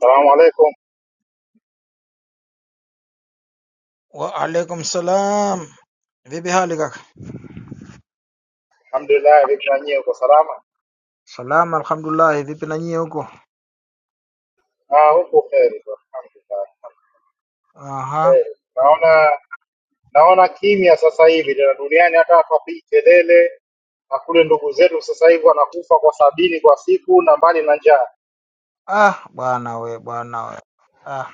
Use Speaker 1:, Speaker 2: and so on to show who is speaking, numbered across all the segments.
Speaker 1: Salamu alaikum.
Speaker 2: wa alaikum salam vipi hali kaka
Speaker 1: Alhamdulillah, vipi na nyie, uko salama?
Speaker 2: salama alhamdulillah vipi na nyie huko
Speaker 1: Ah, huko kheri tu, alhamdulillah.
Speaker 2: aha
Speaker 1: Kheri. Naona naona kimya sasa hivi tena duniani, hata hapa hapigi kelele, na kule ndugu zetu sasa hivi wanakufa kwa sabini kwa siku na mbali na njaa,
Speaker 2: ah bwana we bwana we ah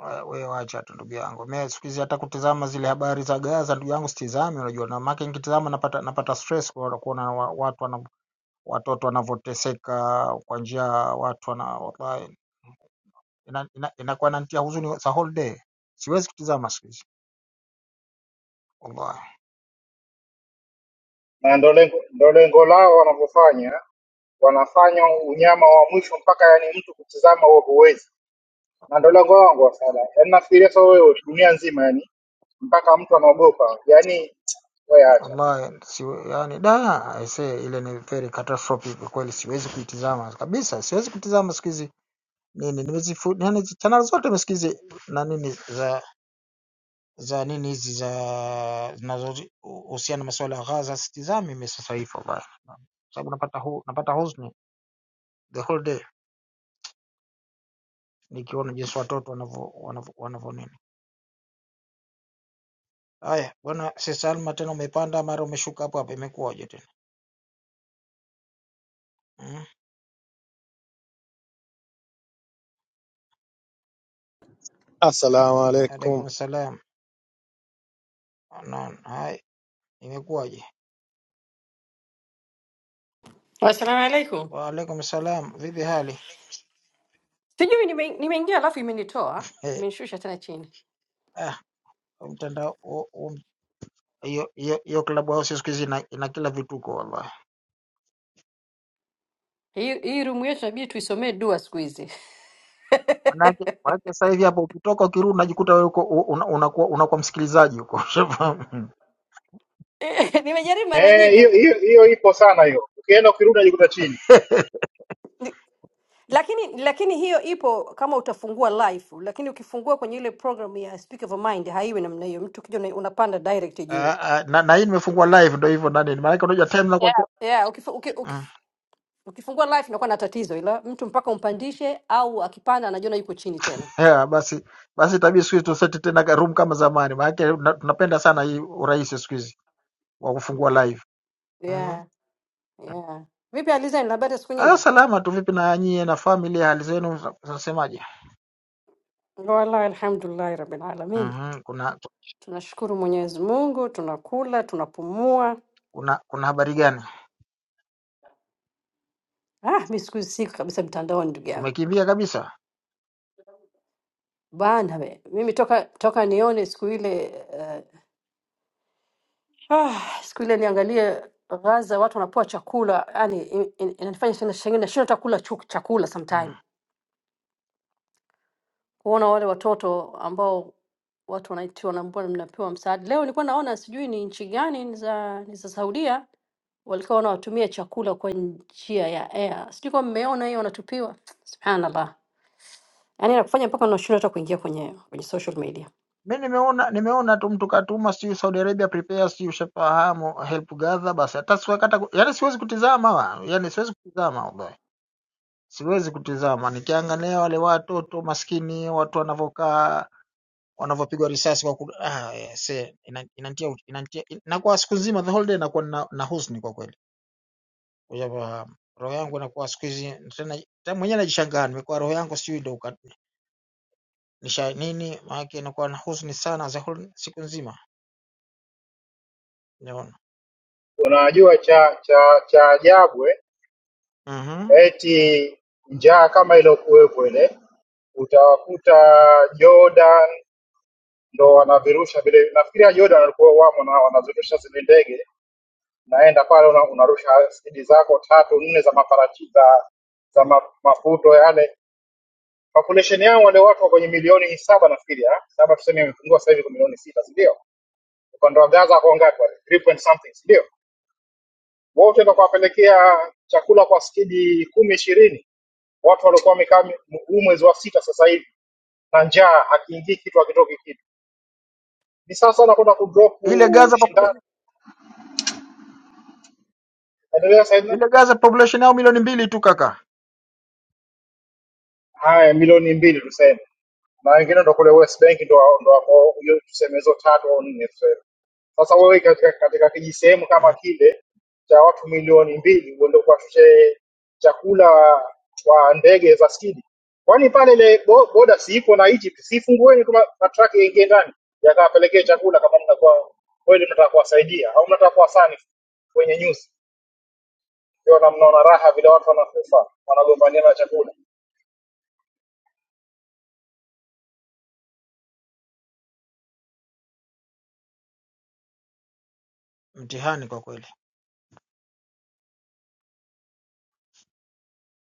Speaker 2: we we wacha tu ndugu yangu mimi siku hizi hata kutizama zile habari za Gaza ndugu yangu sitizami unajua na maana nikitizama napata napata stress kwa kuona wa- watu wana, watoto wanavyoteseka kwa njia watu wana wallahi inakuwa ina, ina inakuwa inanitia huzuni za whole day siwezi kutizama siku hizi wallahi
Speaker 1: na ndo lengo ndo lengo lao wanavyofanya, wanafanya unyama wa mwisho mpaka yani mtu kutizama huo huwezi, na ndo lengo wangu wasala. Yani nafikiria sasa wewe dunia nzima, yani mpaka mtu anaogopa yani, wewe acha
Speaker 2: Wallahi si, yani da aisee ile ni very catastrophic kwa kweli, siwezi kuitizama kabisa, siwezi kutizama siku hizi nini nimezifu yani channel zote mesikizi na nini za za nini hizi za zinazohusiana na masuala ya Gaza sitizami mimi sasa hivi wallahi, sababu napata hu, napata huzuni the whole day nikiona jinsi watoto wanavyo wanavyo wanavyo nini. Haya bwana, si Salma tena umepanda mara umeshuka hapo hapo, imekuwaje tena? Mm?
Speaker 3: Assalamu alaikum.
Speaker 2: Alaikum salam. Naam, hai imekuwaje?
Speaker 4: Assalamu alaikum.
Speaker 2: waalaikum salam vipi hali
Speaker 4: Sijui nime- nimeingia alafu imenitoa
Speaker 2: eh,
Speaker 4: imenishusha tena chini.
Speaker 2: ah, huu mtandao huu- huu- hiyo hiyo hiyo klabu hao siku hizi ina, ina kila vituko wallahi
Speaker 4: Hii hii room yetu inabidi tuisomee dua siku hizi.
Speaker 2: manake manake sasa hivi hapo ukitoka ukirudi unajikuta wewe uko u- una- unakuwa unakuwa msikilizaji huko ushafahamu
Speaker 4: Eh, Nimejaribu mara
Speaker 1: Eh,
Speaker 4: nyingi
Speaker 1: hiyo hiyo hiyo ipo sana hiyo. Ukienda ukirudi unajikuta chini.
Speaker 4: ni- lakini lakini hiyo ipo kama utafungua live, lakini ukifungua kwenye ile program ya Speak of Mind haiwi namna hiyo. Mtu ukija una- unapanda direct juu.
Speaker 2: Ah, ah, na, na hii nimefungua live ndo hivyo nani maanake unajua time Yeah. nakuwa
Speaker 4: Yeah, ukifu, uki, uki,
Speaker 2: mm.
Speaker 4: ukifungua live inakuwa na tatizo, ila mtu mpaka umpandishe au akipanda anajiona yuko chini tena.
Speaker 2: yeah, basi basi itabidi siku hizi tuseti tena ka- room kama zamani maanake na- tunapenda sana hii urahisi siku hizi wa kufungua live mm.
Speaker 4: Yeah, yeah. Vipi alizani, habari ya siku
Speaker 2: ah,
Speaker 4: nyingi?
Speaker 2: salama tu vipi na nyie na family hali zenu za- zinasemaje
Speaker 4: Wallahi alhamdulillahi rabbil alamin.
Speaker 2: Mhm, kuna
Speaker 4: Tunashukuru Mwenyezi Mungu, tunakula, tunapumua.
Speaker 2: kuna kuna habari gani?
Speaker 4: Ah, mi siku hizi siko kabisa mtandaoni ndugu yangu
Speaker 2: Umekimbia kabisa?
Speaker 4: bana we. Mimi toka toka nione siku ile uh, ah, siku ile niangalie Gaza watu wanapewa chakula, yani in- in- inanifanya sana shangine nashindwa hata kula chu- chakula
Speaker 2: Mm.
Speaker 4: sometime. Kuona wale watoto ambao watu wanaitiwa na mbona mnapewa msaada. Leo nilikuwa naona sijui ni nchi gani ni za ni za Saudia walikuwa wanawatumia chakula kwa njia ya air. Sijui kama mmeona hiyo wanatupiwa. Subhanallah. yaani anakufanya mpaka unashindwa hata kuingia kwenye kwenye social media.
Speaker 2: Mi nimeona nimeona tu mtu katuma sijui Saudi Arabia prepare sijui ushafahamu help gather basi hata siwezi hata ku- yani siwezi kutizama wa. Yani siwezi kutizama wallahi. Siwezi kutizama nikiangalia wale watoto maskini watu wanavyokaa wanavyopigwa risasi kwa ku... ah, yes, eh, ina- inanitia inanitia inakuwa siku nzima the whole day nakuwa na, na huzuni kwa kweli. Ushafahamu. Roho yangu inakuwa siku hizi tena tena mwenyewe najishangaa nimekuwa roho yangu sijui ndio Nisha nini maana inakuwa na huzuni sana za hul- siku nzima naona.
Speaker 1: Unajua cha cha cha ajabu eh,
Speaker 2: Mhm.
Speaker 1: eti njaa kama iliyokuwepo ile, utawakuta Jordan ndo wanavirusha vile. Nafikiria Jordan walikuwa wamo na wanazirusha zile ndege, naenda pale una, unarusha spidi zako tatu nne za maparachi za za ma, maputo yale. Population yao wale watu wa kwenye milioni saba nafikiria, saba tuseme imepungua sasa hivi kwa milioni sita, si ndio? Ukanda wa Gaza kwa ngapi wale? 3 point something, si ndio? wote ndo kuwapelekea chakula kwa skidi kumi ishirini watu waliokuwa wamekaa mi- huu mwezi wa sita sasa hivi na njaa, hakiingii kitu, hakitoki kitu. Ni sawa sana kwenda kudrop
Speaker 2: Ile Gaza
Speaker 1: shindani,
Speaker 2: population,
Speaker 1: endelea sasa hivi.
Speaker 2: ile Gaza population yao milioni mbili tu kaka.
Speaker 1: haya milioni mbili tuseme, na wengine ndo kule West Bank ndo ndo wako hiyo, tuseme hizo tatu au nne tuseme. Sasa wewe katika, katika kijisehemu kama
Speaker 2: Mm,
Speaker 1: kile cha watu milioni mbili uende kuwashushe chakula kwa ndege za skidi, kwani pale ile bo- boda si iko na Egypt? Si fungueni tu ma- matraki yaingie ndani yakawapelekee chakula, kama mnakuwa kweli mnataka kuwasaidia au mnataka kuwasani kwenye news, ndio na mnaona raha vile watu wanakufa wanagombania na chakula.
Speaker 2: Mtihani kwa kweli.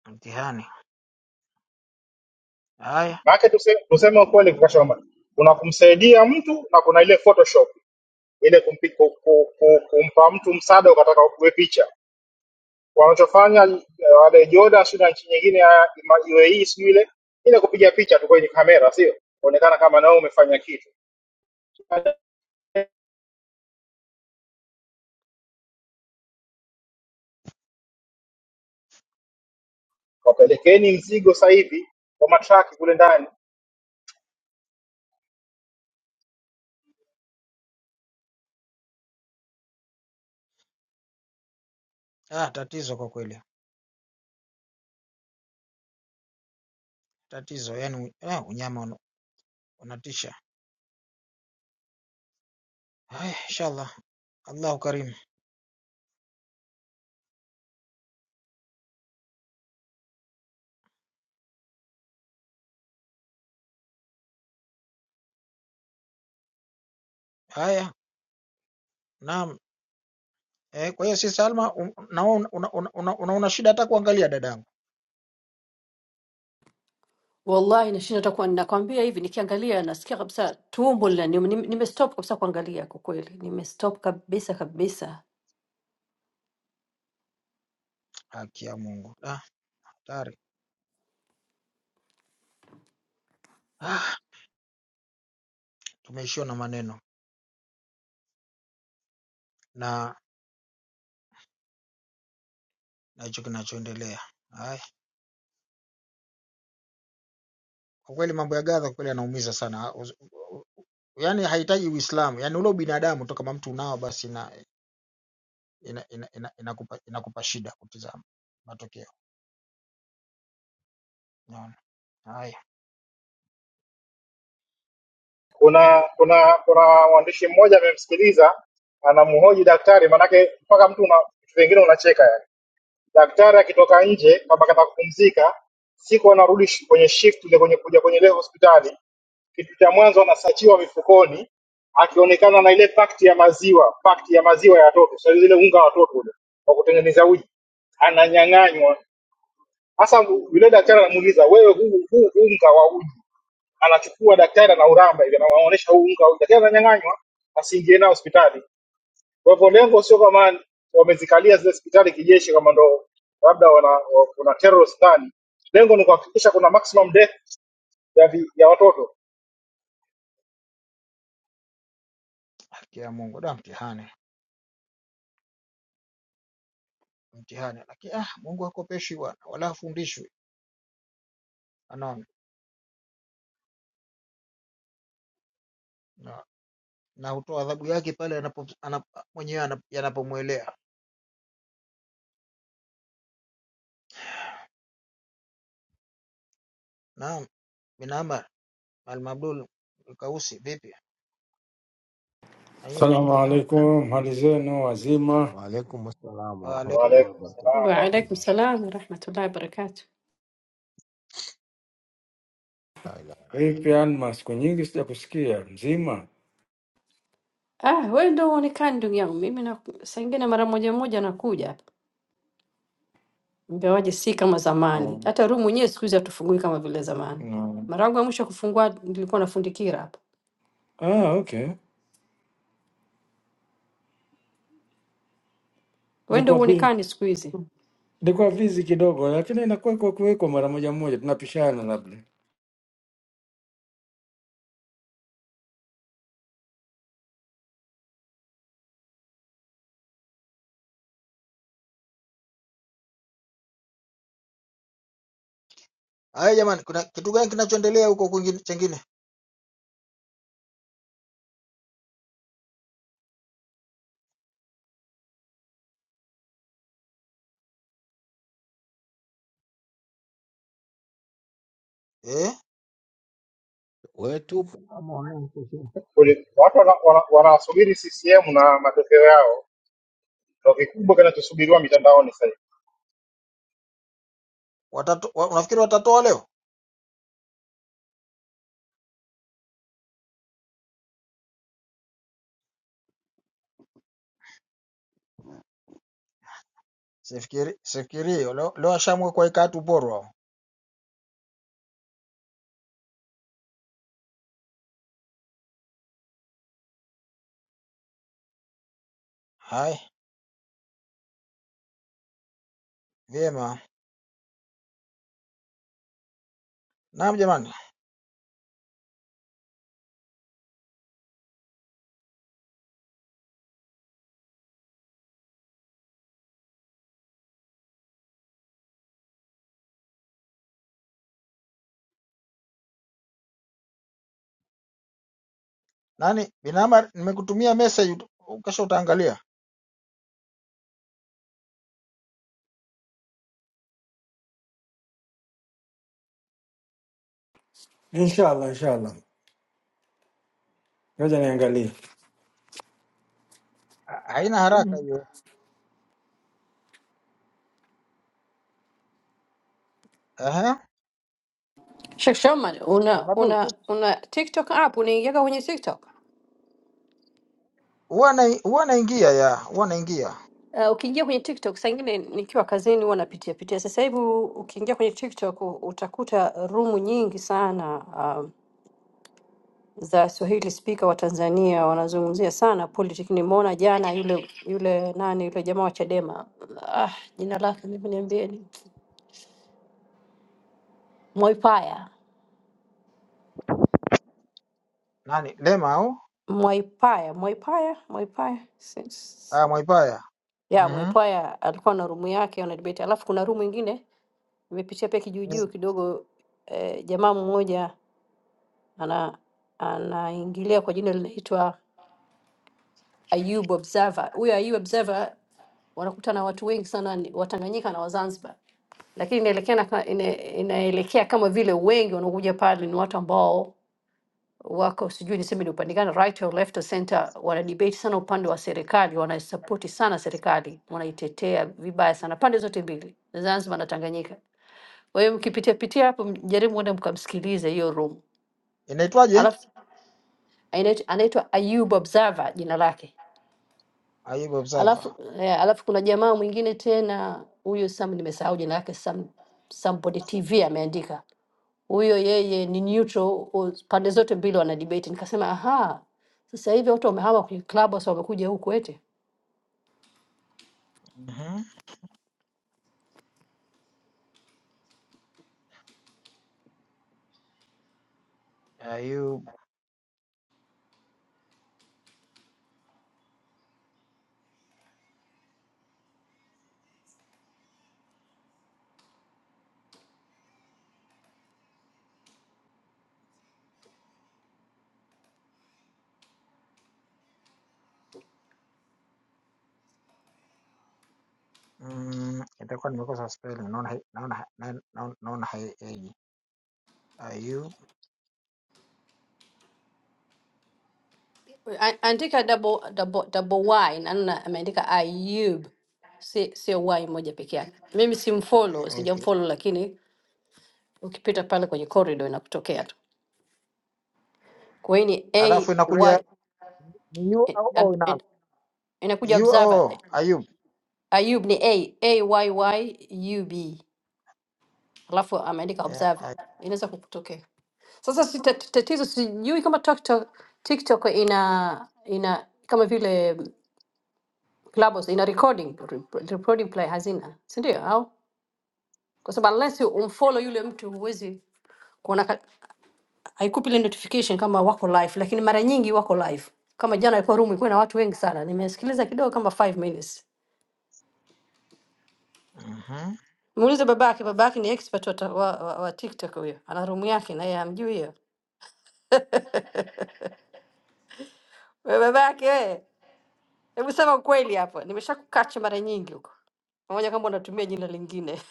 Speaker 2: Mtihani. Haya.
Speaker 1: Maanake tuse- tuseme ukweli kwa Shomari, kuna kumsaidia mtu na kuna ile Photoshop ile kumpi, ku, ku, ku, kumpa mtu msaada ukataka uwe picha. Wanachofanya eh, wale Joda sio na nchi nyingine ya ima- UAE sio ile ile kupiga picha tu kwenye kamera, sio kuonekana kama nao umefanya kitu. Wapelekeni mzigo sasa hivi kwa matraki kule ndani.
Speaker 2: Ah, tatizo kwa kweli. Tatizo yani eh, unyama una- unatisha. Haya, inshallah. Allahu Karim. Haya. Naam. Eh, kwa hiyo si Salma un- naona una, una, una, una, unaona shida hata kuangalia dadangu.
Speaker 4: Wallahi nashindwa hata kuwa ninakwambia hivi, nikiangalia nasikia kabisa tumbo lina nime, nimestop kabisa kuangalia kwa kweli, nimestop kabisa kabisa.
Speaker 2: Haki ya Mungu. Ah, hatari. Ah, tumeishiwa na maneno na na hicho kinachoendelea. Haya. Kwa kweli mambo ya Gaza kwa kweli yanaumiza sana. Us- Yaani hahitaji Uislamu, yaani ule ubinadamu tu kama mtu unao basi ina inakupa ina, ina, ina inakupa inakupa shida kutizama matokeo. Unaona? Haya,
Speaker 1: Kuna kuna kuna mwandishi mmoja amemsikiliza anamhoji daktari, maanake mpaka mtu una vitu vingine unacheka yani Daktari akitoka nje kama kataka kupumzika, siku anarudi shi- kwenye shift ile kwenye kuja kwenye ile hospitali, kitu cha mwanzo anasachiwa mifukoni, akionekana na ile pakti ya maziwa, pakti ya maziwa ya watoto, sasa ile unga wa watoto ule wa kutengeneza uji, ananyang'anywa. Sasa yule daktari anamuuliza wewe, huu huu unga wa uji, anachukua daktari anauramba hivi, anawaonyesha huu unga wa uji, daktari ananyang'anywa, asiingie nao hospitali. Kwa hivyo lengo sio kama wamezikalia zile hospitali kijeshi, kama ndo labda wana, wa- kuna terrorist ndani. Lengo ni kuhakikisha kuna maximum death ya, vi, ya watoto.
Speaker 2: haki ya Mungu da mtihani, mtihani. Lakini ah, Mungu hakopeshi bwana, wala hafundishwi. Unaona? Na, na hutoa adhabu yake pale anapo, anap, mwenyewe anap- yanapomwelea. Naam, bin Amar Al-Mabdul Kausi, vipi? Na yeye ndio
Speaker 5: Salamu
Speaker 2: mpo nani?
Speaker 5: alaikum, hali zenu wazima?
Speaker 6: Waalaikum assalam
Speaker 2: Wa alaikum.
Speaker 6: warahmatullahi
Speaker 1: Waalaikum salaam.
Speaker 4: Wa
Speaker 6: wabarakatuh.
Speaker 4: alaikum salam wa rahmatullahi wa barakatuh.
Speaker 6: La ilaha.
Speaker 5: Vipi Alma, siku nyingi sijakusikia. Mzima?
Speaker 4: Ah, wewe ndio uonekani ndugu yangu. Mimi na saa ingine mara moja moja nakuja hapa. Ingawaje si kama zamani.
Speaker 5: Um,
Speaker 4: Hata room yenyewe siku hizi hatufungui kama vile zamani.
Speaker 5: no.
Speaker 4: Mara yangu ya mwisho kufungua nilikuwa na fundi Kira hapa.
Speaker 5: Ah, okay.
Speaker 4: Wewe ndio
Speaker 5: Ilikuwa busy,
Speaker 4: uonekani siku hizi.
Speaker 5: ilikuwa busy kidogo, lakini inakuwa kwa kuwekwa mara moja moja, tunapishana labda.
Speaker 2: Haya jamani, kuna kitu gani kinachoendelea huko kwingine chengine? Eh?
Speaker 6: Wewe tupo kama wananchi sio?
Speaker 1: Kuli- Watu wanasubiri wana, wana wanasubiri CCM na matokeo yao, ndo kikubwa kinachosubiriwa mitandaoni sasa hivi.
Speaker 2: Watatu, Unafikiri watatoa leo? Sifikiri, sifikirii leo, leo washamwe kwa ikaa tuporwa hao. Hai, vyema. Naam jamani. Nani binama nimekutumia message ut- kesho utaangalia.
Speaker 5: Inshallah, inshallah, ngoja niangalie.
Speaker 2: Ha- Haina haraka hiyo. Ehe.
Speaker 4: Sheikh Shoman, una
Speaker 2: Abdul
Speaker 4: una
Speaker 2: vipi?
Speaker 4: una TikTok app unaingiaga kwenye TikTok?
Speaker 2: huwa na huwa naingia ya, huwa naingia.
Speaker 4: Uh, ukiingia kwenye TikTok saa ingine nikiwa kazini huwa napitia pitia. Sasa hivi u- ukiingia kwenye TikTok u- utakuta rumu nyingi sana um, za Swahili speaker wa Tanzania wanazungumzia sana politics. Nimeona jana yule yule nani yule jamaa wa Chadema ah, jina lake mimi niambieni, Mwaipaya
Speaker 2: Nani? Lema au?
Speaker 4: Mwaipaya Mwaipaya Mwaipaya Si- si-
Speaker 2: Ah, Mwaipaya.
Speaker 4: ya
Speaker 2: Mhm.
Speaker 4: Mwaipaya alikuwa na rumu yake ana debate, alafu kuna rumu ingine Nimepitia pia kijuujuu
Speaker 2: Mm.
Speaker 4: kidogo eh, jamaa mmoja ana anaingilia kwa jina linaitwa Ayub Observer. Huyo Ayub Observer wanakuta na watu wengi sana ni- Watanganyika na Wazanzibar, lakini inaelekea na- ina- inaelekea kama vile wengi wanaokuja pale ni watu ambao wako sijui niseme ni upande gani, right or left or center, wana debate sana upande wa serikali, wanaisapoti sana serikali, wanaitetea vibaya sana pande zote mbili, Zanzibar na Tanganyika. Kwa hiyo mkipitia pitia hapo, mjaribu mwende mkamsikilize hiyo room.
Speaker 2: Inaitwaje?
Speaker 4: Alafu anaitwa anaitwa Ayub Observer jina lake.
Speaker 2: Ayub
Speaker 4: Alafu
Speaker 2: Observer.
Speaker 4: eh, alafu kuna jamaa mwingine tena huyo Sam, nimesahau jina lake, Sam Somebody TV ameandika huyo yeye ni neutral, u- pande zote mbili wana debate. Nikasema aha, sasa hivi watu wamehama kwenye clubhouse wamekuja huku eti.
Speaker 2: Mhm. Ayub Mm, itakuwa nimekosa spelling. Naona hai- naona hai- naona naona haieji. Ayub.
Speaker 4: A- Andika double, double, double y naona ameandika Ayub, si sio y moja peke yake. Mimi simfollow,
Speaker 2: Okay.
Speaker 4: sijamfollow, lakini ukipita pale kwenye corridor inakutokea tu. Kwa hiyo ni A
Speaker 2: alafu inakuja
Speaker 4: Y
Speaker 2: ni u
Speaker 4: eh,
Speaker 2: au o
Speaker 4: ab- it-
Speaker 2: inaanza
Speaker 4: inakuja
Speaker 2: u
Speaker 4: observer.
Speaker 2: au
Speaker 4: eh,
Speaker 2: o Ayub.
Speaker 4: Ayub ni A A Y Y U B, alafu ameandika
Speaker 2: Eh,
Speaker 4: observer,
Speaker 2: ay-
Speaker 4: inaweza kukutokea. Sasa si tat- tatizo, sijui kama TikTok, TikTok ina ina kama vile Clubhouse ina recording rep- recording play hazina, si ndio? Au kwa sababu unless umfollow yule mtu huwezi kuona haikupi ile notification kama wako live, lakini mara nyingi wako live. Kama jana ilikuwa room ilikuwa na watu wengi sana, nimesikiliza kidogo kama 5 minutes.
Speaker 2: mhm.
Speaker 4: Muulize babake, babake ni expert wa, ta- wa, wa, wa TikTok huyo, ana room yake na yeye amjui hiyo. Wewe babake wewe, hebu sema ukweli hapo, nimeshakukacha mara nyingi huko pamoja kama unatumia jina lingine.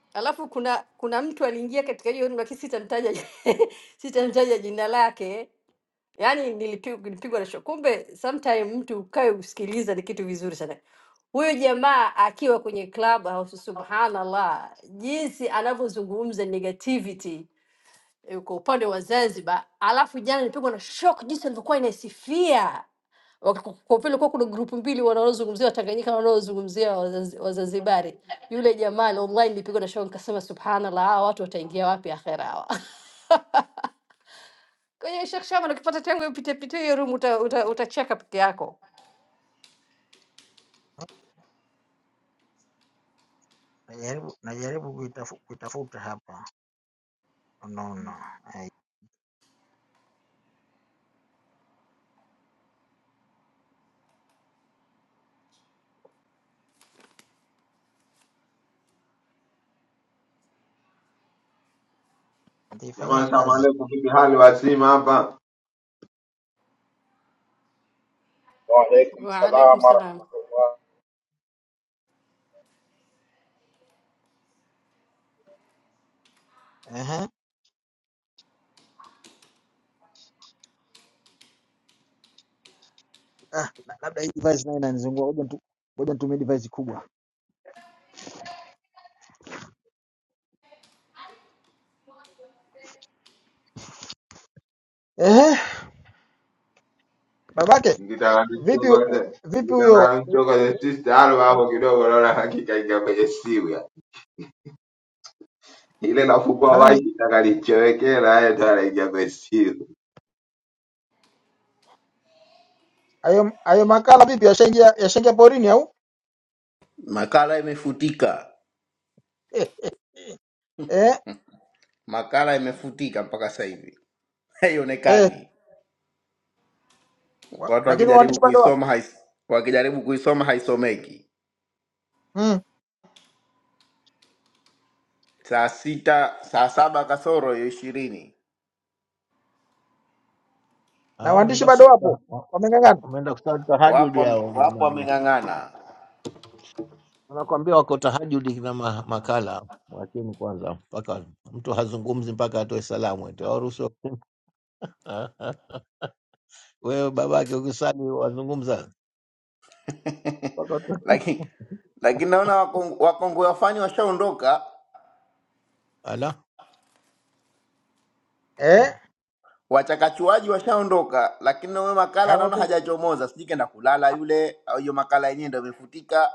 Speaker 4: Alafu kuna kuna mtu aliingia katika hiyo room, lakini sitamtaja sitamtaja jina lake yani nilipigwa nilipigwa na shock. Kumbe sometime mtu ukae usikiliza ni kitu vizuri sana. Huyo jamaa akiwa kwenye club house, subhanallah, jinsi anavyozungumza negativity eh, kwa upande wa Zanzibar, alafu jana nilipigwa na shock jinsi alivyokuwa inaisifia Wak- kwa kwa vile kuwa kuna grupu mbili wanaozungumzia Watanganyika na wanaozungumzia Wazanzi- Wazanzibari. Yule jamaa online nilipigwa na shock, nikasema subhanallah, hawa watu wataingia wapi akhera hawa? Kwenye shakshamana ukipata tangu upite pite hiyo room uta, uta, utacheka peke yako.
Speaker 2: Najaribu najaribu kuitafu- kuitafuta hapa, unaona Ay-
Speaker 7: Jamani,
Speaker 2: nitaifanyia kazi
Speaker 7: salamualaikum, vipi hali wazima hapa?
Speaker 1: Waalaikum
Speaker 4: Waalaikum
Speaker 1: salaam
Speaker 4: salam.
Speaker 1: warahmatullah.
Speaker 2: Ehe. Ah, na- labda hii device nayo inanizungua, ngoja nitu- ngoja nitumie device kubwa. Ehe, babake vipi u- vipi huyo
Speaker 7: Mkitananichokoze sister Alwa hapo kidogo, naona hakika ingia kwenye simu ya ile nafukua
Speaker 2: nani
Speaker 7: maji takalichowekela yeye ndo anaingia kwenye simu.
Speaker 2: ayo, ayo makala vipi, yashaingia yashaingia porini au
Speaker 8: Makala imefutika,
Speaker 2: eh, eh, eh.
Speaker 8: makala imefutika mpaka sasa hivi
Speaker 2: Eh,
Speaker 8: haionekani.
Speaker 2: wa,
Speaker 8: Watu
Speaker 2: lakini
Speaker 8: wakijaribu
Speaker 2: waandishi bado wapo
Speaker 8: kuisoma hais, wakijaribu kuisoma haisomeki.
Speaker 2: mm.
Speaker 8: Saa sita, saa saba kasoro hiyo ishirini,
Speaker 2: na
Speaker 6: Ah,
Speaker 2: waandishi
Speaker 6: umeenda
Speaker 2: bado
Speaker 6: kusali
Speaker 2: wapo
Speaker 6: taha-
Speaker 2: wameng'ang'ana
Speaker 6: umeenda kusali
Speaker 8: wapo
Speaker 6: tahajudi
Speaker 8: wame-
Speaker 6: hao
Speaker 8: wapo
Speaker 6: jamani.
Speaker 8: wameng'ang'ana
Speaker 6: Unakwambia wako tahajudi na ma- makala. Mwacheni kwanza mpaka mtu hazungumzi mpaka atoe salamu eti waruhusu. Wewe babake ukisali wazungumza mpaka atoe.
Speaker 8: lakini lakini naona wakong- wakongwe wafani washaondoka,
Speaker 6: Ala.
Speaker 2: eh?
Speaker 8: wachakachuaji washaondoka, lakini na huyo makala
Speaker 2: Haya,
Speaker 8: naona
Speaker 2: Wakongo-
Speaker 8: hajachomoza. Sijui kenda kulala yule, au hiyo makala yenyewe ndio imefutika,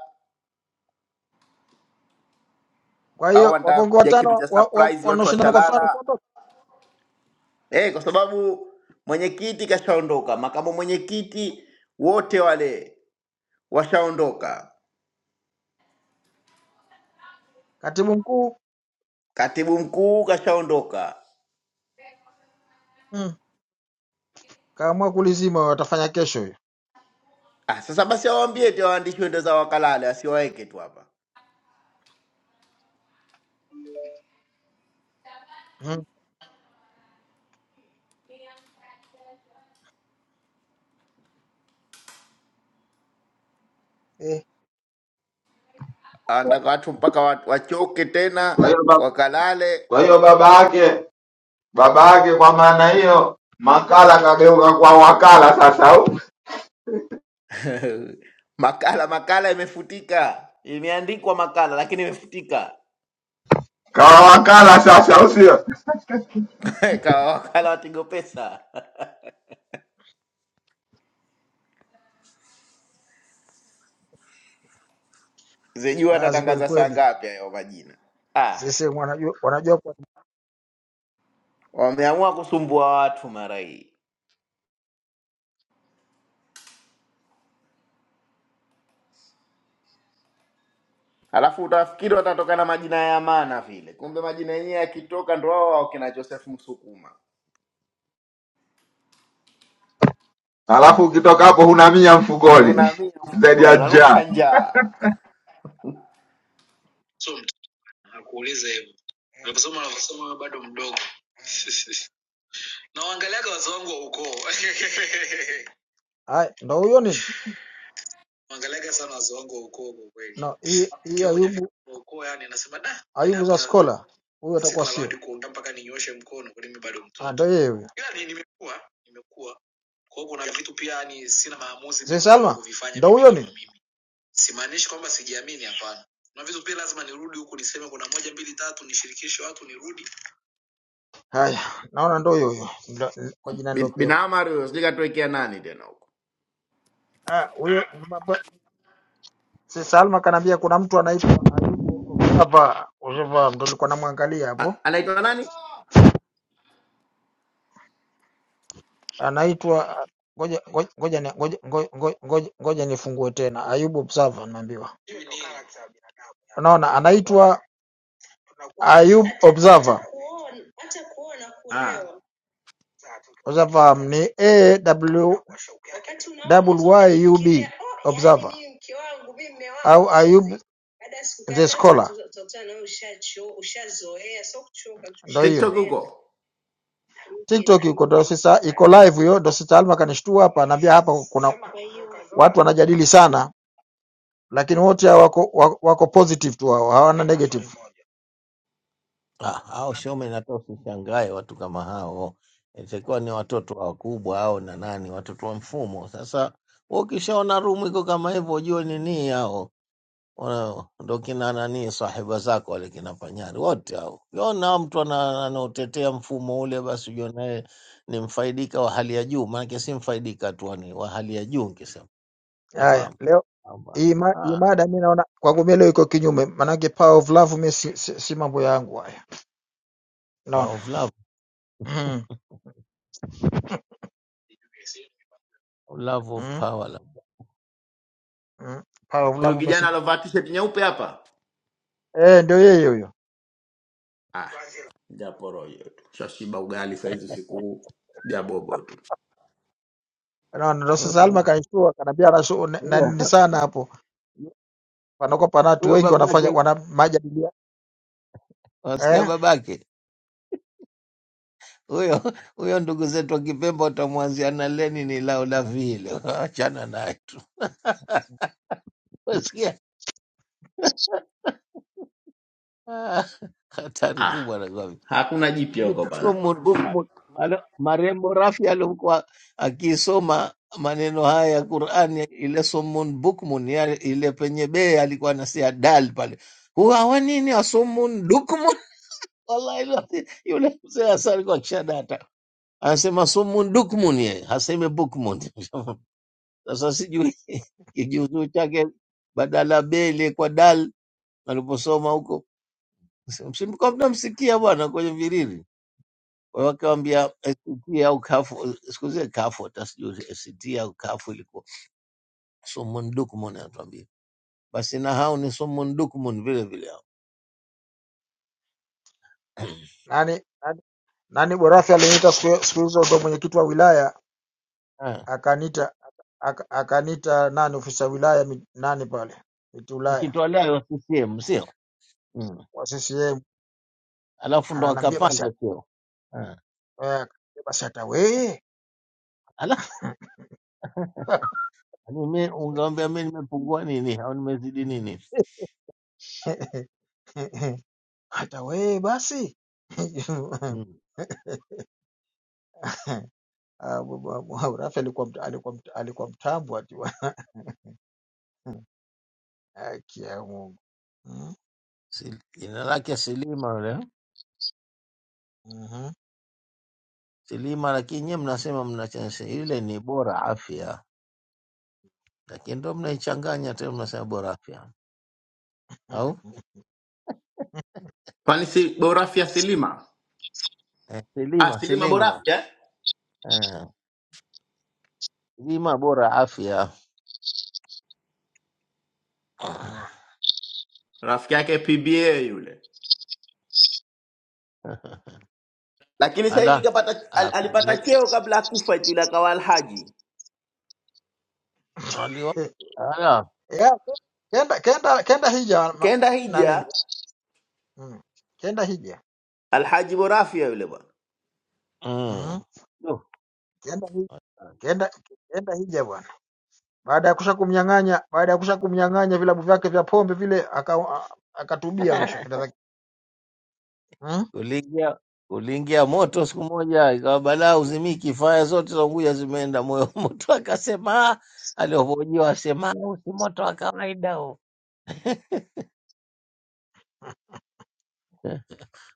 Speaker 2: Kwa
Speaker 8: au
Speaker 2: hiyo
Speaker 8: anataka
Speaker 2: Wakongo
Speaker 8: kupiga
Speaker 2: watano
Speaker 8: kitu cha
Speaker 2: wa, wa,
Speaker 8: surprise, watu
Speaker 2: wanaoshindana kwa mfano
Speaker 8: washalala.
Speaker 2: Santos,
Speaker 8: eh, kwa sababu mwenyekiti kashaondoka, makamu mwenyekiti wote wale washaondoka,
Speaker 2: katibu mkuu
Speaker 8: katibu mkuu kashaondoka.
Speaker 2: mm, kaamua kulizima, watafanya kesho hiyo
Speaker 8: Ah, sasa basi awaambie eti waandishi wende zao wakalale, asiwaweke tu hapa.
Speaker 2: mm. Eh,
Speaker 8: Anataka watu mpaka wa- wachoke
Speaker 7: Kwa
Speaker 8: tena
Speaker 7: hiyo ba-
Speaker 8: wakalale.
Speaker 7: kwa hiyo baba yake baba yake, kwa maana hiyo makala kageuka kwa wakala sasa, au
Speaker 8: makala makala imefutika, imeandikwa makala lakini imefutika.
Speaker 7: kawa wakala sasa, au sio?
Speaker 8: Kawa wakala watigo pesa zijua
Speaker 2: kazi kweli
Speaker 8: atatangaza saa
Speaker 2: kweli,
Speaker 8: ngapi hayo majina. Ah,
Speaker 2: sisi wanajua, wanajua kwa
Speaker 8: wameamua kusumbua watu mara hii. Alafu utafikiri watatoka na majina ya maana vile, kumbe majina yenyewe yakitoka ndo wao wao kina Joseph Msukuma.
Speaker 7: Alafu ukitoka hapo huna mia mfukoni
Speaker 8: Unaamia
Speaker 7: zaidi
Speaker 8: mfukoni,
Speaker 7: ya njaa,
Speaker 8: unanuka njaa.
Speaker 2: So mtu anakuuliza hivyo ndio kusema wanavyosema wewe bado mdogo na waangaliaga wazee wangu wa ukoo haya, ndo huyo nini Mwangaliaga sana wazee wangu wa ukoo kwa kweli. No, hii hii Nikiwa kwenye Ayubu wa ukoo yani nasema da, mimi Ayubu za hapa skola huyo atakuwa sina la sio. watu kuongea mpaka ninyooshe mkono kwani mimi bado Ah, mtoto. Ah, ndio yeye huyo. Ila ni nimekuwa nimekuwa kwa hiyo kuna vitu pia yani sina maamuzi Mzee mimi mwenyewe Salma kuvifanya ndio mimi huyo kama ni mimi. Simaanishi kwamba sijiamini hapana. Na vitu pia lazima nirudi huku niseme kuna moja mbili tatu nishirikishe watu nirudi. haya, naona ndio huyo huyo Ndio- kwa jina
Speaker 8: Bin bin
Speaker 2: nilopewa.
Speaker 8: Amar huyo sijui katuwekea nani tena huko,
Speaker 2: Ah, huyo Sasa Alma kanaambia kuna mtu anaitwa Ayubu Ojava Ojava ndo nilikuwa namwangalia hapo.
Speaker 8: A- anaitwa nani?
Speaker 2: Anaitwa ah, ngoja ngoja ngoja ni- ngoja ngoja ngoja ngoja nifungue tena. Ayubu Observer nimeambiwa. Unaona anaitwa Ayub Observer.
Speaker 8: Ah,
Speaker 2: Observer ni AWYUB Observer au Ayub the Scholar. Ndio hiyo.
Speaker 8: TikTok huko,
Speaker 2: TikTok iko ndo sasa iko live hiyo, ndo sasa Alma kanishtua hapa, naambia hapa kuna watu wanajadili sana, lakini wote hao wako, wako, wako positive tu hao, hawana negative.
Speaker 6: Ah, hao showman hata usishangae watu kama hao itakiwa ni watoto wakubwa au na nani watoto wa mfumo sasa wewe ukishaona rumu iko kama hivyo ujue nini hao wana- ndo kina nani sahiba zako wale kina panyari wote hao ukiona mtu ana- anaotetea mfumo ule basi ujue naye ni mfaidika wa hali ya juu maanake si mfaidika tu ni wa hali ya juu nkisema
Speaker 2: Haya,
Speaker 6: utafahamu
Speaker 2: leo
Speaker 6: kwamba,
Speaker 2: hii ma- hii
Speaker 6: ah,
Speaker 2: mada mimi naona kwangu mimi leo iko kinyume, maanake power of love mimi si, si, si mambo yangu.
Speaker 6: power
Speaker 2: Naona
Speaker 6: of love,
Speaker 2: mm.
Speaker 6: love of
Speaker 2: mm.
Speaker 6: power love.
Speaker 2: mm. pale
Speaker 8: huyu
Speaker 2: mlango
Speaker 8: kijana
Speaker 2: umeshiba
Speaker 8: alovaa t-shirt nyeupe hapa.
Speaker 2: eh, ndio yeye huyo.
Speaker 8: Ah, japoro hiyo tu, shashiba ugali saizi usiku huu, jabobo tu.
Speaker 2: Naona ndio
Speaker 6: Oh,
Speaker 2: sasa Alma kaishtua, kanaambia anashu
Speaker 6: yeah.
Speaker 2: nani sana hapo, panakuwa pana watu
Speaker 6: huyo
Speaker 2: wengi
Speaker 6: babake
Speaker 2: wanafanya wana majadilia
Speaker 6: Wasikia
Speaker 2: eh,
Speaker 6: babake huyo huyo, ndugu zetu wa Kipemba utamwanzia na leni ni lao la vile, achana naye tu. Wasikia Ah, hatari
Speaker 8: Ah,
Speaker 6: kubwa nakwambia.
Speaker 8: hakuna jipya huko
Speaker 6: Huku-
Speaker 8: bana,
Speaker 6: mu- huku- mu- alo- Marembo Rafi alikuwa akisoma maneno haya ya Qurani, ile sumun bukmun, ya- ile penye bee alikuwa anasia dal pale, huwa hawa nini asumun dukmun. Wallahi yule mzee Hassan alikuwa akishadata. anasema sumun dukmun, yeye haseme bukmun. Sasa sijui kijuuzuu chake badala bele kwa dal aliposoma huko, msimkuwa mnamsikia bwana kwenye viriri Kwa hiyo wakawambia ACT au kafu, siku zile kafu, hata sijui ACT au kafu ilikuwa sumun dukmun, anatuambia basi, na hao ni sumun dukmun vile vile hao
Speaker 2: nani nani, nani Borafi aliniita siku siku hizo, ndio mwenyekiti wa wilaya
Speaker 6: Ah,
Speaker 2: akaniita aka- akaniita nani ofisa ya wilaya mi- nani pale miti wilaya
Speaker 6: wakitwalayo CCM sio? Mm.
Speaker 2: wa CCM
Speaker 6: Alafu ndo
Speaker 2: ananiambia basi eh,
Speaker 6: akapanda cheo
Speaker 2: akaniambia basi hata wewe
Speaker 6: Yaani mi- Ungewambia mi nimepungua nini au nimezidi nini?
Speaker 2: hata wewe basi
Speaker 6: Mm.
Speaker 2: Ah, baba- baba Rafi alikuwa mta- alikuwa mta- alikuwa mtambo ati wa- haki ya Mungu Mm,
Speaker 6: Si- Jina lake Silima yule
Speaker 2: mhm.
Speaker 6: Silima, lakini nyie mnasema mnachanisha yule ni bora afya, lakini ndo mnaichanganya tena, mnasema bora afya au
Speaker 8: kwani si Borafya Silima?
Speaker 6: eh,
Speaker 8: Ah,
Speaker 6: Silima
Speaker 8: Silima
Speaker 6: Silima
Speaker 8: Borafya eh?
Speaker 6: eh, Silima bora afya
Speaker 2: Unaona?
Speaker 8: rafiki yake PBA yule lakini sasa hivi
Speaker 6: ala
Speaker 8: kapata, al, alipata
Speaker 6: apigwe-
Speaker 8: cheo kabla akufa tu, yule akawa alhaji,
Speaker 6: aliwa- ala
Speaker 2: Ya, kenda kenda kenda hija ma-
Speaker 8: kaenda
Speaker 2: na nini
Speaker 8: hija,
Speaker 2: Mm, kenda hija
Speaker 8: alhaji borafia yule bwana.
Speaker 2: Mhm.
Speaker 6: mm. Yo.
Speaker 2: kenda hi- kenda kenda hija bwana baada ya kusha kumnyang'anya baada ya kusha kumnyang'anya vilabu vyake vya pombe vile aka- a- akatubia mwisho Kenda zake.
Speaker 6: uliingia uliingia moto siku moja, ikawa balaa uzimiki, faya zote za Unguja zimeenda moyo moto. Akasema "Ah," alipohojiwa, asema "Ah, huu si moto wa kawaida huu."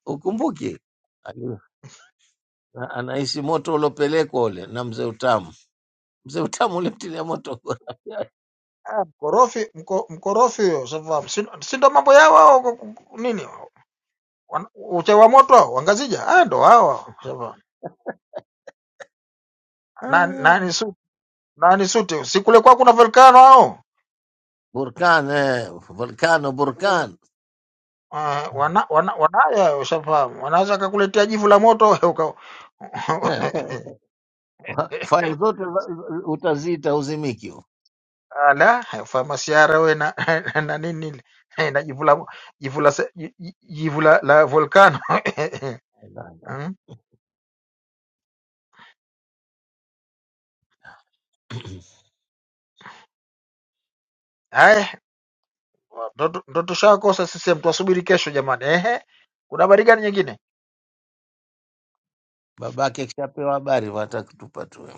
Speaker 6: Ukumbuke ali- a- anahisi moto uliopelekwa ule na mzee Utamu. Mzee Utamu ulimtilia moto
Speaker 2: Ah, mkorofi mko, mkorofi huyo sababu si si ndo mambo yao hao ku- ku- ku- nini hao? Wan- uchawa moto hao wangazija ah ndo hao hao sababu nani
Speaker 6: Ah,
Speaker 2: nani suti nani suti si kule kwa kuna volcano hao
Speaker 6: Burkan eh, volcano Burkan
Speaker 2: uh, wana, wana, wanayo ushafahamu wanaweza akakuletea jivu la moto wewe uka
Speaker 6: faya zote za- za- utaziita uzimiki.
Speaker 2: ala famasiara we na, na nini ile na jivu la mo- jivu la se- ji- ji- jivu la, la volcano Mm. Wa- Ndo ndo tushakosa CCM, twasubiri kesho jamani. Ehe, kuna habari gani nyingine?
Speaker 6: Babake akishapewa habari watakutupa tu.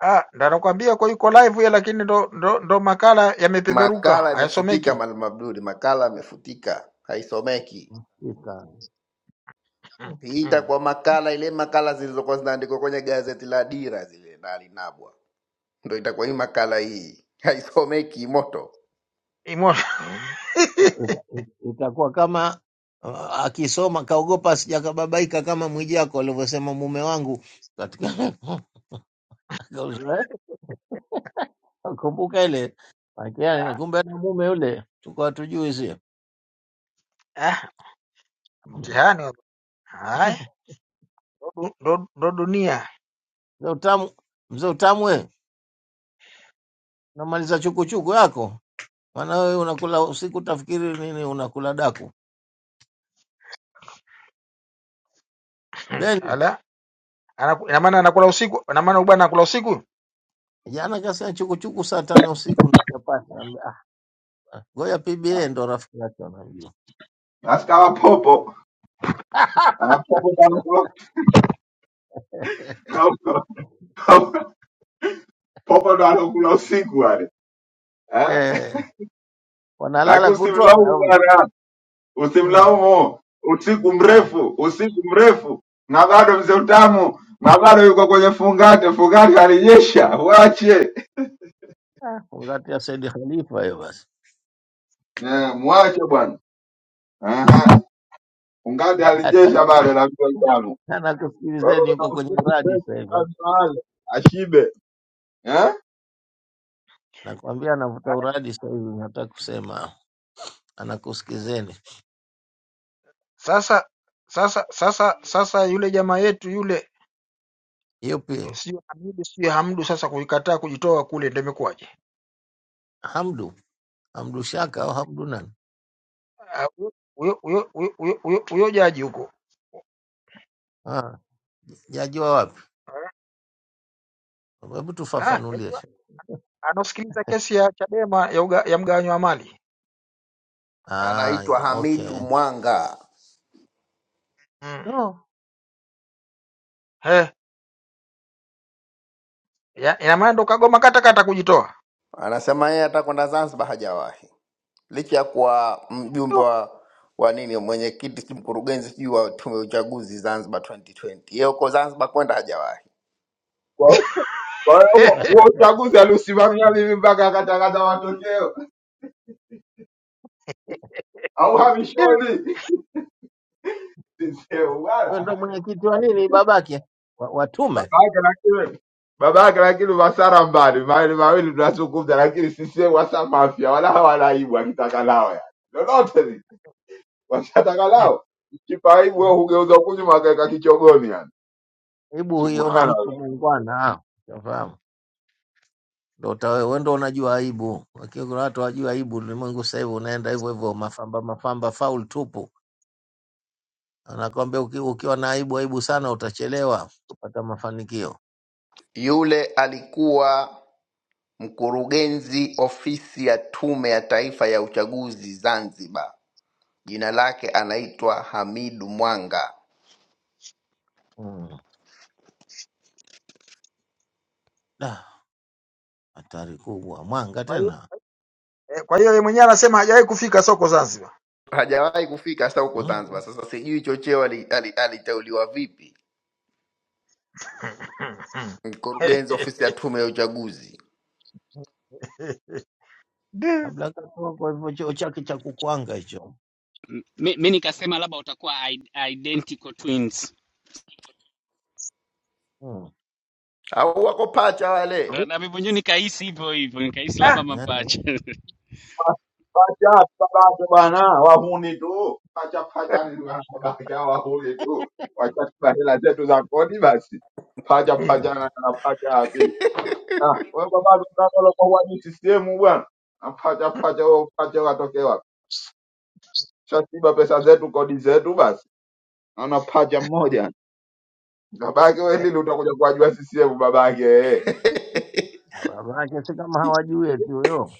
Speaker 2: Ah, ndo nakwambia kwa yuko live ya, lakini ndo, ndo, ndo makala yamepeperuka
Speaker 8: Makala imefutika
Speaker 2: hayasomeki.
Speaker 8: Mwalimu Abduli, makala imefutika, haisomeki.
Speaker 6: Hakika.
Speaker 2: Mm,
Speaker 6: Mm.
Speaker 8: Hii
Speaker 2: mm.
Speaker 8: itakuwa makala ile makala zilizokuwa zinaandikwa kwenye gazeti la Dira zile na Alinabwa, ndo itakuwa hii makala hii, haisomeki moto.
Speaker 2: Imo
Speaker 6: Ita- ita- Itakuwa kama uh, akisoma kaogopa sijakababaika kama Mwijaku alivyosema mume wangu katika akauza- Kumbuka ile Lakini yani, kumbe na mume yule tuko hatujui si
Speaker 2: ah, mtihani wa- haya ndo du- ndo- ndo dunia
Speaker 6: mzee utamu, mzee utamu we, unamaliza chukuchuku yako maana wewe unakula usiku, tafikiri nini unakula daku.
Speaker 2: Mm,
Speaker 6: Beni
Speaker 2: ala, anaku- ina maana anakula usiku, ina maana bwana anakula usiku.
Speaker 6: jana kasema chukuchuku saa tano ya usiku ni chapati. Naambia, ah, ah, ngoja PBA ndo rafiki yake anajua
Speaker 7: basi kawa popo Ah, popo kama- Popa ndo anakula usiku wale eh?
Speaker 6: eh, wanalala
Speaker 7: Lakini
Speaker 6: kutwa
Speaker 7: usimlaumu
Speaker 6: Nairobi.
Speaker 7: bwana,
Speaker 6: Mm.
Speaker 7: usimlaumu. Usiku
Speaker 6: Ah,
Speaker 7: mrefu, usiku mrefu, na bado mzee utamu, na bado yuko kwenye fungate. Fungate alijesha, mwache
Speaker 6: ah, wakati ya Said Khalifa hiyo basi
Speaker 7: eh, mwache bwana. Aha, Fungate alijesha
Speaker 6: hataki
Speaker 7: bado na mzee utamu. Kwa
Speaker 6: anakusikilizeni
Speaker 7: hiyo na
Speaker 6: huko kwenye
Speaker 7: usiku
Speaker 6: uradi
Speaker 7: mrefu
Speaker 6: sasa hivi,
Speaker 7: kazi mahali ashibe eh?
Speaker 6: nakwambia anavuta
Speaker 2: Haya,
Speaker 6: uradi sasa hivi, nataka kusema anakusikizeni.
Speaker 2: Sasa sasa sasa sasa yule jamaa yetu yule
Speaker 6: Yupi?
Speaker 2: eh, sijui Hamdu sijui Hamdu, sasa kuikataa kujitoa kule, ndio imekuwaje?
Speaker 6: Hamdu, Hamdu Shaka au Hamdu nani?
Speaker 2: Ah, hu- huyo huyo huyo huyo huyo- huyo jaji huko
Speaker 6: Ah, yajua wapi?
Speaker 2: Ah,
Speaker 6: Hebu
Speaker 2: ah,
Speaker 6: tufafanulie.
Speaker 2: yajua
Speaker 6: Shaka.
Speaker 2: anaosikiliza kesi ya Chadema ya, uga, ya mgawanyo wa mali
Speaker 6: Ah,
Speaker 8: Anaitwa Hamidu
Speaker 6: okay.
Speaker 8: Mwanga,
Speaker 2: mm.
Speaker 6: No.
Speaker 2: He, ya, ina maana ndo kagoma katakata kujitoa
Speaker 8: anasema yeye atakwenda Zanzibar, hajawahi. licha ya kuwa mjumbe
Speaker 2: Du.
Speaker 8: wa wa nini mwenyekiti si mkurugenzi sijui wa tume ya uchaguzi Zanzibar 2020 yeye huko Zanzibar kwenda hajawahi.
Speaker 7: Kwa hiyo kwa hiyo huo huo uchaguzi aliusimamia vivi mpaka akatakata matokeo au
Speaker 2: Ndio.
Speaker 7: hamishoni? Siseu bwana
Speaker 6: Wewe ndo mwenyekiti wa nini babake? Wa- Watume.
Speaker 7: baba yake lakini baba yake lakini masara mbali mawili mawili tunazungumza, lakini sisi wasa mafia wala hawana aibu, akitaka lao ya lolote li washataka
Speaker 2: Mm,
Speaker 7: lao kipa aibu,
Speaker 2: mm.
Speaker 7: wewe hugeuza kunyuma akaweka kichogoni, yani
Speaker 6: Hebu huyo na mtu
Speaker 7: subhanallah.
Speaker 6: muungwana. ah, Unafahamu? Ndo utawe- wewe ndo unajua aibu, lakini kuna watu hawajui aibu. Ulimwengu sasa hivi unaenda hivyo hivyo, mafamba mafamba, faul tupu. Anakwambia uki, ukiwa na aibu aibu sana utachelewa kupata mafanikio.
Speaker 8: Yule alikuwa mkurugenzi ofisi ya tume ya taifa ya uchaguzi Zanzibar, jina lake anaitwa Hamidu Mwanga,
Speaker 6: Mm. Da, hatari kubwa, mwanga
Speaker 2: Kwa hiyo
Speaker 6: tena
Speaker 2: eh, kwa hiyo yeye mwenyewe anasema hajawahi kufika soko Zanzibar
Speaker 8: hajawahi kufika hasa huko Zanzibar.
Speaker 6: mm.
Speaker 8: Sasa sijui chocheo aliteuliwa ali, ali aliteuliwa vipi mkurugenzi ofisi ya tume ya uchaguzi,
Speaker 2: Du.
Speaker 6: kabla katoa kwa hivyo cheo chake cha kukwanga hicho
Speaker 9: mi, mi nikasema labda watakuwa i- identical twins,
Speaker 6: mm.
Speaker 8: au wako pacha wale
Speaker 9: Ndo-
Speaker 2: Vi-
Speaker 9: na mimi mwenyewe nikahisi hivyo hivyo, nikahisi labda
Speaker 2: ah,
Speaker 6: eh.
Speaker 9: mapacha
Speaker 7: Pacha baba yake bwana, wahuni tu pacha
Speaker 2: eh,
Speaker 7: pacha, ni bwana baba yake hao wahuni tu, wachatupa hela zetu za kodi basi pacha pacha na na pacha hapi. Ah, wewe baba tunataka kwa CCM bwana, na pacha pacha wao pacha watokee wapi? Shasiba pesa zetu, kodi zetu, basi naona pacha mmoja babake. We
Speaker 2: eh,
Speaker 7: lili utakuja kuwajua CCM babake eh.
Speaker 6: Babake si kama hawajui eti huyo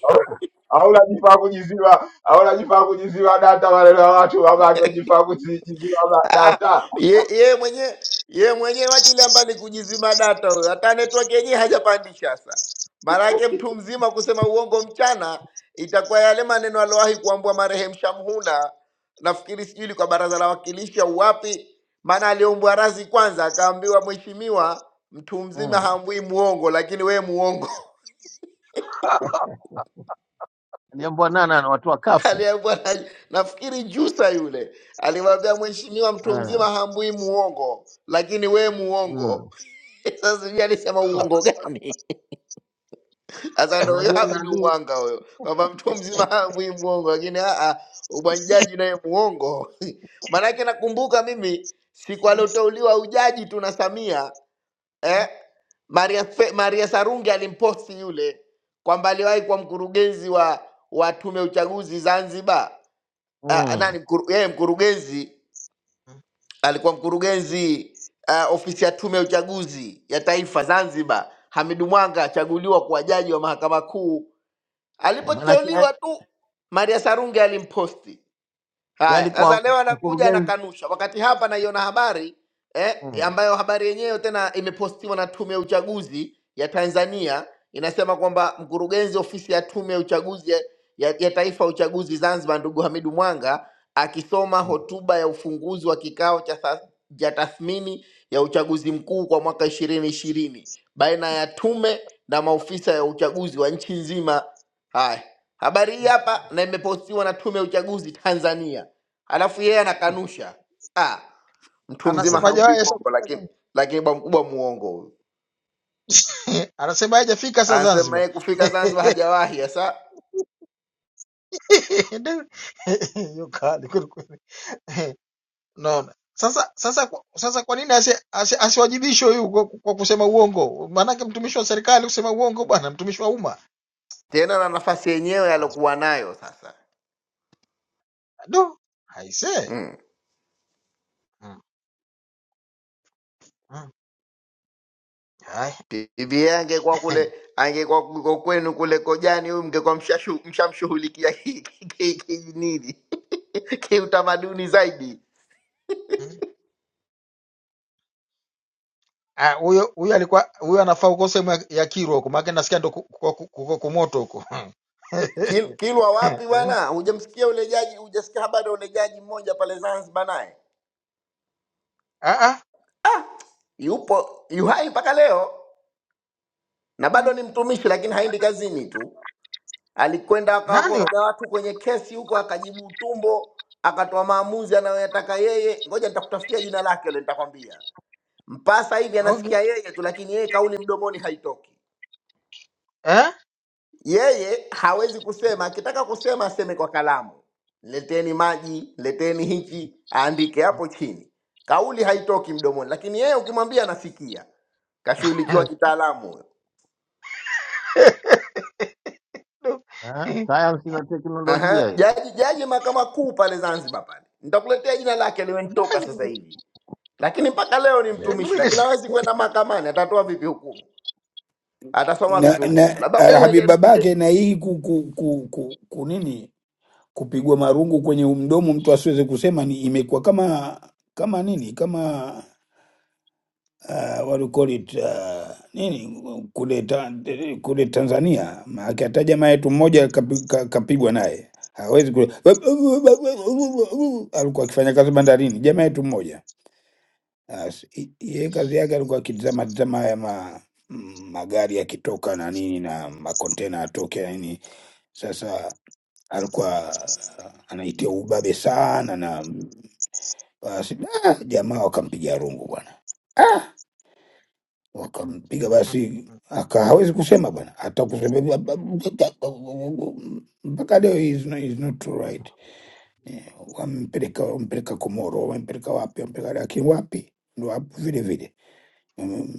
Speaker 7: au au unajifaa kujiziba, au unajifaa kujiziba data maneno ya watu babake, unajifaa kujiziba ma-
Speaker 8: Ah,
Speaker 7: data
Speaker 8: ye, ye mwenye ye mwenyewe wajilamba ni kujizima data huyo, hata network yenyewe hajapandisha. Sasa maana yake mtu mzima kusema uongo mchana itakuwa yale maneno aliyowahi kuambua marehemu Shamhuna, nafikiri sijui ilikuwa baraza la wawakilishi au wapi, maana aliombwa razi kwanza, akaambiwa mheshimiwa, mtu mzima
Speaker 6: mm.
Speaker 8: haambui muongo, lakini we muongo
Speaker 6: aliambwa nana na watu wakafu
Speaker 8: aliambiwa na, nafikiri Jusa yule alimwambia mheshimiwa, mtu
Speaker 6: eh.
Speaker 8: mzima haambui muongo, lakini we muongo
Speaker 6: mm.
Speaker 8: Sasa sijui alisema
Speaker 6: Oh,
Speaker 8: uongo gani? Sasa ndo huyo
Speaker 6: unajua
Speaker 8: Habidu
Speaker 6: nani
Speaker 8: Mwanga huyo, kwamba mtu mzima hawi mwongo, lakini aa, ujaji naye mwongo. Maanake nakumbuka mimi siku alioteuliwa ujaji tu na Samia eh, Maria, Fe- Maria Sarungi alimposti yule kwamba aliwahi kuwa mkurugenzi wa wa tume ya uchaguzi Zanzibar. Ah,
Speaker 6: mm.
Speaker 8: nani mkuru, yeye mkurugenzi
Speaker 2: mm,
Speaker 8: alikuwa mkurugenzi uh, ofisi ya tume ya uchaguzi ya taifa Zanzibar. Hamidu Mwanga achaguliwa kuwa jaji wa mahakama kuu.
Speaker 6: maanake
Speaker 8: Alipoteuliwa tu, Maria Sarungi alimposti
Speaker 6: yeye
Speaker 8: Haya, sasa
Speaker 6: alikuwa
Speaker 8: leo anakuja
Speaker 6: mkurugenzi
Speaker 8: anakanusha, wakati hapa naiona habari eh,
Speaker 6: mm,
Speaker 8: ambayo habari yenyewe tena imepostiwa na Tume ya Uchaguzi ya Tanzania, inasema kwamba mkurugenzi ofisi ya Tume ya Uchaguzi ya, ya, ya Taifa ya Uchaguzi Zanzibar, ndugu Hamidu Mwanga akisoma
Speaker 6: mm,
Speaker 8: hotuba ya ufunguzi wa kikao cha tha- cha tathmini ya uchaguzi mkuu kwa mwaka ishirini ishirini baina ya tume na maofisa ya uchaguzi wa nchi nzima. Haya, habari hii
Speaker 2: mm.
Speaker 8: hapa na imepostiwa na Tume ya Uchaguzi Tanzania alafu yeye
Speaker 6: mm.
Speaker 8: anakanusha. Ah, mtu mzima
Speaker 2: anasema
Speaker 8: hamvi
Speaker 2: hajawahi
Speaker 6: mm.
Speaker 2: sasa
Speaker 8: mwongo,
Speaker 2: kufika
Speaker 8: lakini
Speaker 2: Zanzibar
Speaker 8: lakini bwa mkubwa muongo huyu.
Speaker 2: anasema hajafika sasa
Speaker 8: Anasema
Speaker 2: Zanzibar
Speaker 8: yeye kufika Zanzibar hajawahi sasa
Speaker 2: Ndio. hiyo kali kweli kweli. Eh, Naona sasa sasa kwa- sasa, kwa nini asi- asi- asiwajibishwe huyu kwa, kwa kusema uongo? Maanake mtumishi wa serikali kusema uongo bwana, mtumishi wa umma
Speaker 8: tena na nafasi yenyewe alokuwa nayo sasa
Speaker 2: do haise.
Speaker 8: mm.
Speaker 2: Mm, mm. Haya.
Speaker 8: Bibi angekuwa kule angekuwa kuko kwenu kule Kojani, huyu mngekuwa mshashu- mshamshughulikia ki- ki- ki- ki- nini kiutamaduni zaidi.
Speaker 2: Mm. Ah, Huyo huyo alikuwa huyo anafaa huko sehemu ya ya Kirwa huko, maanake nasikia ndo kuko ku- ku- ku- kuko kumoto huko.
Speaker 8: Kil- Kilwa
Speaker 2: Eh,
Speaker 8: wapi
Speaker 2: eh.
Speaker 8: bwana? Hujamsikia ule jaji, hujasikia habari ya ule jaji mmoja pale Zanzibar naye
Speaker 2: Ah, ah,
Speaker 8: Ah, yupo yuhai mpaka leo na bado ni mtumishi, lakini haendi kazini tu. Alikwenda
Speaker 2: nani
Speaker 8: akawakoroga watu kwenye kesi huko, akajibu tumbo, akatoa maamuzi anayoyataka yeye. Ngoja nitakutafutia jina lake ule, nitakwambia. Mpasa hivi
Speaker 2: huyo? Okay.
Speaker 8: anasikia yeye tu, lakini yeye kauli mdomoni haitoki.
Speaker 2: Eh?
Speaker 8: Yeye hawezi kusema, akitaka kusema aseme kwa kalamu, leteni maji, leteni hichi, aandike hapo chini. Kauli haitoki mdomoni, lakini yeye ukimwambia anasikia, kashughulikiwa kitaalamu.
Speaker 2: Do.
Speaker 6: Eh, sayansi na
Speaker 8: Aha,
Speaker 6: teknolojia hiyo
Speaker 8: jaji jaji mahakama kuu pale Zanzibar pale, nitakuletea jina lake limenitoka sasa
Speaker 2: Nani?
Speaker 8: hivi, lakini mpaka leo ni mtumishi,
Speaker 2: Hebu
Speaker 8: lakini hawezi kwenda mahakamani. Atatoa vipi hukumu? Atasoma
Speaker 10: na,
Speaker 8: vipi hukumu?
Speaker 6: Acha,
Speaker 10: na
Speaker 8: Labda
Speaker 2: No
Speaker 10: Habib
Speaker 8: kumwelebishe
Speaker 10: babake na hii ku, ku, ku, ku, ku nini kupigwa marungu kwenye mdomo mtu asiweze kusema ni imekuwa kama kama nini kama uh, what do you call it uh, nini kule, ta, kule Tanzania maake hata jamaa yetu mmoja kapi- ka- kapigwa naye hawezi kule alikuwa akifanya kazi bandarini jamaa yetu mmoja As- i- Yeye kazi yake alikuwa akitizama tizama haya ma, mm, magari yakitoka na nini na makontena atoke na nini. Sasa alikuwa anaitia ubabe sana na mm, basi ah, jamaa wakampiga rungu bwana ah, wakampiga basi aka hawezi kusema bwana, hata kusema ba- ba- mpaka leo is not, is not too right. Eh, Wampeleka wampeleka Komoro, wampeleka wapi, wampeleka lakini wapi ndo hapo vile vile Mm,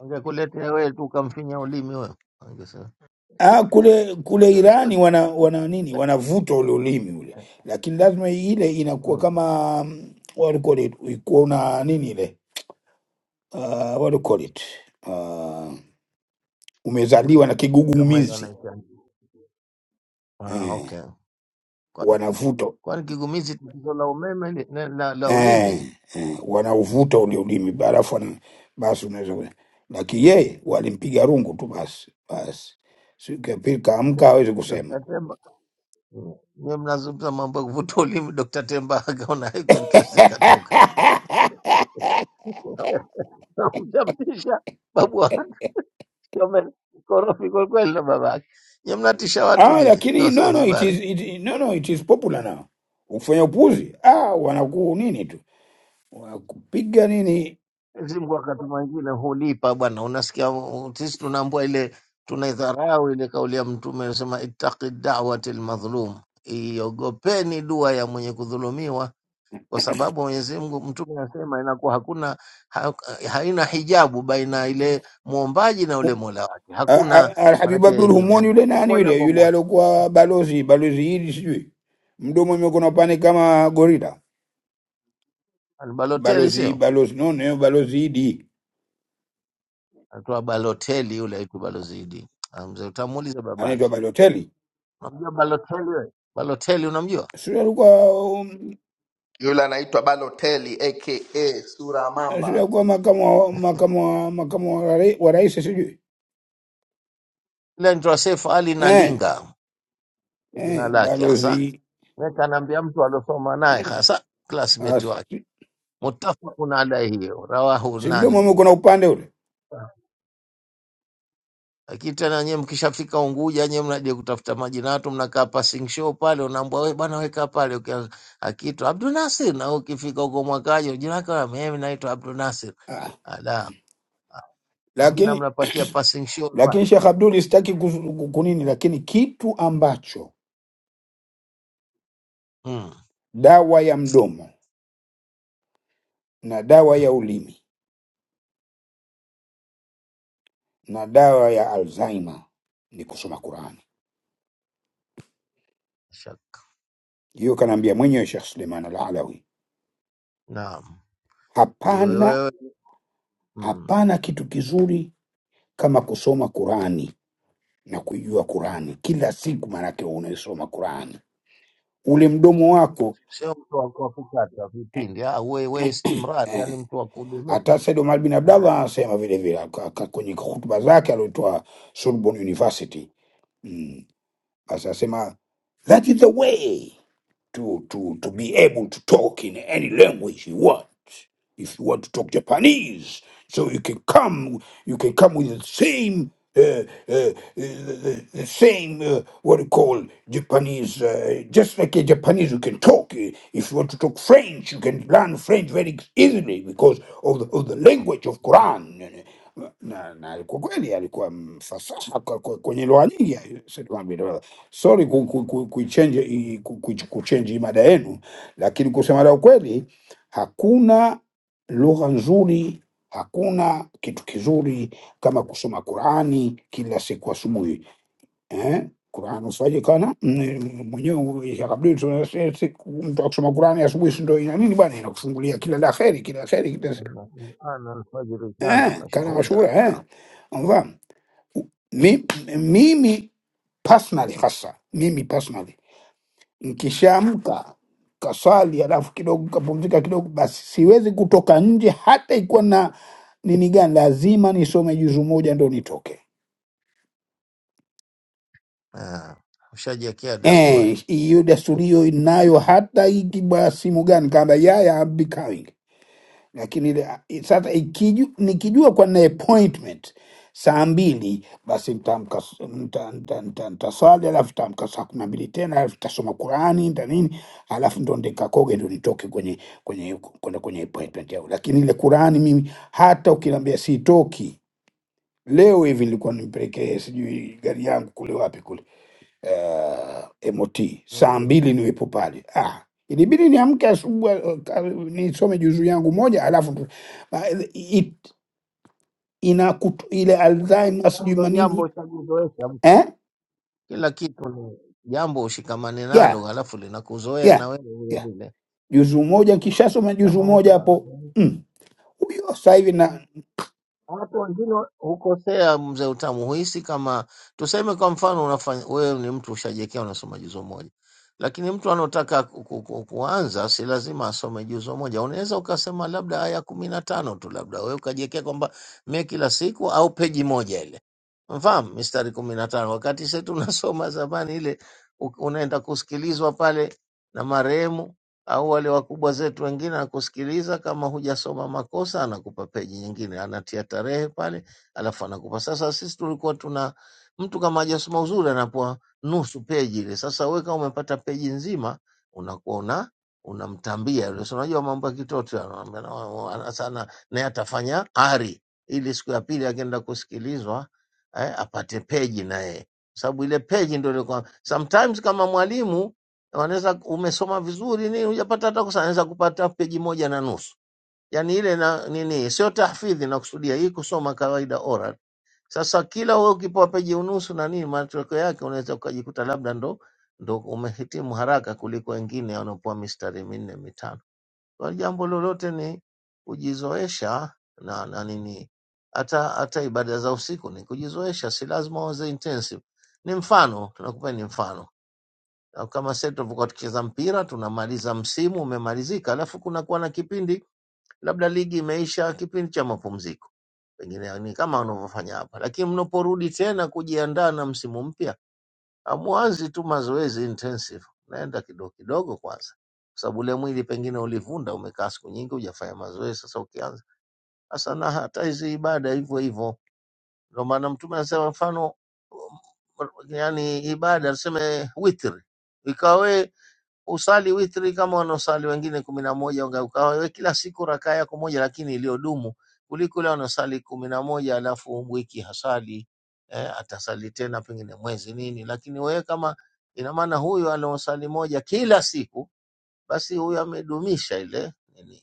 Speaker 6: angekuletea wewe tu ukamfinya ulimi wewe angesema
Speaker 10: Ah, kule kule
Speaker 6: "Hiyo
Speaker 10: Irani
Speaker 6: sote
Speaker 10: wana wana nini, wanavuta ule ulimi ule, lakini lazima ile inakuwa
Speaker 6: mm.
Speaker 10: kama mm, what do you call it, ikuwa una nini ile, uh, what do you call it, uh, umezaliwa na
Speaker 6: kama ile
Speaker 10: kigugumizi
Speaker 6: wanaita ah,
Speaker 10: eh,
Speaker 6: okay. Kwani
Speaker 10: wanavuta
Speaker 6: kwani kigumizi tatizo la umeme li- na- la, la
Speaker 10: eh,
Speaker 6: ulimi
Speaker 10: eh, wanauvuta ule ulimi, alafu wana- basi unaweza kula. Lakini yeye walimpiga rungu tu basi basi, siku ya pili kaamka hawezi kusema
Speaker 6: Dr. Temba Mm. nyewe mnazungumza mambo ya kuvuta ulimi Dr. Temba akaona haiko interest ikatoka Mtamtisha babu Wame- korofi kwa kweli na babake. Nyie mnatisha watu
Speaker 10: Ah,
Speaker 6: nyie
Speaker 10: lakini no no it
Speaker 6: Wazanzibari.
Speaker 10: is it, no no it is popular now. Ukifanya upuzi ah, wanaku nini tu wanakupiga nini.
Speaker 6: Mwenyezi Mungu wakati mwingine hulipa bwana, unasikia uh, sisi tunaambua ile tunaidharau ile kauli ya Mtume anasema ittaqi da'wati almadhlum, iogopeni dua ya mwenye kudhulumiwa, kwa sababu Mwenyezi Mungu Mtume anasema inakuwa hakuna ha, haina hijabu baina ile muombaji na ule
Speaker 10: U-
Speaker 6: mola wake,
Speaker 10: a- a-
Speaker 6: hakuna
Speaker 10: Alhabib
Speaker 6: maanake
Speaker 10: Abdul
Speaker 6: nini,
Speaker 10: Humon
Speaker 6: yani,
Speaker 10: yule
Speaker 6: ni
Speaker 10: nani
Speaker 6: moja
Speaker 10: yule
Speaker 6: kwa
Speaker 10: yule
Speaker 6: moja.
Speaker 10: aliokuwa balozi balozi hili sijui mdomo imekona pane kama gorila
Speaker 6: Ni Balotelli
Speaker 10: balozi
Speaker 6: sio?
Speaker 10: balozi no no balozi hili
Speaker 6: Alikuwa Baloteli yule aitwa Balozidi. Ah, Mzee utamuuliza
Speaker 10: anaitwa
Speaker 6: babake.
Speaker 10: Balotelli
Speaker 6: Unamjua Baloteli wewe? Baloteli unamjua?
Speaker 10: sio alikuwa um,
Speaker 8: yule anaitwa Baloteli aka Sura ya
Speaker 10: sio
Speaker 8: Mamba.
Speaker 10: alikuwa makamu wa- makamu wa- makamu wa rai- wa rais sijui
Speaker 6: Ile ndio Seif Ali
Speaker 10: eh
Speaker 6: Nalinga jina
Speaker 10: eh
Speaker 6: lake hasa.
Speaker 10: balozi
Speaker 6: Weka anaambia mtu aliosoma naye hasa classmate
Speaker 10: as,
Speaker 6: wake.
Speaker 10: si
Speaker 6: Muttafaqun alayhi hiyo. rawahu
Speaker 10: si mdomo
Speaker 6: nani?
Speaker 10: umekuwa na upande ule
Speaker 6: Lakini tena nyewe mkishafika Unguja nyewe mnaje kutafuta maji na watu mnakaa passing show pale, unaambwa wewe bwana, weka pale ukia- akiitwa Abdul Nasir, na wewe ukifika huko mwakaje jina lako, mimi naitwa Abdul Nasir.
Speaker 10: Ah,
Speaker 6: majina
Speaker 10: lakini
Speaker 6: mnapatia passing show pale.
Speaker 10: lakini Sheikh Abdul sitaki kuzu- ku- kunini, lakini kitu ambacho
Speaker 6: Mm.
Speaker 10: dawa ya mdomo na dawa ya ulimi na dawa ya Alzheimer ni kusoma Qurani.
Speaker 6: shak-
Speaker 10: Hiyo kanaambia mwenyewe Sheikh Suleiman Al-Alawi,
Speaker 6: Naam, iwe
Speaker 10: hapana
Speaker 6: wewe mm.
Speaker 10: hapana kitu kizuri kama kusoma Qurani na kuijua Qurani kila siku, maanake unaisoma Qurani ule mdomo wako
Speaker 6: sio mtu wa wa kukata
Speaker 10: eh,
Speaker 6: vipindi, ah, uwe we
Speaker 10: eh,
Speaker 6: istimrari,
Speaker 10: eh,
Speaker 6: yani mtu wa
Speaker 10: Hata
Speaker 6: kudumisha.
Speaker 10: Said Omar bin Abdallah
Speaker 6: Ah,
Speaker 10: anasema vile vile aka- aka- kwenye hutuba zake aliotoa Sorbonne University. Mm. Basi anasema that is the way to, to, to be able to talk in any language you want if you want to talk Japanese, so you can come, you can come with the same, uh, uh, the, the the same, uh, what you call Japanese, uh, just like a Japanese, you can talk. Uh, If you want to talk French, you can learn French very easily because of the, of the language of Quran. Na, na alikuwa kweli alikuwa mfasaha kwa- kwa- kwenye lugha nyingi. Sema bila- Sorry ku- ku- ku- kuichange hii- ku- ku- kuchange hii mada yenu, lakini kusema la ukweli hakuna lugha nzuri. Hakuna kitu kizuri kama kusoma Qurani kila siku asubuhi eh? Qurani uswaje kana mm, mwenyewe yakabidi tu- si- siku mtu akusoma Qurani asubuhi, si ndio? Ina nini bwana, inakufungulia kila la kheri, kila la kheri, kila
Speaker 6: inna Qur'ana alfajiri kana
Speaker 10: eh, kana
Speaker 6: mashhuda.
Speaker 10: mashura eh,
Speaker 6: Naam.
Speaker 10: Unafahamu? Mi- mimi personally hasa mimi personally Nkishaamka kaswali, alafu kidogo kapumzika kidogo, basi siwezi kutoka nje hata ikuwa na nini gani, lazima nisome juzu moja ndo nitoke.
Speaker 6: Ah, ushajiwekea
Speaker 10: Eh,
Speaker 6: dasturi
Speaker 10: Hiyo desturi hiyo inayo hata ikibwa simu gani, kaamba yaya I'm becoming. lakini ile- i- sasa ikiju, nikijua kwa na appointment saa mbili basi ntamka s- nta- nta- nta- ntaswali alafu tamka saa kumi na mbili tena alafu tasoma Qurani nta nini alafu ndo ndikakoge ndo nitoke kwenye kwenye kwenda kwenye appointment yao. Lakini ile Qurani mimi hata ukiniambia sitoki leo hivi, nilikuwa nimpelekee sijui gari yangu kule wapi kule uh, MOT saa
Speaker 6: Wote.
Speaker 10: mbili niwepo pale. Ah, ilibidi niamke asubuhi eh, ka- nisome juzuu yangu moja alafu ndo- ah, it, ina kutu, ile Alzheimer
Speaker 6: Sasa
Speaker 10: sijui
Speaker 6: ndo jambo
Speaker 10: manini
Speaker 6: ushajizoesha
Speaker 10: eh?
Speaker 6: mtu, kila kitu ni jambo ushikamane nalo,
Speaker 10: yeah,
Speaker 6: halafu linakuzoea
Speaker 10: yeah,
Speaker 6: na wewe vile
Speaker 10: yeah.
Speaker 6: vile,
Speaker 10: Juzuu moja nkishasoma juzuu
Speaker 6: kama
Speaker 10: moja hapo
Speaker 6: huja
Speaker 10: mm, huyo sasa hivi na
Speaker 6: Watu wengine hukosea mzee utamu, huhisi kama tuseme, kwa mfano unafanya wewe ni mtu ushajiwekea unasoma juzo moja, lakini mtu anotaka ku, ku, ku, kuanza si lazima asome juzo moja. Unaweza ukasema labda aya kumi na tano tu, labda wewe ukajiwekea kwamba mie kila siku au peji moja ile mfahamu, mistari kumi na tano wakati sisi tunasoma zamani ile u- unaenda kusikilizwa pale na marehemu au wale wakubwa zetu wengine anakusikiliza, kama hujasoma makosa anakupa peji nyingine, anatia tarehe pale, alafu anakupa. Sasa sisi tulikuwa tuna mtu kama hajasoma uzuri anapewa nusu peji ile. Sasa wewe kama umepata peji nzima unakuwa una unamtambia yule, si unajua mambo ya kitoto ya- anaambia na- wa- ana- sana, naye atafanya ari ili siku ya pili akienda kusikilizwa eh, apate peji naye, kwa sababu ile peji ndio ilikuwa sometimes kama mwalimu wanaweza umesoma vizuri nini, hujapata hata kosa, anaweza kupata peji moja na nusu, yani ile na nini, sio tahfidhi nakusudia, hii kusoma kawaida oral. Sasa kila wewe ukipewa peji unusu na nini, matokeo yake unaweza ukajikuta labda ndo ndo umehitimu haraka kuliko wengine wanaopewa mistari minne mitano. Kwa jambo lolote ni kujizoesha na, na nini, hata hata ibada za usiku ni kujizoesha, si lazima uanze intensive. Ni mfano, tunakupa ni mfano au kama sasa tulivyokuwa tukicheza mpira tunamaliza msimu umemalizika, alafu kunakuwa na kipindi labda ligi imeisha, kipindi cha mapumziko, pengine ni kama wanavyofanya hapa, lakini mnaporudi tena kujiandaa na msimu mpya, hamwanzi tu mazoezi intensive, naenda kidogo kidogo kwanza, kwa sababu ule mwili pengine ulivunda, umekaa siku nyingi hujafanya mazoezi. Sasa ukianza sasa, na hata hizi ibada hivyo hivyo, ndio maana Mtume anasema mfano, um, yani ibada tuseme witri ikawe usali witri kama wanaosali wengine kumi na moja ukawa wewe kila siku rakaa yako moja lakini iliyodumu kuliko yule wanaosali kumi na moja alafu wiki hasali eh, atasali tena pengine mwezi nini lakini wewe kama ina maana huyu anaosali moja kila siku basi huyu amedumisha ile nini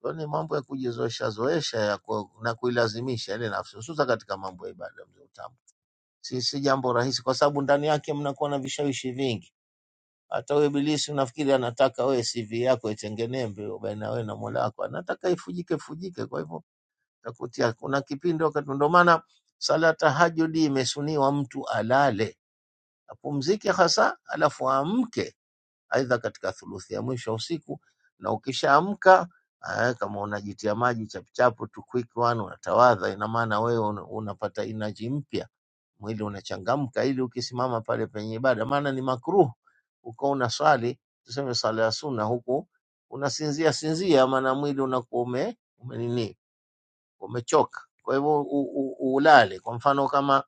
Speaker 6: Kwa hiyo ni mambo ya kujizoesha zoesha ya ku, na kuilazimisha ile nafsi hususa katika mambo ya ibada mzee utamu si, si jambo rahisi kwa sababu ndani yake mnakuwa na vishawishi vingi hata wewe ibilisi unafikiri anataka wewe CV yako itengenembe baina wewe na Mola wako, anataka ifujike fujike. Kwa hivyo takutia, kuna kipindi wakati, ndio maana sala ya tahajudi imesuniwa mtu alale apumzike hasa, alafu aamke aidha katika thuluthi ya mwisho ya usiku, na ukishaamka ah, kama unajitia maji chapuchapu tu quick one, unatawadha, ina maana wewe una- unapata inaji mpya mwili unachangamka, ili ukisimama pale penye ibada, maana ni makruh ukawa unaswali tuseme swala ya sunna, huku unasinzia sinzia, maana mwili unakuwa ume umenini umechoka. Kwa hivyo u- u- u- ulale. Kwa mfano kama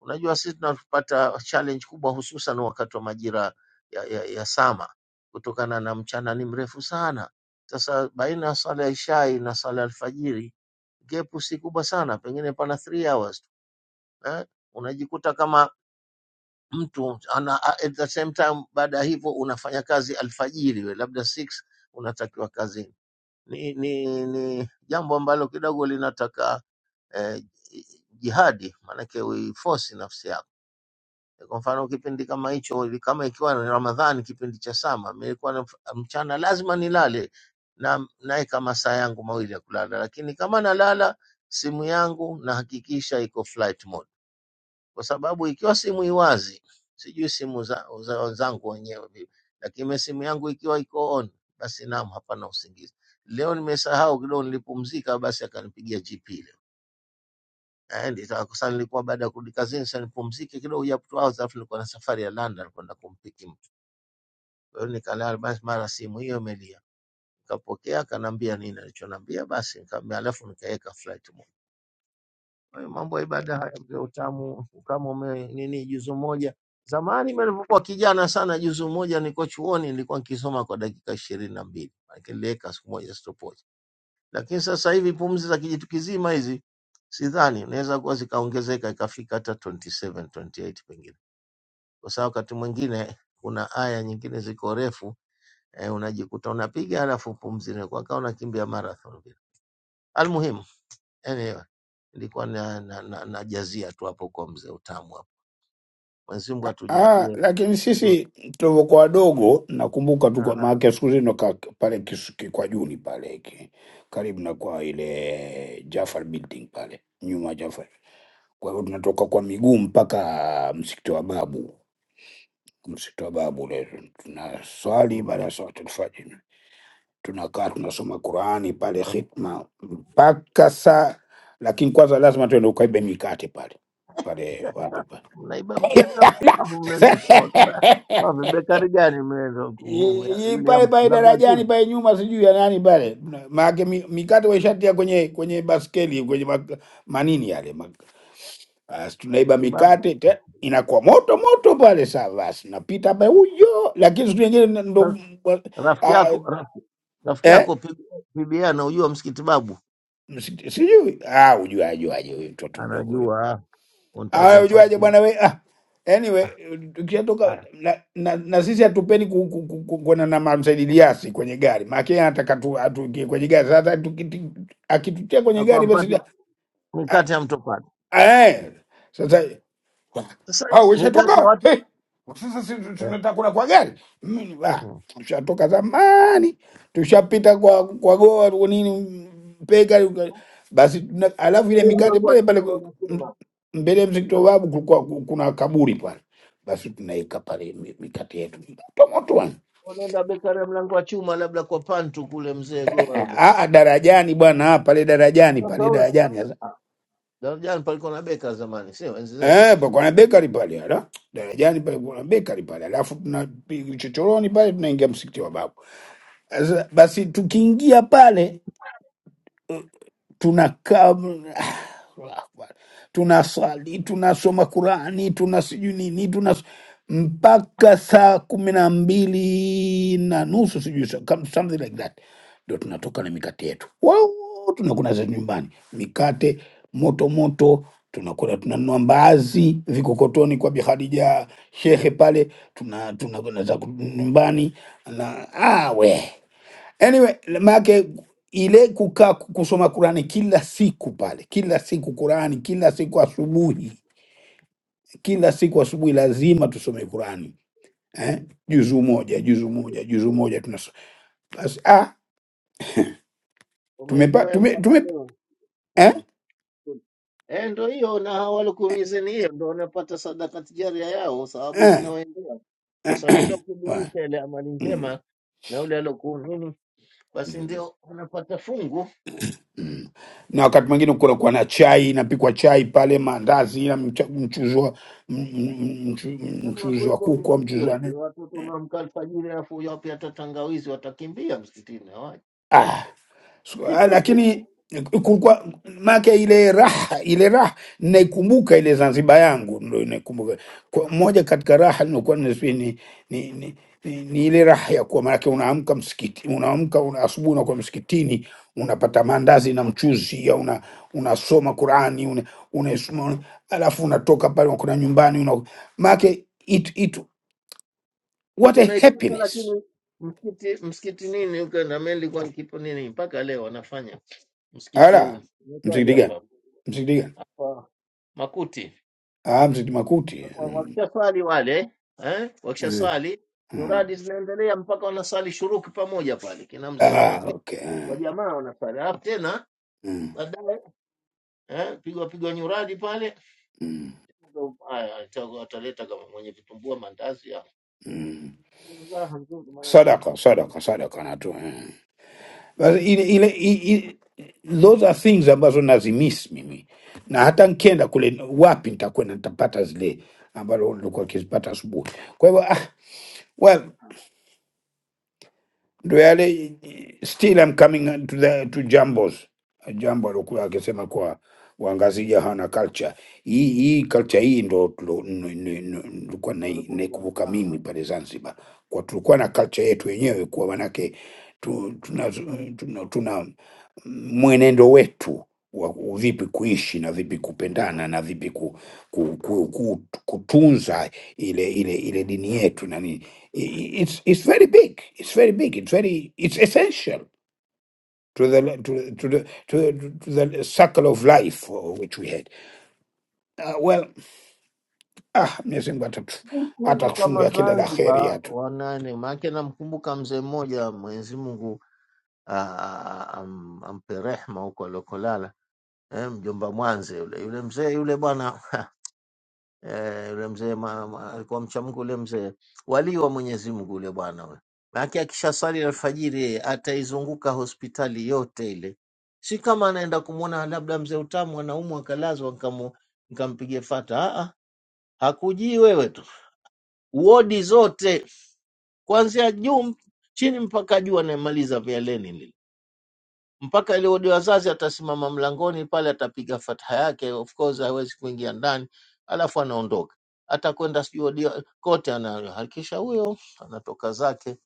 Speaker 6: unajua, sisi tunapata challenge kubwa, hususan wakati wa majira ya, ya, ya sama, kutokana na mchana ni mrefu sana. Sasa baina ya swala ya ishai na swala ya alfajiri, gepu si kubwa sana, pengine pana 3 hours tu eh? unajikuta kama mtu ana, a- at the same time baada ya hivyo unafanya kazi alfajiri, we labda 6 unatakiwa kazini. Ni, ni, ni jambo ambalo kidogo linataka eh, jihadi, maanake uiforce nafsi yako. Kwa mfano kipindi kama hicho, kama ikiwa ni Ramadhani, kipindi cha sama, nilikuwa na- mchana lazima nilale na naeka masaa yangu mawili ya kulala, lakini kama nalala simu yangu nahakikisha iko flight mode kwa sababu ikiwa simu iwazi, sijui simu za za wenzangu wenyewe vipi, lakini mimi simu yangu ikiwa iko on, basi naam, hapana usingizi. Leo nimesahau kidogo, nilipumzika, basi akanipigia GP leo Eh, nita- sasa nilikuwa baada ya kurudi kazini, sasa nipumzike kidogo ya two hours, alafu nilikuwa na safari ya London kwenda kumpiki mtu. Kwa hiyo nikalala, basi mara simu hiyo imelia, nikapokea, akaniambia nini alichoniambia, basi nikamwambia, alafu nikaweka flight mode. Hayo mambo ya ibada haya ndio utamu kama ume nini juzu moja. Zamani mimi nilipokuwa kijana sana, juzu moja nilikuwa chuoni, nilikuwa nikisoma kwa dakika ishirini na mbili maanake niliweka siku moja stopwatch. Lakini sasa hivi pumzi za kijitu kizima hizi sidhani inaweza kuwa zikaongezeka ikafika hata 27 28 pengine, kwa sababu wakati mwingine kuna aya nyingine ziko refu eh, unajikuta unapiga alafu pumzi inakuwa kama unakimbia marathon vile. Almuhimu Anyway, nilikuwa na, na, na, najazia tu hapo kwa mzee utamu hapo. Mwenyezi Mungu
Speaker 10: Ah,
Speaker 6: atujalie.
Speaker 10: lakini sisi tulivyokuwa wadogo nakumbuka tu kwa
Speaker 6: Ah,
Speaker 10: maana siku hizi ndo ka- pale kisu- ki- kwa juni pale ki- karibu na kwa ile Jafar building pale nyuma ya Jafar Kwa hiyo tunatoka kwa miguu mpaka msikiti wa Babu, msikiti wa Babu ule tunaswali. Baada
Speaker 6: mm.
Speaker 10: ya swala tulfajiri tunakaa tunasoma Qurani pale khitma mpaka saa, lakini kwanza lazima tuende ukaibe mikate pale pale wapi pale
Speaker 6: Mnaiba mkate hapa, hapo mnaenda kusema Qur'an. Kwa vibekari gani mmeenda ku- ku- ya-
Speaker 10: I- i-
Speaker 6: yule ya
Speaker 10: pale pale
Speaker 6: mlango wa
Speaker 10: darajani
Speaker 6: chini?
Speaker 10: pale nyuma, sijui ya nani pale, maake mi- mikate waishatia kwenye kwenye baskeli kwenye ma- manini yale Basi tunaiba
Speaker 6: Msibabu.
Speaker 10: mikate te, inakuwa moto moto pale. Saa basi napita hapa huyo, lakini siku nyingine na- ndo
Speaker 6: Sasa rafiki
Speaker 10: uh,
Speaker 6: yako rafiki, rafiki
Speaker 10: eh,
Speaker 6: yako P- PBA anaujua msikiti babu?
Speaker 10: msi- sijui ah, ujuaje aje huyu mtoto mdogo huyo
Speaker 6: Anajua. Unataka
Speaker 10: ah, ujuaje bwana
Speaker 6: kumfuatilia.
Speaker 10: we ah. Anyway,
Speaker 6: Ah,
Speaker 10: tukishatoka
Speaker 6: haya.
Speaker 10: na, na, na sisi hatupeni ku- ku- ku- ku- kwenda na mamsaididiasi kwenye gari maake anataka tu- atuingie kwenye gari sasa, tuki- ti- akitutia kwenye
Speaker 6: Na kwa
Speaker 10: gari basi
Speaker 6: mpati
Speaker 10: ah,
Speaker 6: mikate ya mtopati.
Speaker 10: ah, eh. sasa
Speaker 6: Sasa
Speaker 10: au
Speaker 6: mikate ya
Speaker 10: ushatoka
Speaker 6: watu
Speaker 10: He! sasa si tu-
Speaker 6: eh.
Speaker 10: tunataka kula kwa gari mimi ah,
Speaker 6: mm.
Speaker 10: tushatoka zamani tushapita kwa kwa goa kwa nini peka uka- basi tuna- alafu ile
Speaker 6: Vibekari ya
Speaker 10: mikate
Speaker 6: mlango wa
Speaker 10: pale
Speaker 6: chini
Speaker 10: pale m-
Speaker 6: wanasema.
Speaker 10: mbele ya msikiti wa babu kulikuwa ku- kuna kaburi pale basi tunaika pale mi- mikate yetu moto moto bwana.
Speaker 6: unaenda Bekaria mlango wa chuma, labda kwa pantu kule mzee Goa
Speaker 10: Eh,
Speaker 6: yule.
Speaker 10: ah, ah, darajani bwana ah, pale darajani
Speaker 6: Sasa
Speaker 10: pale
Speaker 6: ule-
Speaker 10: darajani sasa
Speaker 6: ah, darajani palikuwa na beka zamani, sio enzi zenu?
Speaker 10: eh pa kuna
Speaker 6: Sijui.
Speaker 10: bakery pale ala darajani pale kuna bakery pale alafu tuna chochoroni pale tunaingia msikiti wa babu Sasa Basi tukiingia pale tunakaa ah, Allahu Akbar. tunaswali tunasoma Qurani tuna sijui nini tuna mpaka saa kumi na mbili na nusu sijui so- come- something like that, ndo tunatoka na mikate yetu wow, tunakuna za nyumbani mikate moto moto tunakula tunanunua mbaazi vikokotoni kwa Bihadija Shehe pale tuna tunakuna za ku- nyumbani na awe Anyway, maake ile kukaa ku- kusoma Qurani kila siku pale, kila siku Qurani, kila siku asubuhi, kila siku asubuhi lazima tusome Qurani eh? juzu moja juzu moja juzu moja tunasoma basi. Ah, tumepa
Speaker 6: Umezoea
Speaker 10: tume,
Speaker 6: mpaka
Speaker 10: tume
Speaker 6: leo
Speaker 10: eh?
Speaker 6: hmm. Eh, ndo hiyo na hao walikuumizeni, hiyo ndo wanapata sadaka tijaria yao, sababu
Speaker 10: Eh?
Speaker 6: zinawaendea kwa sababu kila
Speaker 10: wa-
Speaker 6: ukidumisha ile amali
Speaker 10: Mm.
Speaker 6: njema na ule alokuumini, basi
Speaker 10: Mm.
Speaker 6: ndio unapata fungu.
Speaker 10: Mm. Na wakati mwingine kunakuwa na chai, inapikwa chai pale, maandazi na mcha- mchuzi wa m- m- m- mchu-
Speaker 6: Lazima
Speaker 10: mchuzi wa
Speaker 6: kuweko
Speaker 10: kuku au mchuzi
Speaker 6: vivutio
Speaker 10: wa nini.
Speaker 6: tu, watoto unaamka alfajiri, alafu wapi hata tangawizi, watakimbia msikitini hawaji.
Speaker 10: Ah, So, ah, lakini kulikuwa make ile raha ile raha naikumbuka ile Zanzibar yangu ndo naikumbuka kwa moja katika raha nilikuwa ni, si, ni, ni, ni, ni, ni ile raha ya kuwa maanake unaamka msikiti unaamka una asubuhi unakuwa msikitini unapata maandazi na mchuzi ya una unasoma Qurani una, unaisoma alafu unatoka pale unakwenda nyumbani una maanake it, it, what a
Speaker 6: unaipata
Speaker 10: happiness
Speaker 6: lakini msikiti msikiti nini Uganda? Mimi nilikuwa nikipo nini mpaka leo wanafanya msikiti
Speaker 10: ala
Speaker 6: huu unaitwaje
Speaker 10: msikiti gani
Speaker 6: hapa
Speaker 10: msikiti gani
Speaker 6: hapa Makuti,
Speaker 10: ah msikiti makuti
Speaker 6: Kwa-
Speaker 10: mm.
Speaker 6: wakishaswali wale eh, wakishaswali
Speaker 10: Mm.
Speaker 6: nyuradi zinaendelea mpaka wanasali shuruki pamoja pale, kina mzee
Speaker 10: Ah,
Speaker 6: Ramake
Speaker 10: okay.
Speaker 6: wa jamaa wanasali, alafu tena
Speaker 10: Mm,
Speaker 6: baadaye eh, pigwa pigwa nyuradi pale,
Speaker 10: mm,
Speaker 6: ndo haya wata- wataleta kama mwenye vitumbua mandazi ya
Speaker 10: mm.
Speaker 6: raha nzuri, maanake watu
Speaker 10: Sadaka, sadaka,
Speaker 6: wanajulisha,
Speaker 10: sadaka na tu. mm. Basi Ile, ile, i- i- those are things ambazo nazimiss mimi, na hata nkienda kule wapi nitakwenda nitapata zile ambalo nilikuwa kizipata asubuhi. Kwa hivyo ah, well, ndo yale eh, still I'm coming to the to jambos jambo alokuwa akisema kwa Wangazija hana culture hii. Hii culture hii ndo tulo- n- n- n- nilikuwa
Speaker 6: sio
Speaker 10: nai-
Speaker 6: alikuwa
Speaker 10: naikumbuka mimi
Speaker 6: hujamfahamu
Speaker 10: pale Zanzibar, kwa tulikuwa na culture yetu wenyewe, kwa manake tu, tuna, tuna, tuna mwenendo wetu wa ku- vipi kuishi na vipi kupendana na vipi ku, ku, ku, ku, kutunza ile ile ile dini yetu na nini. I- i- It's, it's very big, it's very big, it's very, it's essential to the le- to, the- to the to, the- to the circle of life uh, which we had uh, well ah Mwenyezi Mungu atatu-
Speaker 6: siku hizi
Speaker 10: atakufungia
Speaker 6: kama
Speaker 10: kila la kheri
Speaker 6: Zanzibar
Speaker 10: yatu
Speaker 6: wanane, maake namkumbuka mzee mmoja, Mwenyezi Mungu a- a- a- am- ampe rehma huko aliokolala, eh, mjomba Mwanze yule yule mzee yule bwana eh, yule mzee ma- ma- alikuwa mcha Mungu yule mzee, walii wa Mwenyezi Mungu yule bwana yule, maake akishasali alfajiri yeye ataizunguka hospitali yote ile, si kama anaenda kumwona labda mzee utamu anaumwa akalazwa nkamu- nkampiga fata. Ah, ah, hakujii wewe tu, wodi zote kuanzia juu mp- chini mpaka juu, anayemaliza mialeni lile mpaka ile odi wazazi, atasimama mlangoni pale, atapiga fatha yake, of course hawezi kuingia ndani, alafu anaondoka, atakwenda sijui odi kote, anahakikisha huyo anatoka zake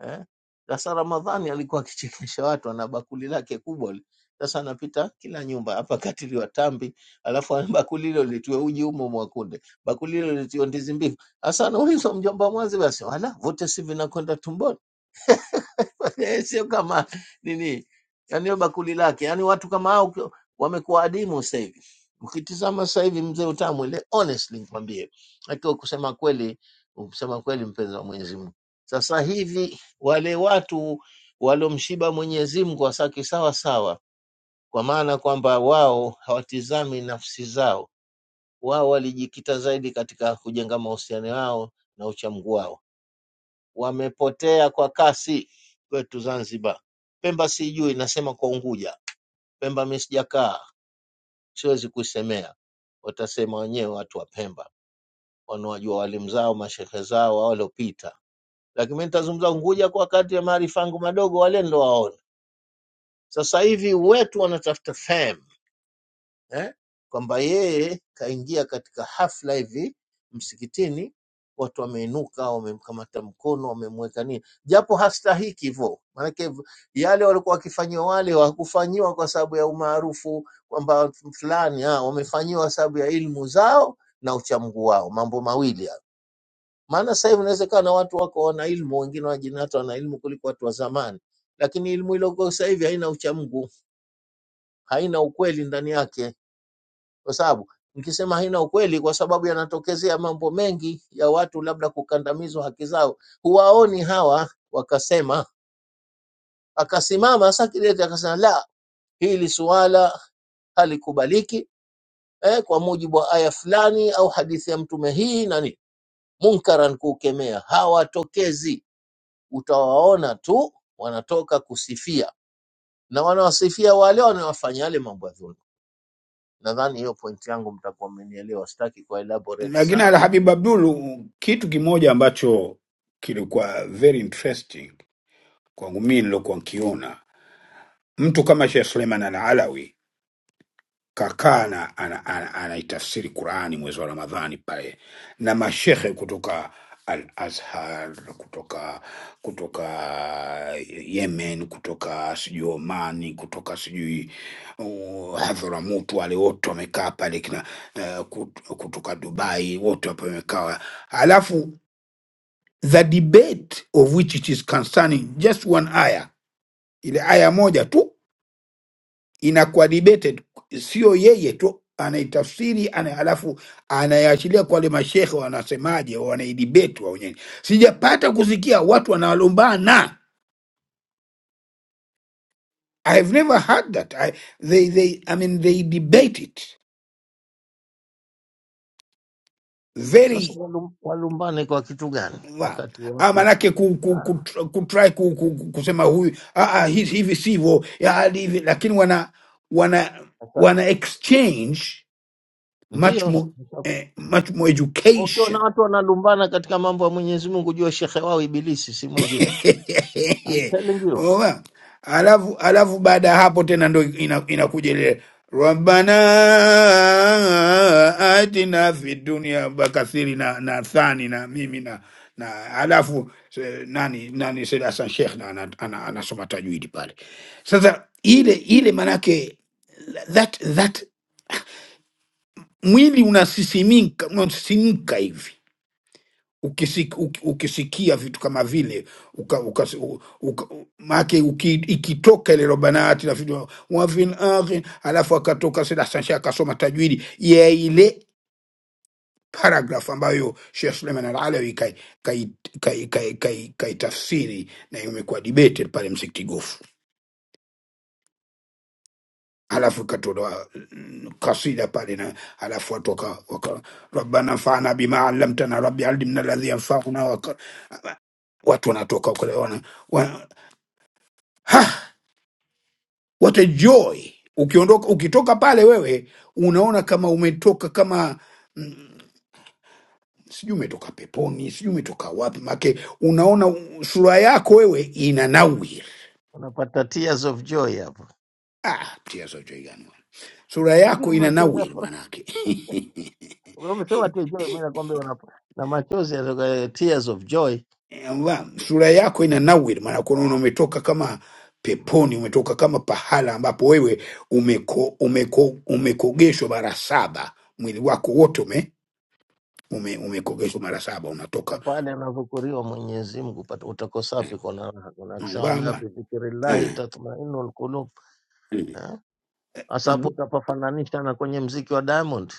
Speaker 6: eh. Sasa Ramadhani alikuwa akichekesha watu, ana bakuli lake kubwa li. Sasa anapita kila nyumba hapa, katili wa tambi, alafu ana bakuli hilo litiwe uji umo mwakunde, bakuli hilo litiwe ndizi mbivu. Sasa anaulizwa mjomba, mwazi basi wala vote si vinakwenda tumboni Eh, sio kama nini, yani hiyo bakuli lake. Yani watu kama hao ki- wamekuwa adimu sasa hivi. Ukitizama sasa hivi mzee Utamu ile, honestly nikwambie, akiwa kusema kweli, kusema kweli, mpenzi wa Mwenyezi Mungu, sasa hivi wale watu waliomshiba Mwenyezi Mungu wasaki sawa sawa, kwa maana kwamba wao hawatizami nafsi zao, wao walijikita zaidi katika kujenga mahusiano yao na uchamungu wao wamepotea kwa kasi kwetu Zanzibar. Pemba sijui, nasema kwa Unguja. Pemba mimi sijakaa, siwezi kuisemea, watasema wenyewe watu wa Pemba wanaojua walimu zao, mashehe zao wa waliopita, lakini mimi nitazungumza Unguja kwa wakati ya maarifa yangu madogo, wale ndo waone. Sasa hivi wetu wanatafuta fame eh, kwamba yeye kaingia katika hafla hivi msikitini, watu wameinuka, wamemkamata mkono, wamemweka nini, japo hastahiki hivyo. Maanake v- yale walikuwa wakifanyiwa wale hawakufanyiwa kwa sababu ya umaarufu kwamba fulani, ah, wamefanyiwa sababu ya ilmu zao na uchamungu wao, mambo mawili hayo. Maana sasa hivi inawezekana watu wako wana ilmu, wengine wajini hata wana ilmu kuliko watu wa zamani, lakini ilmu iliyoko sasa hivi haina uchamungu, haina ukweli ndani yake kwa sababu nikisema haina ukweli, kwa sababu yanatokezea mambo mengi ya watu labda kukandamizwa haki zao, huwaoni hawa. Wakasema akasimama Sakideti akasema, la, hili suala halikubaliki eh, kwa mujibu wa aya fulani au hadithi ya mtume hii na nini, munkaran kuukemea. Hawatokezi, utawaona tu wanatoka kusifia, na wanawasifia wale wanaowafanya yale mambo ya dhulma. Nadhani hiyo pointi yangu mtakuwa mmenielewa, sitaki kuelaborate
Speaker 10: lakini
Speaker 6: sana.
Speaker 10: al Habib Abdul kitu kimoja ambacho kilikuwa very interesting kwangu mimi nilokuwa nkiona mtu kama Sheikh Suleiman al Alawi kakaa na ana, ana, anaitafsiri Qurani mwezi wa Ramadhani pale na mashehe kutoka Al Azhar, kutoka kutoka Yemen, kutoka sijui Omani, kutoka sijui uh, Hadhramout, wale wote wamekaa pale kina uh, kut- kutoka Dubai, wote wapo wamekaa, alafu the debate of which it is concerning just one aya, ile aya moja tu inakuwa debated, sio yeye tu anaitafsiri ana, alafu anayaachilia kwa wale mashekhe wanasemaje, wanaidebate wao wenyewe. Sijapata kusikia watu wanalombana. I have never heard that. I, they, they, I mean, they debate it
Speaker 6: Sasa
Speaker 10: very
Speaker 6: walum- walumbane kwa kitu gani
Speaker 10: well.
Speaker 6: wakati
Speaker 10: Ah,
Speaker 6: watu
Speaker 10: manake ku, ku,
Speaker 6: Ah,
Speaker 10: ku, kutry ku, ku, ku, kusema huyu ah, ah, hivi hivi sivyo ya, hadi hivi, lakini wana wana
Speaker 6: sasa
Speaker 10: wana exchange much
Speaker 6: ndiyo
Speaker 10: more,
Speaker 6: sasa
Speaker 10: eh, much more
Speaker 6: ukiwa na
Speaker 10: education
Speaker 6: watu wanalumbana katika mambo ya Mwenyezi Mungu, jua shekhe wao Ibilisi si mwingine. I'm
Speaker 10: Ehe.
Speaker 6: telling you,
Speaker 10: Umeona? alafu alafu baada ya hapo tena ndo ina- inakuja ile rabbana atina fi dunia bakathiri na, na thani na mimi na na alafu se- nani nani Said Hassan Sheikh na ana- ana- anasoma tajwidi pale. Sasa ile ile manake that that mwili unasisimika unasisimka hivi ukisik, uk, ukisikia vitu kama vile uka, uka, uka, maake uki, ikitoka ile robanati na vitu wafin akhi, alafu akatoka Said Hassan Shah akasoma tajwidi ya ile paragraph ambayo Sheikh Suleiman Al-Alawi kai kai kai kai, kai, kai tafsiri na imekuwa debated pale Msikiti Gofu alafu ikatolewa mm, kasida pale na alafu watu waka, waka rabbana fana bima alamtana rabbi alimna ladhi yanfauna waka, watu wanatoka kule wana, wana, ha what a joy ukiondoka ukitoka pale wewe unaona kama umetoka kama mm, sijui umetoka peponi sijui umetoka wapi make unaona u- sura yako wewe ina nawiri
Speaker 6: unapata tears of joy hapo,
Speaker 10: ah, tia sauti gani bwana. sura
Speaker 6: ndio
Speaker 10: yako ina
Speaker 6: machozi ya
Speaker 10: nawiri
Speaker 6: furaha.
Speaker 10: manake
Speaker 6: Wewe Umesema tears of joy, mimi nakwambia unapa na machozi ya tears of joy
Speaker 10: Yamba, sura yako ina
Speaker 6: Mm.
Speaker 10: nawiri maanake unaona umetoka kama peponi umetoka kama pahala ambapo wewe umeko, umeko, umekogeshwa mara saba mwili wako wote ume, ume, umekogeshwa mara saba unatoka
Speaker 6: Sasa pale anavyokuriwa Mwenyezi Mungu pata- utakosapi kona unasema la
Speaker 10: kwamba
Speaker 6: bi dhikrillahi
Speaker 10: eh,
Speaker 6: tatma'innul qulub.
Speaker 10: mm,
Speaker 6: Eh? Sasa hapo
Speaker 10: mm.
Speaker 6: utapafananisha na kwenye mziki wa Diamond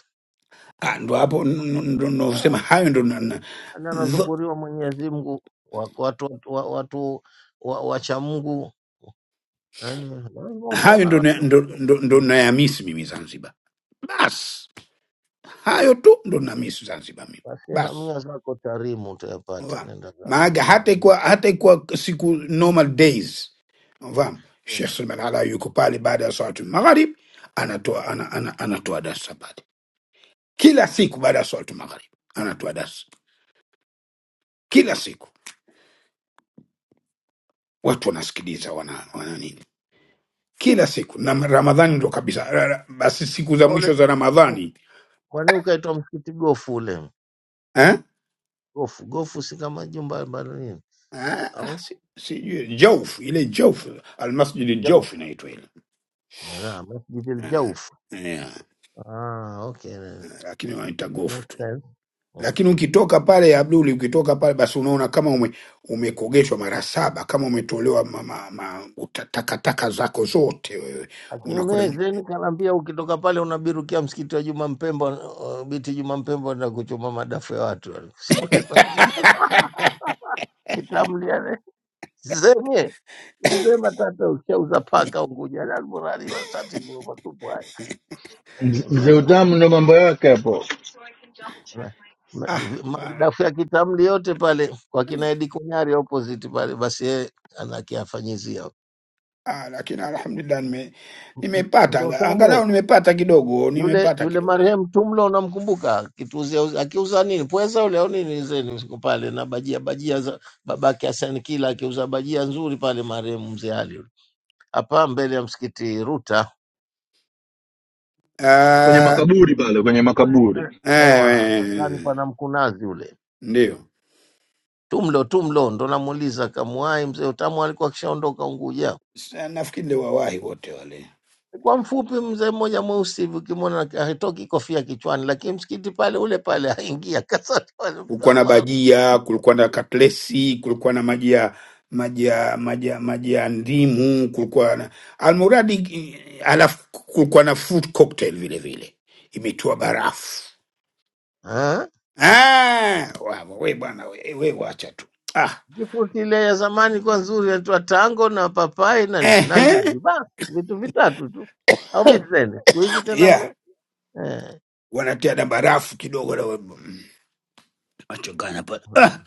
Speaker 10: Ah, ndo hapo n- n- ndo nosema
Speaker 6: Ah,
Speaker 10: hayo ndo na- na-
Speaker 6: na
Speaker 10: zo-
Speaker 6: anadhukuriwa Mwenyezi Mungu, wako watu watu wa- watu wa- wacha Mungu, yani lazima
Speaker 10: hayo
Speaker 6: utaona
Speaker 10: ndo na-
Speaker 6: raha
Speaker 10: ndo
Speaker 6: kuto.
Speaker 10: ndo- ndo
Speaker 6: Mm.
Speaker 10: nayamisi mimi Zanzibar. Basi hayo tu ndo namisi Zanzibar mimi
Speaker 6: Basi
Speaker 10: basi.
Speaker 6: hamia zako Tarimu utayapata,
Speaker 10: Unafahamu?
Speaker 6: nenda zako
Speaker 10: Maaga hata
Speaker 6: Darul
Speaker 10: kwa
Speaker 6: Mukhti.
Speaker 10: hata kwa siku normal days unafahamu, Sheikh
Speaker 6: Mm.
Speaker 10: Salman Ala yuko pale baada ya swalatul magharib anatoa ana, ana, anatoa darsa pale kila siku baada ya swalatul magharib anatoa darsa kila siku, watu wanasikiliza wana, wana nini kila siku na Ramadhani ndo kabisa. Ra- ra- Basi siku za
Speaker 6: Na
Speaker 10: mwisho
Speaker 6: ule
Speaker 10: za
Speaker 6: u-
Speaker 10: Ramadhani
Speaker 6: kwani ukaitwa msikiti gofu ule
Speaker 10: eh?
Speaker 6: gofu gofu, si kama jumba la nini
Speaker 10: Eh, Ah,
Speaker 6: au
Speaker 10: si- sijui jouf ile jouf almasjidi
Speaker 6: jauf?
Speaker 10: jouf inaitwa ile
Speaker 6: Ala, masjidil
Speaker 10: Eh,
Speaker 6: jauf.
Speaker 10: yeah.
Speaker 6: Ah, okay,
Speaker 10: Eh, lakini wanaita gofu
Speaker 6: makes
Speaker 10: tu.
Speaker 6: sense.
Speaker 10: Lakini ukitoka pale ya Abduli, ukitoka pale basi unaona kama ume, umekogeshwa mara saba, kama umetolewa ma, ma, ma, uta- takataka zako zote wewe
Speaker 6: Lakini mimi
Speaker 10: unakwenda
Speaker 6: Zeni kanaambia ukitoka pale unabirukia msikiti wa Juma Mpemba, uh, biti Juma Mpemba na kuchoma madafu ya watu. Siku niko na mimi kitamlia Zeni mzee matata ushauza paka Unguja na Alburari matatizo matupu haya.
Speaker 11: Mz- Mzee
Speaker 6: Unaona?
Speaker 11: Utamu ndo mambo yake hapo
Speaker 6: Na- na-
Speaker 10: ah, bana.
Speaker 6: Madafu ya kitamli yote pale kwa kina Edi Kunyari opposite pale, basi yeye anakiafanyizia
Speaker 10: Ah, lakini alhamdulillah nime, nimepata
Speaker 6: mzee
Speaker 10: anga-
Speaker 6: Utamwe
Speaker 10: angalau nimepata kidogo,
Speaker 6: yule
Speaker 10: nimepata
Speaker 6: yule
Speaker 10: kidogo.
Speaker 6: marehemu Tumlo, unamkumbuka kituuzia akiuza nini pweza yule au nini zeni siku pale na bajia bajia za babake Hassan kila akiuza bajia nzuri pale marehemu mzee Ali yule. hapa mbele ya msikiti Ruta
Speaker 11: kwenye
Speaker 10: Ah,
Speaker 11: makaburi pale, kwenye
Speaker 6: eh,
Speaker 11: makaburi
Speaker 6: ewa na- ndani
Speaker 10: eh,
Speaker 6: pana mkunazi yule
Speaker 10: ndio
Speaker 6: Tumlo Tumlo ndo namuuliza kamuai mzee Utamu alikuwa akishaondoka Unguja
Speaker 10: Sa- nafikiri ndio wawahi wote wale.
Speaker 6: kwa mfupi mzee mmoja mweusi hivi ukimwona hatoki kofia kichwani, lakini msikiti pale ule pale aingia kasa
Speaker 10: Kulikuwa na bajia, kulikuwa na katlesi, kulikuwa na maji ya maji ya maji ya maji ya ndimu, kulikuwa na almuradi, eh, alafu kulikuwa na fruit cocktail vile vile imetiwa barafu.
Speaker 6: Allah
Speaker 10: Ah, wapo we bwana, we, we wacha tu ah,
Speaker 6: Juice ile ya zamani ilikuwa nzuri, inaitwa tango na papai na nini na
Speaker 10: ehe,
Speaker 6: ndizi, basi vitu vitatu tu au vitu zaidi. Siku hizi tena
Speaker 10: yeah,
Speaker 6: mna eh,
Speaker 10: wanatia na barafu kidogo na we- mm, wachanganya pale ah,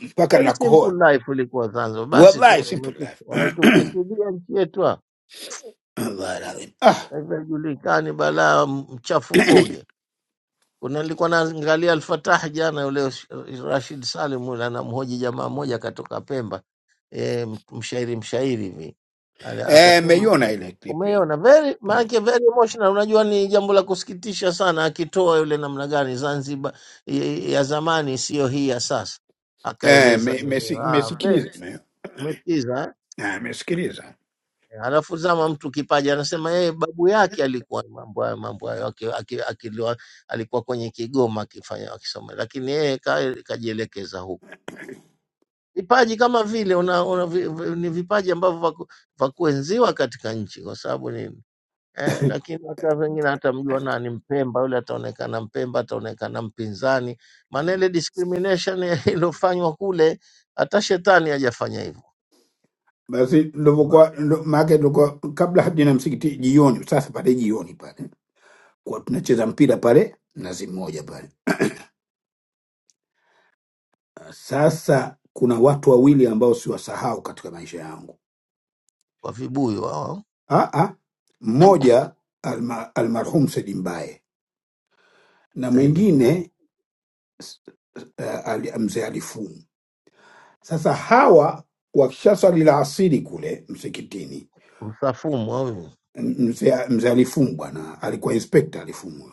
Speaker 10: mpaka
Speaker 6: very
Speaker 10: nakohoa
Speaker 6: simple life ilikuwa Zanzibar. Basi tu
Speaker 10: wallahi simple
Speaker 6: wametu-
Speaker 10: life
Speaker 6: wametufisidia nchi yetu hapa,
Speaker 10: wallahi alazim. ah
Speaker 6: Sasa hivi haijulikani balaa mchafukoge Kuna nilikuwa naangalia Alfatah jana, yule Rashid Salim yule anamhoji jamaa mmoja katoka Pemba, e, mshairi mshairi hivi Ala-
Speaker 10: eh,
Speaker 6: akasema
Speaker 10: meiona ile clip ya
Speaker 6: umeona very
Speaker 10: Mm.
Speaker 6: maanake very emotional. Unajua ni jambo la kusikitisha sana, akitoa yule namna gani Zanzibar ya ya zamani sio hii ya sasa,
Speaker 10: eh,
Speaker 6: akaeleza.
Speaker 10: me-
Speaker 6: nini?
Speaker 10: mesi-
Speaker 6: Ah, very-
Speaker 10: mesikiliza me-
Speaker 6: umesikiza eh?"
Speaker 10: ah, mesikiliza
Speaker 6: Alafu zama mtu kipaji, anasema yeye babu yake alikuwa mambo hayo mambo hayo aki- aki- akiliwa- alikuwa kwenye Kigoma akifanya akisoma, lakini yeye ka- kajielekeza huko. Vipaji kama vile una, una, vi- vi- ni vipaji ambavyo vaku- vakuenziwa katika nchi kwa sababu nini eh, lakini hata wengine hatamjua nani Mpemba yule, ataonekana Mpemba, ataonekana mpinzani. Maana ile
Speaker 10: Mm.
Speaker 6: discrimination iliyofanywa kule, hata shetani hajafanya hivyo
Speaker 10: basi
Speaker 6: Ma-
Speaker 10: ndivyokuwa ndo- maake ndivyokuwa kabla hadi na msikiti jioni sasa pale jioni pale kwa tunacheza mpira pale nazi moja pale Ah, sasa kuna watu wawili ambao siwasahau katika maisha yangu
Speaker 6: kwa vibuyu hao
Speaker 10: ah, ah. mmoja alma, almarhum Said Mbae na
Speaker 6: zaidi mbaya.
Speaker 10: mwingine eh, ali- mzee alifumu. Sasa hawa wakisha swali la asiri kule msikitini,
Speaker 6: Msafumwa huyu
Speaker 10: m- mzee mzee alifumu bwana alikuwa inspekta alifumu.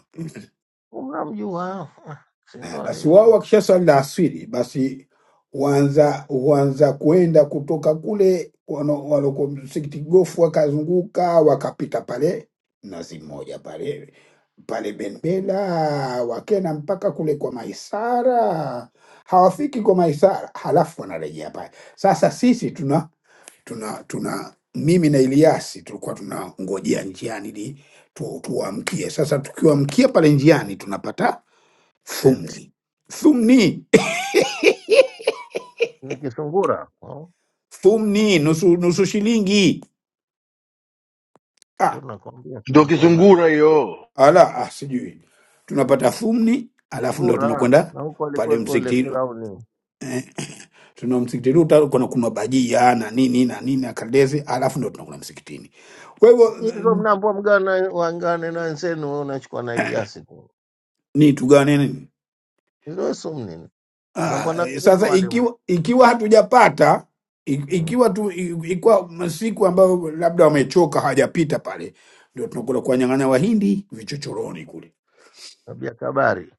Speaker 6: unamjua, Ah, si
Speaker 10: Eh,
Speaker 6: ndo
Speaker 10: basi wao
Speaker 6: alitent
Speaker 10: wakisha swali la asiri, basi huanza huanza kuenda kutoka kule wano- waloko msikiti gofu, wakazunguka wakapita pale nazi moja pale pale Benbela, wakena mpaka kule kwa Maisara, hawafiki kwa Maisara, halafu wanarejea pale. Sasa sisi tuna tuna tuna mimi na Iliasi tulikuwa tunangojea njiani ili tu, tuwaamkie. Sasa tukiwaamkia pale njiani tunapata thumni thumni
Speaker 6: ni Kisungura oh,
Speaker 10: thumni nusu, nusu shilingi ah,
Speaker 6: tunakwambia
Speaker 11: ndo
Speaker 6: kilikuwa nani
Speaker 11: kisungura hiyo.
Speaker 10: ala ah, sijui tunapata thumni, alafu ndo
Speaker 6: Ngura
Speaker 10: tunakwenda
Speaker 6: na huko
Speaker 10: pale
Speaker 6: alikuweko yule
Speaker 10: msikitini,
Speaker 6: Firauni.
Speaker 10: tuna msikitini uta- kuna kuna bajia na nini na nini na kandezi, alafu ndo tunakuna msikitini. Kwa hivyo
Speaker 6: Lakini Hizo mnaambua mgana wangane na wenzenu, wewe unachukua na Eliasi tu
Speaker 10: ni tugawane nini
Speaker 6: hizo wesu mnini, unaambua
Speaker 10: Ah,
Speaker 6: na wenzenu
Speaker 10: sasa
Speaker 6: walimu
Speaker 10: ikiwa ikiwa hatujapata i-
Speaker 6: Mm,
Speaker 10: ikiwa tu i- ikiwa masiku ambayo labda wamechoka hawajapita pale, ndio tunakula kuwanyang'anya wahindi vichochoroni kule
Speaker 6: tabia kabari.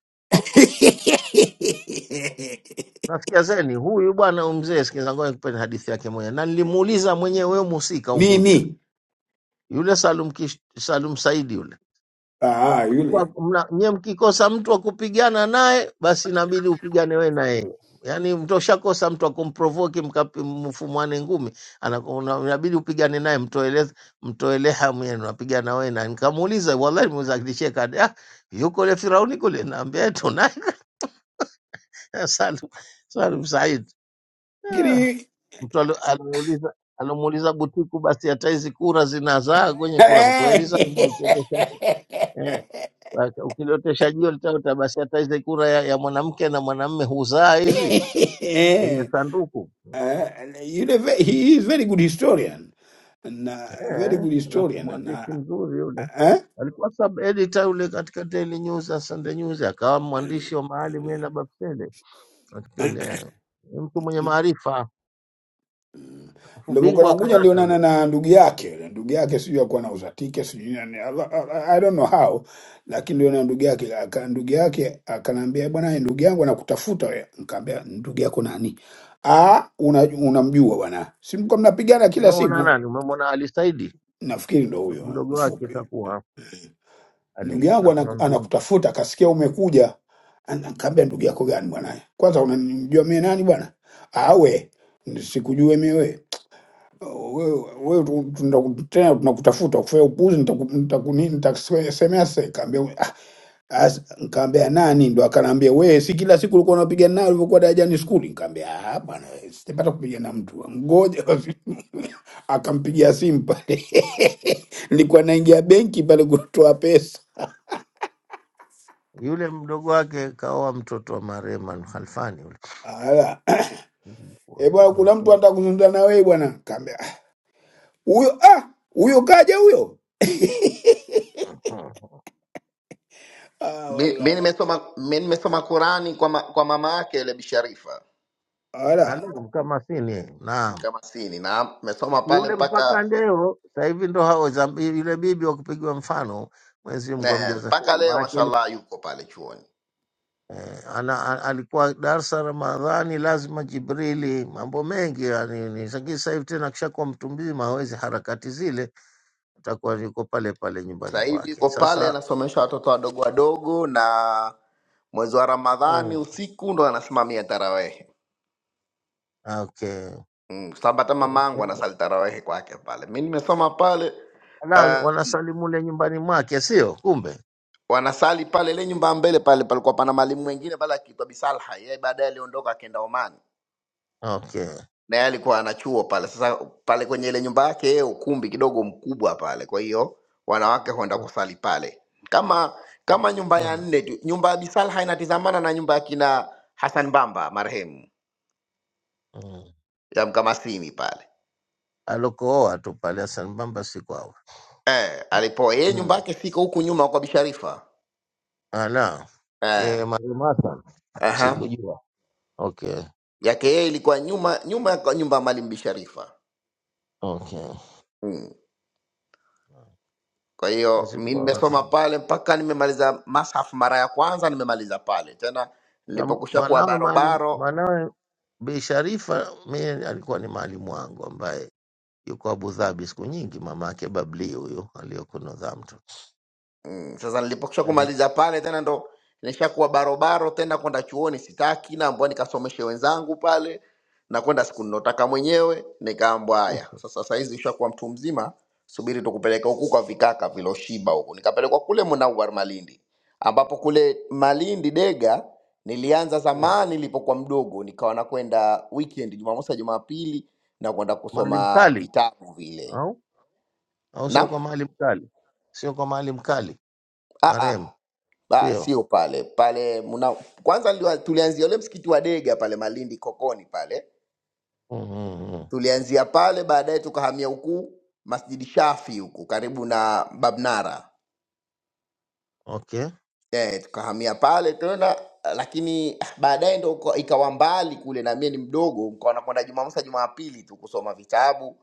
Speaker 6: Nasikia zeni huyu bwana huyu mzee, sikiza ngoja nikupeni hadithi yake mwenyewe, na nilimuuliza mwenyewe, wewe mhusika Unguja,
Speaker 10: nini
Speaker 6: yule Salum, Kish, Salum Saidi yule
Speaker 10: ah,
Speaker 6: ulikuwa
Speaker 10: yule
Speaker 6: mna- nyie mkikosa mtu wa kupigana naye basi inabidi upigane we na yeye yaani mtoshakosa mtu akumprovoki mfumwane ngumi anaku- una- inabidi upigane naye mtoele mtoele hamu yenu napigana we na nikamuuliza wallahi nimeuliza akinicheka ati, ah yuko ule firauni kule naambia tunaye salum salum said Ah,
Speaker 10: lakini
Speaker 6: mtu alo- alomuuliza alomuuliza butiku basi hata hizi kura zinazaa kwenye kura mkoeli zanzibar ukiotesha eh. Wak- ukilotesha jio litaota, basi hata hizi kura ya, ya mwanamke na mwanamme huzaa hizi kwenye sanduku
Speaker 10: Ah, yule ve- he is very good historian na very
Speaker 6: eh.
Speaker 10: good
Speaker 6: Alafu
Speaker 10: historian
Speaker 6: mwandishi
Speaker 10: na
Speaker 6: mzuri yule alikuwa sub editor yule katika Daily News na Sunday News, akawa mwandishi wa mahali mie
Speaker 10: eh?
Speaker 6: na Bapsele kipindi eh. Ni mtu mwenye maarifa, alafu bingwa
Speaker 10: Nilivyokuwa
Speaker 6: wa
Speaker 10: Unguja
Speaker 6: karate
Speaker 10: nilionana
Speaker 6: yule.
Speaker 10: na ndugu yake yule ndugu yake sijui alikuwa anauza tike sijui nani I I- I don't know how, lakini nilionana na ndugu yake aka, ndugu yake akaniambia bwana, ndugu yangu anakutafuta wewe. Nikamwambia ndugu yako nani? Ah, una, unamjua bwana, si mko mnapigana kila
Speaker 6: Umemwona
Speaker 10: siku?
Speaker 6: nani? Umemwona Ali Saidi,
Speaker 10: Nafikiri ndo
Speaker 6: Mdo-
Speaker 10: huyo
Speaker 6: mdogo wake
Speaker 10: mfupi,
Speaker 6: itakuwa
Speaker 10: ndugu
Speaker 6: Ali
Speaker 10: yangu
Speaker 6: ana
Speaker 10: anaku-
Speaker 6: mamvimbi
Speaker 10: anakutafuta, akasikia umekuja. Ana- Nikamwambia ndugu
Speaker 6: Mm.
Speaker 10: yako gani bwana? Kwanza unanijua mie nani bwana? Awe sikujue mie wewe wewe wewe tu- tuna- tena tunakutafuta kufanya upuzi, nitaku- nitaku- nini, nitakusemea sasa. Nikaambia ah, as- nikaambia nani, ndo akanaambia wewe, si kila siku ulikuwa unapigana naye ulivyokuwa darajani skuli? Nikaambia ah, bwana, sitapata kupigana na mtu, ngoja basi." akampigia simu pale nilikuwa naingia benki pale kutoa pesa.
Speaker 6: yule mdogo wake kaoa mtoto wa marehemu Alkhalfani yule.
Speaker 10: Ala. E bwana, kuna mtu anataka kuzungumza na wewe bwana. Kaambia "Ah, huyo ah, huyo kaja huyo.
Speaker 6: Mhm.
Speaker 10: Ah,
Speaker 8: Mi mi
Speaker 10: wala.
Speaker 8: nimesoma mi nimesoma Qurani kwa, ma, kwa mama yake yule Bi Sharifa
Speaker 6: Ah,
Speaker 10: Ala.
Speaker 6: Naam, kama sini naam.
Speaker 8: Mkamasini, na nimesoma
Speaker 6: Basi
Speaker 8: pale
Speaker 6: yule mpaka
Speaker 8: mpaka
Speaker 6: ndeo sasa hivi ndo hao zambi, yule bibi wa kupigwa mfano Mwenyezi Mungu
Speaker 8: eh,
Speaker 6: amjaza
Speaker 8: mpaka
Speaker 6: kheri. Maana
Speaker 8: leo
Speaker 6: yake ni-
Speaker 8: mashallah, yuko pale chuoni.
Speaker 6: eh, ana, a- alikuwa darsa Ramadhani lazima Jibrili, mambo mengi yani ni lakini sasa hivi tena kishakuwa mtu mzima hawezi harakati zile, atakuwa yuko pale pale nyumbani
Speaker 8: sasa hivi
Speaker 6: kwake.
Speaker 8: yuko pale
Speaker 6: Sasa
Speaker 8: anasomesha watoto wadogo wadogo, na mwezi wa Ramadhani
Speaker 6: mm,
Speaker 8: usiku ndo anasimamia tarawehe
Speaker 6: okay.
Speaker 8: mm, kwa sababu hata
Speaker 6: Kwa
Speaker 8: mamangu
Speaker 6: upendo.
Speaker 8: anasali tarawehe kwake pale. Mi nimesoma pale
Speaker 6: Ala,
Speaker 8: uh,
Speaker 6: wanasalimu le nyumbani mwake sio? Kumbe.
Speaker 8: wanasali pale ile nyumba ya mbele pale, palikuwa pana mwalimu mwingine pale akiitwa Bisalha, yeye baadaye aliondoka akaenda Oman
Speaker 6: Okay.
Speaker 8: na yeye alikuwa ana chuo pale. Sasa pale kwenye ile nyumba yake yeye, ukumbi kidogo mkubwa pale, kwa hiyo wanawake huenda kusali pale, kama kama nyumba ya
Speaker 6: Mm.
Speaker 8: nne tu. Nyumba ya Bisalha inatizamana na nyumba ya kina Hassan Bamba marehemu
Speaker 6: Mm.
Speaker 8: ya Mkamasini pale
Speaker 6: alokooa tu pale Hassan Bamba si kwao.
Speaker 8: eh, alipo yeye nyumba
Speaker 6: Mm.
Speaker 8: yake siko huku nyuma kwa Bisharifa
Speaker 6: Ala.
Speaker 8: eh,
Speaker 6: Yeye marehemu Hassan
Speaker 8: aha.
Speaker 6: sikujua. Okay.
Speaker 8: yake yeye ilikuwa nyuma nyuma ya kwa nyumba ya Mwalimu Bisharifa
Speaker 6: Okay.
Speaker 8: Hmm. Kwa hiyo
Speaker 6: Mwenyezi
Speaker 8: mi
Speaker 6: Mungu
Speaker 8: nimesoma
Speaker 6: awarahamu.
Speaker 8: pale mpaka nimemaliza mashafu mara ya kwanza, nimemaliza pale tena
Speaker 6: Sasa
Speaker 8: nilipokusha kuwa
Speaker 6: mwanawe maalim
Speaker 8: barobaro
Speaker 6: mwanawe Bi Sharifa mimi alikuwa ni maalimu wangu ambaye yuko Abu Dhabi siku nyingi, mama yake Babli huyu aliyoko Northampton.
Speaker 8: Mm, sasa nilipokisha
Speaker 6: Maalim
Speaker 8: kumaliza pale tena ndo nishakuwa barobaro tena kwenda chuoni sitaki, naambwa nikasomeshe wenzangu pale, na kwenda siku ninotaka mwenyewe. Nikaambwa haya, sasa saizi ushakuwa mtu mzima, subiri tukupeleke huku kwa vikaka viloshiba huku. Nikapelekwa kule Munawar Malindi, ambapo kule Malindi Dega nilianza
Speaker 6: Mm.
Speaker 8: zamani nilipokuwa mdogo, nikawa nakwenda weekend Jumamosi na Jumapili na kwenda
Speaker 6: Maalim
Speaker 8: kusoma
Speaker 6: Kali
Speaker 8: vitabu vile.
Speaker 6: au au
Speaker 8: Naam,
Speaker 6: sio kwa Maalim Kali? Sio kwa Maalim Kali
Speaker 8: ah
Speaker 6: marehemu,
Speaker 8: ah. Ah,
Speaker 6: sio?
Speaker 8: sio pale pale mna, kwanza liwa, tulianzia ule msikiti wa Dega pale Malindi Kokoni pale,
Speaker 6: Mm, mm, mm.
Speaker 8: tulianzia pale, baadaye tukahamia huku Masjidi Shafi huku karibu na Babnara
Speaker 6: Okay.
Speaker 8: eh, tukahamia pale tena lakini ah, baadaye ndo uka- ikawa mbali kule na mie ni mdogo nikawa nakwenda jumamosi na jumapili tu kusoma vitabu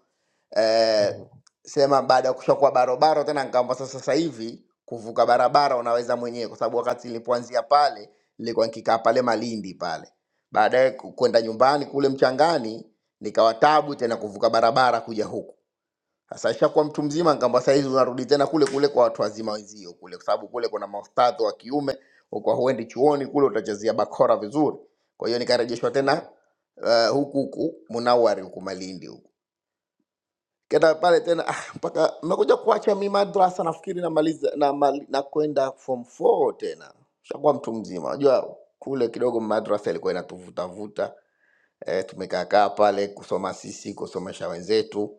Speaker 8: eh, sema baada ya kushakuwa barobaro tena nikaamba sasa sasa hivi kuvuka barabara unaweza mwenyewe kwa sababu wakati nilipoanzia pale nilikuwa nikikaa pale malindi pale baadaye ku- kwenda nyumbani kule mchangani nikawa tabu tena kuvuka barabara kuja huku sasa ishakuwa mtu mzima, ngamba saizi unarudi tena kule kule kwa watu wazima wenzio kule, kwa sababu kule kuna maustadhi wa kiume, kwa huendi chuoni kule utachezea bakora vizuri. Kwa hiyo nikarejeshwa tena uh, huku huku Munawari huku Malindi huku kenda pale tena ah, mpaka nimekuja kuacha mi madrasa nafikiri namaliza na, mali- na kwenda form 4 tena, shakuwa mtu mzima. Unajua kule kidogo madrasa ilikuwa inatuvutavuta eh, tumekaa kaa pale kusoma sisi kusomesha wenzetu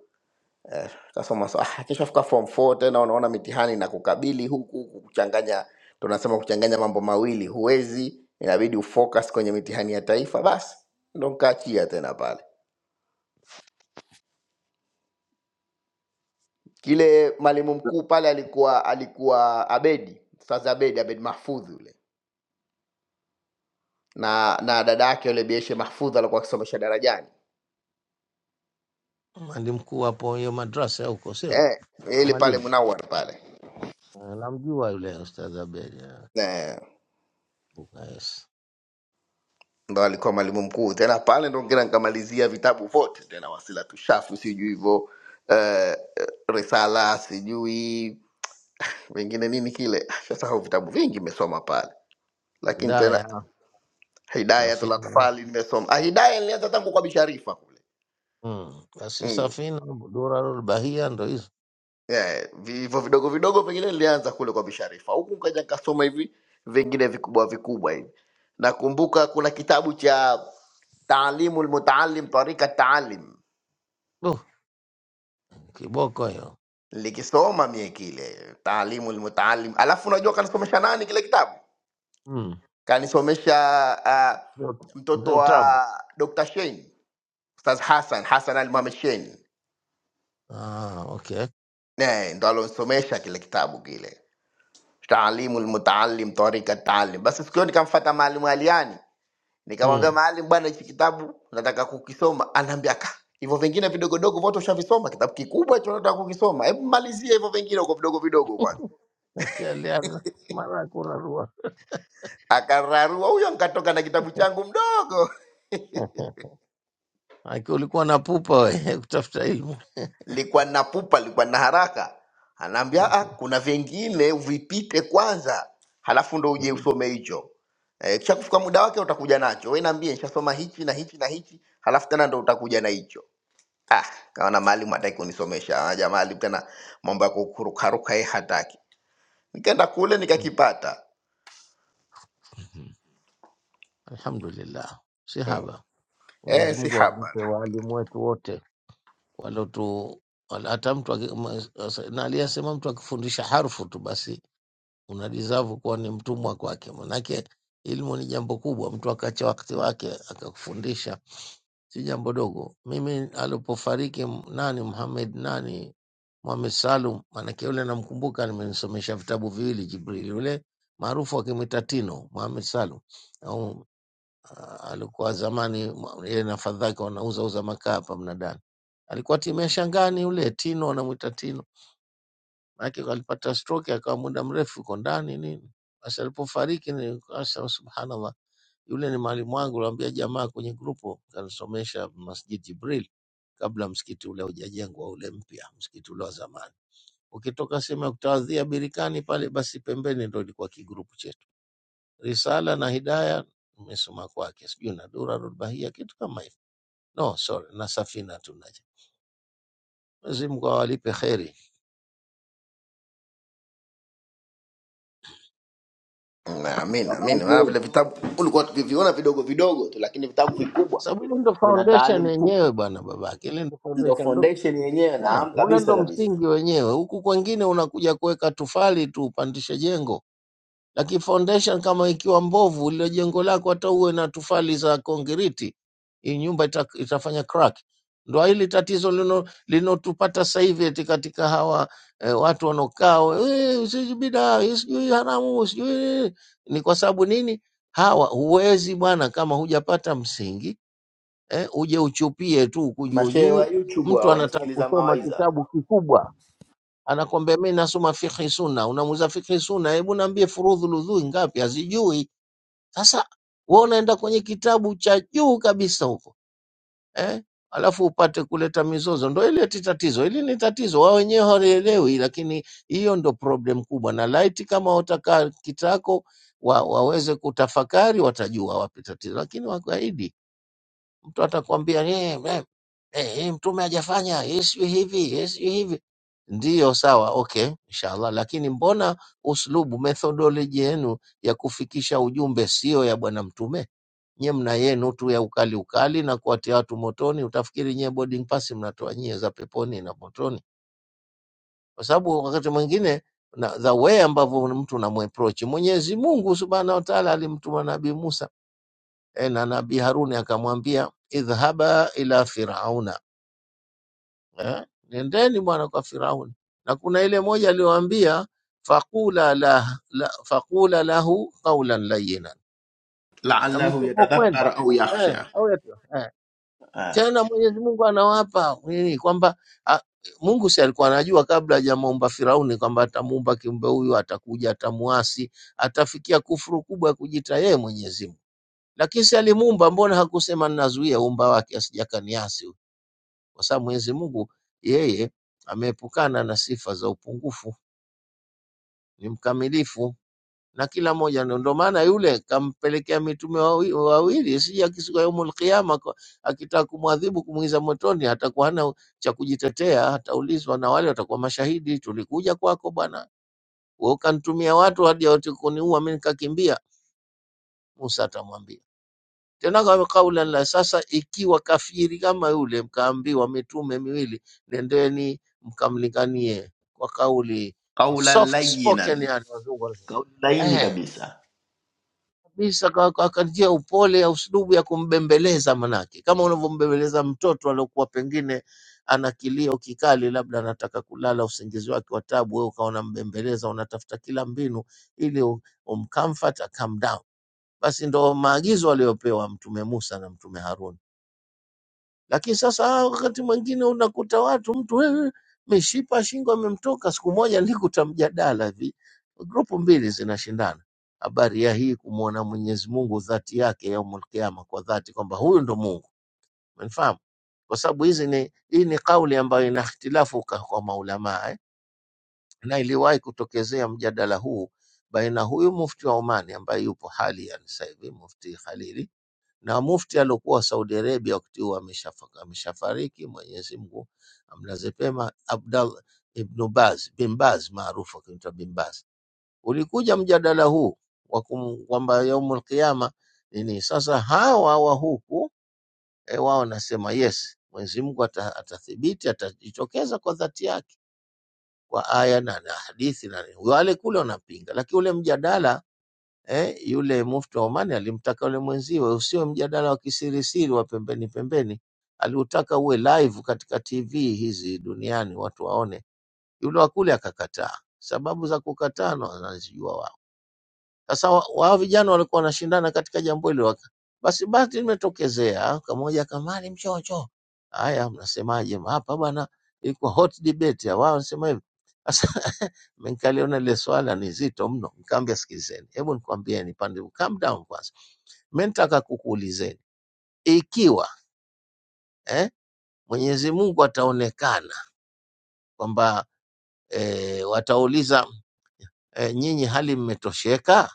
Speaker 8: sasa unasema ah, kishafika form 4 tena unaona mitihani na kukabili huku huku kuchanganya, tunasema kuchanganya mambo mawili, huwezi, inabidi ufocus kwenye mitihani ya taifa. Basi ndo nkaachia tena pale. Kile mwalimu mkuu pale alikuwa alikuwa Abedi, Ustaz Abedi, Abedi Mahfudhi yule na na dada yake yule Bieshe Mahfudhi alikuwa akisomesha darajani
Speaker 6: mwalimu mkuu hapo hiyo madrasa huko, sio
Speaker 8: eh,
Speaker 6: Huko
Speaker 8: ili pale
Speaker 6: Malindi.
Speaker 8: Munawar pale
Speaker 6: Ah, Namjua yule Ustadh Abeli ah,
Speaker 8: Eh.
Speaker 6: Bukayes,
Speaker 8: ndo alikuwa mwalimu mkuu tena pale ndo ngina nkamalizia vitabu vyote tena wasila tushafu sijui hivyo eh, eh, risala sijui vingine nini kile shasahau vitabu vingi imesoma pale lakini tena
Speaker 6: Hidaya, Safina.
Speaker 8: hidayatulatfali nimesoma ah, hidaya nilianza tangu kwa bisharifa kule
Speaker 6: Mm, Basi
Speaker 8: mm.
Speaker 6: Safina, Durarul Bahia, ndo hizo
Speaker 8: yeah, hivyo vidogo vidogo vingine nilianza kule kwa bisharifa huku kaja nkasoma hivi vingine vikubwa vikubwa hivi nakumbuka kuna kitabu cha taalimu lmutaalim tarika taalim
Speaker 6: Duh, kiboko hiyo
Speaker 8: likisoma mie kile taalimu lmutaalim alafu unajua kanisomesha nani kile kitabu
Speaker 6: mm.
Speaker 8: kanisomesha uh,
Speaker 6: Ndio-
Speaker 8: mtoto
Speaker 6: ndio utamu.
Speaker 8: wa dr shein ustaz hasan hasan al mohamed shein
Speaker 6: Ah, okay
Speaker 8: Ne, ndo alonsomesha kile kitabu kile taalimu lmutaalim tarika taalim basi siku hiyo nikamfata maalimu aliani nikamwambia
Speaker 6: mm.
Speaker 8: maalim bwana hichi kitabu nataka kukisoma anaambia ka hivyo vingine vidogodogo vote ushavisoma kitabu kikubwa hicho nataka kukisoma hebu malizia hivyo vingine huko vidogo vidogo kwanza
Speaker 6: Shaliana, mara ya kurarua
Speaker 8: akararua huyo, nkatoka na kitabu changu mdogo,
Speaker 6: Aki ulikuwa na pupa we kutafuta ilmu.
Speaker 8: likuwa na pupa, likuwa na haraka. Anaambia ah,
Speaker 6: Mhm.
Speaker 8: kuna vingine vipite kwanza, halafu ndo uje
Speaker 6: Ndio.
Speaker 8: usome hicho. E, kisha kufika muda wake utakuja nacho. Wewe niambie, nishasoma hichi na hichi na hichi, halafu tena ndo utakuja na hicho. Ah, kaona mwalimu hataki kunisomesha. Ah, Jamaa ali tena mambo ya kukurukaruka yeye hataki. Nikaenda kule nikakipata.
Speaker 6: Mhm. Alhamdulillah, si
Speaker 8: Mm.
Speaker 6: haba.
Speaker 8: Eh,
Speaker 6: Mwenyezi
Speaker 8: si
Speaker 6: Mungu awalipe
Speaker 8: haba.
Speaker 6: waalimu wetu wote waliotu wal- hata mtu aki- ma- asa- na aliyesema mtu akifundisha harfu tu basi una deserve kuwa ni mtumwa kwake, manake ilmu ni jambo kubwa. Mtu akacha wakati wake akakufundisha si jambo dogo. Mimi alipofariki m- nani Muhammad nani Muhammad Salum, manake yule namkumbuka, nimenisomesha vitabu viwili Jibril, yule maarufu akimwita Tino Muhammad Salum Ah, alikuwa zamani mwa- yeye na fadhake wanauza uza makaa hapa mnadani. Alikuwa timu ya Shangani yule Tino, wanamwita Tino, maanake alipata stroke akawa muda mrefu yuko ndani nini. Basi alipofariki ni kasha, subhanallah, yule ni mwalimu wangu, aliwaambia jamaa kwenye grupu, kanisomesha Masjid Jibril kabla msikiti ule hujajengwa ule mpya, msikiti ule wa zamani. Ukitoka sehemu ya kutawadhia Birikani pale, basi pembeni ndo ilikuwa kigrupu Risala na Hidaya nimesoma kwake, sijui na Durarul Bahia, kitu kama hivyo. No, sorry, na Safina tunaje. Mwenyezi Mungu awalipe kheri,
Speaker 8: naamini naamini maana
Speaker 7: Babake,
Speaker 8: vile vitabu ulikuwa tukiviona vidogo vidogo tu lakini vitabu vikubwa
Speaker 6: sababu ile ndo
Speaker 8: vina
Speaker 6: foundation
Speaker 8: taalim
Speaker 6: yenyewe
Speaker 8: kubwa
Speaker 6: bwana, babake, ile ndo
Speaker 8: ndo
Speaker 6: foundation ndo
Speaker 8: foundation yenyewe
Speaker 6: eh,
Speaker 8: naam
Speaker 6: ule
Speaker 8: kabisa
Speaker 6: ndo
Speaker 8: kabisa
Speaker 6: msingi wenyewe. Huku kwengine unakuja kuweka tufali tu upandishe jengo. Lakini foundation kama ikiwa mbovu, lile jengo lako hata uwe na tufali za kongiriti, hii nyumba ita, itafanya crack. Ndo hili tatizo lino- linotupata sasa hivi eti katika hawa eh, watu wanaokaa eh, sijui bidaa eh, sijui haramu sijui nini." ni kwa sababu nini? Hawa huwezi bwana, kama hujapata msingi eh, uje uchupie tu huku juu
Speaker 8: mashehe wa
Speaker 6: juu.
Speaker 8: youtube
Speaker 6: Mtu
Speaker 8: hao
Speaker 6: anataka
Speaker 8: wanasikiliza
Speaker 6: kusoma
Speaker 8: mawaidha
Speaker 6: kitabu kikubwa anakwambia mi nasoma fikhi sunna, unamuuza fikhi sunna, hebu naambie furudhu ludhui ngapi? Hazijui. Sasa we unaenda kwenye kitabu cha juu kabisa huko eh? alafu upate kuleta mizozo, ndo ile ti tatizo. Hili ni tatizo, wao wenyewe hawaelewi, lakini hiyo ndo problem kubwa. Na laiti kama watakaa kitako wa, waweze kutafakari, watajua wapi tatizo, lakini wakaidi Mtu atakwambia "Eh, eh, eh, hii mtume hajafanya hii, sijui hivi hii, sijui hivi. Ndiyo, sawa, okay, inshallah. Lakini mbona uslubu, methodology yenu ya kufikisha ujumbe sio ya bwana mtume? Nyie mna yenu tu ya ukali ukali na kuwatia watu motoni. Utafikiri nyie boarding pass mnatoa nyie za peponi na motoni, kwa sababu wakati mwingine na the way ambavyo mtu unamweproach Mwenyezi Mungu subhanahu wa taala alimtuma Nabii Musa eh, na nabii Haruni akamwambia idhhaba ila firauna, eh, nendeni bwana kwa Firauni. Na kuna ile moja aliyoambia faqula la, la, faqula lahu qawlan layyinan, na
Speaker 8: laalahu
Speaker 6: mtupokwenda
Speaker 8: yatadhakkar au
Speaker 6: eh,
Speaker 8: yakhsha
Speaker 6: au yetu eh.
Speaker 8: Ah,
Speaker 6: Tena Mwenyezi Mungu anawapa nini kwamba a, Mungu si alikuwa anajua kabla hajamuumba Firauni kwamba atamuumba kiumbe huyu, atakuja, atamuasi, atafikia kufuru kubwa ya kujiita yeye Mwenyezi Mungu Lakini si alimuumba, mbona hakusema ninazuia uumba wake asijakaniasi? Kwa sababu Mwenyezi Mungu yeye ameepukana na sifa za upungufu, ni mkamilifu na kila mmoja. Ndio ndio maana yule kampelekea mitume wawi- wawili, sija siku ya yaumul qiyama, kwa- akitaka kumwadhibu kumwingiza motoni, atakuwa hana cha kujitetea, ataulizwa na wale watakuwa mashahidi, tulikuja kwako bwana, wewe ukanitumia watu hadi wote kuniua, mimi nikakimbia. Musa atamwambia tena kama kaula la sasa. Ikiwa kafiri kama yule, mkaambiwa mitume miwili, nendeni mkamlinganie kwa kauli
Speaker 8: qaulan
Speaker 6: soft spoken,
Speaker 8: layinan
Speaker 6: yani wazungu wanasema
Speaker 8: kauli laini
Speaker 6: eh,
Speaker 8: kabisa
Speaker 6: kabisa, kwa kwa- kwa njia ya upole ya uslubu ya kumbembeleza, manake kama unavyombembeleza mtoto aliokuwa pengine ana kilio kikali, labda anataka kulala usingizi wake wa tabu, wewe ukawa unambembeleza, unatafuta kila mbinu ili u- umcomfort a calm down. Basi ndo maagizo aliyopewa Mtume Musa na Mtume Harun lakini sasa ah, wakati mwingine unakuta watu mtu wewe mishipa ya shingo amemtoka. Siku moja nilikuta mjadala hivi, grupu mbili zinashindana habari ya hii kumwona Mwenyezi Mungu dhati yake yaumul Kiyama, kwa dhati kwamba huyu ndo Mungu, umenifahamu? Kwa sababu hizi ni hii ni kauli ambayo ina ikhtilafu ka- kwa maulamaa eh? na iliwahi kutokezea mjadala huu baina huyu mufti wa Omani ambaye yupo hali ya sasa hivi, mufti Khalili na mufti aliokuwa wa Saudi Arabia wakati huo ameshafa- ameshafariki, Mwenyezi Mungu amlaze pema, Abdal Ibn Baz bin Baz maarufu akiitwa bin Baz. Ulikuja mjadala huu wa kum- kwamba yaumul qiyama nini. Sasa hawa wa huku eh, wao nasema yes, Mwenyezi Mungu ata- atathibiti, atajitokeza kwa dhati yake kwa aya na, na hadithi na wale kule wanapinga, lakini ule mjadala eh, yule mufti wa Omani alimtaka yule mwenziwe, usiwe mjadala wa kisirisiri wa pembeni pembeni, aliutaka uwe live katika TV hizi duniani watu waone. Yule wa kule akakataa. Sababu za kukataa na wanazijua wao. Sasa wa- wao vijana walikuwa wanashindana katika jambo hilo, waka- basi bahati limetokezea, kamoja kama ni mchocho, haya mnasemaje hapa bwana, ilikuwa hot debate ya wao wanasema hivi Nikaliona lile swala ni zito mno, nikamwambia sikilizeni, hebu nikwambieni pande, calm down kwanza. Mimi nataka kukuulizeni ikiwa eh, Mwenyezi Mungu ataonekana kwamba eh, watauliza eh, nyinyi hali mmetosheka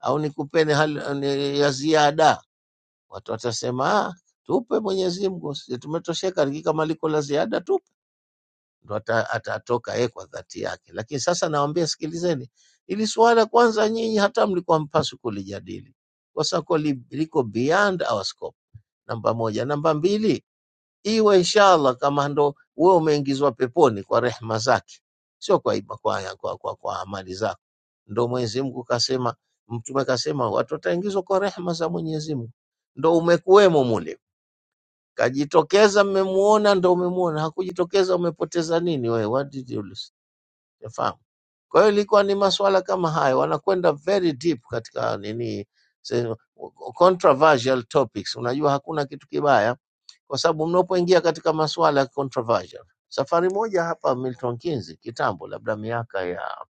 Speaker 6: au nikupeni hali ni ya ziada, watu watasema ah, tupe Mwenyezi Mungu, sisi tumetosheka, kama liko la ziada tupe. ndo ata- atatoka yeye kwa dhati yake. Lakini sasa nawaambia, sikilizeni hili suala kwanza, nyinyi hata mlikuwa mpaswi kulijadili kwa sababu li- liko beyond our scope, namba moja. Namba mbili, iwe inshallah kama ndo wewe umeingizwa peponi kwa rehma zake, sio kwa, iba- kwa, kwa, kwa, kwa amali zako. Ndo Mwenyezi Mungu kasema, Mtume kasema watu wataingizwa kwa rehma za Mwenyezi Mungu, ndo umekuwemo mule kajitokeza, mmemuona, ndo umemuona. Hakujitokeza, umepoteza nini wewe? What did you lose? Unafahamu? Kwa hiyo ilikuwa ni masuala kama hayo, wanakwenda very deep katika nini, se- controversial topics. Unajua hakuna kitu kibaya, kwa sababu mnapoingia katika masuala ya controversial. Safari moja hapa Milton Keynes kitambo, labda miaka ya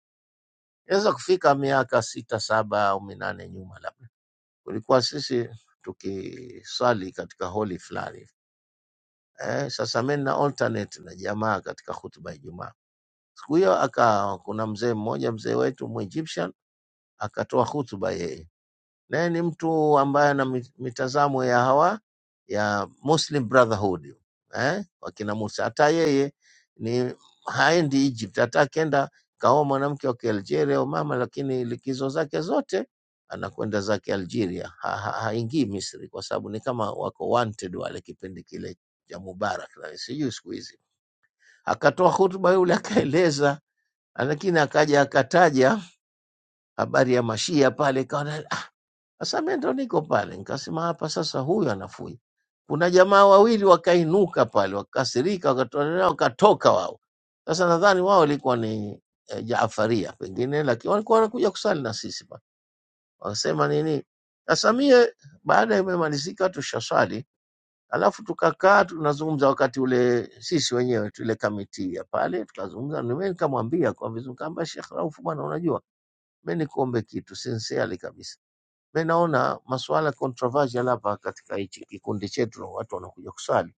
Speaker 6: inaweza kufika miaka sita saba au minane nyuma, labda kulikuwa sisi tukiswali katika holi fulani eh, sasa mimi na alternate na jamaa katika hutuba ya Ijumaa siku hiyo, aka kuna mzee mmoja mzee wetu Mwegyptian akatoa hutuba yeye, naye ni mtu ambaye ana mi- mitazamo ya hawa ya Muslim Brotherhood eh, wakina Musa. Hata yeye ni haendi Egypt, hata akienda kaoa mwanamke wa Kialgeria au mama, lakini likizo zake zote anakwenda zake Algeria, ha, ha, haingii Misri kwa sababu ni kama wako wanted wale kipindi kile cha Mubarak, na sijui siku hizi. Akatoa hutuba yule akaeleza, lakini akaja akataja habari ya mashia pale, kaona sasa mimi ndo niko pale, nikasema hapa sasa, huyu anafui. Kuna jamaa wawili wakainuka pale, wakakasirika, wakatolewa, wakatoka wao. Sasa nadhani wao walikuwa ni eh, Jaafaria pengine, lakini walikuwa wanakuja kusali na sisi pale, wakasema nini. Sasa mie baada ya imemalizika tushaswali, alafu tukakaa tunazungumza, wakati ule sisi wenyewe tule kamiti ya pale tukazungumza, nime nikamwambia kwa vizuri, kamba Sheikh Rauf, bwana, unajua mimi nikuombe kitu sincerely kabisa mimi naona masuala controversial hapa katika hichi kikundi chetu, na watu wanakuja kuswali,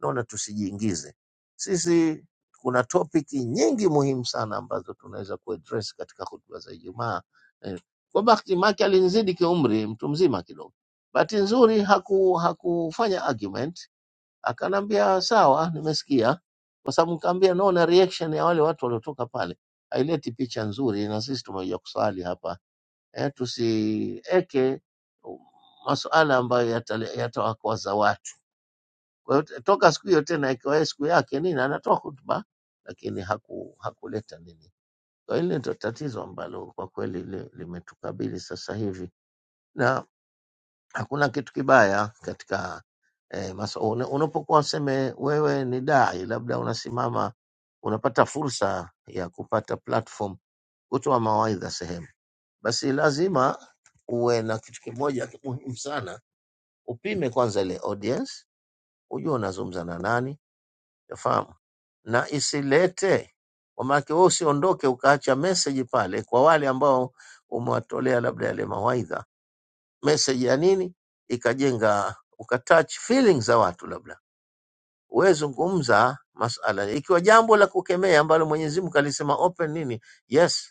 Speaker 6: naona tusijiingize sisi. Kuna topiki nyingi muhimu sana ambazo tunaweza kuaddress katika hotuba za Ijumaa. Eh, Kwa bahati make alinizidi kiumri, mtu mzima kidogo. Bahati nzuri haku, hakufanya argument, akanambia sawa, nimesikia, kwa sababu nikaambia naona reaction ya wale watu waliotoka pale haileti picha nzuri, na sisi tumekuja kuswali hapa eh, tusieke masuala ambayo yatale- yatawakwaza watu. Kwa hiyo t- toka siku hiyo tena ikawa siku yake nini, anatoa hotuba lakini haku, hakuleta nini. Kwa hiyo hili ndio tatizo ambalo kwa kweli li- limetukabili sasa hivi, na hakuna kitu kibaya katika eh, maso, una- unapokuwa useme wewe ni dai, labda unasimama unapata fursa ya kupata platform kutoa mawaidha sehemu basi lazima uwe na kitu kimoja ki- muhimu sana, upime kwanza ile audience, ujue unazungumza na nani, yafahamu na isilete kwa maana wewe usiondoke ukaacha message pale kwa wale ambao umewatolea labda yale mawaidha, message ya nini ikajenga ukatouch feelings za watu labda wewe zungumza masala ikiwa jambo la kukemea ambalo Mwenyezi Mungu alisema open nini yes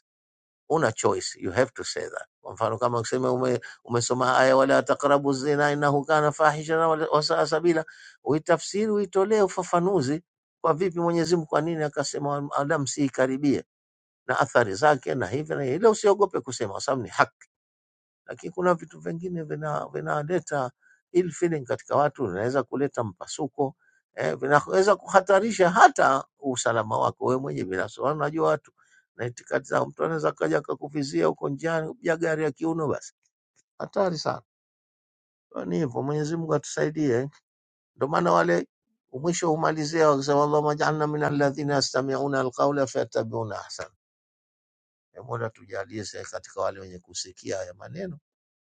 Speaker 6: una choice, you have to say that. Kwa mfano kama ukisema ume, umesoma aya wala taqrabu zina innahu kana fahishan wa wasaa sabila, uitafsiri uitolee ufafanuzi kwa vipi Mwenyezi Mungu, kwa nini akasema wala msiikaribie na athari zake na hivi na hivi. Ila usiogope kusema, kwa sababu ni haki lakini kuna vitu vingine vina- vinaleta ill feeling katika watu, vinaweza kuleta mpasuko eh, vinaweza kuhatarisha hata usalama wako wewe mwenyewe binafsi. Maana Unajua watu na itikadi zao, mtu anaweza kaja akakuvizia huko njiani kupiga gari ya kiuno, basi hatari sana. Kwa Ni hivyo, Mwenyezi Mungu atusaidie. Ndio maana wale mwisho humalizia wakisema, Allahumma ij'alna min alladhina yastami'una alqawla fayattabi'una ahsana. Mola tujalie sisi katika wale wenye kusikia haya maneno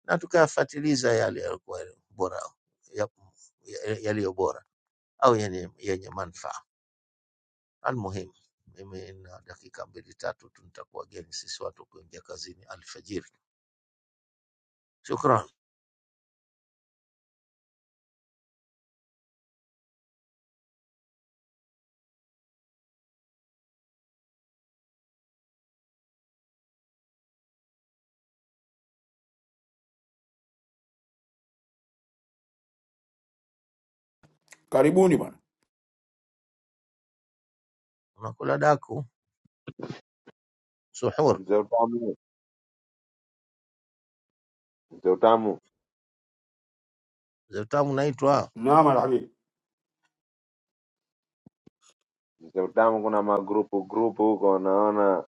Speaker 6: na tukayafatiliza yale yalikuwa bora ya- ya- yaliyo bora au yenye, yenye manufaa. Almuhimu, mimi na dakika mbili tatu tu nitakuwa geni sisi watu kuingia kazini alfajiri. Shukran.
Speaker 10: Karibuni bwana.
Speaker 6: Unakula daku suhur
Speaker 7: mzee utamu, mzee utamu,
Speaker 6: zetamu naitwa
Speaker 10: Naam rafiki,
Speaker 7: mzee utamu, kuna magrupu grupu huko, naona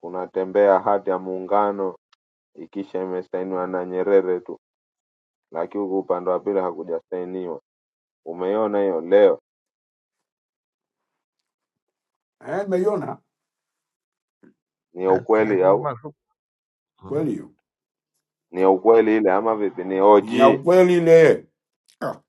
Speaker 7: kunatembea hati ya muungano ikisha imesainiwa na Nyerere tu, lakini huku upande wa pili hakujasainiwa. Umeyo leo
Speaker 10: eh, umeiona
Speaker 7: ni ya
Speaker 6: na, na,
Speaker 7: ukweli au
Speaker 6: Maarufu. Mm.
Speaker 10: kweli hiyo
Speaker 7: ni ya ukweli ile ama vipi? Ni
Speaker 10: ni ya
Speaker 7: OG.
Speaker 10: ukweli ile ah,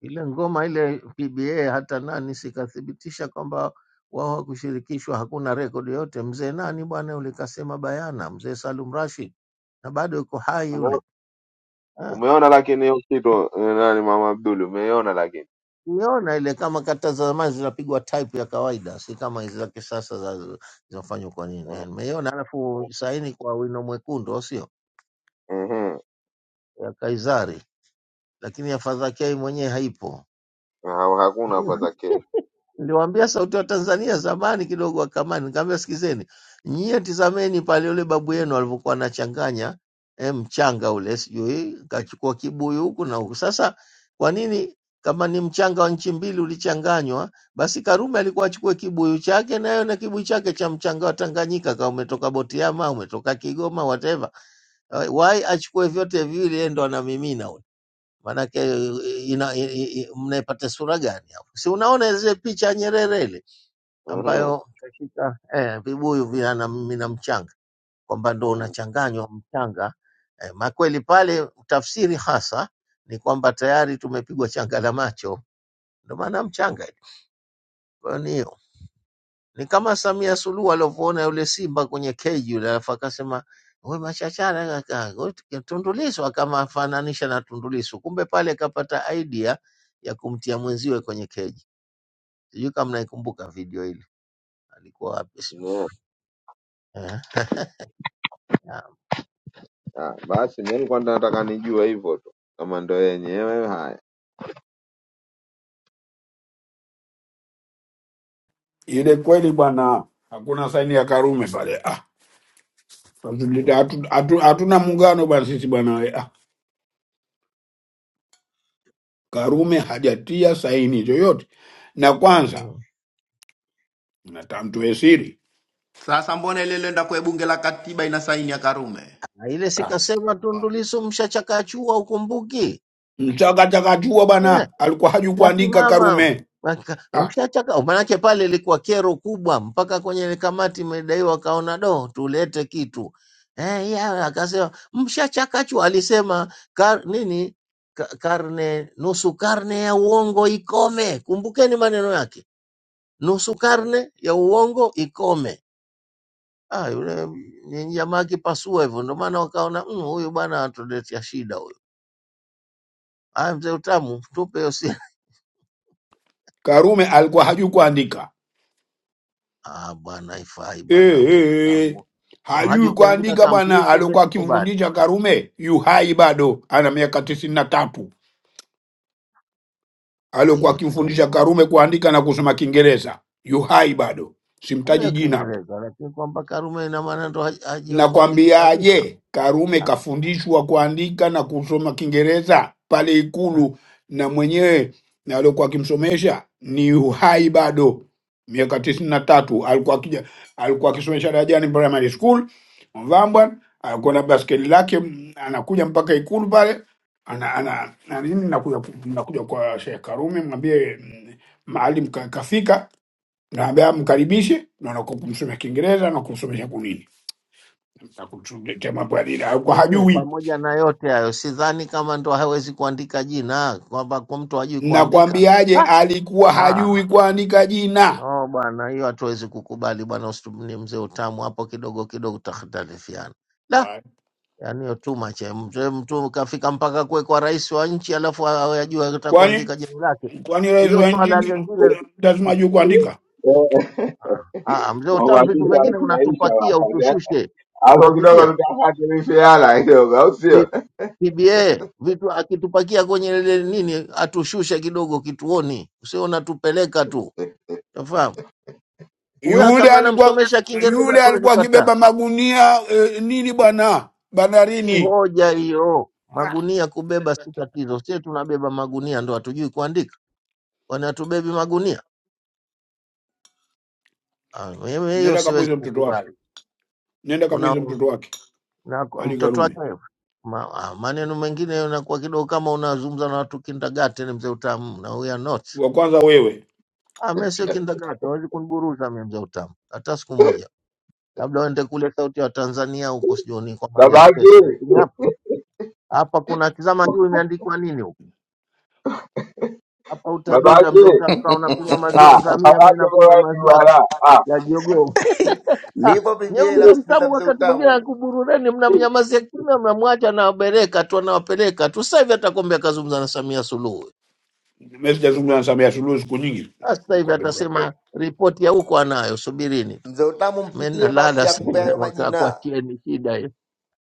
Speaker 6: ile ngoma ile PBA hata nani sikathibitisha kwamba wao hakushirikishwa, hakuna rekodi yote. Mzee nani bwana yule kasema bayana, mzee Salum Rashid, na bado yuko hai
Speaker 7: Ume-
Speaker 6: yule Ah,
Speaker 7: Umeona lakini hiyo kitu eh, nani, mama Abdul, umeiona lakini
Speaker 6: Niona ile kama kata za zamani zinapigwa type ya kawaida, si kama hizi za kisasa za- zinafanywa kwa nini?
Speaker 7: Mm,
Speaker 6: Eh, Nimeiona alafu saini kwa wino mwekundu, au sio?
Speaker 7: mhm,
Speaker 6: Ya Kaisari, lakini ya Fadhakia hii mwenyewe haipo.
Speaker 7: Ha- hakuna hapa za kesho
Speaker 6: Niliwaambia Sauti ya Tanzania zamani kidogo wakamani, nikamwambia sikizeni, nyie tizameni pale yule babu yenu alivyokuwa anachanganya eh, mchanga ule, sijui kachukua kibuyu huku na huku. Sasa kwa nini kama ni mchanga wa nchi mbili ulichanganywa, basi Karume alikuwa achukue kibuyu chake nayo na kibuyu chake cha mchanga wa Tanganyika, kama umetoka Butiama, umetoka Kigoma, whatever, Eh, why achukue vyote viwili, yeye ndo anamimina maanake eh, ina- i- i- i- mnaipata sura gani hapo? Si unaona zile picha ya Nyerere ile
Speaker 7: Mhm.
Speaker 6: ambayo katika eh, vibuyu vina na mina mchanga kwamba ndo
Speaker 7: Mm,
Speaker 6: unachanganywa mchanga eh, makweli pale, tafsiri hasa ni kwamba tayari tumepigwa changa la macho, ndo maana mchanga. Kwa hiyo ni hiyo. Ni kama Samia Suluhu alivyoona yule simba kwenye keji yule, alafu akasema we machachara kaka, we tu- Tundu Lissu, akamfananisha na Tundu Lissu. Kumbe pale kapata idea ya kumtia mwenziwe kwenye keji. Sijui kama naikumbuka video ile, alikuwa wapi? sijui.
Speaker 7: yeah.
Speaker 6: Eh, ya,
Speaker 7: Ah, basi mimi nilikuwa nataka nijue hivyo tu kama ndo yenyewe. Haya,
Speaker 10: ile kweli bwana, hakuna saini ya Karume pale ah. Hatuleta- hatu- hatu- Hatuna muungano bwana sisi bwana we. ah. Karume hajatia saini yoyote, na kwanza
Speaker 6: mm.
Speaker 10: natamtoe siri
Speaker 8: sasa mbona ile ilienda kwa bunge la katiba ina saini ya karume
Speaker 6: Na ile
Speaker 10: ah.
Speaker 6: sikasema Tundu Lissu mshachakachua, ukumbuki
Speaker 10: mchakachakachua
Speaker 6: Eh.
Speaker 10: bwana alikuwa haju kuandika
Speaker 6: kasimama
Speaker 10: Karume
Speaker 6: Aka-
Speaker 10: ah.
Speaker 6: mshachaka maanake pale ilikuwa kero kubwa mpaka kwenye ile kamati imedaiwa akaona do tulete kitu eh, ya, akasema mshachakachwa alisema kar, nini ka, karne nusu karne ya uongo ikome kumbukeni maneno yake nusu karne ya uongo ikome ah, yule ni jamaa akipasua hivyo ndio maana wakaona "Mm, huyu bwana atuletea shida huyu aya mzee utamu tupe hiyo si-,
Speaker 10: Karume alikuwa haju kuandika
Speaker 6: Ah, bwana haifai bwana
Speaker 10: eh,
Speaker 6: mzee
Speaker 10: eh.
Speaker 6: Kamu.
Speaker 10: hajui
Speaker 6: Hajui kuandika
Speaker 10: kuandika bwana.
Speaker 6: complete, mimi
Speaker 10: Aliokuwa
Speaker 6: sikubali.
Speaker 10: akimfundisha Karume yu hai bado, ana miaka tisini na tatu.
Speaker 6: Ah,
Speaker 10: Aliokuwa
Speaker 6: hiyo tuna
Speaker 10: akimfundisha
Speaker 6: jamaa.
Speaker 10: Karume kuandika na kusoma Kiingereza yu hai bado,
Speaker 6: Labda
Speaker 10: simtaji
Speaker 6: ya
Speaker 10: jina hapa.
Speaker 6: Kiingereza lakini kwamba Karume ina maana ndo haj- hajawahi kuandika kabisa.
Speaker 10: Nakwambiaje, Karume
Speaker 6: Ah,
Speaker 10: kafundishwa kuandika na kusoma Kiingereza pale
Speaker 6: ah.
Speaker 10: Ikulu, na mwenyewe na aliokuwa akimsomesha ni uhai bado, miaka tisini na tatu alikuwa akija, alikuwa akisomesha Darajani Primary School Mvambwa, alikuwa na baskeli lake, m- anakuja mpaka Ikulu pale ana, ana, na nini nakuja, ku- nakuja kwa Sheikh Karume, mwambie mm, maalim ka- kafika, naambia mkaribishe, na nakumsomea Kiingereza na kumsomesha kunini Takutuletea mambo ya dini alikuwa
Speaker 6: Lakini
Speaker 10: hajui.
Speaker 6: pamoja na yote hayo sidhani kama ndo hawezi kuandika jina kwamba kwa mtu hajui kuandika.
Speaker 10: Nakwambiaje,
Speaker 6: Ah,
Speaker 10: alikuwa hajui
Speaker 6: ah.
Speaker 10: kuandika jina.
Speaker 6: Oh, bwana hiyo hatuwezi kukubali bwana usitumie mzee utamu hapo kidogo kidogo tutakhtalifiana.
Speaker 10: Haya.
Speaker 6: yani hiyo too much. eh. Mzee mtu kafika mpaka kuwe kwa rais wa nchi alafu awe ajua ataka
Speaker 10: Kwani
Speaker 6: kuandika jina lake.
Speaker 10: kwani rais
Speaker 6: Hiyo
Speaker 10: wa
Speaker 6: swala
Speaker 10: nchi
Speaker 6: lingine
Speaker 10: lazima ajue kuandika?
Speaker 6: Ah, ah, mzee
Speaker 7: kwa
Speaker 6: utamu vitu
Speaker 7: uhakika
Speaker 6: vingine
Speaker 7: tunaisha
Speaker 6: unatupakia
Speaker 7: wakati eh?
Speaker 6: utushushe,
Speaker 7: hapo kidogo
Speaker 6: unasikia
Speaker 7: tutafatilishana kidogo, au sio?
Speaker 6: P- PBA vitu akitupakia kwenye ile nini atushushe kidogo kituoni, usio unatupeleka tu, unafahamu? Huyo
Speaker 10: Yule
Speaker 6: kama
Speaker 10: alikuwa
Speaker 6: anamsomesha Kiingereza
Speaker 10: yule
Speaker 6: tuwezi
Speaker 10: alikuwa
Speaker 6: kataa,
Speaker 10: akibeba magunia eh, nini bwana
Speaker 6: si
Speaker 10: bandarini.
Speaker 6: hoja hiyo. Magunia kubeba si tatizo, sie tunabeba magunia ndo hatujui kuandika. wanatubebi magunia. Ah, Mimi hiyo
Speaker 10: Nenda
Speaker 6: siwezi
Speaker 10: kamwize mtoto wake,
Speaker 6: kukubali.
Speaker 10: nenda
Speaker 6: Kuna
Speaker 10: kamwize mtoto wake
Speaker 6: na
Speaker 10: Ali
Speaker 6: mtoto
Speaker 10: Karume.
Speaker 6: wake ma, ah, maneno mengine unakuwa kidogo kama unazungumza na watu kindergarten, mzee utamu, na we are not.
Speaker 10: Wa kwanza wewe,
Speaker 6: Ah, mimi sio kindergarten, hawezi kuniburuza mimi mzee utamu hata siku moja. Labda uende kule sauti ya Tanzania huko, sijuoni kwa Maria Space,
Speaker 7: Babaki
Speaker 6: lakini hapa hapa kuna tizama juu imeandikwa nini huko. Hapa utadunda
Speaker 7: babaki
Speaker 6: mzee utamu, kama unakunywa
Speaker 7: ah,
Speaker 6: maziwa ngamia, mimi
Speaker 7: babaki kwa
Speaker 6: nakunywa
Speaker 7: watu
Speaker 6: maziwa
Speaker 7: wala
Speaker 6: ya jogoo. Ah,
Speaker 8: nipo pba
Speaker 6: Nyeuza
Speaker 8: namsikiliza
Speaker 6: mtamu
Speaker 8: mzee
Speaker 6: wakati mwingine
Speaker 8: utamu
Speaker 6: akuburureni, mnamnyamazia kimya, mnamwacha anawapeleka tu, anawapeleka tu. Sasa hivi hata kombe akazungumza na Samia Suluhu,
Speaker 10: mimi sijazungumza na Samia Suluhu siku nyingi.
Speaker 6: Ah, sasa hivi
Speaker 10: Kwa kweli.
Speaker 6: atasema ripoti ya huko anayo, subirini tu.
Speaker 8: mzee utamu
Speaker 6: Mimi
Speaker 8: mpigie basi
Speaker 6: nalala sasa
Speaker 8: akupea
Speaker 6: hivi,
Speaker 8: hayo
Speaker 6: waka-
Speaker 8: majina
Speaker 6: kuachieni shida hiyo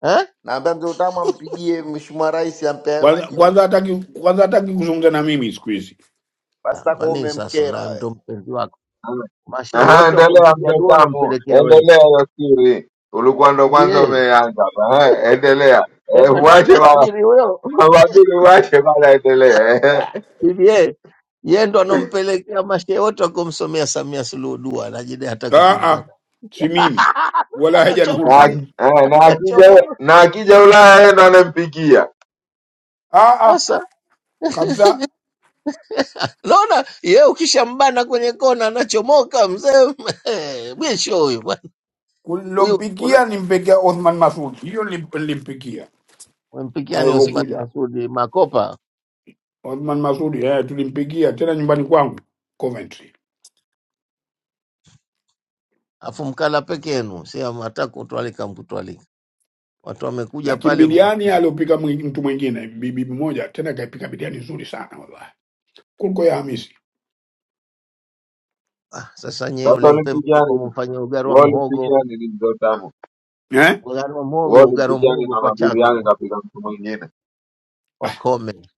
Speaker 6: eh?
Speaker 8: Naambia mzee Utamu ampigie mheshimiwa rais ampe hayo
Speaker 10: Kwanza
Speaker 8: majina.
Speaker 10: kwanza hataki kwanza hataki kuzungumza na mimi siku hizi.
Speaker 8: Basi
Speaker 6: Ah, kwa
Speaker 8: takuwa
Speaker 6: nini sasa
Speaker 8: umemkera
Speaker 6: nawe
Speaker 8: we.
Speaker 6: mtu mpenzi wako
Speaker 7: ah
Speaker 6: mashehe
Speaker 7: Aha,
Speaker 6: wote
Speaker 7: endelea
Speaker 6: wakumpigia
Speaker 7: mzee
Speaker 6: dua
Speaker 7: Tamu,
Speaker 6: unampelekea wewe
Speaker 7: endelea Yasiri, ulikuwa ndo kwanza
Speaker 6: BBA?
Speaker 7: umeanza hapa. Aha, endelea
Speaker 6: Eh
Speaker 7: Eh,
Speaker 6: bwana,
Speaker 7: uache wa
Speaker 6: nasiri huyo
Speaker 7: wabili uache bana, endelea Ehe.
Speaker 6: BBA yeye ndo anompelekea mashehe wote wakumsomea Samia Suluhu dua, najidai hata kuzungumza
Speaker 10: Aa, si mimi wala hajanihusu
Speaker 7: na
Speaker 6: anachomoa
Speaker 7: aki-
Speaker 10: mimi.
Speaker 7: eh, na akija
Speaker 6: anachomoa
Speaker 7: na akija Ulaya yeye ndo anampikia.
Speaker 10: Aa,
Speaker 6: sasa.
Speaker 10: kabisa
Speaker 6: Naona ye ukishambana kwenye kona anachomoka mzee mwisho huyu bwana. huyu una-
Speaker 10: kulompikia nimpikia Othman Masud, hiyo nilip- nilimpikia
Speaker 6: umempikia ni Osman
Speaker 10: alivyokuja
Speaker 6: Masudi makopa
Speaker 10: Othman Masud. Eh, tulimpikia tena nyumbani kwangu Coventry,
Speaker 6: afu mkala peke yenu, si hata kutwalika mkutwalika, watu wamekuja
Speaker 10: lakini
Speaker 6: pale mna-
Speaker 10: biriani aliopika mwi- mtu mwingine, bibi mmoja tena kaipika biriani nzuri sana wallahi, kuliko ya Hamisi
Speaker 6: ah, sasa nyewe
Speaker 7: Sasa
Speaker 6: ule mpembe
Speaker 7: ulimpikia
Speaker 6: ulikuwa
Speaker 7: nini?
Speaker 6: mumfanyia ugari wa
Speaker 7: Wewe ulimpikia
Speaker 6: mhogo
Speaker 7: nini mzee Tamu?
Speaker 10: eh?
Speaker 6: ugari wa
Speaker 7: Wewe
Speaker 6: mhogo ugari wa
Speaker 7: ulimpikia nini
Speaker 6: mhogo
Speaker 7: na
Speaker 6: kwa chaza
Speaker 7: mabiriani
Speaker 6: kama.
Speaker 7: kapika mtu mwingine?
Speaker 6: wakome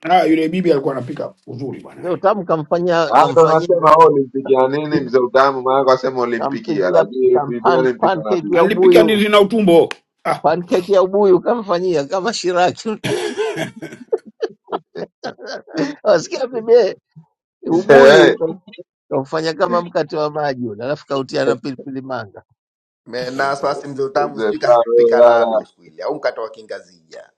Speaker 10: Ah, yule bibi alikuwa anapika uzuri
Speaker 6: mzee
Speaker 10: bwana,
Speaker 6: utamu kamfanyia
Speaker 7: Ah, ndo
Speaker 6: kamfanyia
Speaker 7: nasema wewe ulimpikia nini
Speaker 6: bibi-
Speaker 7: mzee Utamu? Maana kwa sema ulimpikia,
Speaker 6: kampikia
Speaker 7: lakini
Speaker 6: kam
Speaker 7: biriani mpikia na
Speaker 6: pancake
Speaker 7: bibi.
Speaker 6: ya
Speaker 10: anilipika
Speaker 6: ubuyu
Speaker 10: ndizi na utumbo. Ah,
Speaker 6: pancake ya ubuyu kamfanyia kama Shiraki. Wasikia bibe, ubuyu
Speaker 7: Eh,
Speaker 6: uka- ukaufanya kama mkate wa maji ule, alafu kautia na pilipili manga.
Speaker 8: Me- Na wasiwasi mzee Utamu
Speaker 7: Mzee
Speaker 8: sijui kakupika
Speaker 7: Tamu,
Speaker 8: ladu siku ile au mkatoa kingazija.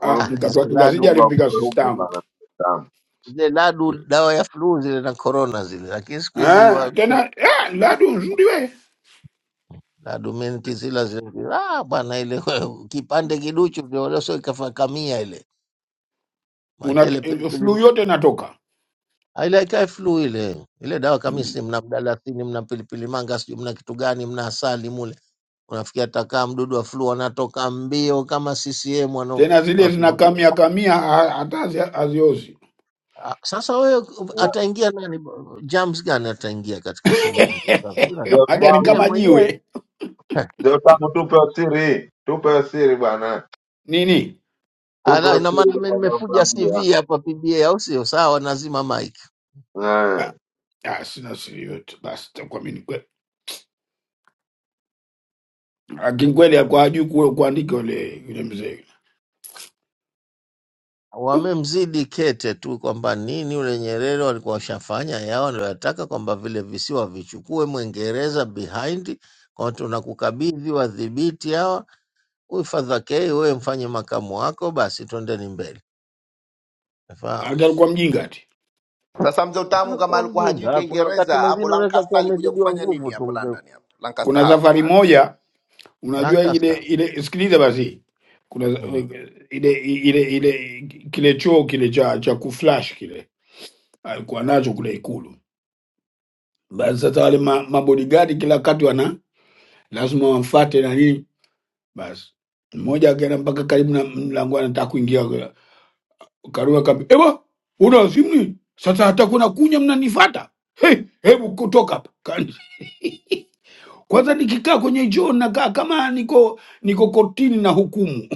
Speaker 10: ah,
Speaker 6: Ah,
Speaker 10: mkate wa
Speaker 6: hizo
Speaker 7: Mungu
Speaker 10: kingazija
Speaker 6: ladu
Speaker 7: Mungu
Speaker 10: alipika
Speaker 7: akupe
Speaker 10: sistangu
Speaker 7: bwana. Tamu.
Speaker 6: zile ladu dawa ya flu zile na corona zile, lakini siku hizi
Speaker 10: eh,
Speaker 6: wa-
Speaker 10: tena ah, ladu nzuri we
Speaker 6: ladu mimi nikizila zile ah, bwana ile kipande kiduchu ndio leo sio ikafa kamia ile
Speaker 10: una
Speaker 6: makele
Speaker 10: eh,
Speaker 6: pilipili
Speaker 10: flu yote inatoka
Speaker 6: Ah, ile ikae flu ile ile dawa kamisi, mna mdalasini, mna pilipili manga, sijui mna kitu gani, mna asali mule, unafikia takaa mdudu wa flu anatoka mbio kama CCM wana
Speaker 10: tena, zile
Speaker 6: watu.
Speaker 10: zinakamia kamia ha- hata hazi- haziozi
Speaker 6: Ah, Sasa wewe ataingia nani, germs gani ataingia katika sehemu ya mtoto wako?
Speaker 7: Ndio
Speaker 6: Eh,
Speaker 10: Maana ni
Speaker 7: tamu,
Speaker 6: yeye
Speaker 10: kama
Speaker 6: mwenyewe
Speaker 10: jiwe
Speaker 7: ndio tamu, tupe siri, tupe siri bwana,
Speaker 10: nini.
Speaker 6: Ala,
Speaker 7: tupe
Speaker 6: ina
Speaker 7: siri
Speaker 6: maana mimi nimefuja
Speaker 7: tunakwambia.
Speaker 6: CV hapa PBA, au sio? Sawa, nazima mic.
Speaker 7: Eh.
Speaker 10: Ah, ah, sina siri yote basi, takuwa mimi ni kweli. Lakini kweli alikuwa hajui ku- kuandika yule yule mzee yule, Yo,
Speaker 6: wamemzidi kete tu kwamba nini yule Nyerere walikuwa washafanya yao wanayotaka, kwamba vile visiwa vichukue Mwingereza behind kwamba tunakukabidhi wadhibiti hawa, huyu Fadha K wewe mfanye makamu wako, basi twendeni mbele. Nafahamu
Speaker 10: maanake alikuwa mjinga ati.
Speaker 8: Sasa mzee Utamu kama
Speaker 6: hakuwa
Speaker 8: alikuwa hajui
Speaker 6: mjinga, kuna wakati
Speaker 8: Kiingereza hapo
Speaker 6: mwingine unaweza
Speaker 8: Lancaster
Speaker 6: kuwa
Speaker 8: alikuja
Speaker 6: umezidiwa
Speaker 8: kufanya nini
Speaker 6: nguvu tu
Speaker 8: hapo
Speaker 6: mzee
Speaker 8: London hapo Lancaster
Speaker 10: Kuna
Speaker 8: House.
Speaker 10: safari moja, unajua ile
Speaker 6: Lancaster.
Speaker 10: ile, sikiliza basi, kuna za-
Speaker 6: Mm.
Speaker 10: ile ile ile kile choo kile cha cha kuflash kile alikuwa nacho kule Ikulu. Basi sasa wale ma, mabodigadi kila wakati lazima wamfate na nini. Basi mmoja akaenda mpaka karibu na mlango, anataka kuingia, Karua akamwambia, ewa una wazimu nini? Sasa hata kuna kunya mnanifata? Hey, hebu kutoka hapa Kani- kwanza. Nikikaa kwenye choo nakaa kama niko niko kotini na hukumu,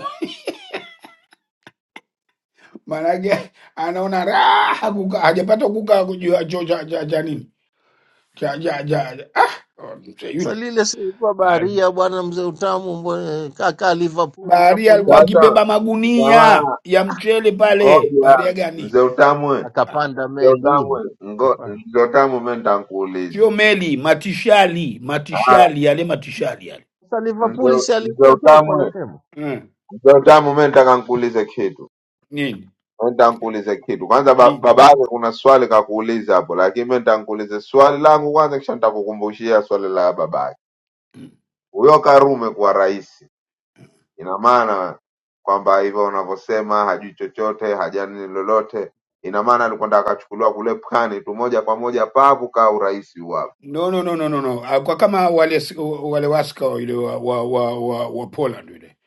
Speaker 10: maanake anaona raha kukaa, hajapata kukaa juu ya choo cha cha cha nini cha cha cha cha- ah, oh, mzee
Speaker 6: Sasa
Speaker 10: yule
Speaker 6: lile si ilikuwa
Speaker 10: Ah,
Speaker 6: baharia bwana mzee Utamu mbwe- kaka Liverpool
Speaker 10: baharia
Speaker 6: hapo
Speaker 10: alikuwa
Speaker 6: nini,
Speaker 7: Sasa
Speaker 10: akibeba magunia
Speaker 7: kama
Speaker 10: ya mchele pale.
Speaker 7: ngoja
Speaker 10: Baharia gani?
Speaker 7: mzee utamwe
Speaker 10: Ah,
Speaker 6: akapanda
Speaker 7: mzee
Speaker 6: meli
Speaker 7: utamwe ngo
Speaker 6: akapanda
Speaker 7: mzee utamwe, mimi nitakuuliza.
Speaker 10: Kiomeli, matishali,
Speaker 7: Haya,
Speaker 10: matishali yale matishali yale
Speaker 6: Sasa Liverpool
Speaker 7: mzee
Speaker 6: si
Speaker 7: mzee
Speaker 6: alikuwepo hapo,
Speaker 7: utamwe
Speaker 6: anasema
Speaker 10: mm.
Speaker 7: mzee utamwe, mimi nitaka nikuulize kitu,
Speaker 10: nini
Speaker 7: mimi nitakuuliza kitu kwanza. Ba,
Speaker 10: nini
Speaker 7: baba yake kuna swali kakuuliza hapo, lakini mimi nitakuuliza swali langu kwanza, kisha nitakukumbushia swali la babake. huyo Karume kuwa rais, ina maana kwamba hivyo unavyosema hajui chochote, hajani lolote, ina maana alikuwa ndo akachukuliwa kule pwani tu moja kwa moja pavu kaa urais wapo.
Speaker 10: no, no, no, no, no, no. Alikuwa kama wale wale waska yule wa, wa, wa, wa, wa Poland yule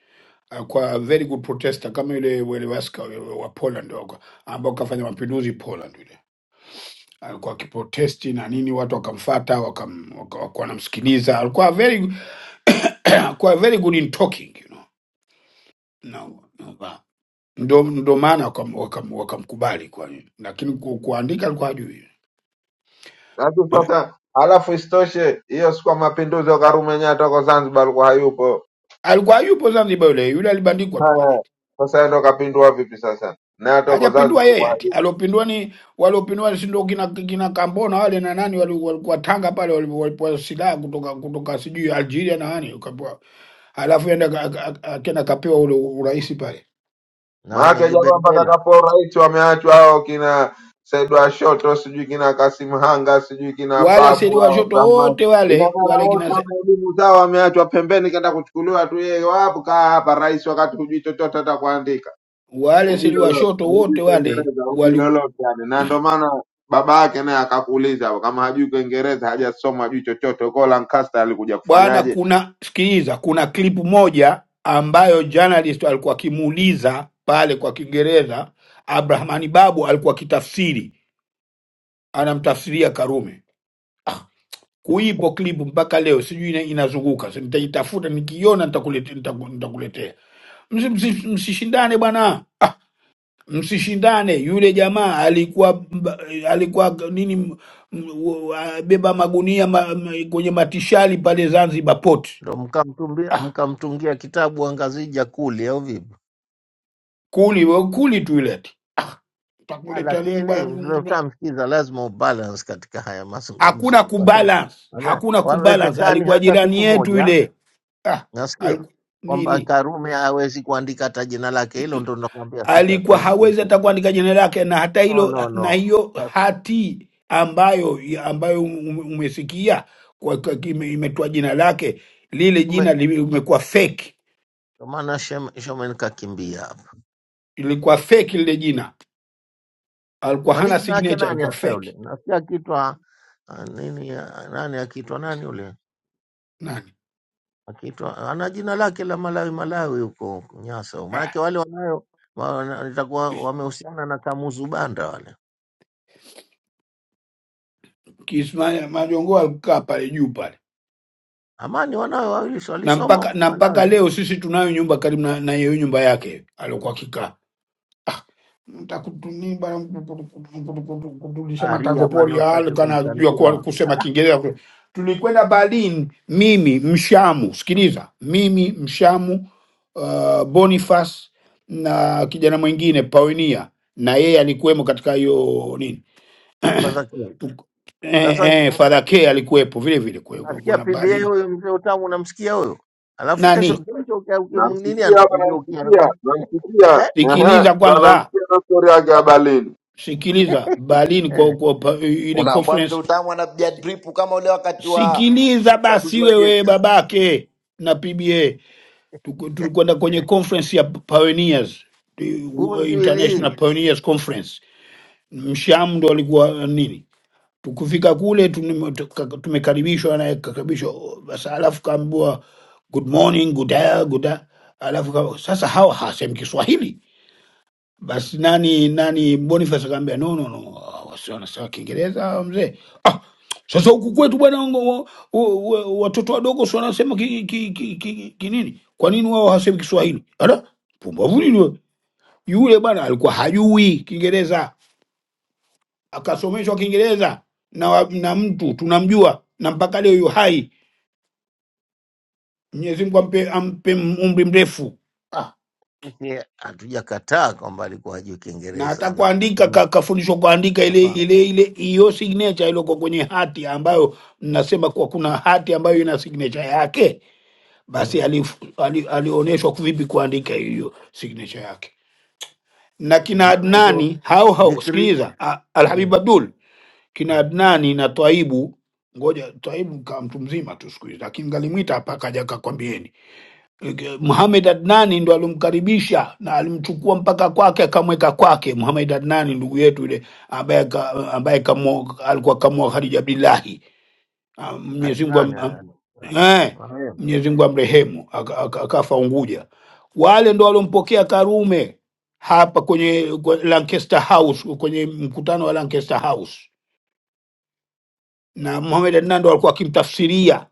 Speaker 10: alikuwa a very good protester kama yule wale waska yule wa Poland waka- ambao kafanya mapinduzi Poland yule alikuwa akiprotesti na nini, watu wakamfata wakam, waka- wakuwa wanamsikiliza. Alikuwa very alikuwa very good in talking you know. no, no. no. ndo, ndo maana wakam- wakam- wakamkubali kwa hiyo. lakini ku, kuandika alikuwa hajui
Speaker 7: Alafu sasa, alafu isitoshe hiyo si kwa mapinduzi ya Karume yenyewe atoko Zanzibar alikuwa hayupo.
Speaker 10: alikuwa hayupo Zanzibar yule yule, alibandikwa tu pale,
Speaker 7: Haya, Sasa yeye ndo kapindua vipi sasa? Na atoko
Speaker 10: hajapindua yeye
Speaker 7: Zanzibar
Speaker 10: ati. Aliopindua ni waliopindua, si ndio kina, kina Kambona wale na nani wali- walikuwa Tanga pale, wali- walipewa silaha kutoka kutoka sijui Algeria na nani, ukapewa halafu enda ka- ka- ka- akaenda kapewa ule urais pale.
Speaker 6: na
Speaker 7: Maake
Speaker 6: Ahmed
Speaker 7: jamaa mpaka
Speaker 6: Bendela
Speaker 7: kapo rais wameachwa hao kina Said Washoto, sijui kina Kasim Hanga, sijui kina
Speaker 10: Wale seli
Speaker 7: Babu hao
Speaker 10: washoto
Speaker 7: Brahman.
Speaker 10: wote
Speaker 7: Ina
Speaker 10: wale
Speaker 7: maana
Speaker 10: wale kina
Speaker 7: wote
Speaker 10: se-
Speaker 7: wameelimu zao wameachwa pembeni, kaenda kuchukuliwa tu. Yeye wapo kaa hapa rais, wakati hujui chochote, hata kuandika
Speaker 10: wale
Speaker 7: hujui
Speaker 10: seli
Speaker 7: lolote,
Speaker 10: washoto
Speaker 7: hujui
Speaker 10: wote wale
Speaker 7: Kiingereza, hujui lolote yani. Na ndio maana baba yake naye akakuuliza hapo, kama hajui Kiingereza, hajasoma, hajui chochote, huko Lancaster alikuja
Speaker 10: bwana
Speaker 7: kufanyaje?
Speaker 10: kuna sikiliza kuna clip moja ambayo journalist alikuwa akimuuliza pale kwa kiingereza abrahamani babu alikuwa akitafsiri anamtafsiria karume ah, kuipo clip mpaka leo sijui ina- inazunguka Si nitaitafuta nikiiona nitakulete- nitaku- nitakuletea Msi- msi- msishindane bwana ah, msishindane yule jamaa alikuwa mba- alikuwa nini m- m- w- wa- beba magunia ma, m- kwenye matishali pale zanzibar port
Speaker 6: ndo mkamtumbia
Speaker 10: Ah,
Speaker 6: mkamtungia kitabu angazija kuli au vipi?
Speaker 10: kuli we kuli tu ile eti. Ah,
Speaker 6: Ah,
Speaker 10: utakuleta nini bwana?
Speaker 6: Lakini
Speaker 10: mm, bwana.
Speaker 6: mtamsikiza lazima ubalance katika haya
Speaker 10: Hakuna
Speaker 6: mazungumzo, kwa sababu
Speaker 10: kubalance,
Speaker 6: wana-
Speaker 10: hakuna kubalance.
Speaker 6: wawezekani
Speaker 10: Alikuwa
Speaker 6: hata
Speaker 10: jirani
Speaker 6: siku
Speaker 10: yetu
Speaker 6: moja
Speaker 10: ile ah,
Speaker 6: nasikia
Speaker 10: aliku,
Speaker 6: kwamba
Speaker 10: nini
Speaker 6: Karume hawezi kuandika hata jina lake. Hilo ndo nakwambia sisi
Speaker 10: alikuwa
Speaker 6: hatuwezi
Speaker 10: hawezi hata
Speaker 6: kulikubali.
Speaker 10: kuandika jina lake, na hata
Speaker 6: No,
Speaker 10: hilo
Speaker 6: no,
Speaker 10: na
Speaker 6: no.
Speaker 10: hiyo
Speaker 6: Sasa
Speaker 10: hati ambayo ambayo ume- umesikia kwa, kwa, ime- imetoa jina lake, lile
Speaker 6: ume-
Speaker 10: jina limekuwa fake,
Speaker 6: ndo maana Shemen Shemen kakimbia
Speaker 10: ilikuwa fake lile jina, alikuwa
Speaker 6: kwani
Speaker 10: hana
Speaker 6: jina yake
Speaker 10: signature,
Speaker 6: nani
Speaker 10: alikuwa
Speaker 6: hasa yule?
Speaker 10: fake
Speaker 6: Nasikia akiitwa ah, nini, ah, nani akiitwa nani yule,
Speaker 10: nani
Speaker 6: akiitwa ana jina lake la Malawi Malawi huko Nyasa,
Speaker 10: ah.
Speaker 6: maanake wale wanayo wana- itakuwa wamehusiana na Kamuzu Banda wale.
Speaker 10: Kismail Majongo alikaa pale juu pale
Speaker 6: Amani wanayo wawili si
Speaker 10: na
Speaker 6: walisoma
Speaker 10: mpaka
Speaker 6: huko
Speaker 10: na mpaka
Speaker 6: Malawi.
Speaker 10: leo sisi tunayo nyumba karibu na, na hiyo nyumba yake aliokuwa kikaa ah, mtakutunimba kudulisha matango
Speaker 6: Aria bwana,
Speaker 10: pori ah,
Speaker 6: usitake
Speaker 10: alikuwa anajua kuwa-
Speaker 6: kumtandia
Speaker 10: kusema
Speaker 6: Ala,
Speaker 10: Kiingereza. Tulikwenda Berlin, mimi Mshamu, sikiliza, mimi Mshamu, uh, Boniface na kijana mwingine Paunia, na yeye alikuwemo katika hiyo nini
Speaker 6: fadhaki.
Speaker 10: Tuk- eh,
Speaker 6: Sasa
Speaker 10: eh,
Speaker 6: nki-
Speaker 10: Father K alikuwepo vile vile. Kwe-
Speaker 6: nasikia
Speaker 10: Kuna
Speaker 6: PBA
Speaker 10: Berlin
Speaker 6: huyo mzee utamu, unamsikia huyo, alafu kesho
Speaker 10: nani,
Speaker 6: kesho ukimnini
Speaker 7: Namsikia hapa,
Speaker 6: anakugeukia
Speaker 7: namsikia,
Speaker 6: anakwambia
Speaker 7: namsikia,
Speaker 6: eh,
Speaker 7: ehe,
Speaker 10: sikiliza
Speaker 7: so,
Speaker 10: kwanza
Speaker 7: namsikia na story yake ya Berlin.
Speaker 10: sikiliza Berlin kwa,
Speaker 6: eh.
Speaker 10: kwa, pa- ile
Speaker 8: Unaambwa mzee
Speaker 10: conference
Speaker 8: Utamu anapiga drip kama ule wakati wa
Speaker 10: sikiliza
Speaker 8: uchaguzi
Speaker 10: basi
Speaker 8: wa
Speaker 10: wewe
Speaker 8: Jecha.
Speaker 10: babake na PBA Tuku- tulikwenda
Speaker 6: eh,
Speaker 10: kwenye conference ya pioneers the uh,
Speaker 6: Bunjwili
Speaker 10: international pioneers conference msham ndo alikuwa uh, nini tukufika kule tunim- tuka- tumekaribishwa naye kakaribishwa basi alafu kaambiwa good morning good day, good day. alafu ka, sasa hawa hasemi kiswahili Basi nani nani Boniface akamwambia no, no, no, wasio wanasema Kiingereza hawa mzee. Ah, sasa huku kwetu bwana, ngo- wa- wa- watoto wadogo sio wanasema ki, ki, ki, ki, ki nini? Kwa nini wao hawasemi Kiswahili? Ala, pumbavu nini wewe? Yule bwana alikuwa hajui Kiingereza, akasomeshwa Kiingereza na, wa- na mtu tunamjua na mpaka leo yu hai. Mwenyezi Mungu ampe, ampe umri mrefu. Ah,
Speaker 6: Ye, hatujakataa kwamba alikuwa hajui
Speaker 10: na hata
Speaker 6: Kiingereza na
Speaker 10: kuandika ka-
Speaker 6: kusomeshwa,
Speaker 10: kafundishwa kuandika ile
Speaker 6: nafahamu
Speaker 10: ile ile hiyo signature iliyoko kwenye hati ambayo mnasema kuwa kuna hati ambayo ina signature yake, basi
Speaker 6: mm.
Speaker 10: alif- ali- alionyeshwa vipi kuandika hiyo signature yake. Na
Speaker 6: na
Speaker 10: kina
Speaker 6: maana hizo
Speaker 10: Adnani hao hao,
Speaker 6: dikri
Speaker 10: sikiliza, A- Alhabib
Speaker 6: mm.
Speaker 10: Abdul, kina
Speaker 6: mm.
Speaker 10: Adnani na Twaibu, ngoja Twaibu kaa mtu mzima tu siku hizi, lakini ngalimwita hapa akaja akakwambieni Muhamed Adnani ndo alimkaribisha na alimchukua mpaka kwake akamweka kwake. Muhamed Adnani ndugu yetu yule ambaye ka- ambaye kamo, alikuwa kamoa Khadija Abdullahi, Ah, Mwenyezi Mungu
Speaker 6: Adnan,
Speaker 10: am- am-
Speaker 6: eh, Adnan,
Speaker 10: eh,
Speaker 6: marehemu.
Speaker 10: Mwenyezi Mungu amrehemu, aka- aka- akafa Unguja. Wale ndo waliompokea Karume hapa kwenye kwe- Lancaster House, kwenye mkutano wa Lancaster House, na Muhamed Adnani ndo alikuwa akimtafsiria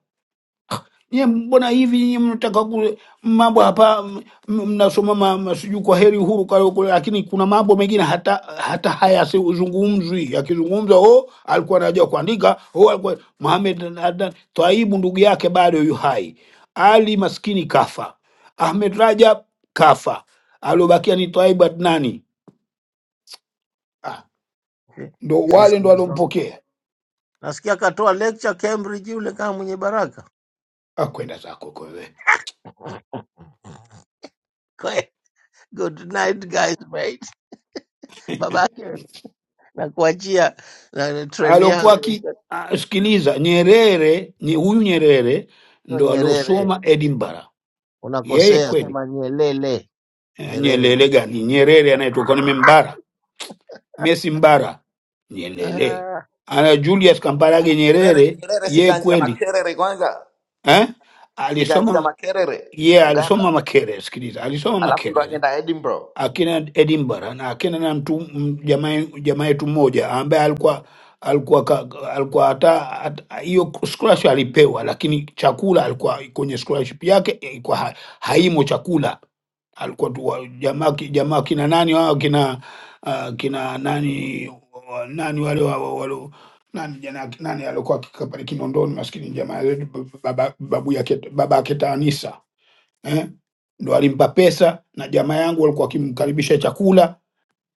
Speaker 10: Nye, mbona hivi nyinyi mnataka kule mambo hapa m- m- mnasoma ma- ma- sijui kwa heri uhuru kwa leo kule, lakini kuna mambo mengine hata hata hayazungumzwi. Yakizungumzwa oh, alikuwa anajua kuandika oh, alikuwa Mohamed Adnan Twaibu ndugu yake bado yu hai, Ali maskini kafa, Ahmed Rajab kafa, aliobakia ni Twaibu Adnani. Ah,
Speaker 6: Si-
Speaker 10: ndo wale
Speaker 6: sisi
Speaker 10: ndo
Speaker 6: ndo-
Speaker 10: walompokea.
Speaker 6: nasikia akatoa lecture Cambridge yule kama mwenye baraka.
Speaker 10: Ah, kwenda zako kwewe.
Speaker 6: Kwe, Good night guys mate. Babake nakuachia na treni
Speaker 10: alokuwa
Speaker 6: yako
Speaker 10: ki
Speaker 6: sio
Speaker 10: ah, sikiliza Nyerere ni huyu Nyerere ndo
Speaker 6: Nyerere,
Speaker 10: aliosoma Edinburgh yeye
Speaker 6: unakosea,
Speaker 10: kweli
Speaker 6: sema Nyelele,
Speaker 10: eh, Nyelele
Speaker 6: Nyerere.
Speaker 10: gani Nyerere anayetoka ni Mbara Messi Mbara Nyelele
Speaker 6: Ah.
Speaker 10: ana Julius Kambarage
Speaker 8: Nyerere
Speaker 10: Nyerere
Speaker 8: Nyerere
Speaker 10: yeye
Speaker 8: sikaanzia
Speaker 10: kweli
Speaker 8: makerere kwanza,
Speaker 10: eh?
Speaker 8: sikaanzia
Speaker 10: alisoma
Speaker 8: makerere
Speaker 10: ye
Speaker 8: Uganda,
Speaker 10: alisoma Makerere sikiliza alisoma
Speaker 8: alafu ndo
Speaker 10: Makerere
Speaker 8: akaenda Edinburgh.
Speaker 10: akina Edinburgh na akina na mtu m- jamaa jamaa yetu mmoja ambaye alikuwa alikuwa ka, alikuwa hata hata- hiyo scholarship alipewa, lakini chakula alikuwa kwenye scholarship yake ilikuwa ha, haimo chakula. Alikuwa tu wa- jamaa ki- jamaa kina nani wao kina uh, kina nani wa- nani wale wa- wa- wale nani jana nani alikuwa kikapale Kinondoni, maskini jamaa yetu, baba babu yake baba yake Taanisa eh? Ndo alimpa pesa na jamaa yangu walikuwa wakimkaribisha chakula,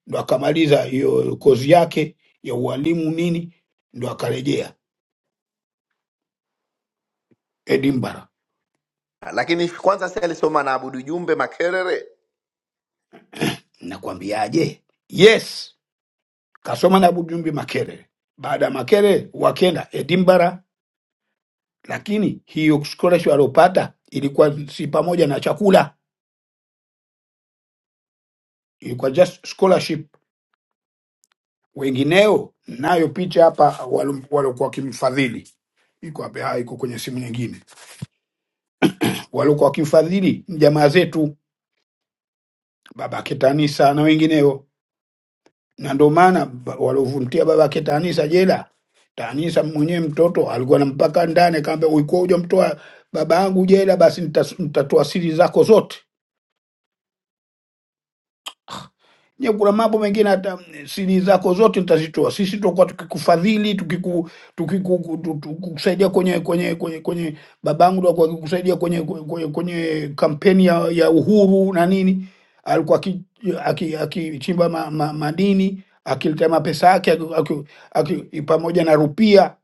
Speaker 10: ndo akamaliza hiyo kozi yake ya ualimu nini, ndo akarejea Edinburgh.
Speaker 8: Lakini kwanza si alisoma na Abudu Jumbe Makerere
Speaker 10: Nakwambiaje? Yes, kasoma na Bujumbi Makerere. Baada ya Makerere wakenda Edinburgh, lakini hiyo scholarship aliopata ilikuwa si pamoja na chakula, ilikuwa just scholarship. Wengineo nayo picha hapa waliokuwa wakimfadhili iko hapa, iko kwenye simu nyingine waliokuwa wakimfadhili jamaa zetu baba Ketanisa na wengineo, na ndio maana ba- waliovumtia baba Ketanisa jela, Tanisa mwenyewe mtoto alikuwa na mpaka ndani, akaambia ulikuwa hujamtoa baba yangu jela, basi nitas- nitatoa siri zako zote. Je, kuna mambo mengine hata siri zako zote nitazitoa. Sisi tutakuwa tukikufadhili, tukiku tukiku- tu- tu- tukikusaidia kwenye kwenye kwenye kwenye babangu alikuwa akikusaidia kwenye kwenye, kwenye kampeni ya, ya uhuru na nini, alikuwa akichimba aki, aki akichimba ma, ma, madini akileta mapesa yake aki, aki, aki, pamoja na rupia.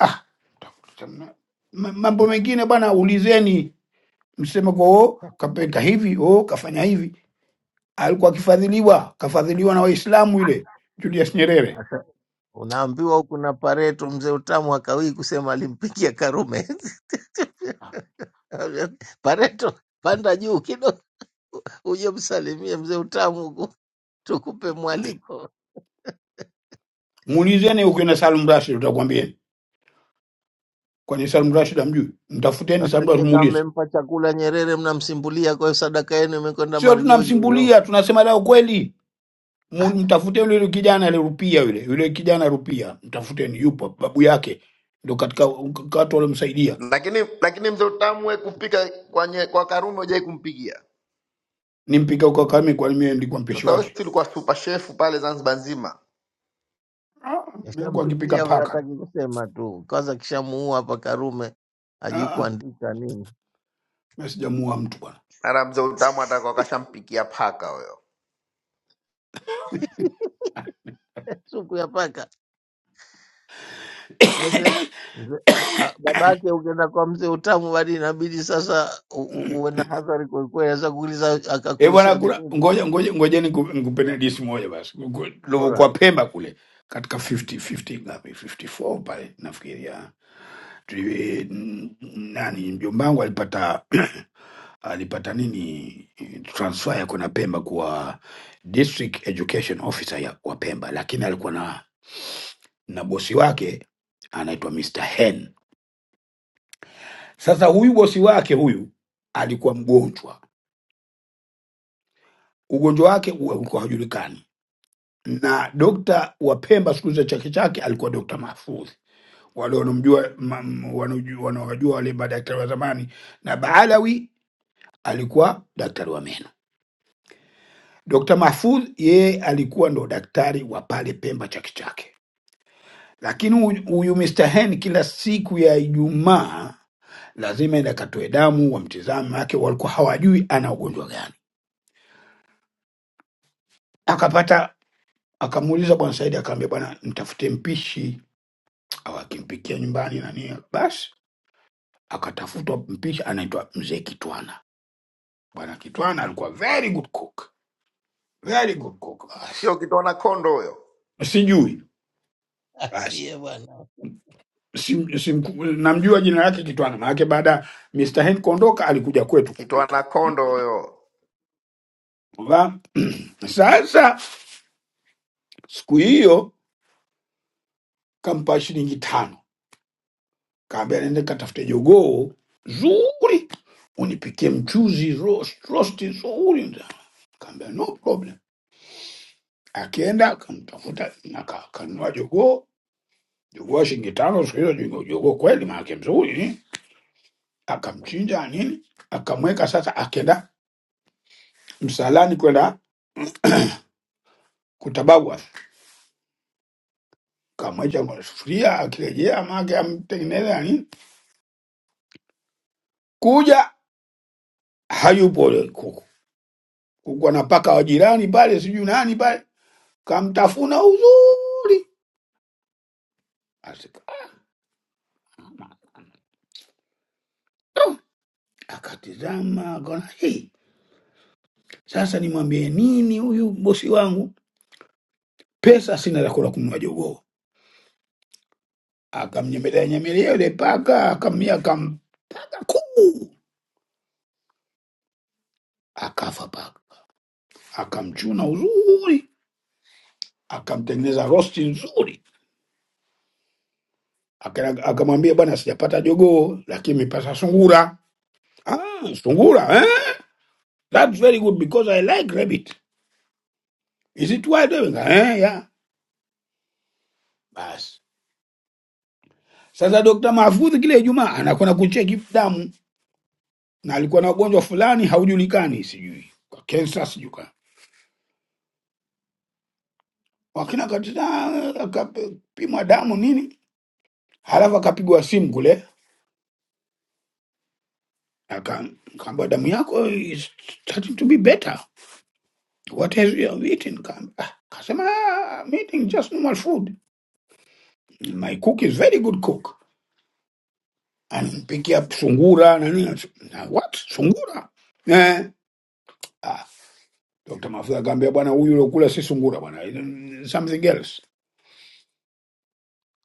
Speaker 10: Ah, ma- mambo mengine bwana, ulizeni mseme kwa oh, kapeka hivi oh, kafanya hivi alikuwa akifadhiliwa, kafadhiliwa na Waislamu yule Julius Nyerere.
Speaker 6: Unaambiwa huku na Pareto, mzee utamu akawii kusema alimpikia Karume. Pareto, panda juu kidogo uje msalimie mzee utamu huku, tukupe mwaliko.
Speaker 10: Muulizeni huko na Salum Rashid, utakwambieni kwani Salum Rashid amjui. Mtafuteni
Speaker 6: Sasa
Speaker 10: Salum Rashid,
Speaker 6: nyie kama
Speaker 10: muulize.
Speaker 6: mmempa chakula Nyerere, mnamsimbulia kwa hiyo sadaka yenu imekwenda
Speaker 10: Sio
Speaker 6: marjojo hiyo.
Speaker 10: tunamsimbulia, tunasema la ukweli. Mu- Mtafuteni yule kijana ile Rupia, yule yule kijana Rupia, mtafuteni, yupo babu yake ndo katika katika watu waliomsaidia.
Speaker 8: lakini lakini mzee Utamwe kupika kwenye kwa Karume hujai kumpikia.
Speaker 10: Nimpika huko Kakamega, kwani mimi nilikuwa mpishi
Speaker 8: Sasa wewe
Speaker 10: wake.
Speaker 8: si ulikuwa super chef pale Zanzibar nzima,
Speaker 10: Ah, nilikuwa akipika
Speaker 6: Kishampikia huyo,
Speaker 10: paka.
Speaker 6: hataki kusema tu, kwanza kishamuua hapa Karume,
Speaker 10: Ah,
Speaker 6: hajui
Speaker 10: ah,
Speaker 6: kuandika nini
Speaker 10: mimi sijamuua mtu bwana.
Speaker 8: mara mzee Utamwe atakuwa kashampikia paka huyo,
Speaker 6: supu ya paka. Eh, mzee- mzee- ah, babake ukienda kwa mzee utamu bali inabidi sasa u- u- uwe na hadhari kwelikweli, aweza kuuliza
Speaker 10: Eh bwana,
Speaker 6: akakulisha
Speaker 10: kuna
Speaker 6: nini
Speaker 10: ngoja ngoja ngoja niku- nikupeni hadithi moja basi. Ulivyokuwa
Speaker 6: bora
Speaker 10: Pemba kule katika 50 50 ngapi 54 pale nafikiria Tuli- n- nani mjomba wangu alipata alipata nini eh, transfer ya kwenda Pemba kuwa district education officer ya wa Pemba, lakini alikuwa na na bosi wake anaitwa Mr. Hen. Sasa huyu bosi wake huyu alikuwa mgonjwa, ugonjwa wake ulikuwa hajulikani na dokta wa Pemba siku za chake chake alikuwa dokta Mahfudhi, wale wanaomjua ma- m- wanaoju- wanaowajua wale madaktari wa zamani, na Baalawi alikuwa daktari wa meno. Dokta Mahfudh yeye alikuwa ndo daktari wa pale Pemba chake chake, lakini huyu huyu Mr. Hen kila siku ya Ijumaa lazima enda akatoe damu, wamtizame, maanake walikuwa hawajui ana ugonjwa gani. Akapata akamuuliza bwana Saidi, akaambia bwana, mtafutie mpishi au akimpikia nyumbani nani. Basi akatafutwa mpishi anaitwa mzee Kitwana. Bwana Kitwana alikuwa very good cook, very good cook. Basi
Speaker 8: sio kitwana kondo huyo,
Speaker 10: sijui basi
Speaker 6: asie bwana
Speaker 10: sim, sim, namjua jina lake Kitwana, maanake baada ya Mr. Hen kuondoka alikuja kwetu
Speaker 8: kitwana
Speaker 10: kupika.
Speaker 8: kondo huyo.
Speaker 10: Unaona? Sasa siku hiyo kampa shilingi tano, kaambia nende katafute jogoo zuri unipikie mchuzi roast, roast nzuri. Kaambia no problem. Akienda akamtafuta na ka- kanunua jogoo Jogoo Shingitalo siku hizo jogoo jogoo kweli, maanake mzuri, akamchinja nini, akamweka sasa, akenda msalani kwenda kutabawa, kamwacha kwenye sufuria, akirejea maanake amtengeneza nini, kuja hayupo yule kuku, kuku anapaka wa jirani pale, sijui nani pale, kamtafuna uzuri, Asika- akatizama, akaona hii sasa, nimwambie nini huyu bosi wangu, pesa sina za kula kununua jogoo akamnyemelea nyemelea yule paka, akamia akampaka kuu, akafa paka, akamchuna uzuri, akamtengeneza rosti nzuri, Aka- akamwambia bwana, sijapata jogoo lakini mipata sungura. Ah, sungura eh? That's very good because I like rabbit. Is it wild? doing? Eh, yeah. Basi sasa Dokta Mahfudhi kile Ijumaa anakwenda kucheki damu, na alikuwa na ugonjwa fulani haujulikani, sijui kwa kansa, sijui kwa wakina katita, akapimwa damu nini Halafu akapigwa simu kule, aka- akaambiwa damu yako is starting to be better, what has you have eaten? Ka- ah, Akasema "Ah, I'm eating just normal food, my cook is very good cook, anampikia sungura na nini na what sungura eh. Ah, Dr. Mafuta akaambia bwana, huyu uliokula si sungura bwana, something else.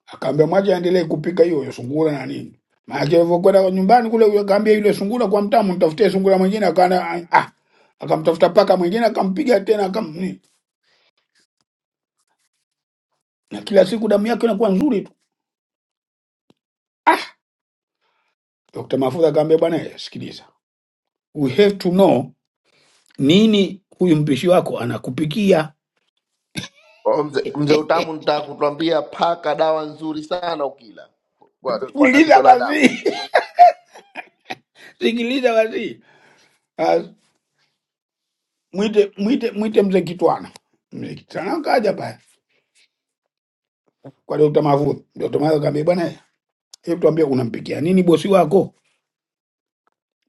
Speaker 10: Akaambia mwache aendelee kupika hiyo hiyo sungura na nini. Maana alivyokwenda kwa nyumbani kule, yule akaambia yule sungura kwa mtamu, nitafutie sungura mwingine. Akaana ah, akamtafuta paka mwingine, akampiga tena, akam nini. na kila siku damu yake inakuwa nzuri tu. Dr. Mafuta akaambia, bwana, eh, sikiliza, we have to know nini huyu mpishi wako anakupikia.
Speaker 8: Oh, Mzee mzee Utamu, nitaka kutuambia paka dawa nzuri sana ukila kwa, kwa tatizo
Speaker 10: Sikiliza
Speaker 8: la damu.
Speaker 10: basi, sikiliza basi. Ah, Mwite mwite mwite mzee Kitwana, mzee Kitwana kaja pale kwa Dr. Mafuta. Dr. Mafuta akaambia, bwana eh, Hebu tuambie, unampikia nini bosi wako?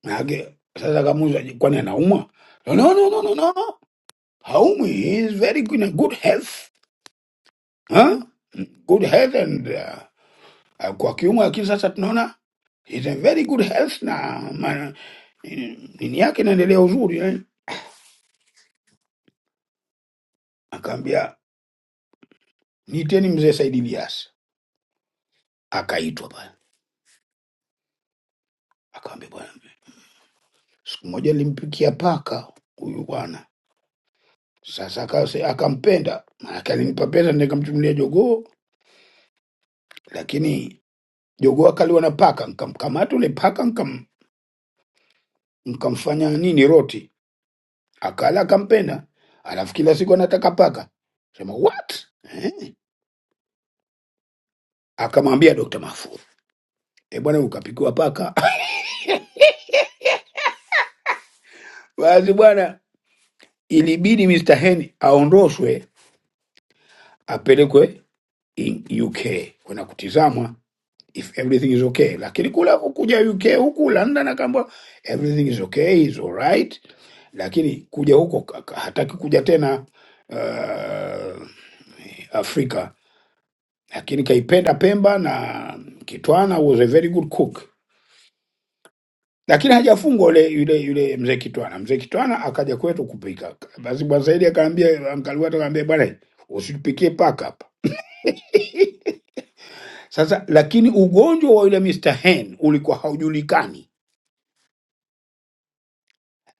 Speaker 10: Maanake sasa kamuuza, kwani anaumwa? No, no, no, no, no, no. no. Haumwi, he is very good- in a good health huh? good health and uh, kwa kiungo lakini sasa tunaona he is in very good health na ma, nini yake inaendelea uzuri eh? Akaambia niiteni mzee Saidi Lias, akaitwa pale, akaambia bwana, siku moja nilimpikia paka huyu bwana sasa akase, akampenda, maanake alinipa pesa nikamchunulia jogoo, lakini Jogoo akaliwa na paka, nkamkamata ule paka nkam, nkamfanya nini roti, akala akampenda, alafu kila siku anataka paka. Sema what eh? Akamwambia Dr. Mahfudh, e bwana, ukapikiwa paka basi bwana, ilibidi Mr. Hen aondoshwe apelekwe in UK kwenda kutizamwa if everything is okay, lakini kula kuja UK huku London akaambiwa everything is okay, is alright, lakini kuja huko ka- ka- hataki kuja tena Uh, Afrika, lakini kaipenda Pemba na Kitwana was a very good cook, lakini hajafungwa yule yule yule mzee Kitwana. Mzee Kitwana akaja kwetu kupika, basi bwana Saidi akaambia Uncle Watu akaambia bwana, usitupikie paka hapa sasa. Lakini ugonjwa wa yule Mr Hen ulikuwa haujulikani,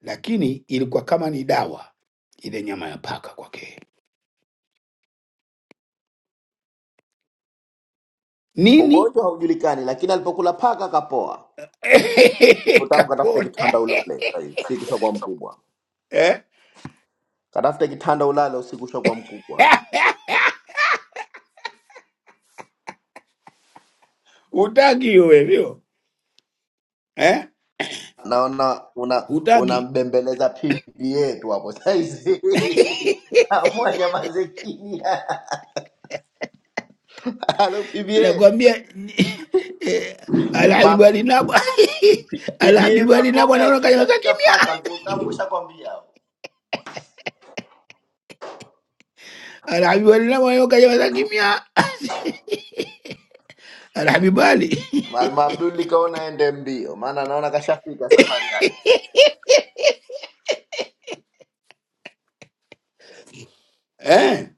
Speaker 10: lakini ilikuwa kama ni dawa ile nyama ya paka kwake nini
Speaker 8: Ugonjwa haujulikani, lakini alipokula paka kapoa. Mzee Utamu, katafute
Speaker 10: kapona
Speaker 8: kitanda ulale, sasa hivi, usiku ushakuwa mkubwa.
Speaker 10: eh?
Speaker 8: Katafute kitanda ulale, usiku ushakuwa mkubwa.
Speaker 10: Hutaki hiyo hivyo eh?
Speaker 8: naona una
Speaker 10: Hutaki
Speaker 8: unambembeleza pipi yetu hapo saizi kamwa nyamazekini halo pba
Speaker 10: nakwambia eh,
Speaker 8: Ma,
Speaker 10: alhabibu alinabwa
Speaker 8: P- pba
Speaker 10: alhabibu alinabwa
Speaker 8: makome
Speaker 10: naona kanyamaza
Speaker 8: akishapita
Speaker 10: kimya
Speaker 8: paka mzee utamu ushakwambia hapo.
Speaker 10: alhabibu alinabwa naona kanyamaza kimya alhabibu ali
Speaker 8: mwalimu abduli kaona ende mbio maana naona kashafika safari yake
Speaker 10: eh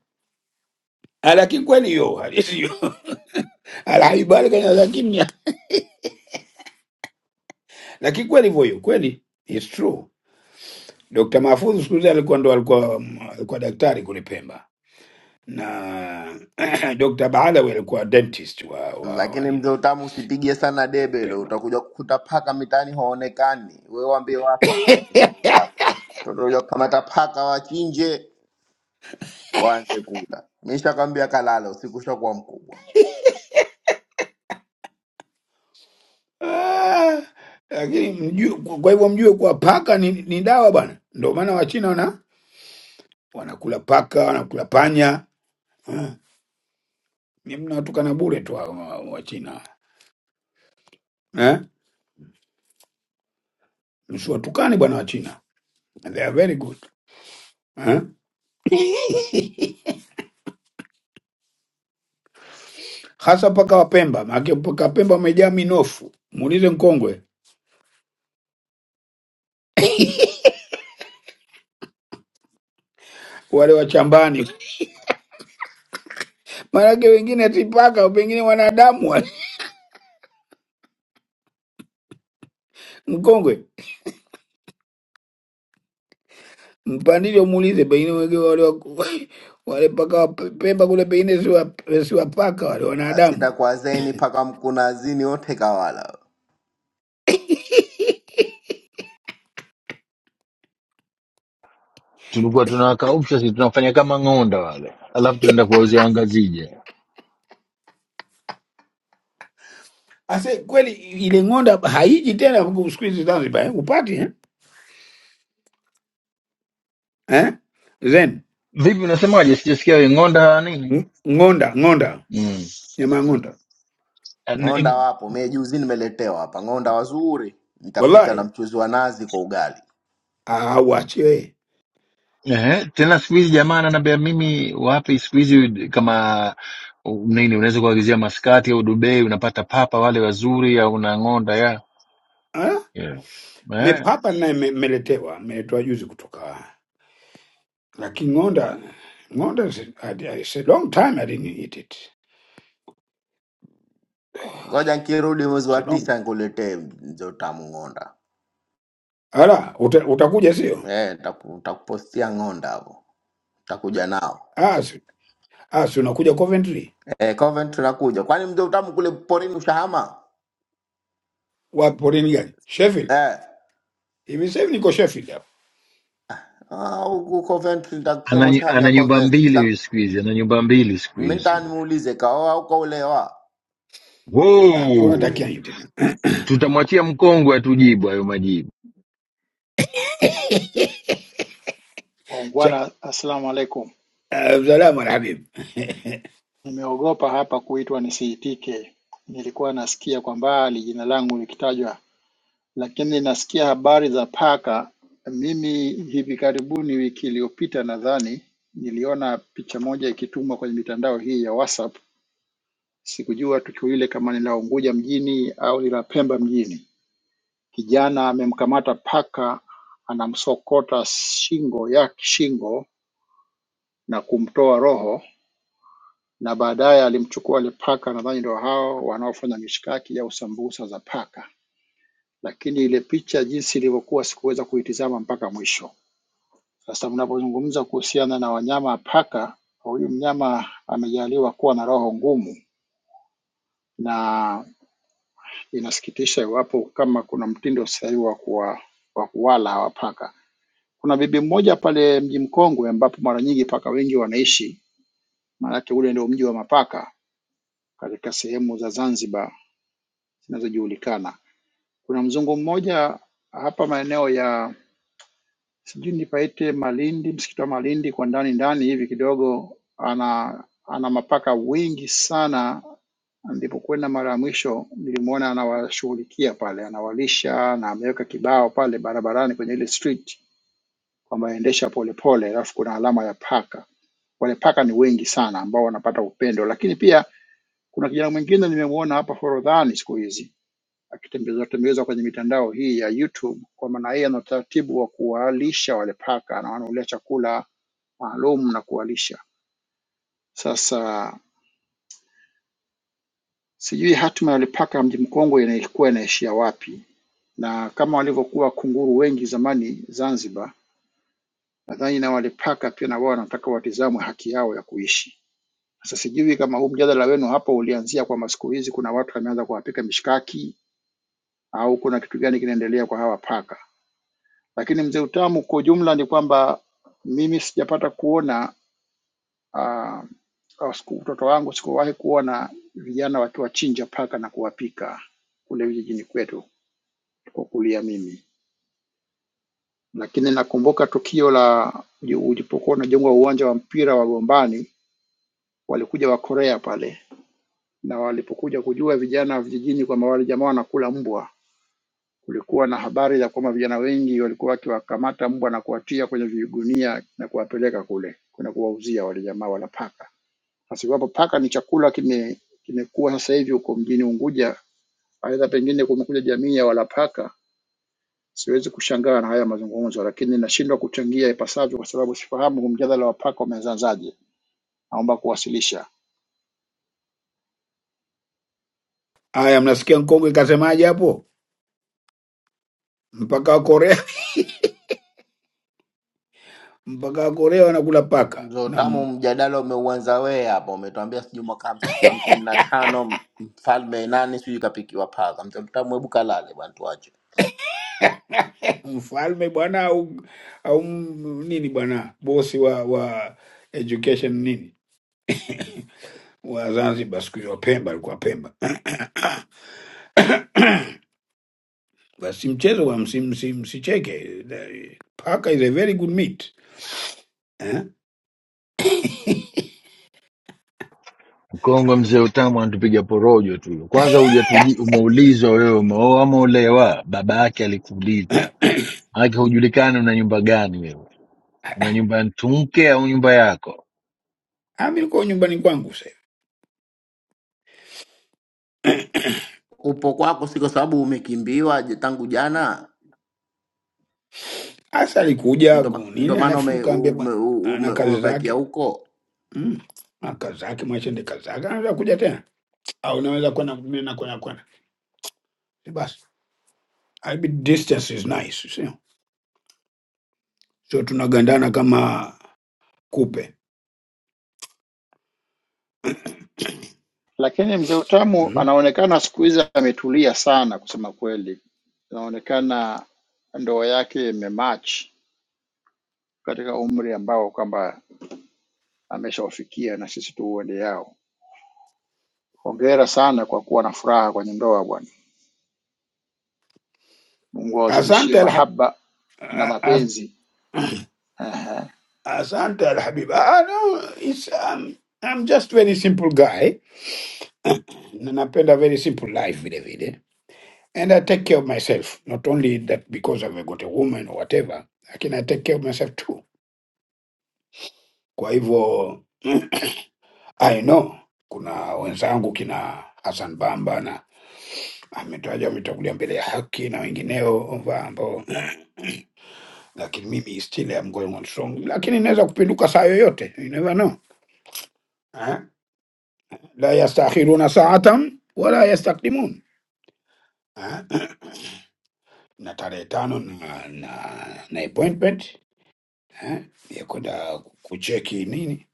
Speaker 10: lakini kweli hiyo halisi hiyo alhabibu ali kanyamaza kimya lakini kweli hivyo hiyo kweli it's true Dr. Mahfouz siku hizi alikuwa ndo alikuwa alikuwa daktari kule Pemba na Dr. Baalawi alikuwa dentist wa wa, wa
Speaker 8: lakini mzee
Speaker 10: nini
Speaker 8: utamu usipigie sana debe hilo utakuja kukuta paka mitaani haonekani wewe waambie watu tu ushauri wako utakuja kukamata paka wachinje waanze kula. Mishakwambia kalala, usiku ushakuwa mkubwa,
Speaker 10: Ah, lakini mjue, kwa hivyo mjue kuwa paka ni, ni dawa bwana. Ndio maana Wachina wana wanakula paka, wanakula panya. Ah, Ni mnawatukana bure tu hawa wa- Wachina eh? Msiwatukane bwana Wachina, they are very good eh? Hasa paka wa Pemba, maanake paka wa Pemba wamejaa minofu. Muulize mkongwe wale wa chambani, maanake wengine si paka, pengine wanadamu wale. mkongwe Mpandishe umuulize, pengine wengine wale wa- wale paka wa Pemba kule, pengine si wa- si wa paka wale
Speaker 8: basi
Speaker 10: wanadamu.
Speaker 8: takwazeni mpaka mkunazini wote kawala.
Speaker 11: Tulikuwa tunawakausha sisi, tunafanya kama ng'onda wale, alafu tunaenda kuwauzia wangazije.
Speaker 10: Ase kweli ile ng'onda haiji tena huku siku hizi Zanzibar, eh? Upati eh? Eh? Zen
Speaker 11: Vipi, unasemaje? Sijasikia wewe ng'onda hawa nini?
Speaker 10: ng- ng'onda ng'onda,
Speaker 11: mm.
Speaker 10: nyama ya ng'onda
Speaker 11: An-
Speaker 8: Ng'onda
Speaker 11: in-
Speaker 8: wapo, mie juzi nimeletewa hapa ng'onda wazuri, nikapika na
Speaker 10: wallahi
Speaker 8: mchuzi wa nazi kwa ugali.
Speaker 10: auachiwe.
Speaker 11: Ehe, tena siku hizi jamaa ananiambia mimi wapi, siku hizi kama u- nini, unaweza kuagizia maskati au Dubai, unapata papa wale wazuri, au una ng'onda ya
Speaker 10: Ah,
Speaker 11: yeah. Eh,
Speaker 10: mepapa naye me- meletewa, meletewa juzi kutoka, lakini ng'onda ng'onda is- I- I- it's a long time I didn't eat it.
Speaker 8: Ngoja nkirudi mwezi
Speaker 10: It's
Speaker 8: wa
Speaker 10: a long.
Speaker 8: tisa nikuletee mzo tamu ng'onda.
Speaker 10: Ala, uta, utakuja sio?
Speaker 8: Eh, taku- takupostia ng'onda hapo, takuja nao
Speaker 10: Ah, si, ah, si unakuja Coventry.
Speaker 8: eh, Coventry nakuja. Kwani mzo utamu kule porini ushahama
Speaker 10: Wa porini gani? Sheffield.
Speaker 8: eh?
Speaker 10: Hivi sasa hivi niko Sheffield hapo.
Speaker 8: Ah, huku Coventry nitakusema
Speaker 11: ana,
Speaker 8: ushahamia
Speaker 11: ana nyumba
Speaker 8: Coventry.
Speaker 11: mbili
Speaker 8: Sa-
Speaker 11: huyu siku hizi, ana nyumba mbili siku
Speaker 8: Mimi
Speaker 11: hizi
Speaker 8: nitaka nimuulize kaoa au kaolewa?
Speaker 10: Ah, wewe unatakia
Speaker 11: Wow.
Speaker 10: nini tena?
Speaker 11: Tutamwachia mkongwe atujibu hayo majibu.
Speaker 10: Cha
Speaker 12: Waungwana assalamu alaikum
Speaker 10: uh, salama na habibi.
Speaker 12: nimeogopa hapa kuitwa nisiitike nilikuwa nasikia kwa mbali jina langu likitajwa lakini nasikia habari za paka mimi hivi karibuni wiki iliyopita nadhani niliona picha moja ikitumwa kwenye mitandao hii ya WhatsApp sikujua tukio ile kama ni la Unguja mjini au ni la Pemba mjini kijana amemkamata paka anamsokota shingo ya shingo na kumtoa roho na baadaye alimchukua wale paka, nadhani ndio hao wanaofanya mishkaki au sambusa za paka. Lakini ile picha jinsi ilivyokuwa sikuweza kuitizama mpaka mwisho. Sasa mnapozungumza kuhusiana na wanyama paka, huyu mnyama amejaliwa kuwa na roho ngumu, na inasikitisha iwapo kama kuna mtindo sasa hivi wa kuwa wa kuwala hawa paka. Kuna bibi mmoja pale Mji Mkongwe ambapo mara nyingi paka wengi wanaishi, maanake ule ndio mji wa mapaka katika sehemu za Zanzibar zinazojulikana Kuna mzungu mmoja hapa maeneo ya sijui nipaite Malindi, msikiti wa Malindi kwa ndani ndani hivi kidogo, ana ana mapaka wengi sana. Nilipokwenda mara ya mwisho nilimwona anawashughulikia pale, anawalisha na ameweka kibao pale barabarani kwenye ile street kwamba endesha polepole, alafu kuna alama ya paka. Wale paka ni wengi sana ambao wanapata upendo, lakini pia kuna kijana mwingine nimemwona hapa Forodhani siku hizi akitembezwatembezwa kwenye mitandao hii ya YouTube, kwa maana yeye ana utaratibu wa kuwalisha wale paka na wanaolia chakula maalum na kuwalisha. Sasa sijui hatima ya wale paka mji mkongwe inaikuwa inaishia wapi, na kama walivyokuwa kunguru wengi zamani Zanzibar, nadhani na wale paka pia na wao wanataka watizamwe haki yao ya kuishi. Sasa sijui kama huu mjadala wenu hapo ulianzia kwamba siku hizi kuna watu wameanza kuwapika mishkaki au kuna kitu gani kinaendelea kwa hawa paka. Lakini mzee Utamu, kwa ujumla ni kwamba mimi sijapata kuona ah, au siku- utoto wangu sikuwahi kuona vijana wakiwachinja paka na kuwapika kule vijijini kwetu tulikokulia mimi, lakini nakumbuka tukio la uji- ulipokuwa unajengwa uwanja wa mpira wa Gombani, walikuja Wakorea pale, na walipokuja kujua vijana wa vijijini kwamba wale jamaa wanakula mbwa, Kulikuwa na habari za kwamba vijana wengi walikuwa wakiwakamata mbwa na kuwatia kwenye vigunia na kuwapeleka kule kwenda kuwauzia wale jamaa wala paka. Sasa iwapo paka ni chakula kime kimekuwa sasa hivi huko mjini Unguja, aidha pengine kumekuja jamii ya wala paka, siwezi kushangaa na haya mazungumzo, lakini nashindwa kuchangia ipasavyo kwa sababu sifahamu huu mjadala wa paka umeanzaje. Naomba kuwasilisha.
Speaker 10: Haya, mnasikia mkongwe kasemaje hapo? Mpaka wa Korea, mpaka wa Korea wanakula paka
Speaker 8: Ndo
Speaker 10: na
Speaker 8: tamu
Speaker 10: mbwa.
Speaker 8: mjadala umeuanza wewe hapa, umetuambia sijui mwaka hams- hamsini na tano mfalme nani sijui kapikiwa paka. Mzee Tamu, hebu kalale bwana, tuache
Speaker 10: mfalme bwana au au m- nini bwana bosi wa wa education nini wa Zanzibar siku hiyo Pemba, alikuwa Pemba. Basi mchezo wa msi, msi, msicheke. Eh, Paka is a very good meat. Eh?
Speaker 11: Mkongwe mzee utamu anatupiga porojo tu. Kwanza hujatuji umeulizwa wewe umeoa ama olewa, baba yake alikuuliza. Maanake hujulikani una nyumba gani wewe, una nyumba ya mtumke au nyumba yako?
Speaker 10: Ah, mimi niko nyumbani kwangu sasa.
Speaker 8: upo kwako, si kwa sababu umekimbiwa je- tangu jana,
Speaker 10: Hasa alikuja
Speaker 8: ndo ma- ndo
Speaker 10: Agunini,
Speaker 8: maana
Speaker 10: alafu
Speaker 8: ume,
Speaker 10: nikaambia
Speaker 8: ume,
Speaker 10: bwana ana
Speaker 8: ume,
Speaker 10: kazi
Speaker 8: umebakia
Speaker 10: zake
Speaker 8: huko
Speaker 10: mm. Ana kazi zake, mwachende kazi zake, anaweza kuja tena au naweza kwenda mimi na kwenda kwenda Si basi. I mean, distance is nice, sio sio tunagandana kama kupe
Speaker 12: Lakini mzee Utamu
Speaker 10: mm.
Speaker 12: anaonekana siku hizi ametulia sana, kusema kweli, anaonekana ndoa yake imematch katika umri ambao kwamba ameshaufikia na sisi tuuende yao. Hongera sana kwa kuwa na furaha kwenye ndoa bwana. Mungu awazidishie
Speaker 10: Asante alhab
Speaker 12: mahaba na
Speaker 10: a- a-
Speaker 12: mapenzi. Ehe.
Speaker 10: asante alhabib. Ah, ah, no, it's, um, I'm just very simple guy na napenda very simple life vile vile and I take care of myself not only that because I've got a woman or whatever lakini I take care of myself too Kwa hivyo I know kuna wenzangu kina Hassan Bamba na Ahmed Rajab ametangulia mbele ya haki na wengineo wa ambao, lakini mimi still am going on strong, lakini inaweza kupinduka saa yoyote, you never know eh? la yastakhiruna saatan wala yastakdimun eh? na tarehe tano na, na, na appointment eh? ya kwenda kucheki nini,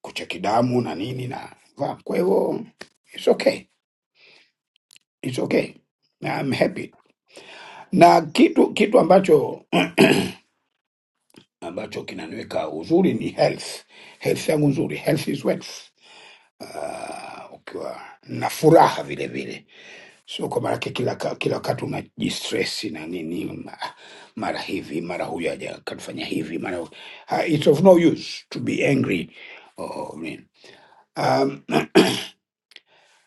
Speaker 10: kucheki damu na nini na va. kwa hivyo it's okay, it's okay, I'm happy na kitu kitu ambacho ambacho kinaniweka uzuri ni health health yangu nzuri health is wealth uh, ukiwa na furaha vile vile sio kwa maanake kila ka- kila wakati unajistresi na nini ma- mara hivi mara huyu aja katufanya hivi mara uh, it's of no use to be angry or, um,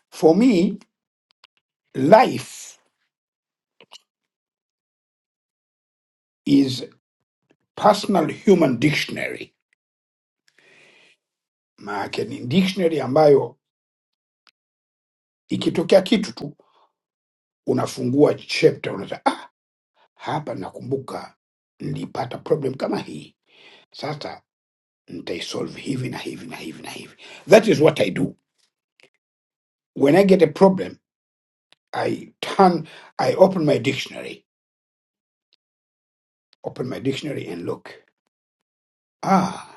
Speaker 10: for me life is personal human dictionary maanake ni dictionary ambayo ikitokea kitu tu unafungua chapter unasema ah, hapa nakumbuka nilipata problem kama hii sasa nitaisolve hivi na hivi na hivi na hivi that is what i do when i get a problem i turn i open my dictionary open my dictionary and look ah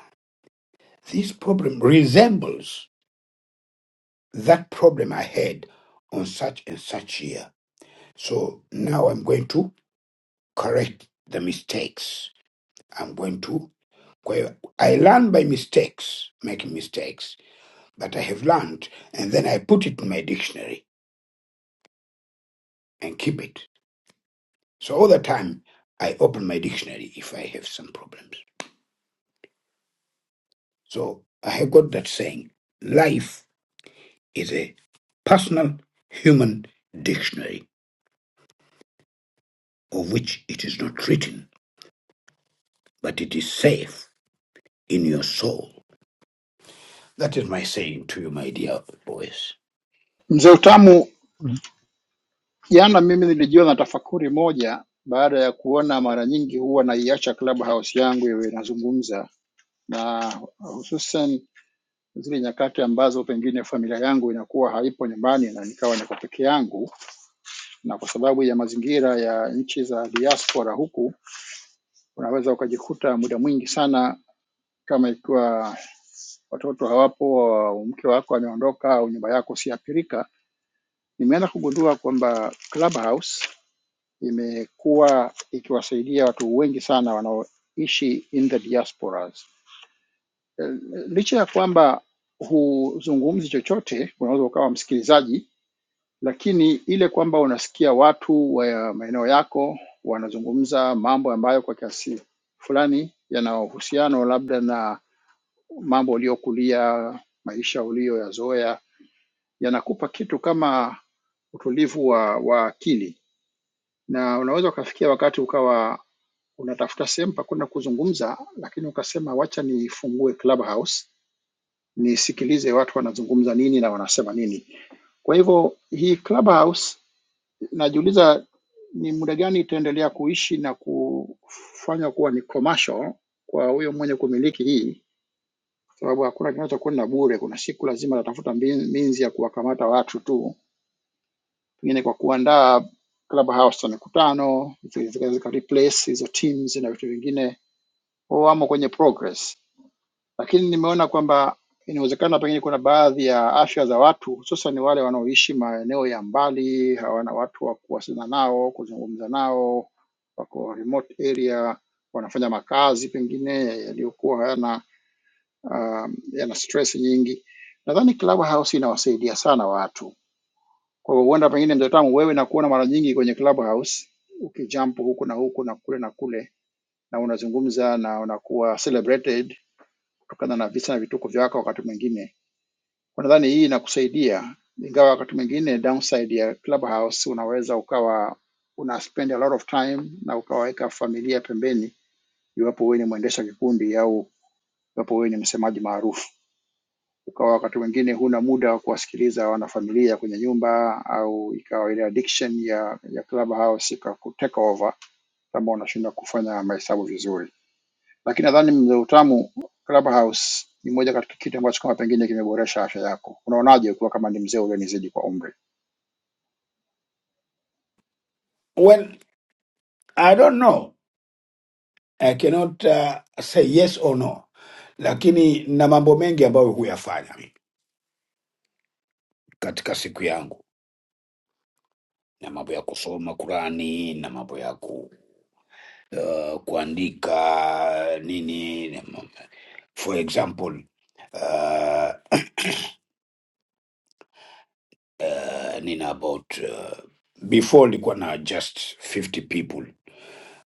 Speaker 10: this problem resembles that problem i had on such and such year so now i'm going to correct the mistakes i'm going to kwa hiyo i learn by mistakes making mistakes that I have learned, and then I put it in my dictionary and keep it. So all the time, I open my dictionary if I have some problems. So I have got that saying life is a personal human dictionary of which it is not written, but it is safe in your soul. That is my saying to you, my dear boys.
Speaker 12: Mzee Utamu, jana mimi nilijiwa na tafakuri moja baada ya kuona mara nyingi huwa naiacha clubhouse yangu iwe inazungumza, na hususan zile nyakati ambazo pengine familia yangu inakuwa haipo nyumbani na nikawa niko peke yangu, na kwa sababu ya mazingira ya nchi za diaspora huku unaweza ukajikuta muda mwingi sana kama ikiwa watoto hawapo au mke wako ameondoka au nyumba yako siathirika. Nimeanza kugundua kwamba Clubhouse imekuwa ikiwasaidia watu wengi sana wanaoishi in the diasporas. Eh, Licha ya kwamba huzungumzi chochote, unaweza ukawa msikilizaji lakini ile kwamba unasikia watu wa maeneo yako wanazungumza mambo ambayo kwa kiasi fulani yana uhusiano labda na mambo uliokulia, maisha uliyoyazoea, yanakupa kitu kama utulivu wa, wa akili, na unaweza ukafikia wakati ukawa unatafuta sehemu pa kwenda kuzungumza, lakini ukasema wacha nifungue Clubhouse nisikilize watu wanazungumza nini na wanasema nini. Kwa hivyo hii Clubhouse najiuliza ni muda gani itaendelea kuishi na kufanya kuwa ni commercial kwa huyo mwenye kumiliki hii, kwa sababu hakuna kinachokwenda bure. Kuna siku lazima atatafuta mbin- minzi ya kuwakamata watu tu, pengine kwa kuandaa clubhouse za mikutano, zika zika- zika replace hizo teams na vitu vingine, wao wamo kwenye progress lakini nimeona kwamba inawezekana pengine kuna baadhi ya afya za watu hususan wale wanaoishi maeneo ya mbali, hawana watu wa kuwasiliana nao, kuzungumza nao, wako remote area, wanafanya makazi pengine yaliyokuwa hayana um, yana stress nyingi. Nadhani Clubhouse inawasaidia sana watu. Kwa hiyo huenda pengine mzee Tamu, wewe nakuona mara nyingi kwenye Clubhouse ukijump huku na huku na kule na kule, na unazungumza na unakuwa celebrated kutokana na visa na vituko vyako wakati mwingine kwa nadhani hii inakusaidia, ingawa wakati mwingine downside ya Clubhouse unaweza ukawa una spend a lot of time na ukawaweka familia pembeni, iwapo wewe ni mwendesha kikundi au iwapo wewe ni msemaji maarufu, ukawa wakati mwingine huna muda wa kuwasikiliza wanafamilia kwenye nyumba, au ikawa ile addiction ya ya Clubhouse ikakuteka over kama unashindwa kufanya mahesabu vizuri lakini nadhani mzee utamu Clubhouse ni moja katika kitu ambacho kama pengine kimeboresha afya yako. Unaonaje ukiwa kama ni mzee ulionizidi kwa umri?
Speaker 10: Well, I don't know. I cannot uh, say yes or no, lakini na mambo mengi ambayo huyafanya katika siku yangu na mambo ya kusoma Qurani na mambo ya ku, uh, kuandika nini na ma- for example uh, uh, nina about uh, before nilikuwa na just 50 people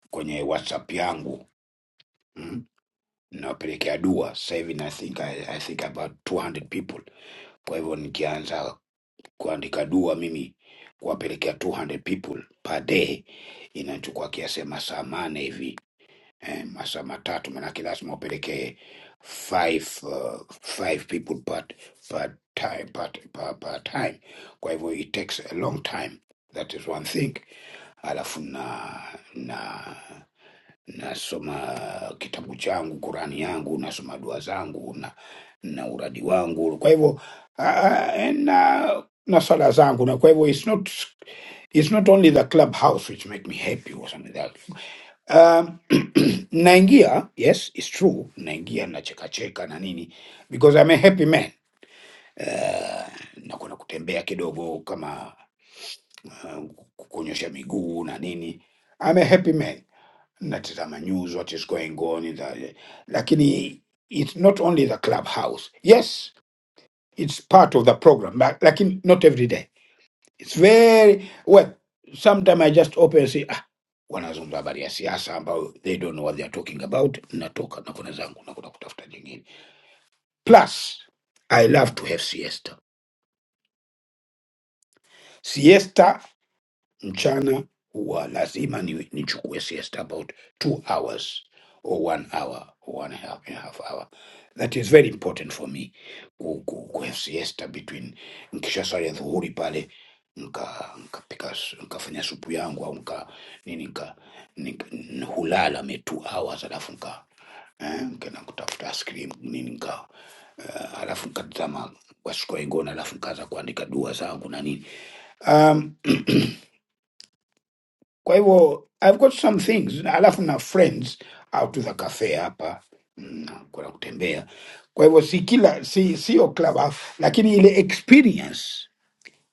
Speaker 10: kwenye whatsapp yangu mm? nawapelekea dua sasa hivi na think, I, I think about 200 people kwa hivyo nikianza kuandika dua mimi kuwapelekea 200 people per day inachukua kiasi ya masaa mane hivi eh, masaa matatu, manake lazima upelekee five, uh, five people per, per time, per, per, per time. Kwa hivyo it takes a long time, that is one thing. Alafu na na nasoma kitabu changu, Kurani yangu, nasoma dua zangu na na uradi wangu, kwa hivyo uh, na na sala zangu, na kwa hivyo it's not it's not only the clubhouse which make me happy or something like that um, naingia yes it's true naingia nachekacheka na nini because I'm a happy man uh, nakwenda kutembea kidogo kama uh, kunyosha miguu na nini I'm a happy man natazama news what is going on in the, lakini it's not only the clubhouse yes it's part of the program but, lakini not every day it's very well sometimes I just open and say wanazungumza habari ya siasa ambayo they don't know what they are talking about. Natoka na kuna zangu na kuna kutafuta jingine. Plus I love to have siesta. Siesta mchana huwa lazima ni, nichukue siesta about two hours or one hour or one and a half, and a half hour that is very important for me ku, ku, ku have siesta between nkisha sali ya dhuhuri pale nka nkapika s- nkafanya supu yangu au nka nini nka, nika, hulala me two hours alafu nka eh, nkena kutafuta ice cream nini nka uh, alafu nkatazama what's going on alafu nkaanza kuandika dua zangu na nini Um, kwa hivyo I've got some things, Na alafu na friends out to the cafe hapa mm, na kuna kutembea. Kwa hivyo si kila si sio club, lakini ile experience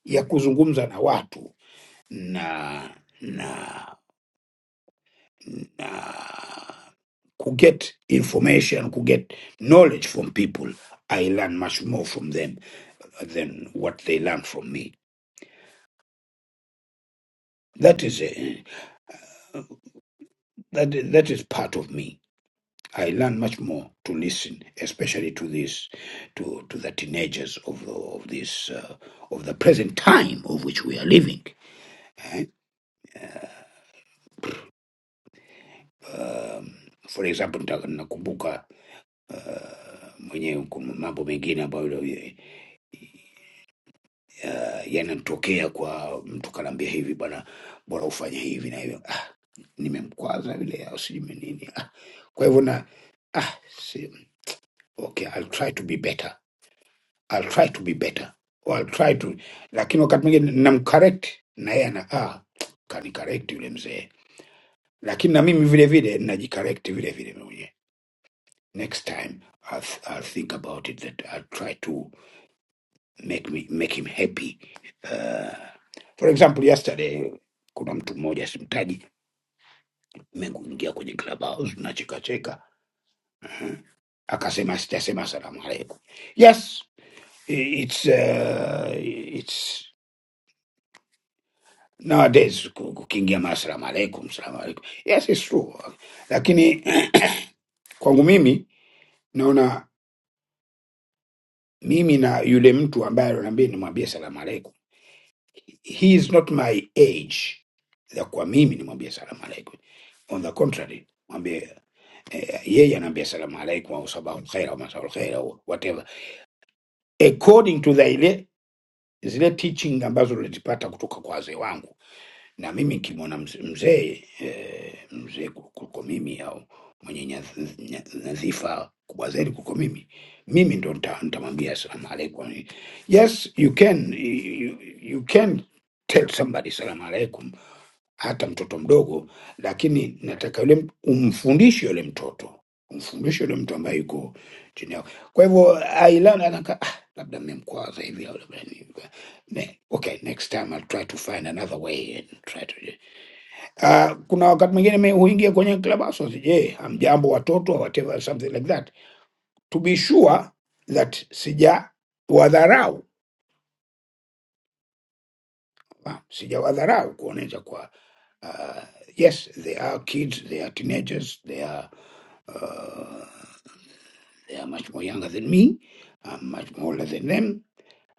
Speaker 10: ya kuzungumza na watu na na na kuget information kuget knowledge from people I learn much more from them than what they learn from me. That is a, that, that is part of me. I learn much more to listen, especially to this, to, to the teenagers of the, of this uh, of the present time of which we are living. Um, For example, nita- nakumbuka uh, mwenyewe kuna mambo mengine ambayo uh, yanatokea kwa mtu kanaambia hivi bwana, bora ufanye hivi na hivyo. Ah, nimemkwaza vile au sijui nini. Ah, kwa hivyo na si, okay, I'll try to be better I'll try to be better or I'll try to, lakini wakati mwingine namcorrect na yeye ana ah, kanicorrect yule mzee, lakini na mimi vile vile najicorrect vile vile mimi mwenyewe. Next time I'll, th- I'll think about it that I'll try to make me make him happy. Uh, for example yesterday kuna mtu mmoja simtaji, nimeingia kwenye clubhouse tunacheka cheka, akasema sitasema salamu aleikum. Yes, it's uh, it's nowadays ku- kukiingia mara salamu alaikum salamu alaikum yes it's true lakini kwangu mimi naona mimi na yule mtu ambaye ananiambia nimwambie salamu alaikum he is not my age ya kwa mimi nimwambie salamu alaikum on the contrary mwambie eh, yeye anaambia salamu alaikum au sabahu lkhair au masahu lkhair au whatever according to the ile zile teaching ambazo nilizipata kutoka kwa wazee wangu na mimi nikimwona mz- mzee eh, mzee ku- kuliko mimi au mwenye nyadh- nya- nyadhifa kubwa zaidi kuliko mimi, mimi ndo nita- nitamwambia salamu alaikum. Yes, you can you, you you can tell somebody salamu alaikum hata mtoto mdogo, lakini nataka yule m- umfundishe yule mtoto, umfundishe yule mtu ambaye yuko chini yako. Kwa hivyo Ailana anaka ah, labda mmemkwaza hivi au labda ni ne, okay, next time I'll try to find another way and try to uh, kuna wakati mwingine mimi huingia kwenye club house je, yeah, hamjambo watoto or whatever something like that to be sure that sija wadharau ah, sija wadharau kuonesha kwa uh, yes they are kids they are teenagers they are Uh, they are much more younger than me. I'm much more older than them.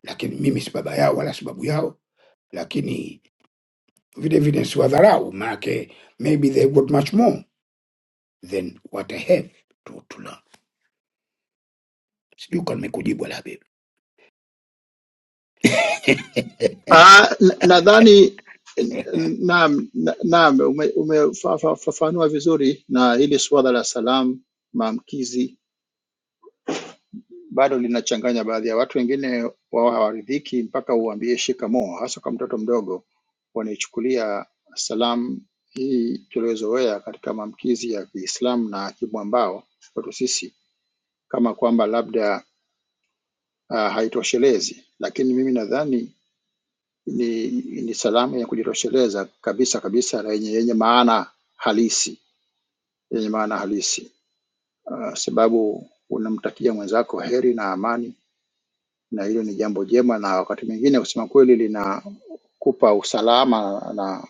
Speaker 10: Lakini mimi si baba yao wala si babu yao, lakini vile vile siwadharau, maanake maybe they got much more than what I have to, to learn. Sijui kama nimekujibu la bibi.
Speaker 12: Ah, na- nadhani naam, na- naam umefafanua vizuri, na hili suala la salamu maamkizi bado linachanganya baadhi ya watu. Wengine wao hawaridhiki mpaka uambie shikamoo, hasa kwa mtoto mdogo. Wanaichukulia salamu hii tuliozoea katika maamkizi ya Kiislamu na kimwambao kwetu sisi kama kwamba labda uh, haitoshelezi, lakini mimi nadhani ni, ni salamu ya kujitosheleza kabisa kabisa na yenye, yenye maana halisi yenye maana halisi uh, sababu unamtakia mwenzako heri na amani, na hilo ni jambo jema, na wakati mwingine kusema kweli linakupa usalama na,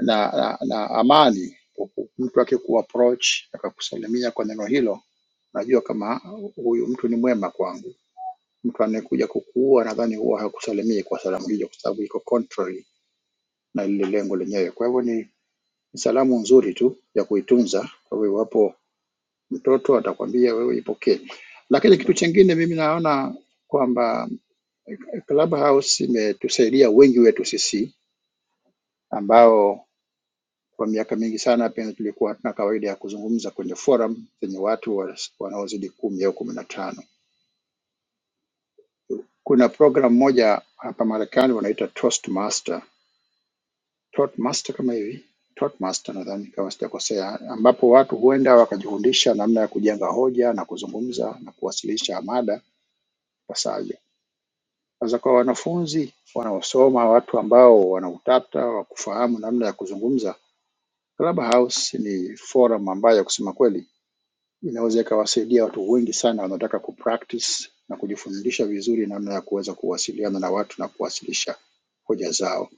Speaker 12: na, na, na amani. Mtu akikuapproach akakusalimia kwa neno hilo, najua kama huyu mtu ni mwema kwangu mtu anayekuja kukuua nadhani huwa hakusalimii kwa salamu hiyo, kwa sababu iko contrary na lile lengo lenyewe. Kwa hivyo ni ni salamu nzuri tu ya kuitunza. Kwa hivyo iwapo mtoto atakwambia wewe, ipokee. Lakini kitu chingine mimi naona kwamba eh, Clubhouse imetusaidia wengi wetu sisi ambao kwa miaka mingi sana pia tulikuwa hatuna kawaida ya kuzungumza kwenye forum zenye watu wa- wanaozidi kumi au kumi na tano. Kuna program moja hapa Marekani wanaita Toastmaster Toastmaster kama hivi, Toastmaster nadhani kama sijakosea, ambapo watu huenda wakajifundisha namna ya kujenga hoja na kuzungumza na kuwasilisha mada ipasavyo. Sasa kwa wanafunzi wanaosoma, watu ambao wana utata wa kufahamu namna ya kuzungumza, Clubhouse ni forum ambayo kusema kweli inaweza ikawasaidia watu wengi sana wanaotaka kupractice na kujifundisha vizuri namna ya kuweza kuwasiliana na watu na kuwasilisha hoja zao.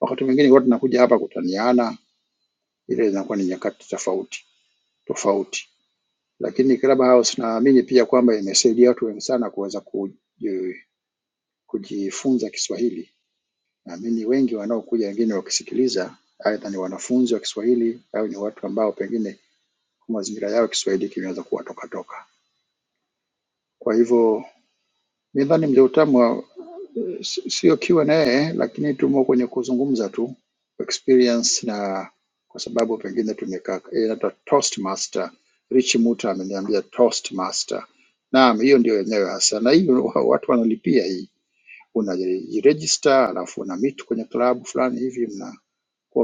Speaker 12: Wakati mwingine huwa tunakuja hapa kutaniana ile zinakuwa ni nyakati tofauti tofauti, lakini Clubhouse naamini pia kwamba imesaidia watu wengi sana kuweza kuji- kujifunza Kiswahili. Naamini wengi wanaokuja wengine wakisikiliza, aidha ni wanafunzi wa Kiswahili au ni watu ambao pengine mazingira yao Kiswahili kimeweza kuwatoka toka. Kwa hivyo midhani mja utamu si- sio Q&A, lakini tumo kwenye kuzungumza tu experience, na kwa sababu pengine tumekaa eh, inaitwa Toastmaster. Rich Muta ameniambia Toastmaster. Naam, hiyo ndio yenyewe hasa, na hiyo wa- watu wanalipia hii, unajiregister alafu una meet kwenye klabu fulani hivi, mnakuwa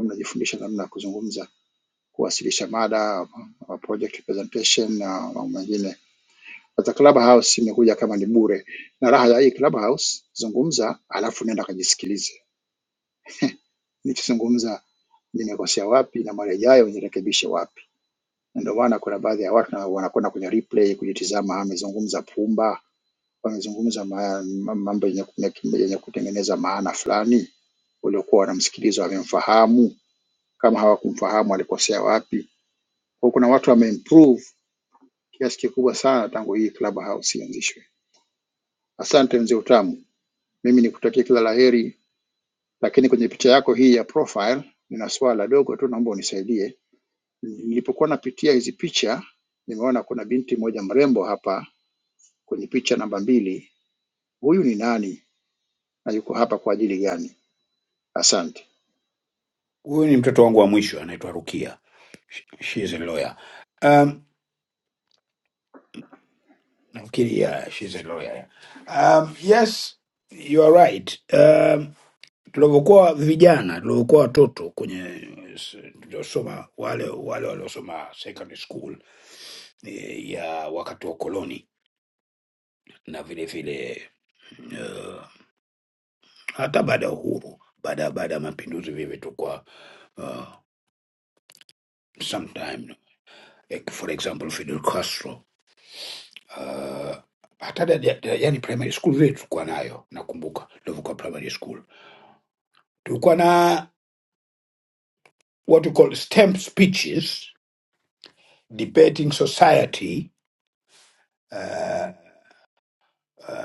Speaker 12: mnajifundisha namna ya kuzungumza, kuwasilisha mada, ma project presentation na mambo mengine. Sasa Clubhouse imekuja kama ni bure, na raha ya hii Clubhouse, zungumza alafu nenda kajisikilize nikizungumza nimekosea wapi na mara ijayo nirekebishe wapi. Na Ndio maana kuna baadhi ya watu na- wanakwenda kwenye replay kujitizama, amezungumza pumba, amezungumza ma- ma- mambo yenye, ku- yenye kutengeneza maana fulani, waliokuwa wanamsikiliza wamemfahamu, kama hawakumfahamu alikosea wapi. Kwa kuna watu wameimprove kiasi kikubwa sana tangu hii Clubhouse ianzishwe. Asante mzee Utamu, mimi nikutakia kila la heri, lakini kwenye picha yako hii ya profile nina swala dogo tu, naomba unisaidie Nilipokuwa napitia hizi picha, nimeona kuna binti mmoja mrembo hapa kwenye picha namba mbili. Huyu ni nani na yuko hapa kwa ajili gani? Asante,
Speaker 10: Huyu ni mtoto wangu wa mwisho anaitwa Rukia. She, she is a lawyer. Um, nafikiri yeah, she is a lawyer. Um, yes, you are right. Um, tulivyokuwa vijana tulivyokuwa watoto kwenye s- tuliosoma wale wale waliosoma secondary school eh, ya wakati wa koloni na vile vile uh, hata baada ya uhuru baada ya- baada ya mapinduzi vile tulikuwa uh, sometime like for example Fidel Castro uh, hata da- da- da- yani primary school vile tulikuwa nayo nakumbuka tulivyokuwa primary school tulikuwa na what we call stamp speeches debating society uh,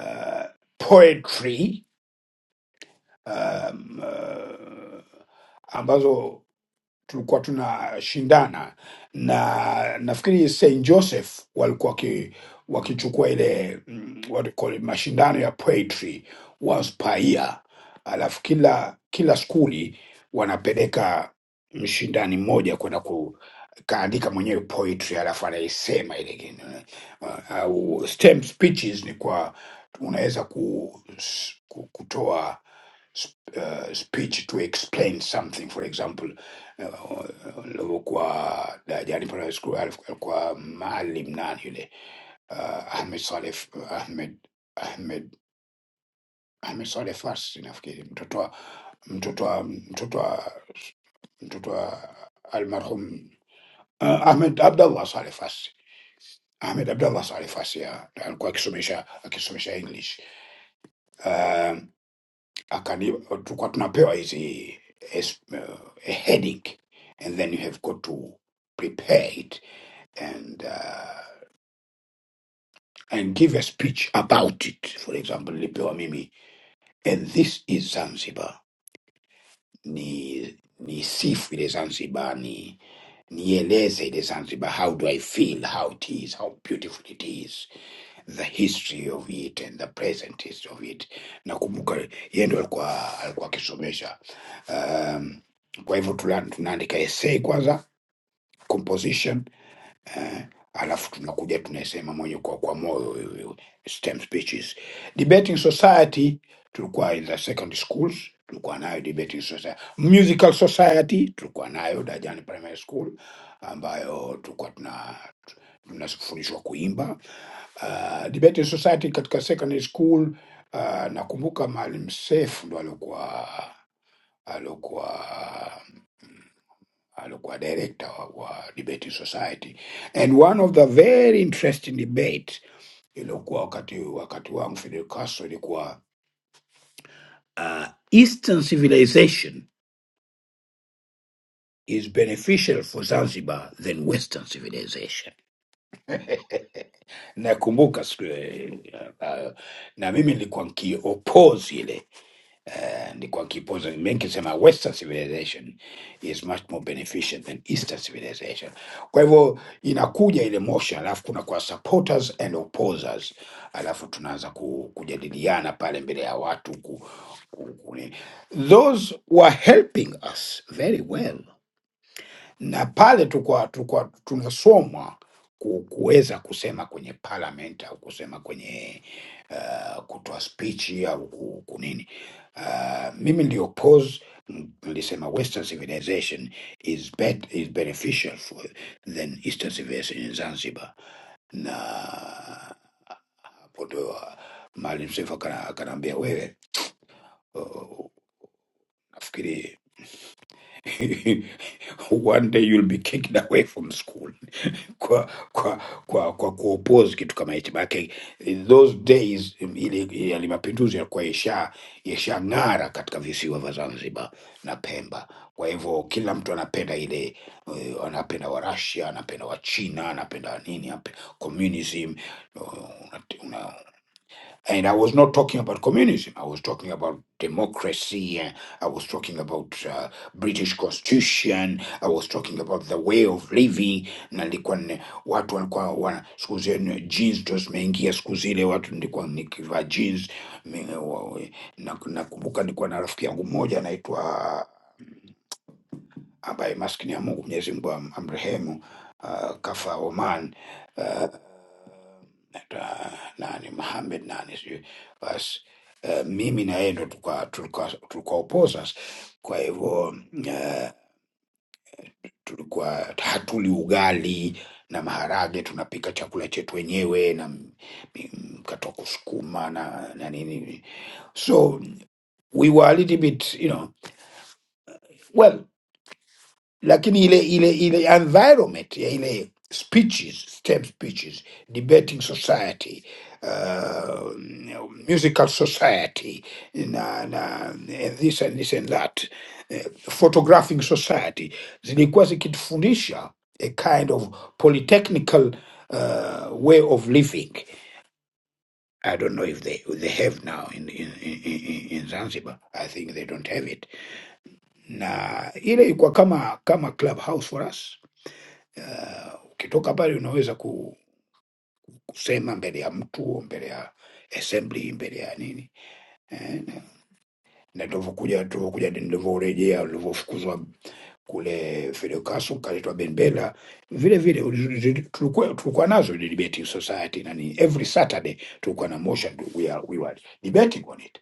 Speaker 10: uh, poetry um, uh, ambazo tulikuwa tunashindana na nafikiri St Joseph walikuwa waki, wakichukua ile mm, what do you call it, mashindano ya poetry once per year, alafu kila kila skuli wanapeleka mshindani mmoja kwenda ku kaandika mwenyewe poetry alafu anaisema ile kitu, eh, au stem speeches ni kwa unaweza ku, ku, kutoa sp- uh, speech to explain something for example uh, nilivyokuwa darajani pale siku alif- alikuwa maalim nani yule uh, ahmed saleh ahmed ahmed ahmed saleh fasi nafikiri mtoto wa mtoto wa mtoto wa mtoto wa almarhum uh, ahmed abdallah saleh fasi ahmed abdallah saleh fasi ya, alikuwa akisomesha akisomesha english Uh, akani tulikuwa tunapewa hizi es- uh, a headache and then you have got to prepare it and uh, and give a speech about it for example nilipewa mimi and this is zanzibar ni ni sifu ile zanzibar ni nieleze ile zanzibar how do i feel how it is how beautiful it is the history of it and the present history of it. Nakumbuka yeye ndo alikuwa alikuwa akisomesha. Um, kwa hivyo tula- tunaandika essay kwanza composition, alafu tunakuja tunasema mwenye kwa, kwa moyo hiyo stem speeches. Debating society tulikuwa in the secondary schools tulikuwa nayo debating society. Musical society tulikuwa nayo Dajani Primary School ambayo tulikuwa tuna tunafundishwa kuimba uh, debate society katika secondary school uh, nakumbuka Maalim Seif ndo alikuwa alikuwa alikuwa director wa, wa debate society and one of the very interesting debate iliokuwa wakati wakati wangu Fidel Castro ilikuwa uh, Eastern civilization is beneficial for Zanzibar than Western civilization. Nakumbuka siku hiyo, eh, uh, na mimi nilikuwa nkiopose ile ni kwa kipoza menkisema western civilization is much more beneficent than eastern civilization kwa hivyo inakuja ile motion alafu kuna kwa supporters and opposers alafu tunaanza ku, kujadiliana pale mbele ya watu ku, ku, ku, those were helping us very well na pale tukwa, tukwa tunasomwa ku- kuweza kusema kwenye parliament au kusema kwenye uh, kutoa spichi au ku- kunini. Uh, mimi ndio pose nilisema western civilization is, bet, is beneficial for, than eastern civilization in Zanzibar, na hapo ndio ah, Maalim Seif akana- akanaambia wewe, uh, nafikiri one day you'll be kicked away from school kwa kwa kwa kwa kuoppose kitu kama hichi maanake in those days mm, ile ile ya mapinduzi yalikuwa yasha yashang'ara katika visiwa vya Zanzibar na Pemba. Kwa hivyo kila mtu anapenda ile eh, anapenda wa Russia, anapenda wa China, anapenda wa nini, anape- communism And I was not talking about communism. I was talking about democracy. uh, I was talking about uh, British Constitution. I was talking about the way of living. Na nilikuwa ni- watu walikuwa wana siku zile jeans ndio zimeingia siku zile, watu nilikuwa nikivaa jeans. Mi- wa- we- na- Nakumbuka nilikuwa na rafiki yangu mmoja anaitwa ambaye maskini ya Mungu Mwenyezi Mungu am- amrehemu, ah, kafa Oman, ah, na- nani Mohamed nani sijui basi. Uh, mimi na yeye ndo tulikuwa tulikuwa tulikuwa opposers, kwa hivyo uh, tulikuwa hatuli ugali na maharage, tunapika chakula chetu wenyewe na m- mi- mkate wa kusukuma na na nini, so we were a little bit you know well lakini ile ile ile environment ya ile speeches stem speeches debating society uh, musical society na, na and this and this and that eh, photographing society zilikuwa zikitufundisha a kind of polytechnical uh, way of living I don't know if they they have now in, in, in, in in Zanzibar. I think they don't have it. Na ile ilikuwa kama kama clubhouse for us Uh, Ukitoka pale unaweza ku- kusema mbele ya mtu, mbele ya assembly, mbele ya nini eh, na na tulivyokuja tulivyokuja nilivyorejea ulivyofukuzwa kule Fidel Castro ukaletwa Benbela vile vile uli- zi- tulikuwa tulikuwa nazo ile debate society na ni every Saturday tulikuwa na motion we, are, we were debating on it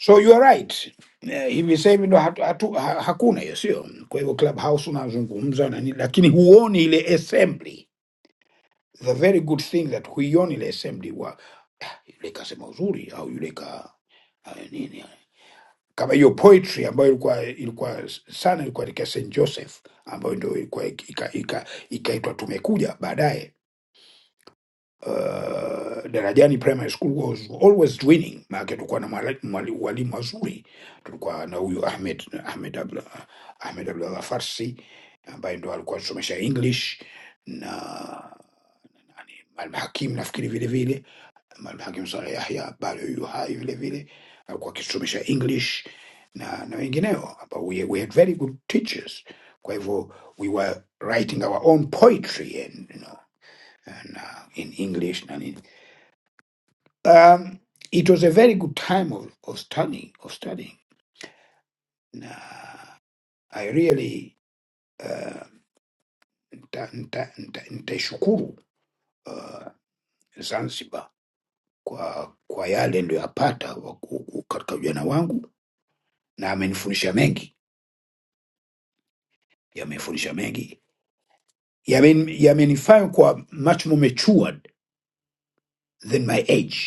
Speaker 10: so you are right Eh, hivi sasa hivi ndo hatu, hatu, ha, hakuna hiyo sio kwa hivyo clubhouse unazungumza na nini lakini huoni ile assembly the very good thing that huioni ile assembly wa yule kasema uzuri au yule ka eh, nini eh, kama hiyo poetry ambayo ilikuwa ilikuwa sana ilikuwa katika St Joseph ambayo ndio ilikuwa ik- ika- ika- ikaitwa tumekuja baadaye. Uh, Darajani Primary School was always winning, maana tulikuwa na mwala- mwali- walimu wazuri. Tulikuwa na huyu Ahmed Ahmed Abdullah Ahmed Abdullah Farsi ambaye ndo alikuwa anasomesha English na nani, Mwalimu Hakim nafikiri vile vile marehemu Hakim Saleh Yahya bado yu hai vile vile, alikuwa akisomesha English na na wengineo ambao we, we had very good teachers. Kwa hivyo we were writing our own poetry and you know and, uh, in English na nini. Um, it was a very good time of, of studying of studying na I really uh, nta- nta- nta- nitaishukuru uh, Zanzibar kwa kwa yale niliyoyapata wa- ku- ku- katika ujana wangu na amenifundisha mengi yamenifundisha mengi Yamen- yamenifanya kuwa much more matured than my age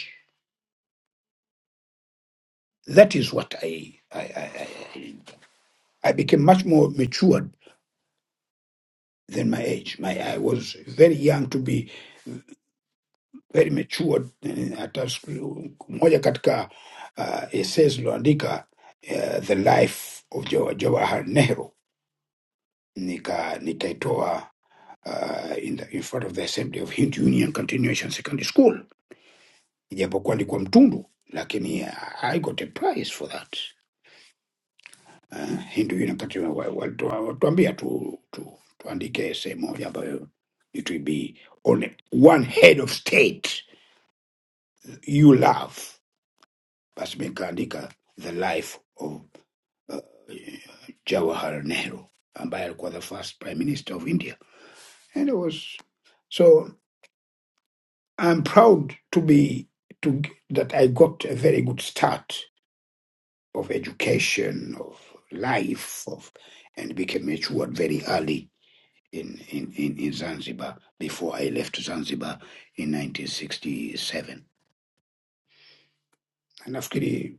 Speaker 10: that is what I, I, I, I, I became much more matured than my age my, I was very young to be very matured Eh, hata siku moja katika uh, essays iliyoandika uh, the life of Jawa- Jawahar Nehru nika nikaitoa uh, in, the, in front of the assembly of Hindu Union Continuation Secondary School ijapokuwa alikuwa mtundu, lakini ah, I got a prize for that. Uh, hii ndio inapatiwa wa- walitu- walituambia tu, tu tuandike sehemu moja ambayo it will be on one head of state you love. Basi nikaandika the life of uh, Jawahar Nehru ambaye alikuwa the first prime minister of India and it was so I'm proud to be to g- that I got a very good start of education, of life, of, and became matured very early in, in, in, in Zanzibar before I left Zanzibar in 1967. Na Nafikiri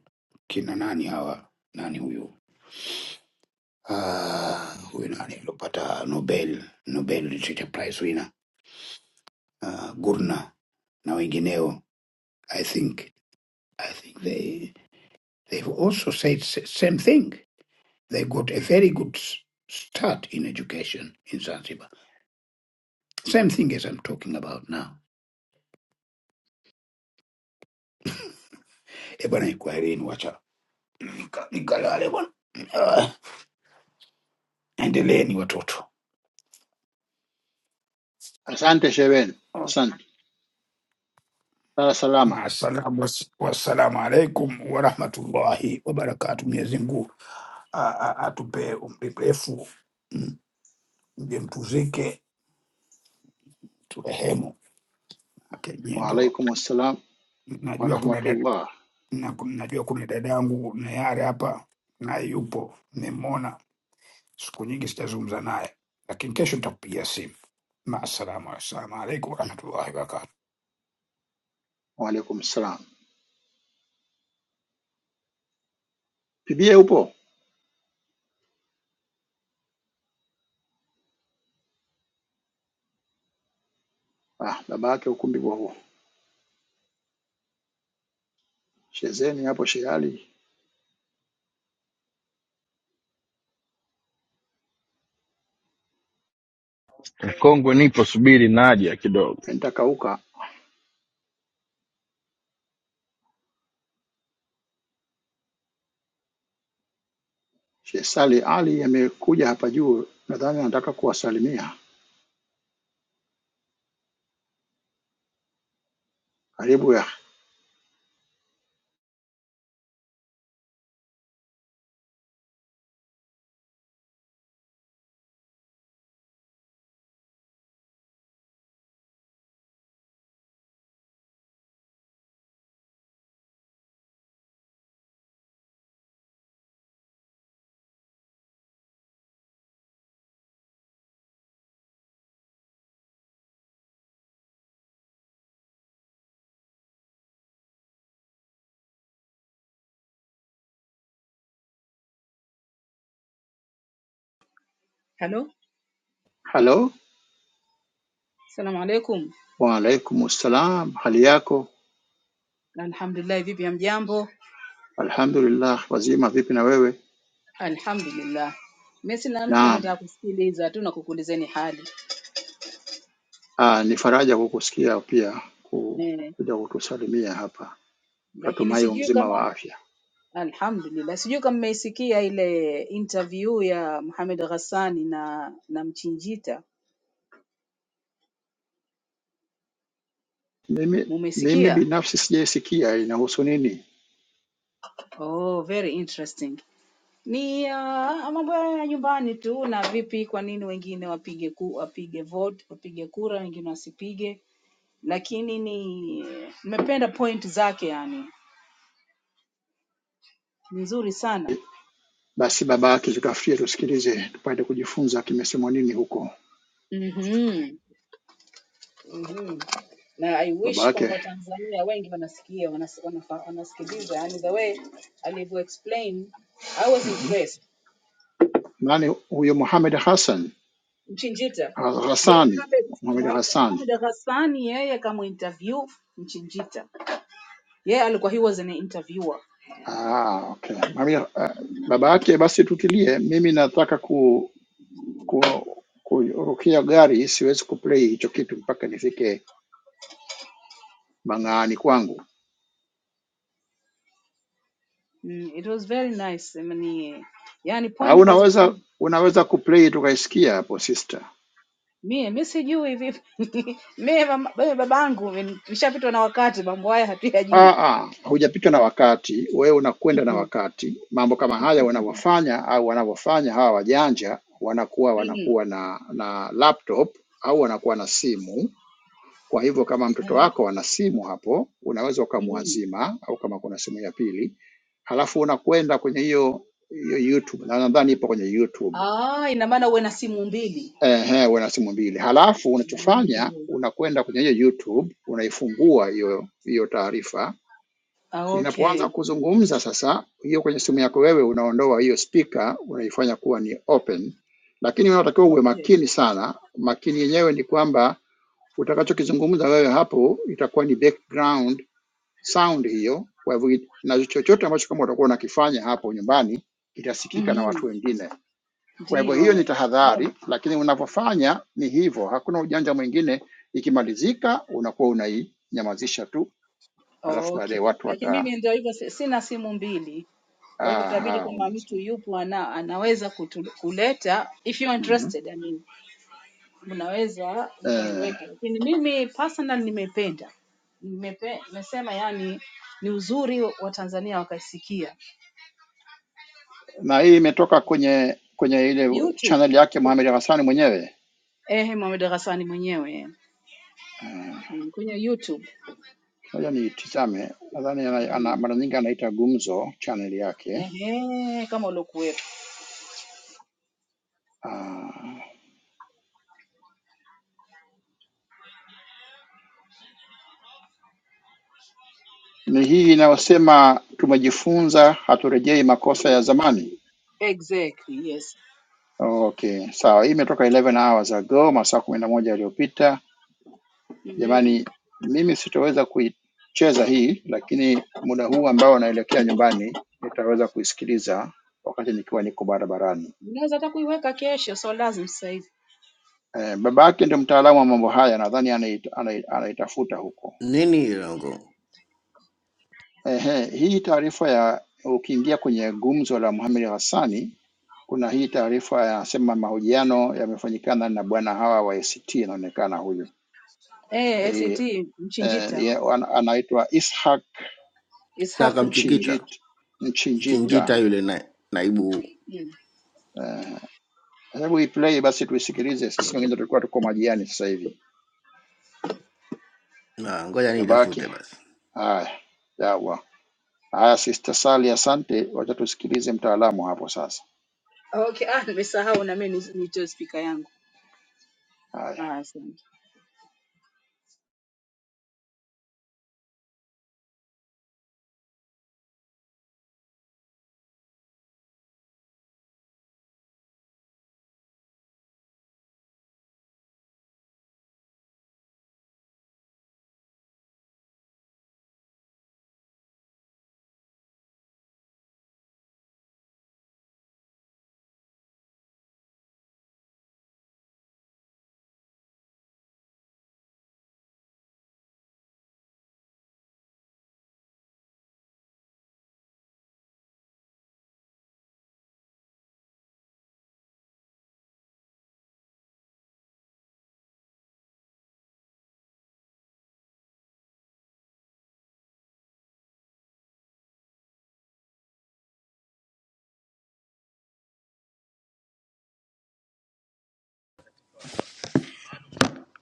Speaker 10: kina nani hawa, nani huyu Ah, huyu nani aliopata Nobel, Nobel Literature Prize winner uh, Gurna na wengineo, I think, I think they they've also said s- same thing. They got a very good s- start in education in Zanzibar Same thing as I'm talking about now. E bwana, ikwareni, wacha nika- nikalale bwana, Ah, endeleeni watoto.
Speaker 12: asante Sheven, asante. Lala salama.
Speaker 10: Maasalamu, was- wassalamu alaikum warahmatullahi wabarakatu. Mwenyezi Mungu a- a- atupe umri mrefu, mm, mje mtuzike, turehemu. Okay, nyie ndo
Speaker 12: Waalaikum assalam
Speaker 10: najua kuna dada,
Speaker 12: warahmatullah.
Speaker 10: na, najua kuna dadangu Nayari hapa naye yupo, nimemwona siku nyingi sitazungumza naye, lakini kesho nitakupigia simu. Maaslamu Rasulullahi waalaikum salam
Speaker 12: Waalaikum salam. Bibie upo? Ah, baba yake ukumbi kwa huo. Shezeni hapo Shehe Ali
Speaker 11: Mkongwe nipo, subiri naja kidogo.
Speaker 12: pentakauka. Shehe Sali Ali amekuja hapa juu, nadhani anataka kuwasalimia. Karibu ya
Speaker 13: Halo,
Speaker 12: halo.
Speaker 13: salamu alaikum.
Speaker 12: Waalaikum assalam, hali yako?
Speaker 13: Alhamdulillah, vipi hamjambo?
Speaker 12: Alhamdulillah, wazima. Vipi na wewe?
Speaker 13: Alhamdulillah, mimi sina mpya, ametaka
Speaker 12: Naam.
Speaker 13: kusikiliza tu na kukuulizeni hali
Speaker 12: Ah, ni faraja kukusikia pia ku-
Speaker 13: eh,
Speaker 12: kuja kutusalimia hapa.
Speaker 13: lakini
Speaker 12: Tunatumai u
Speaker 13: sijui
Speaker 12: mzima wa
Speaker 13: kama
Speaker 12: afya.
Speaker 13: alhamdulillah, sijui kama mmeisikia ile interview ya Mohamed Ghassani na na Mchinjita,
Speaker 12: Mimi mimi
Speaker 13: mumesikia?
Speaker 12: binafsi sijaisikia inahusu nini.
Speaker 13: Oh, very interesting. Ni uh, mambo ya nyumbani tu, na vipi, kwa nini wengine wapige ku, wapige vote, wapige kura, wengine wasipige lakini ni nimependa point zake yani ni nzuri sana
Speaker 12: Basi baba yake tutafutie tusikilize, tupate kujifunza kimesemwa nini huko.
Speaker 13: mm-hmm. Mm-hmm. na i
Speaker 12: Baba
Speaker 13: wish kwamba
Speaker 12: yake
Speaker 13: watanzania wengi wanasikia wanas, wanafa, wanasikiliza yani the way alivyo explain i was
Speaker 12: Mhm.
Speaker 13: impressed
Speaker 12: nani huyo? Mohamed Hassan
Speaker 13: mchinjita
Speaker 12: Ha-
Speaker 13: ye
Speaker 12: Hassani,
Speaker 13: Mohamed
Speaker 12: Mohamed Hassani.
Speaker 13: Mohamed Ghassani yeye kama interview mchinjita yeye alikuwa he was an interviewer
Speaker 12: Ah, okay. Mohamed, ah, baba yake basi tutilie. Mimi nataka ku- kurukia gari, siwezi kuplay hicho kitu mpaka nifike mang'aani kwangu.
Speaker 13: mm, it was very nice I mean, yani
Speaker 12: Au
Speaker 13: point kaza
Speaker 12: unaweza unaweza kuplay tukaisikia hapo sister.
Speaker 13: Mie mi sijui vipi mie mama- mie babangu ni- nishapitwa na wakati, mambo haya
Speaker 12: Ah,
Speaker 13: hatuyajui.
Speaker 12: ah, hujapitwa na wakati, wewe unakwenda na
Speaker 13: Mhm.
Speaker 12: wakati. Mambo kama haya wanavyofanya au wanavyofanya hawa wajanja, wanakuwa
Speaker 13: Mhm.
Speaker 12: wanakuwa na na laptop au wanakuwa na simu Kwa hivyo kama mtoto
Speaker 13: Ehe.
Speaker 12: wako ana simu hapo, unaweza
Speaker 13: Mhm.
Speaker 12: ukamwazima au kama kuna simu ya pili, halafu unakwenda kwenye hiyo hiyo YouTube, na nadhani ipo kwenye YouTube.
Speaker 13: Ah, ina maana uwe na simu mbili.
Speaker 12: Ehe, una simu mbili, halafu unachofanya
Speaker 13: Okay.
Speaker 12: unakwenda kwenye hiyo YouTube, unaifungua hiyo hiyo taarifa.
Speaker 13: Ah,
Speaker 12: Inapoanza
Speaker 13: okay.
Speaker 12: kuzungumza sasa, hiyo kwenye simu yako wewe unaondoa hiyo speaker, unaifanya kuwa ni open, lakini unatakiwa uwe
Speaker 13: Okay.
Speaker 12: makini sana. Makini yenyewe ni kwamba utakachokizungumza wewe hapo itakuwa ni background sound hiyo. Kwa hivyo na chochote ambacho kama utakuwa unakifanya hapo nyumbani kitasikika na watu
Speaker 13: Mhm.
Speaker 12: wengine. Kwa hivyo
Speaker 13: Ndio
Speaker 12: hiyo ni
Speaker 13: eh.
Speaker 12: tahadhari,
Speaker 13: Naam.
Speaker 12: lakini unapofanya ni hivyo, hakuna ujanja mwingine. Ikimalizika unakuwa unainyamazisha tu, alafu baadaye
Speaker 13: Okay.
Speaker 12: watu
Speaker 13: Lakini
Speaker 12: wata
Speaker 13: mimi ndio hivyo si- sina simu mbili. Kwa hivyo itabidi
Speaker 12: aha,
Speaker 13: kama mtu
Speaker 12: unasema.
Speaker 13: yupo ana, anaweza kutu, kuleta if you are
Speaker 12: Mhm.
Speaker 13: interested I mean. mnaweza
Speaker 12: Eh,
Speaker 13: mkaiweka, lakini mimi personal nimeipenda Nimepe- nimesema yani ni uzuri wa Tanzania wakaisikia
Speaker 12: na hii imetoka kwenye kwenye ile
Speaker 13: YouTube.
Speaker 12: channel yake Mohamed Hassani mwenyewe.
Speaker 13: Ehe, Mohamed Ghassani mwenyewe
Speaker 12: Ah,
Speaker 13: Mm, kwenye YouTube
Speaker 12: Ngoja niitizame, nadhani ana, ana,
Speaker 13: Mm.
Speaker 12: mara nyingi anaita Gumzo channel yake.
Speaker 13: ehe, kama uliokuwepo
Speaker 12: Ah, uh, Ni hii inayosema tumejifunza, haturejei makosa ya zamani.
Speaker 13: exactly yes
Speaker 12: Okay, sawa. Hii imetoka 11 hours ago, masaa kumi na moja yaliyopita.
Speaker 13: mm
Speaker 12: Jamani, mimi sitoweza kuicheza hii, lakini muda huu ambao naelekea nyumbani nitaweza kuisikiliza wakati nikiwa niko barabarani.
Speaker 13: unaweza hata kuiweka kesho, so lazima sasa hivi
Speaker 12: Eh, baba yake ndio mtaalamu wa mambo haya, nadhani anait- anai- anaitafuta huko.
Speaker 8: nini hilo ngo
Speaker 12: Ehe, hii taarifa ya ukiingia kwenye gumzo la Mohamed Hassani Kuna hii taarifa yanasema mahojiano yamefanyikana na bwana hawa wa ACT, inaonekana huyu
Speaker 13: eh,
Speaker 12: Eh,
Speaker 13: ACT
Speaker 12: eh,
Speaker 13: Mchinjita
Speaker 12: ye- an- anaitwa Ishak
Speaker 8: sasa,
Speaker 13: Ishaq Mchinjita
Speaker 8: akamchikita
Speaker 12: Mchinjit,
Speaker 8: mchinjita
Speaker 12: Mchinjita.
Speaker 13: mm-hmm.
Speaker 8: yule na, naibu
Speaker 13: mm.
Speaker 12: Eh, Hebu iplay basi tuisikilize, sisi wengine tulikuwa tuko majiani sasa hivi.
Speaker 8: na, ngoja niitafute
Speaker 12: Babake
Speaker 8: basi.
Speaker 12: haya, yawa haya, Sister Sali, asante, wacha tusikilize mtaalamu hapo sasa.
Speaker 13: Okay, ah, nimesahau na mimi nitoe spika yangu.
Speaker 12: Haya
Speaker 13: Ah, asante.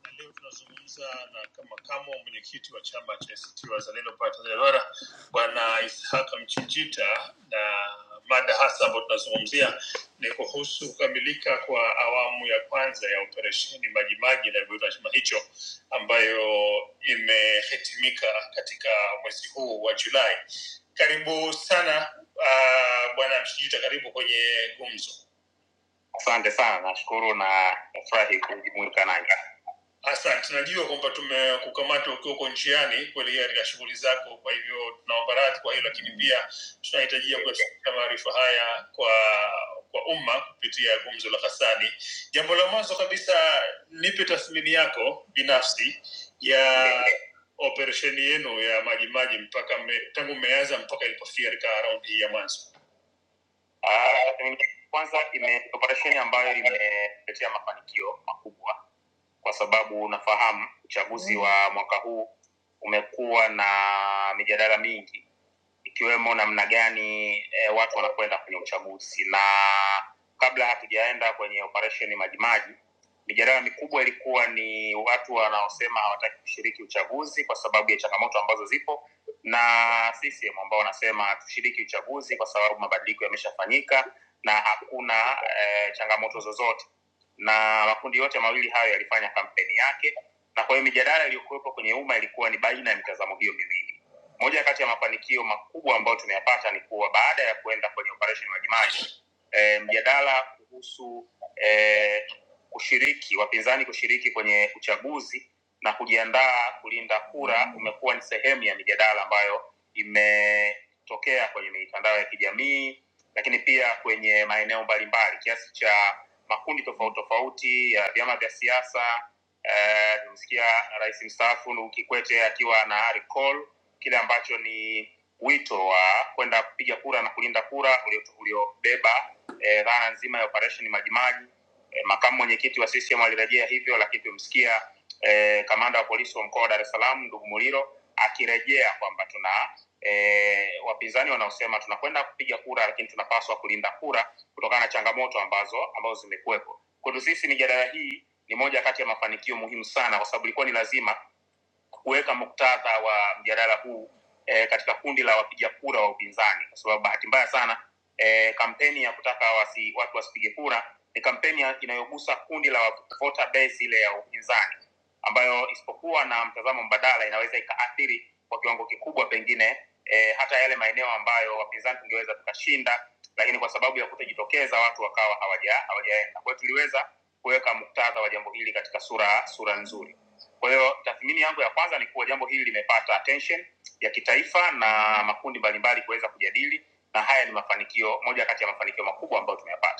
Speaker 8: na leo tunazungumza na makamu wa mwenyekiti wa chama cha ACT Wazalendo pale Tanzania Bara, Bwana Ishaka Mchijita, na mada hasa ambayo tunazungumzia ni kuhusu kukamilika kwa awamu ya kwanza ya operesheni Majimaji inavyoitwa chama hicho, ambayo imehitimika katika mwezi huu wa Julai. Karibu sana uh, Bwana Mchijita, karibu kwenye gumzo. Asante sana, nashukuru na nafurahi kujumuika nanyi. Asante, najua kwamba tumekukamata ukiwa uko njiani kuelekea katika shughuli zako, kwa hivyo tunaomba radhi kwa hilo, lakini pia tunahitajia kuyafikisha maarifa haya kwa kwa umma kupitia Gumzo la Ghassani. Jambo la mwanzo kabisa, nipe tathmini yako binafsi ya operesheni yenu ya Majimaji mpaka mme, tangu mmeanza mpaka ilipofika katika raundi hii ya mwanzo. Ah, Kwanza ime operesheni ambayo imetetea mafanikio makubwa, kwa sababu unafahamu uchaguzi wa mwaka huu umekuwa na mijadala mingi ikiwemo namna gani eh, watu wanakwenda kwenye uchaguzi, na kabla hatujaenda kwenye operesheni Majimaji, mijadala mikubwa ilikuwa ni watu wanaosema hawataki kushiriki uchaguzi kwa sababu ya changamoto ambazo zipo na CCM ambao wanasema tushiriki uchaguzi kwa sababu mabadiliko yameshafanyika na hakuna eh, changamoto zozote, na makundi yote mawili hayo yalifanya kampeni yake, na kwa hiyo mijadala iliyokuwepo kwenye umma ilikuwa ni baina ya mitazamo hiyo miwili. Moja kati ya mafanikio makubwa ambayo tumeyapata ni kuwa baada ya kuenda kwenye operation Majimaji, eh, mjadala kuhusu eh, kushiriki wapinzani kushiriki kwenye uchaguzi na kujiandaa kulinda kura umekuwa ni sehemu ya mijadala ambayo imetokea kwenye mitandao ya kijamii lakini pia kwenye maeneo mbalimbali kiasi cha makundi tofauti tofauti ya vyama vya siasa eh, tumesikia rais mstaafu Nuhu Kikwete akiwa na ari call kile ambacho ni wito wa kwenda kupiga kura na kulinda kura ulio- uliobeba eh, dhana eh, nzima ya operation Majimaji. Eh, makamu mwenyekiti wa CCM alirejea hivyo, lakini tumemsikia eh, kamanda wa polisi wa mkoa wa Dar es Salaam ndugu Muliro akirejea kwamba tuna eh, wapinzani wanaosema tunakwenda kupiga kura, lakini tunapaswa kulinda kura kutokana na changamoto ambazo ambazo zimekuwepo. Kwetu sisi mijadala hii ni moja kati ya mafanikio muhimu sana, kwa sababu ilikuwa ni lazima kuweka muktadha wa mjadala huu eh, katika kundi la wapiga kura wa upinzani, kwa sababu bahati mbaya sana eh, kampeni ya kutaka wasi, watu wasipige kura ni kampeni ya- inayogusa kundi la voter base ile ya upinzani ambayo isipokuwa na mtazamo mbadala inaweza ikaathiri kwa kiwango kikubwa pengine e, hata yale maeneo ambayo wapinzani tungeweza tukashinda lakini kwa sababu ya kutojitokeza watu wakawa hawaja hawajaenda kwa hiyo tuliweza kuweka muktadha wa jambo hili katika sura sura nzuri kwa hiyo tathmini yangu ya kwanza ni kuwa jambo hili limepata attention ya kitaifa na makundi mbalimbali kuweza kujadili na haya ni mafanikio moja kati ya mafanikio makubwa ambayo tumeyapata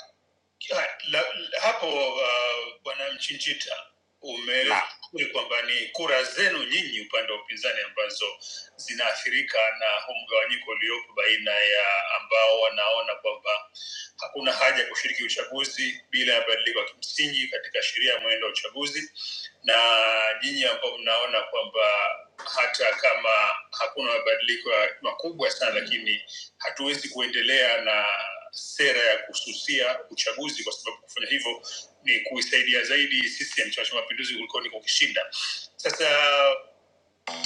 Speaker 8: Ah, la- la- hapo uh, bwana uh, Mchinjita na umeuli kwamba ni kura zenu nyinyi upande wa upinzani ambazo zinaathirika na huu mgawanyiko uliopo baina ya ambao wanaona kwamba hakuna haja ya kushiriki uchaguzi bila ya badiliko ya kimsingi katika sheria ya mwenendo wa uchaguzi na nyinyi ambao mnaona kwamba hata kama hakuna mabadiliko ya- makubwa sana lakini hatuwezi kuendelea na sera ya kususia uchaguzi kwa sababu kufanya hivyo ni kuisaidia zaidi CCM Chama cha Mapinduzi kuliko ni kukishinda. Sasa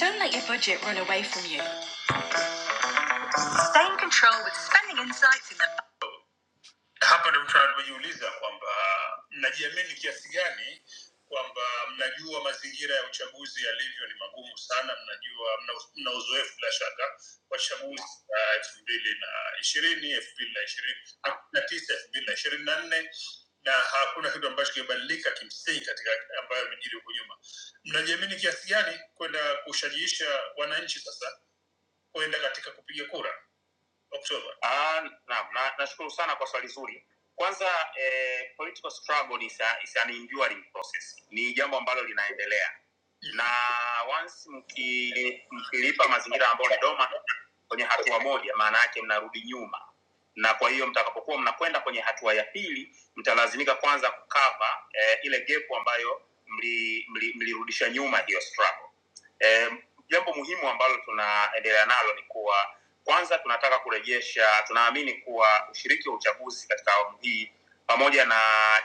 Speaker 8: Don't let your budget run away from you. Stay in control with spending insights. in hapa ndio tunavyojiuliza kwamba mnajiamini kiasi gani kwamba mnajua mazingira ya uchaguzi yalivyo ni magumu sana mnajua mna, mna uzoefu bila shaka wa chaguzi za elfu mbili na ishirini elfu mbili na ishirini na tisa elfu mbili na ishirini na nne na hakuna kitu ambacho kimebadilika kimsingi katika ambayo yamejiri huko nyuma mnajiamini kiasi gani kwenda kushajiisha wananchi sasa kwenda katika kupiga kura Oktoba. Ah, naam, na nashukuru sana kwa swali zuri. Kwanza eh, political struggle is, a, is an enduring process, ni jambo ambalo linaendelea na once mki- mkilipa mazingira ambayo ni doma kwenye hatua moja, maana yake mnarudi nyuma, na kwa hiyo mtakapokuwa mnakwenda kwenye hatua ya pili, mtalazimika kwanza kukava eh, ile gap ambayo mli- mli- mlirudisha nyuma hiyo struggle. Eh, jambo muhimu ambalo tunaendelea nalo ni kuwa kwanza tunataka kurejesha, tunaamini kuwa ushiriki wa uchaguzi katika awamu hii pamoja na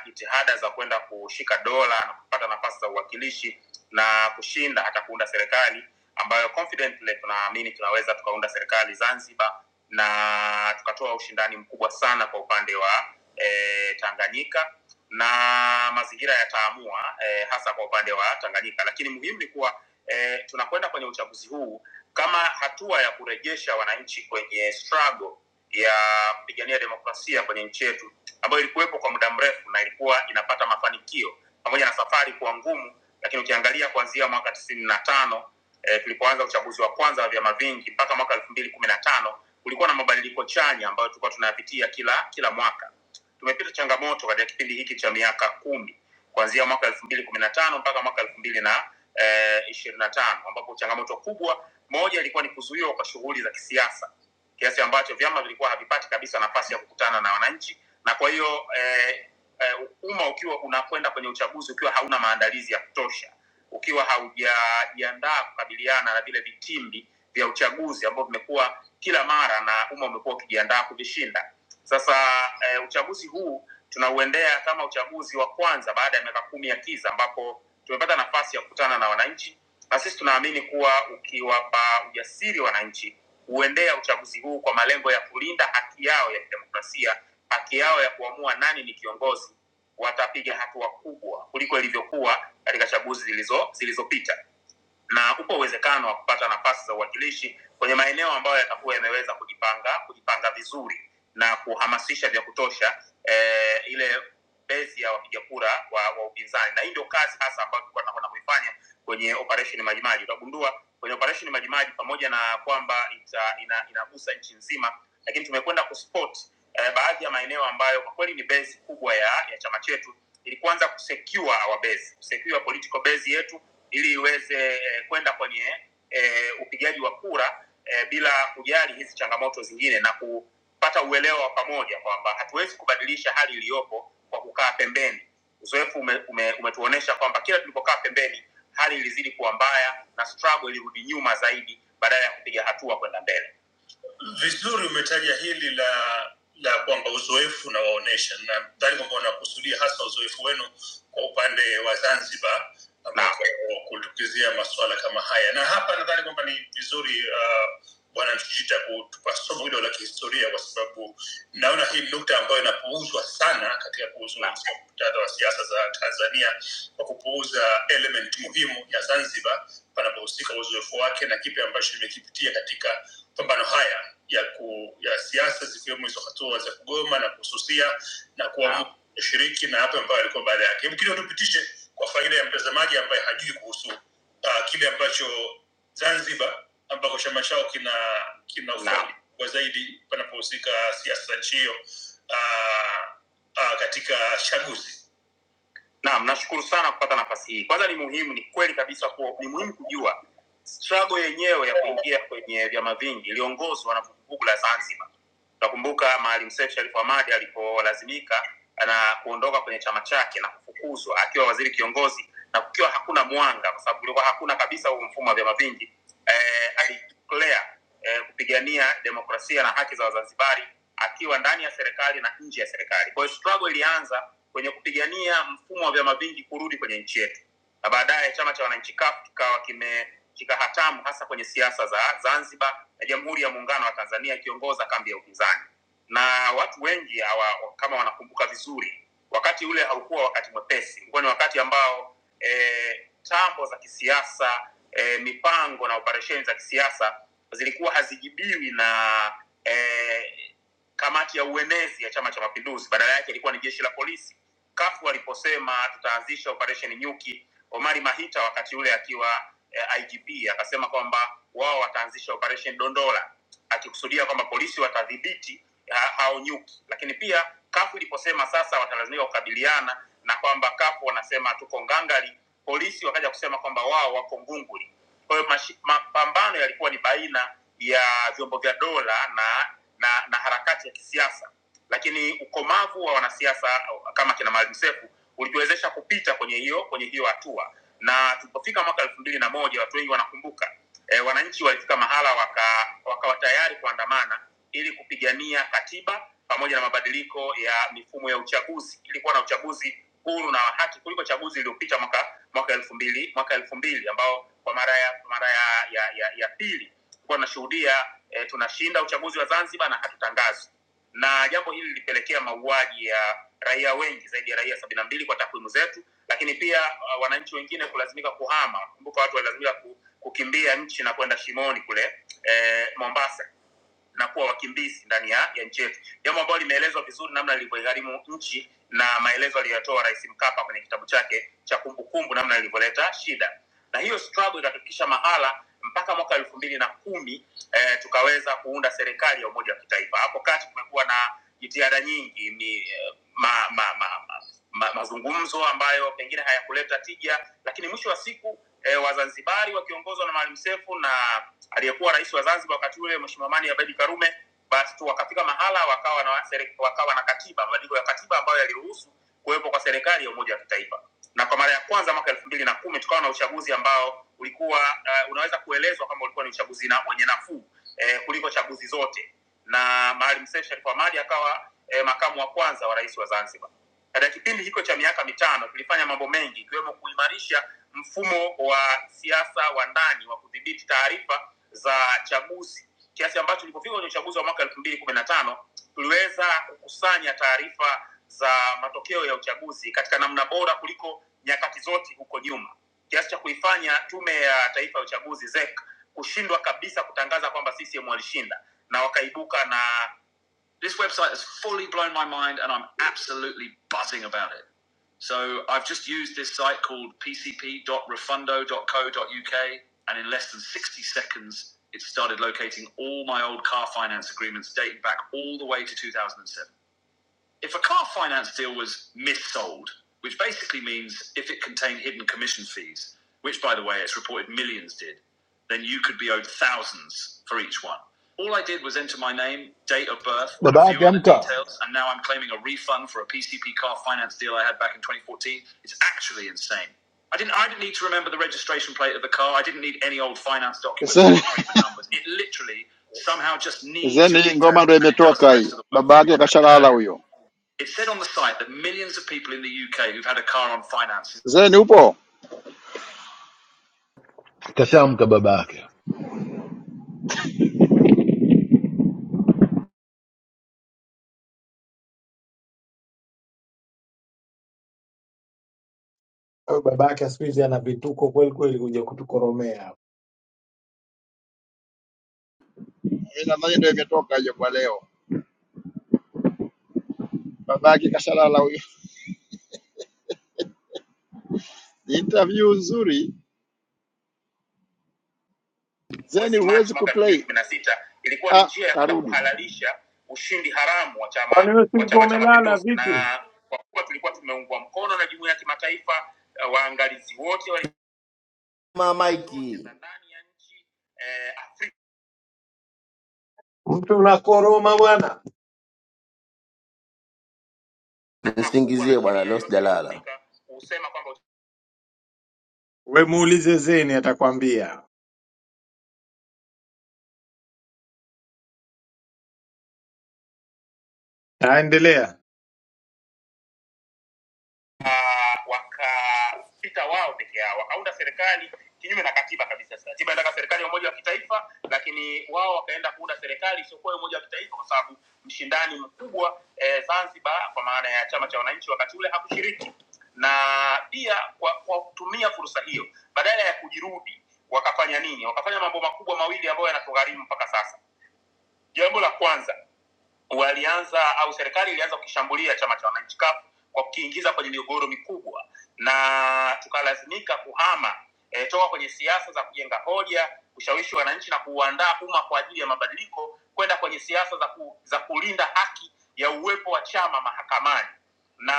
Speaker 8: jitihada za kwenda kushika dola na kupata nafasi za uwakilishi na kushinda hata kuunda serikali ambayo confidently tunaamini tunaweza tukaunda serikali Zanzibar na tukatoa ushindani mkubwa sana kwa upande wa eh, Tanganyika na mazingira yataamua eh, hasa kwa upande wa Tanganyika, lakini muhimu ni kuwa eh, tunakwenda kwenye uchaguzi huu kama hatua ya kurejesha wananchi kwenye struggle ya kupigania demokrasia kwenye nchi yetu ambayo ilikuwepo kwa muda mrefu na ilikuwa inapata mafanikio pamoja na safari kuwa ngumu lakini ukiangalia kuanzia mwaka tisini na tano eh, tulipoanza uchaguzi wa kwanza wa vyama vingi mpaka mwaka elfu mbili kumi na tano kulikuwa na mabadiliko chanya ambayo tulikuwa tunayapitia kila kila mwaka tumepita changamoto katika kipindi hiki cha miaka kumi kuanzia mwaka elfu mbili kumi na tano mpaka mwaka elfu mbili na eh, ishirini na tano ambapo changamoto kubwa moja ilikuwa ni kuzuiwa kwa shughuli za kisiasa kiasi ambacho vyama vilikuwa havipati kabisa nafasi ya kukutana na wananchi na kwa hiyo eh, eh, umma ukiwa unakwenda kwenye uchaguzi ukiwa hauna maandalizi ya kutosha ukiwa haujajiandaa kukabiliana na vile vitimbi vya uchaguzi ambao vimekuwa kila mara na umma umekuwa ukijiandaa kuvishinda sasa eh, uchaguzi huu tunauendea kama uchaguzi wa kwanza baada ya miaka kumi ya kiza ambapo tumepata nafasi ya kukutana na wananchi na sisi tunaamini kuwa ukiwapa ujasiri wananchi huendea uchaguzi huu kwa malengo ya kulinda haki yao ya kidemokrasia, haki yao ya kuamua nani ni kiongozi, watapiga hatua kubwa kuliko ilivyokuwa katika chaguzi zilizo zilizopita na upo uwezekano wa kupata nafasi za uwakilishi kwenye maeneo ambayo yatakuwa yameweza kujipanga kujipanga vizuri na kuhamasisha vya kutosha eh, ile bezi ya wapiga kura wa, wa upinzani na hii ndio kazi hasa ambayo tulikuwa tunakwenda kuifanya kwenye operation majimaji utagundua kwenye operation majimaji pamoja na kwamba ita, ina, inagusa nchi nzima lakini tumekwenda kuspot eh, baadhi ya maeneo ambayo kwa kweli ni base kubwa ya, ya chama chetu ili kuanza kusecure our base, kusecure political base yetu ili iweze eh, kwenda kwenye eh, upigaji wa kura eh, bila kujali hizi changamoto zingine na kupata uelewa wa pamoja kwamba hatuwezi kubadilisha hali iliyopo kwa kukaa pembeni. Uzoefu ume, ume, umetuonyesha kwamba kila tulipokaa pembeni hali ilizidi kuwa mbaya na struggle ilirudi nyuma zaidi badala ya kupiga hatua kwenda mbele vizuri umetaja hili la la kwamba uzoefu unawaonyesha nadhani kwamba unakusudia hasa uzoefu wenu kwa upande wa zanzibar ambako kutukizia masuala kama haya na hapa nadhani kwamba ni vizuri uh, bwana mshijita kutupa somo hilo la kihistoria kwa sababu naona hii ni nukta ambayo inapuuzwa sana katika kuuzwa muktadha wa siasa za tanzania kwa kupuuza element muhimu ya zanzibar panapohusika uzoefu wake na kipi ambacho imekipitia katika mapambano haya ya ku, ya siasa zikiwemo hizo hatua za kugoma na kususia na kuamua kushiriki na hapo ambayo alikuwa baada yake. Hebu kidogo tupitishe kwa faida ya mtazamaji ambaye hajui kuhusu uh, kile ambacho Zanzibar ambako chama chao kina kina ufadhili kwa zaidi panapohusika siasa za nchi hiyo uh, uh, katika chaguzi Naam, nashukuru sana kupata nafasi hii. Kwanza ni muhimu, ni kweli kabisa kuwa ni muhimu kujua struggle yenyewe ya kuingia kwenye vyama vingi iliongozwa na vuguvugu la Zanzibar. Utakumbuka Maalim Seif Sharif Hamad alipolazimika na kuondoka kwenye chama chake na kufukuzwa akiwa waziri kiongozi na kukiwa hakuna mwanga, kwa sababu kulikuwa hakuna kabisa huu mfumo wa vyama vingi eh, alideclare eh, kupigania demokrasia na haki za Wazanzibari akiwa ndani ya serikali na nje ya serikali kwa hiyo struggle ilianza kwenye kupigania mfumo wa vyama vingi kurudi kwenye nchi yetu na baadaye chama cha wananchi kaf kikawa kimeshika hatamu hasa kwenye siasa za zanzibar na jamhuri ya muungano wa tanzania ikiongoza kambi ya upinzani na watu wengi hawa, kama wanakumbuka vizuri wakati ule haukuwa wakati mwepesi ulikuwa ni wakati ambao e, tambo za kisiasa e, mipango na operesheni za kisiasa zilikuwa hazijibiwi na eh, kamati ya uenezi ya chama cha mapinduzi badala yake ilikuwa ni jeshi la polisi kafu aliposema tutaanzisha operation nyuki omari mahita wakati ule akiwa eh, igp akasema kwamba wao wataanzisha operation dondola akikusudia kwamba polisi watadhibiti ha- hao nyuki lakini pia kafu iliposema sasa watalazimika kukabiliana na kwamba kafu wanasema tuko ngangari polisi wakaja kusema kwamba wao wako ngunguli kwa hiyo mashi- mapambano yalikuwa ni baina ya vyombo vya dola na na, na harakati ya kisiasa lakini ukomavu wa wanasiasa kama kina Maalim Seif ulituwezesha kupita kwenye hiyo kwenye hiyo hatua na tulipofika mwaka elfu mbili na moja watu wengi wanakumbuka e, wananchi walifika mahala waka, wakawa tayari kuandamana ili kupigania katiba pamoja na mabadiliko ya mifumo ya uchaguzi ilikuwa na uchaguzi huru na wa haki kuliko chaguzi iliyopita mwaka mwaka elfu mbili mwaka elfu mbili ambao kwa mara ya mara ya, ya, ya, ya pili tulikuwa tunashuhudia eh, tunashinda uchaguzi wa zanzibar na hatutangazwi na jambo hili lilipelekea mauaji ya raia wengi zaidi ya raia sabini na mbili kwa takwimu zetu, lakini pia uh, wananchi wengine kulazimika kuhama. Kumbuka watu walilazimika ku, kukimbia nchi na kwenda Shimoni kule eh, Mombasa na kuwa wakimbizi ndani ya, ya nchi yetu, jambo ambalo limeelezwa vizuri namna lilivyoigharimu nchi na maelezo aliyotoa Rais Mkapa kwenye kitabu chake cha Kumbukumbu, namna lilivyoleta shida, na hiyo struggle ikatufikisha mahala mpaka mwaka elfu mbili na kumi eh, tukaweza kuunda serikali ya umoja wa kitaifa. Hapo kati kumekuwa na jitihada nyingi ni eh, ma, ma, ma, ma, ma, mazungumzo ambayo pengine hayakuleta tija, lakini mwisho wa siku eh, Wazanzibari wakiongozwa na Maalim Seif na aliyekuwa rais wa Zanzibar wakati ule Mheshimiwa Amani Abeid Karume, basi tu wakafika mahala wakawa na, sere- wakawa na katiba, mabadiliko ya katiba ambayo yaliruhusu kuwepo kwa serikali ya umoja wa kitaifa na kwa mara ya kwanza mwaka elfu mbili na kumi tukawa na uchaguzi ambao ulikuwa uh, unaweza kuelezwa kama ulikuwa ni uchaguzi na wenye nafuu eh, kuliko chaguzi zote na Maalim Seif Sharif Hamad akawa eh, makamu wa kwanza wa rais wa Zanzibar. Katika kipindi hicho cha miaka mitano tulifanya mambo mengi ikiwemo kuimarisha mfumo wa siasa wa ndani wa kudhibiti taarifa za chaguzi kiasi ambacho tulipofika kwenye uchaguzi wa mwaka elfu mbili na kumi na tano tuliweza kukusanya taarifa za matokeo ya uchaguzi katika namna bora kuliko nyakati zote huko nyuma kiasi cha kuifanya tume ya taifa ya uchaguzi ZEC kushindwa kabisa kutangaza kwamba CCM walishinda na wakaibuka na This website apps on it. So I've just used this site called pcp.refundo.co.uk, and in less than 60 seconds, it started locating all my old car finance agreements dating back all the way to 2007. If a car finance deal was mis-sold, which basically means if it contained hidden commission fees, which by the way, it's reported millions did, then you could be owed thousands for each one. All I did was enter my name, date of birth, and a
Speaker 11: Baba
Speaker 8: few
Speaker 11: yake
Speaker 8: other
Speaker 11: amka,
Speaker 8: details, and now I'm claiming a refund for a PCP car finance deal I had back in 2014. It's actually insane. I didn't, I didn't need to remember the registration plate of the car. I didn't need any old finance documents
Speaker 12: Zeni,
Speaker 8: or agreement numbers. It literally somehow just needs your
Speaker 12: Zeni, hii ngoma ndo
Speaker 8: details and it does the
Speaker 12: imetoka
Speaker 8: rest
Speaker 12: hii,
Speaker 8: of the work for you,
Speaker 12: babake
Speaker 8: like I said
Speaker 12: kashalala
Speaker 8: earlier.
Speaker 12: huyo.
Speaker 8: It said on the site that millions of people in the UK who've had a car on finance.
Speaker 12: Zeni upo?
Speaker 11: Kashamka baba yake.
Speaker 3: Huyu babake siku hizi ana vituko kweli kweli, kuja kutukoromea hapa.
Speaker 12: Mimi nadhani ndo imetoka hiyo kwa leo. babake kashalala huyo. Ni interview nzuri, zeni
Speaker 8: Mwezi
Speaker 12: huwezi
Speaker 8: Machi mwaka elfu mbili
Speaker 12: kuplay.
Speaker 8: kumi na sita ilikuwa ni
Speaker 12: Ah,
Speaker 8: njia ya kwenda
Speaker 12: narudi
Speaker 8: kuhalalisha ushindi haramu wa chama
Speaker 3: Kwani wewe si
Speaker 8: wa
Speaker 3: ulikuwa
Speaker 8: Chama cha
Speaker 3: umelala
Speaker 8: Mapinduzi, na
Speaker 3: vipi?
Speaker 8: kwa kuwa tulikuwa tumeungwa mkono na jumuiya ya kimataifa, eh, waangalizi wote wali Ma Mikey za ndani ya nchi eh, Afrika
Speaker 3: Mtu unakoroma bwana,
Speaker 8: nisingizie bwana wanasheria Los yote ya Jalala. Afrika husema kwamba
Speaker 3: we muulize Zeni atakwambia. Aendelea
Speaker 8: uh, wakapita wao peke yao, wakaunda serikali kinyume na katiba kabisa. Katiba inataka serikali ya umoja wa kitaifa, lakini wao wakaenda kuunda serikali isiyokuwa ya umoja wa kitaifa, kwa sababu mshindani mkubwa eh, Zanzibar kwa maana ya chama cha wananchi wakati ule hakushiriki, na pia kwa, kwa kutumia fursa hiyo badala ya kujirudi wakafanya nini? Wakafanya mambo makubwa mawili ambayo yanatugharimu mpaka sasa. Jambo la kwanza walianza au serikali ilianza kukishambulia chama cha wananchi CUF kwa kukiingiza kwenye migogoro mikubwa na tukalazimika kuhama e, toka kwenye siasa za kujenga hoja kushawishi wananchi na kuuandaa umma kwa ajili ya mabadiliko kwenda kwenye siasa za, ku, za kulinda haki ya uwepo wa chama mahakamani na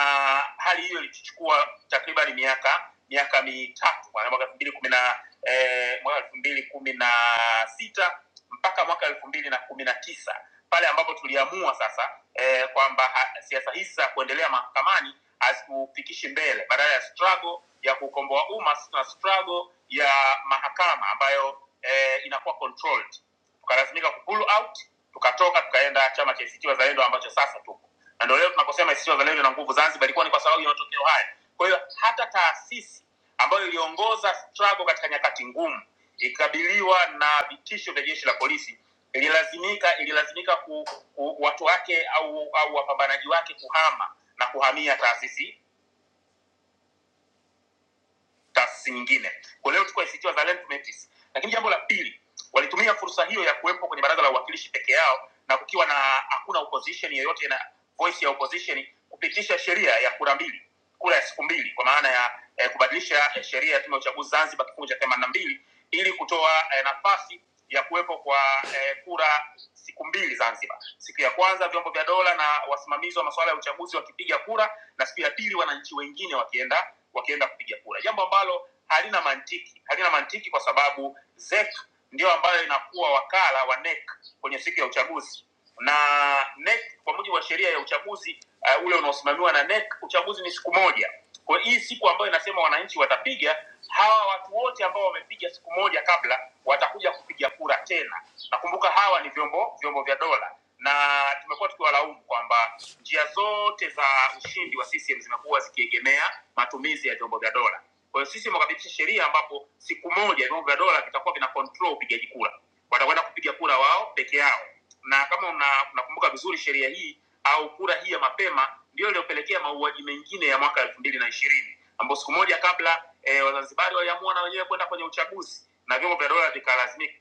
Speaker 8: hali hiyo ilichukua takriban miaka miaka mitatu maana mwaka elfu mbili kumi na eh, mwaka elfu mbili kumi na sita mpaka mwaka elfu mbili na kumi na tisa pale ambapo tuliamua sasa eh, kwamba ha- siasa hizi za kuendelea mahakamani hazikupikishi mbele badala ya struggle ya kukomboa umma na struggle ya mahakama ambayo eh, inakuwa controlled tukalazimika ku pull out tukatoka tukaenda chama cha ACT Wazalendo ambacho sasa tupo na ndio leo tunaposema sisi wazalendo na nguvu zanzibar ilikuwa ni kwa sababu ya matokeo haya kwa hiyo hata taasisi ambayo iliongoza struggle katika nyakati ngumu ikikabiliwa na vitisho vya jeshi la polisi ililazimika ililazimika ku, ku, watu wake au au wapambanaji wake kuhama na kuhamia taasisi taasisi nyingine kwa leo chukua ACT Wazalendo tumeitis lakini jambo la pili walitumia fursa hiyo ya kuwepo kwenye baraza la uwakilishi peke yao na kukiwa na hakuna opposition yoyote na voice ya opposition kupitisha sheria ya kura mbili kura ya siku mbili kwa maana ya eh, kubadilisha eh, sheria ya tume ya uchaguzi Zanzibar kifungu cha themanini na mbili ili kutoa eh, nafasi ya kuwepo kwa eh, kura siku mbili Zanzibar. Siku ya kwanza vyombo vya dola na wasimamizi wa masuala ya uchaguzi wakipiga kura, na sipiatiri wananchi wengine wakienda wakienda kupiga kura jambo ambalo halina mantiki halina mantiki kwa sababu ZEC ndio ambayo inakuwa wakala wa NEC kwenye siku ya uchaguzi na NEC kwa mujibu wa sheria ya uchaguzi uh, ule unaosimamiwa na NEC uchaguzi ni siku moja kwa hii siku ambayo inasema wananchi watapiga hawa watu wote ambao wamepiga siku moja kabla watakuja kupiga kura tena nakumbuka hawa ni vyombo vyombo vya dola na tumekuwa tukiwalaumu kwamba njia zote za ushindi wa CCM zimekuwa zikiegemea matumizi ya vyombo vya dola kwa hiyo sisi wakapitisha sheria ambapo siku moja vyombo vya dola vitakuwa vina control upigaji kura watakwenda kupiga kura wao peke yao na kama una- unakumbuka una vizuri sheria hii au kura hii ya mapema ndiyo iliyopelekea mauaji mengine ya mwaka elfu mbili na ishirini ambao siku moja kabla eh, wazanzibari waliamua na wenyewe kwenda kwenye uchaguzi na vyombo vya dola vikalazimika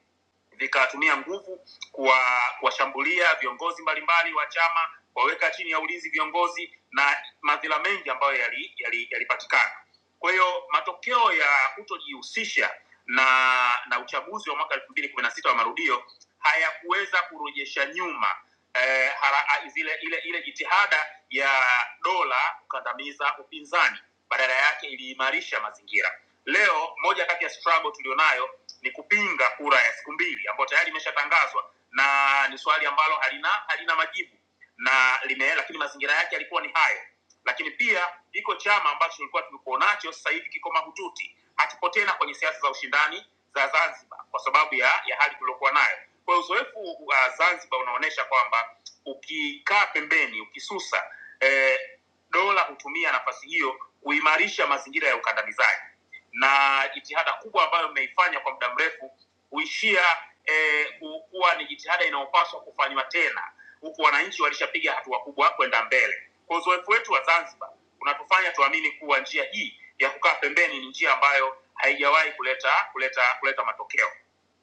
Speaker 8: vikatumia nguvu kuwa- kuwashambulia viongozi mbalimbali wa chama waweka chini ya ulinzi viongozi na madhila mengi ambayo yalipatikana yali, yali yalipatikana. kwa hiyo matokeo ya kutojihusisha na na uchaguzi wa mwaka elfu mbili na kumi na sita wa marudio hayakuweza kurejesha nyuma eh, hara, ah, zile ile ile jitihada ya dola kukandamiza upinzani badala yake iliimarisha mazingira leo moja kati ya struggle tulionayo ni kupinga kura ya siku mbili ambayo tayari imeshatangazwa na ni swali ambalo halina halina majibu na lime, lakini mazingira yake yalikuwa ni hayo lakini pia iko chama ambacho tulikuwa tulikuwa nacho sasa hivi kiko mahututi hakipo tena kwenye siasa za ushindani za zanzibar kwa sababu ya, ya hali tuliokuwa nayo kwa hiyo uzoefu wa uh, zanzibar unaonyesha kwamba ukikaa pembeni ukisusa eh, dola hutumia nafasi hiyo kuimarisha mazingira ya ukandamizaji na jitihada kubwa ambayo imeifanya kwa muda mrefu huishia eh, ku- kuwa ni jitihada inayopaswa kufanywa tena huku wananchi walishapiga hatua kubwa kwenda mbele. Kwa uzoefu wetu wa Zanzibar unatufanya tuamini kuwa njia hii ya kukaa pembeni ni njia ambayo haijawahi kuleta kuleta kuleta matokeo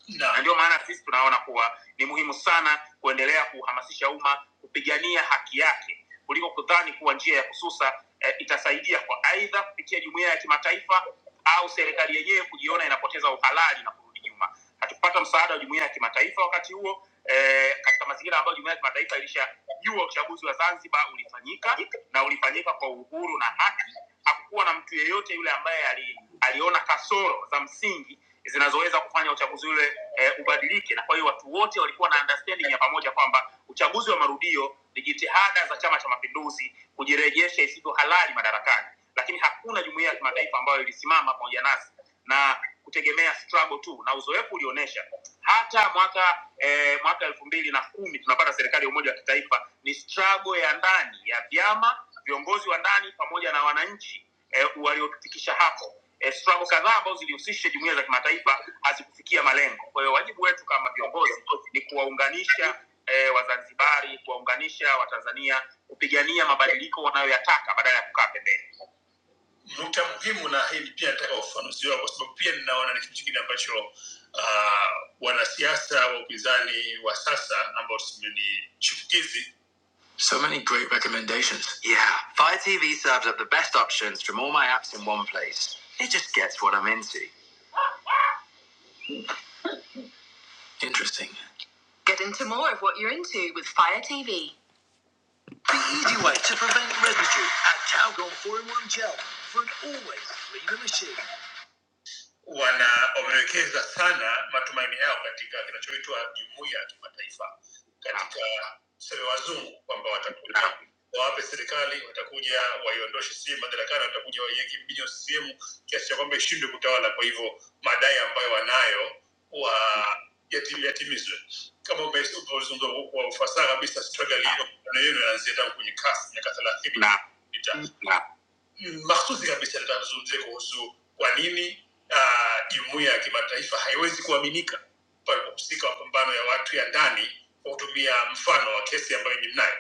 Speaker 8: na ndio maana sisi tunaona kuwa ni muhimu sana kuendelea kuhamasisha umma kupigania haki yake kuliko kudhani kuwa njia ya kususa eh, itasaidia kwa aidha kupitia jumuiya ya kimataifa au serikali yenyewe kujiona inapoteza uhalali na kurudi nyuma hatukupata msaada wa jumuiya ya kimataifa wakati huo eh, katika mazingira ambayo jumuiya ya kimataifa ilishajua uchaguzi wa zanzibar ulifanyika na ulifanyika kwa uhuru na haki hakukuwa na mtu yeyote yule ambaye ali, aliona kasoro za msingi zinazoweza kufanya uchaguzi ule eh, ubadilike na kwa hiyo watu wote walikuwa na understanding ya pamoja kwamba uchaguzi wa marudio ni jitihada za chama cha mapinduzi kujirejesha isivyo halali madarakani lakini hakuna jumuiya ya kimataifa ambayo ilisimama pamoja nasi na kutegemea struggle tu na uzoefu ulionyesha hata mwaka eh, mwaka elfu mbili na kumi tunapata serikali ya umoja wa kitaifa ni struggle ya ndani ya vyama viongozi wa ndani pamoja na wananchi eh, waliotufikisha hapo eh, struggle kadhaa ambazo zilihusisha jumuiya za kimataifa hazikufikia malengo. Kwa hiyo wajibu wetu kama viongozi ni kuwaunganisha eh, Wazanzibari, kuwaunganisha Watanzania kupigania mabadiliko wanayoyataka badala ya kukaa pembeni. Nukta muhimu, na hili pia nataka ufafanuzi wao, kwa sababu pia ninaona ni kitu kingine ambacho uh, wanasiasa wa upinzani wa sasa ambao tuseme ni chipukizi So many great recommendations. Yeah, Fire TV serves up the best options from all my apps in one place. It just gets what I'm into. Get into more of what you're into with Fire TV. wana wamewekeza sana matumaini yao katika kinachoitwa jumuiya ya kimataifa katika tuseme wazungu kwamba watakuja Naam. wawape serikali watakuja waiondoshe CCM madarakani watakuja waiweke mbinyo CCM kiasi cha kwamba ishindwe kutawala kwa hivyo madai ambayo wanayo wa yatim- yatimizwe kama ume- umeuzungumza kwa kwa ufasaha kabisa struggle hiyo maneno yanaanzia tangu kwenye CAF miaka thelathini na sita mahsusi kabisa litazungumzia kuhusu kwa nini ah, jumuiya ya kimataifa haiwezi kuaminika pale kuhusika wa mapambano ya watu ya ndani kwa kutumia mfano wa kesi ambayo ni mnayo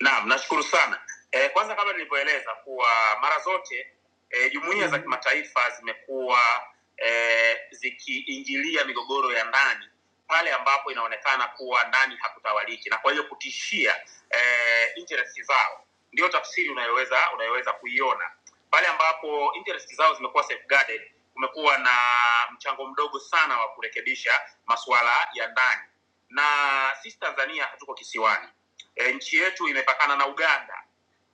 Speaker 8: Naam, nashukuru sana. E, kwanza kama nilivyoeleza kuwa mara zote e, jumuiya za kimataifa zimekuwa e, zikiingilia migogoro ya ndani pale ambapo inaonekana kuwa ndani hakutawaliki na kwa hiyo kutishia e, interest zao. Ndio tafsiri unayoweza unayoweza kuiona pale ambapo interest zao zimekuwa safeguarded, kumekuwa na mchango mdogo sana wa kurekebisha masuala ya ndani, na sisi Tanzania hatuko kisiwani e, nchi yetu imepakana na uganda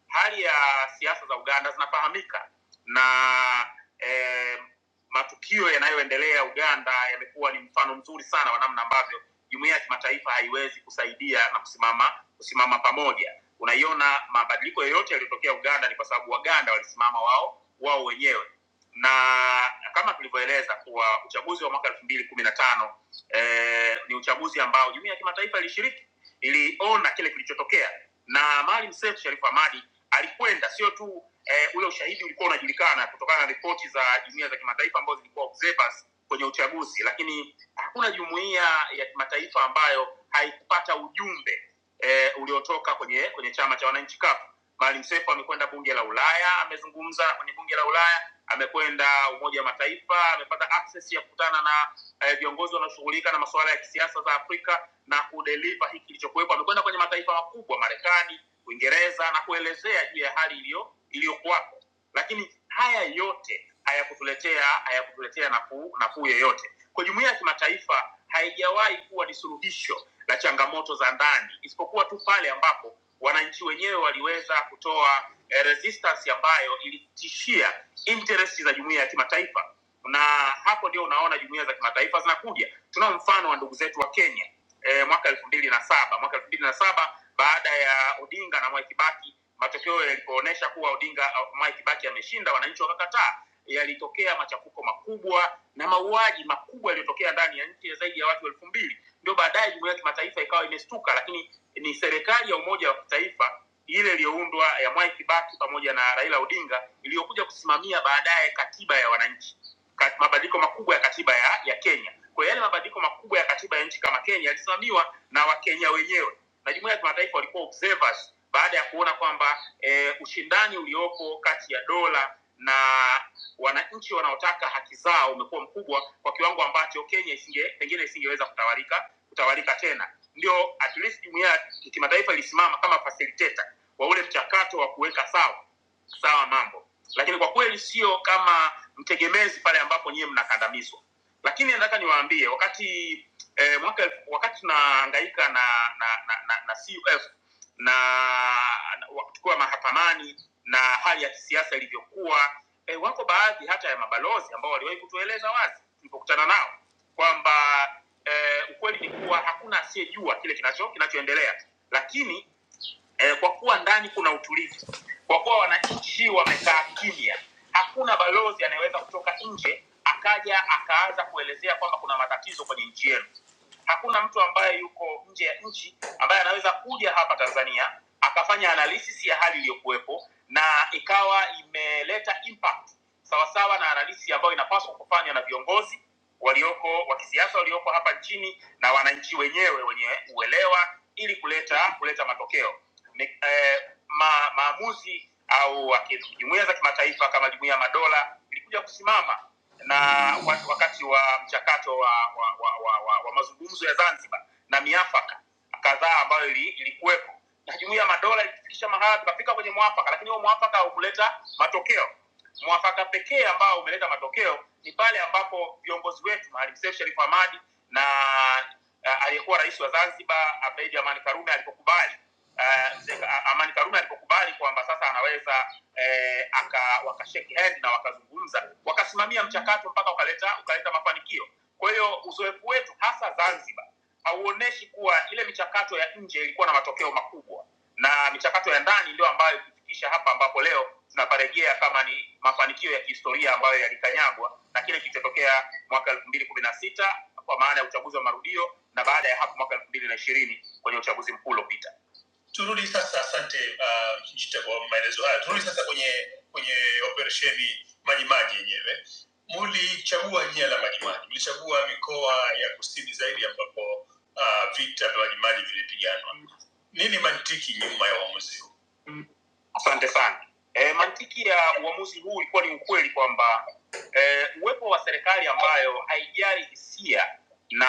Speaker 8: hali ya siasa za uganda zinafahamika na e, matukio yanayoendelea uganda yamekuwa ni mfano mzuri sana wa namna ambavyo jumuia ya kimataifa haiwezi kusaidia na kusimama kusimama pamoja unaiona mabadiliko yoyote yaliyotokea uganda ni kwa sababu waganda walisimama wao wao wenyewe na kama tulivyoeleza kuwa uchaguzi wa mwaka elfu mbili kumi na tano eh, ni uchaguzi ambao jumuia ya kimataifa ilishiriki iliona kile kilichotokea na Maalim Seif Sharif Hamad alikwenda, sio tu eh, ule ushahidi ulikuwa unajulikana kutokana na ripoti za jumuiya za kimataifa ambazo zilikuwa observers kwenye uchaguzi, lakini hakuna jumuiya ya kimataifa ambayo haikupata ujumbe eh, uliotoka kwenye kwenye chama cha wananchi CUF. Maalim Seif amekwenda bunge la Ulaya, amezungumza kwenye bunge la Ulaya, amekwenda Umoja wa Mataifa, amepata access ya kukutana na eh, viongozi eh, wanaoshughulika na masuala ya kisiasa za Afrika na kudeliva hiki kilichokuwepo. Amekwenda kwenye mataifa makubwa Marekani, Uingereza na kuelezea juu ya hali iliyo iliyokuwapo lakini haya yote hayakutuletea hayakutuletea nafuu nafuu yoyote kwa jumuiya ya kimataifa haijawahi kuwa ni suluhisho la changamoto za ndani isipokuwa tu pale ambapo wananchi wenyewe waliweza kutoa eh, resistance ambayo ilitishia interest za jumuiya ya kimataifa na hapo ndio unaona jumuiya za kimataifa zinakuja tunao mfano wa ndugu zetu wa kenya eh, mwaka elfu mbili na saba mwaka elfu mbili na saba baada ya odinga na mwai kibaki matokeo yalipoonyesha kuwa odinga mwai kibaki ameshinda wananchi wakakataa yalitokea machafuko makubwa na mauaji makubwa yaliyotokea ndani ya nchi ya zaidi ya watu elfu mbili ndio baadaye jumuiya ya kimataifa ikawa imestuka lakini ni serikali ya umoja wa kitaifa ile iliyoundwa ya mwai kibaki pamoja na raila odinga iliyokuja kusimamia baadaye katiba ya wananchi ka- mabadiliko makubwa ya katiba ya, ya Kenya. Kwa hiyo yale mabadiliko makubwa ya katiba ya nchi kama Kenya yalisimamiwa na Wakenya wenyewe na jumuiya ya kimataifa walikuwa observers baada ya kuona kwamba eh, ushindani uliopo kati ya dola na wananchi wanaotaka haki zao umekuwa mkubwa kwa kiwango ambacho Kenya isinge pengine isingeweza kutawalika kutawalika tena. Ndio at least jumuiya ya kimataifa ilisimama kama facilitator wa ule mchakato wa kuweka sawa sawa mambo lakini kwa kweli sio kama mtegemezi pale ambapo nyie mnakandamizwa lakini nataka niwaambie wakati eh, mwaka elfu- wakati tunahangaika na na, na, na, na CUF na, na wa- tukiwa mahakamani na hali ya kisiasa ilivyokuwa eh, wako baadhi hata ya mabalozi ambao waliwahi kutueleza wazi tulipokutana nao kwamba eh, ukweli ni kuwa hakuna asiyejua kile kinacho kinachoendelea lakini eh, kwa kuwa ndani kuna utulivu kwa kuwa wananchi wamekaa kimya hakuna balozi anayeweza kutoka nje akaja akaanza kuelezea kwamba kuna matatizo kwenye nchi yenu hakuna mtu ambaye yuko nje ya nchi ambaye anaweza kuja hapa tanzania akafanya analysis ya hali iliyokuwepo na ikawa imeleta impact sawasawa na analysis ambayo inapaswa kufanywa na viongozi walioko wa kisiasa walioko hapa nchini na wananchi wenyewe wenye uelewa ili kuleta kuleta matokeo Ni, eh, ma, maamuzi au aki- jumuiya za kimataifa kama jumuiya ya madola ilikuja kusimama na wa- wakati wa mchakato wa, wa, wa, wa, wa, wa mazungumzo ya Zanzibar na miafaka kadhaa ambayo ili- ilikuwepo na jumuiya ya madola ilifikisha mahala tukafika kwenye mwafaka, lakini huo mwafaka haukuleta matokeo mwafaka pekee ambao umeleta matokeo ni pale ambapo viongozi wetu Maalim Seif Sharif Hamad na uh, aliyekuwa rais wa Zanzibar Abeid Amani Karume alipokubali uh, Sheikh A- Amani Karume alipokubali kwamba sasa anaweza eh, aka wakashake hand na wakazungumza wakasimamia mchakato mpaka ukaleta ukaleta mafanikio. Kwa hiyo uzoefu wetu hasa Zanzibar hauoneshi kuwa ile michakato ya nje ilikuwa na matokeo makubwa na michakato ya ndani ndio ambayo kufikisha hapa ambapo leo tunaparejea kama ni mafanikio ya kihistoria ambayo yalikanyagwa na kile kilichotokea mwaka elfu mbili kumi na sita kwa maana ya uchaguzi wa marudio na baada ya hapo mwaka elfu mbili na ishirini kwenye uchaguzi mkuu uliopita turudi sasa asante uh, Kijita kwa maelezo hayo turudi sasa kwenye kwenye operesheni majimaji yenyewe mulichagua jina la majimaji mlichagua mikoa ya kusini zaidi ambapo uh, vita vya majimaji vilipiganwa nini mantiki nyuma ya uamuzi huu Asante sana. E, mantiki ya uamuzi huu ilikuwa ni ukweli kwamba e, uwepo wa serikali ambayo haijali hisia na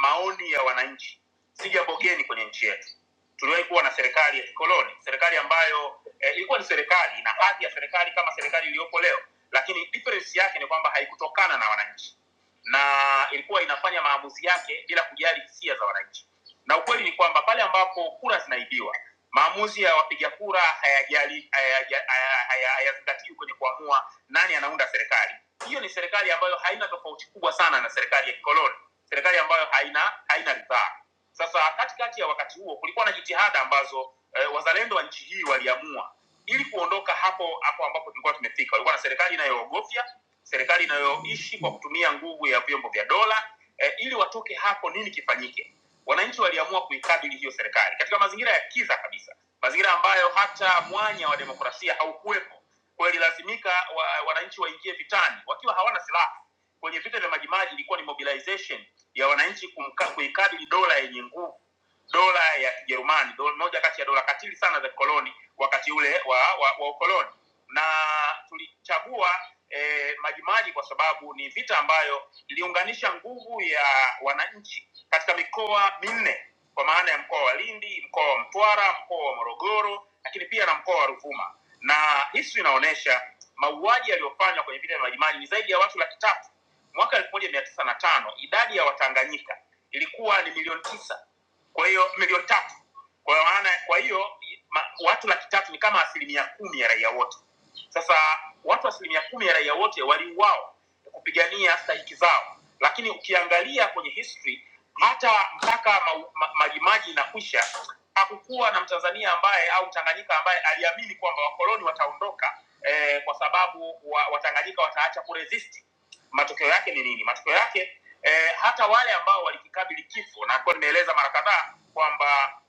Speaker 8: maoni ya wananchi si jambo geni kwenye nchi yetu tuliwahi kuwa na serikali ya kikoloni serikali ambayo eh, ilikuwa ni serikali na hadhi ya serikali kama serikali iliyopo leo lakini difference yake ni kwamba haikutokana na wananchi na ilikuwa inafanya maamuzi yake bila kujali hisia za wananchi na ukweli ni kwamba pale ambapo kura zinaibiwa maamuzi ya wapiga kura hayajali- hayaja- haya- haya- hayazingatiwi kwenye kuamua nani anaunda serikali hiyo ni serikali ambayo haina tofauti kubwa sana na serikali ya kikoloni serikali ambayo haina haina ridhaa sasa katikati ya wakati huo kulikuwa na jitihada ambazo eh, wazalendo wa nchi hii waliamua ili kuondoka hapo hapo ambapo tulikuwa tumefika. Walikuwa na serikali inayoogofya, serikali inayoishi kwa kutumia nguvu ya vyombo vya dola. Eh, ili watoke hapo, nini kifanyike? Wananchi waliamua kuikabili hiyo serikali katika mazingira ya kiza kabisa, mazingira ambayo hata mwanya wa demokrasia haukuwepo. Kwa hiyo ililazimika wa, wananchi waingie vitani wakiwa hawana silaha kwenye vita vya Majimaji ilikuwa ni mobilization ya wananchi kumka- kuikabili dola yenye nguvu, dola ya Kijerumani, dola moja kati ya dola katili sana za koloni wakati ule wa, wa, wa ukoloni, na tulichagua eh, Majimaji kwa sababu ni vita ambayo iliunganisha nguvu ya wananchi katika mikoa minne kwa maana ya mkoa wa Lindi, mkoa wa Mtwara, mkoa wa Morogoro, lakini pia na mkoa wa Ruvuma, na history inaonyesha mauaji yaliyofanywa kwenye vita vya Majimaji ni zaidi ya watu laki tatu mwaka elfu moja mia tisa na tano idadi ya watanganyika ilikuwa ni milioni tisa kwa hiyo milioni tatu kwa maana kwa hiyo ma, watu laki tatu ni kama asilimia kumi ya raia wote sasa watu asilimia kumi ya raia wote waliuawa kupigania stahiki zao lakini ukiangalia kwenye history hata mpaka majimaji ma, ma, Majimaji inakwisha hakukuwa na mtanzania ambaye au mtanganyika ambaye aliamini kwamba wakoloni wataondoka eh, kwa sababu wa, watanganyika wataacha kuresist matokeo yake ni nini matokeo yake eh, hata wale ambao walikikabili kifo na kwa nimeeleza mara kadhaa kwamba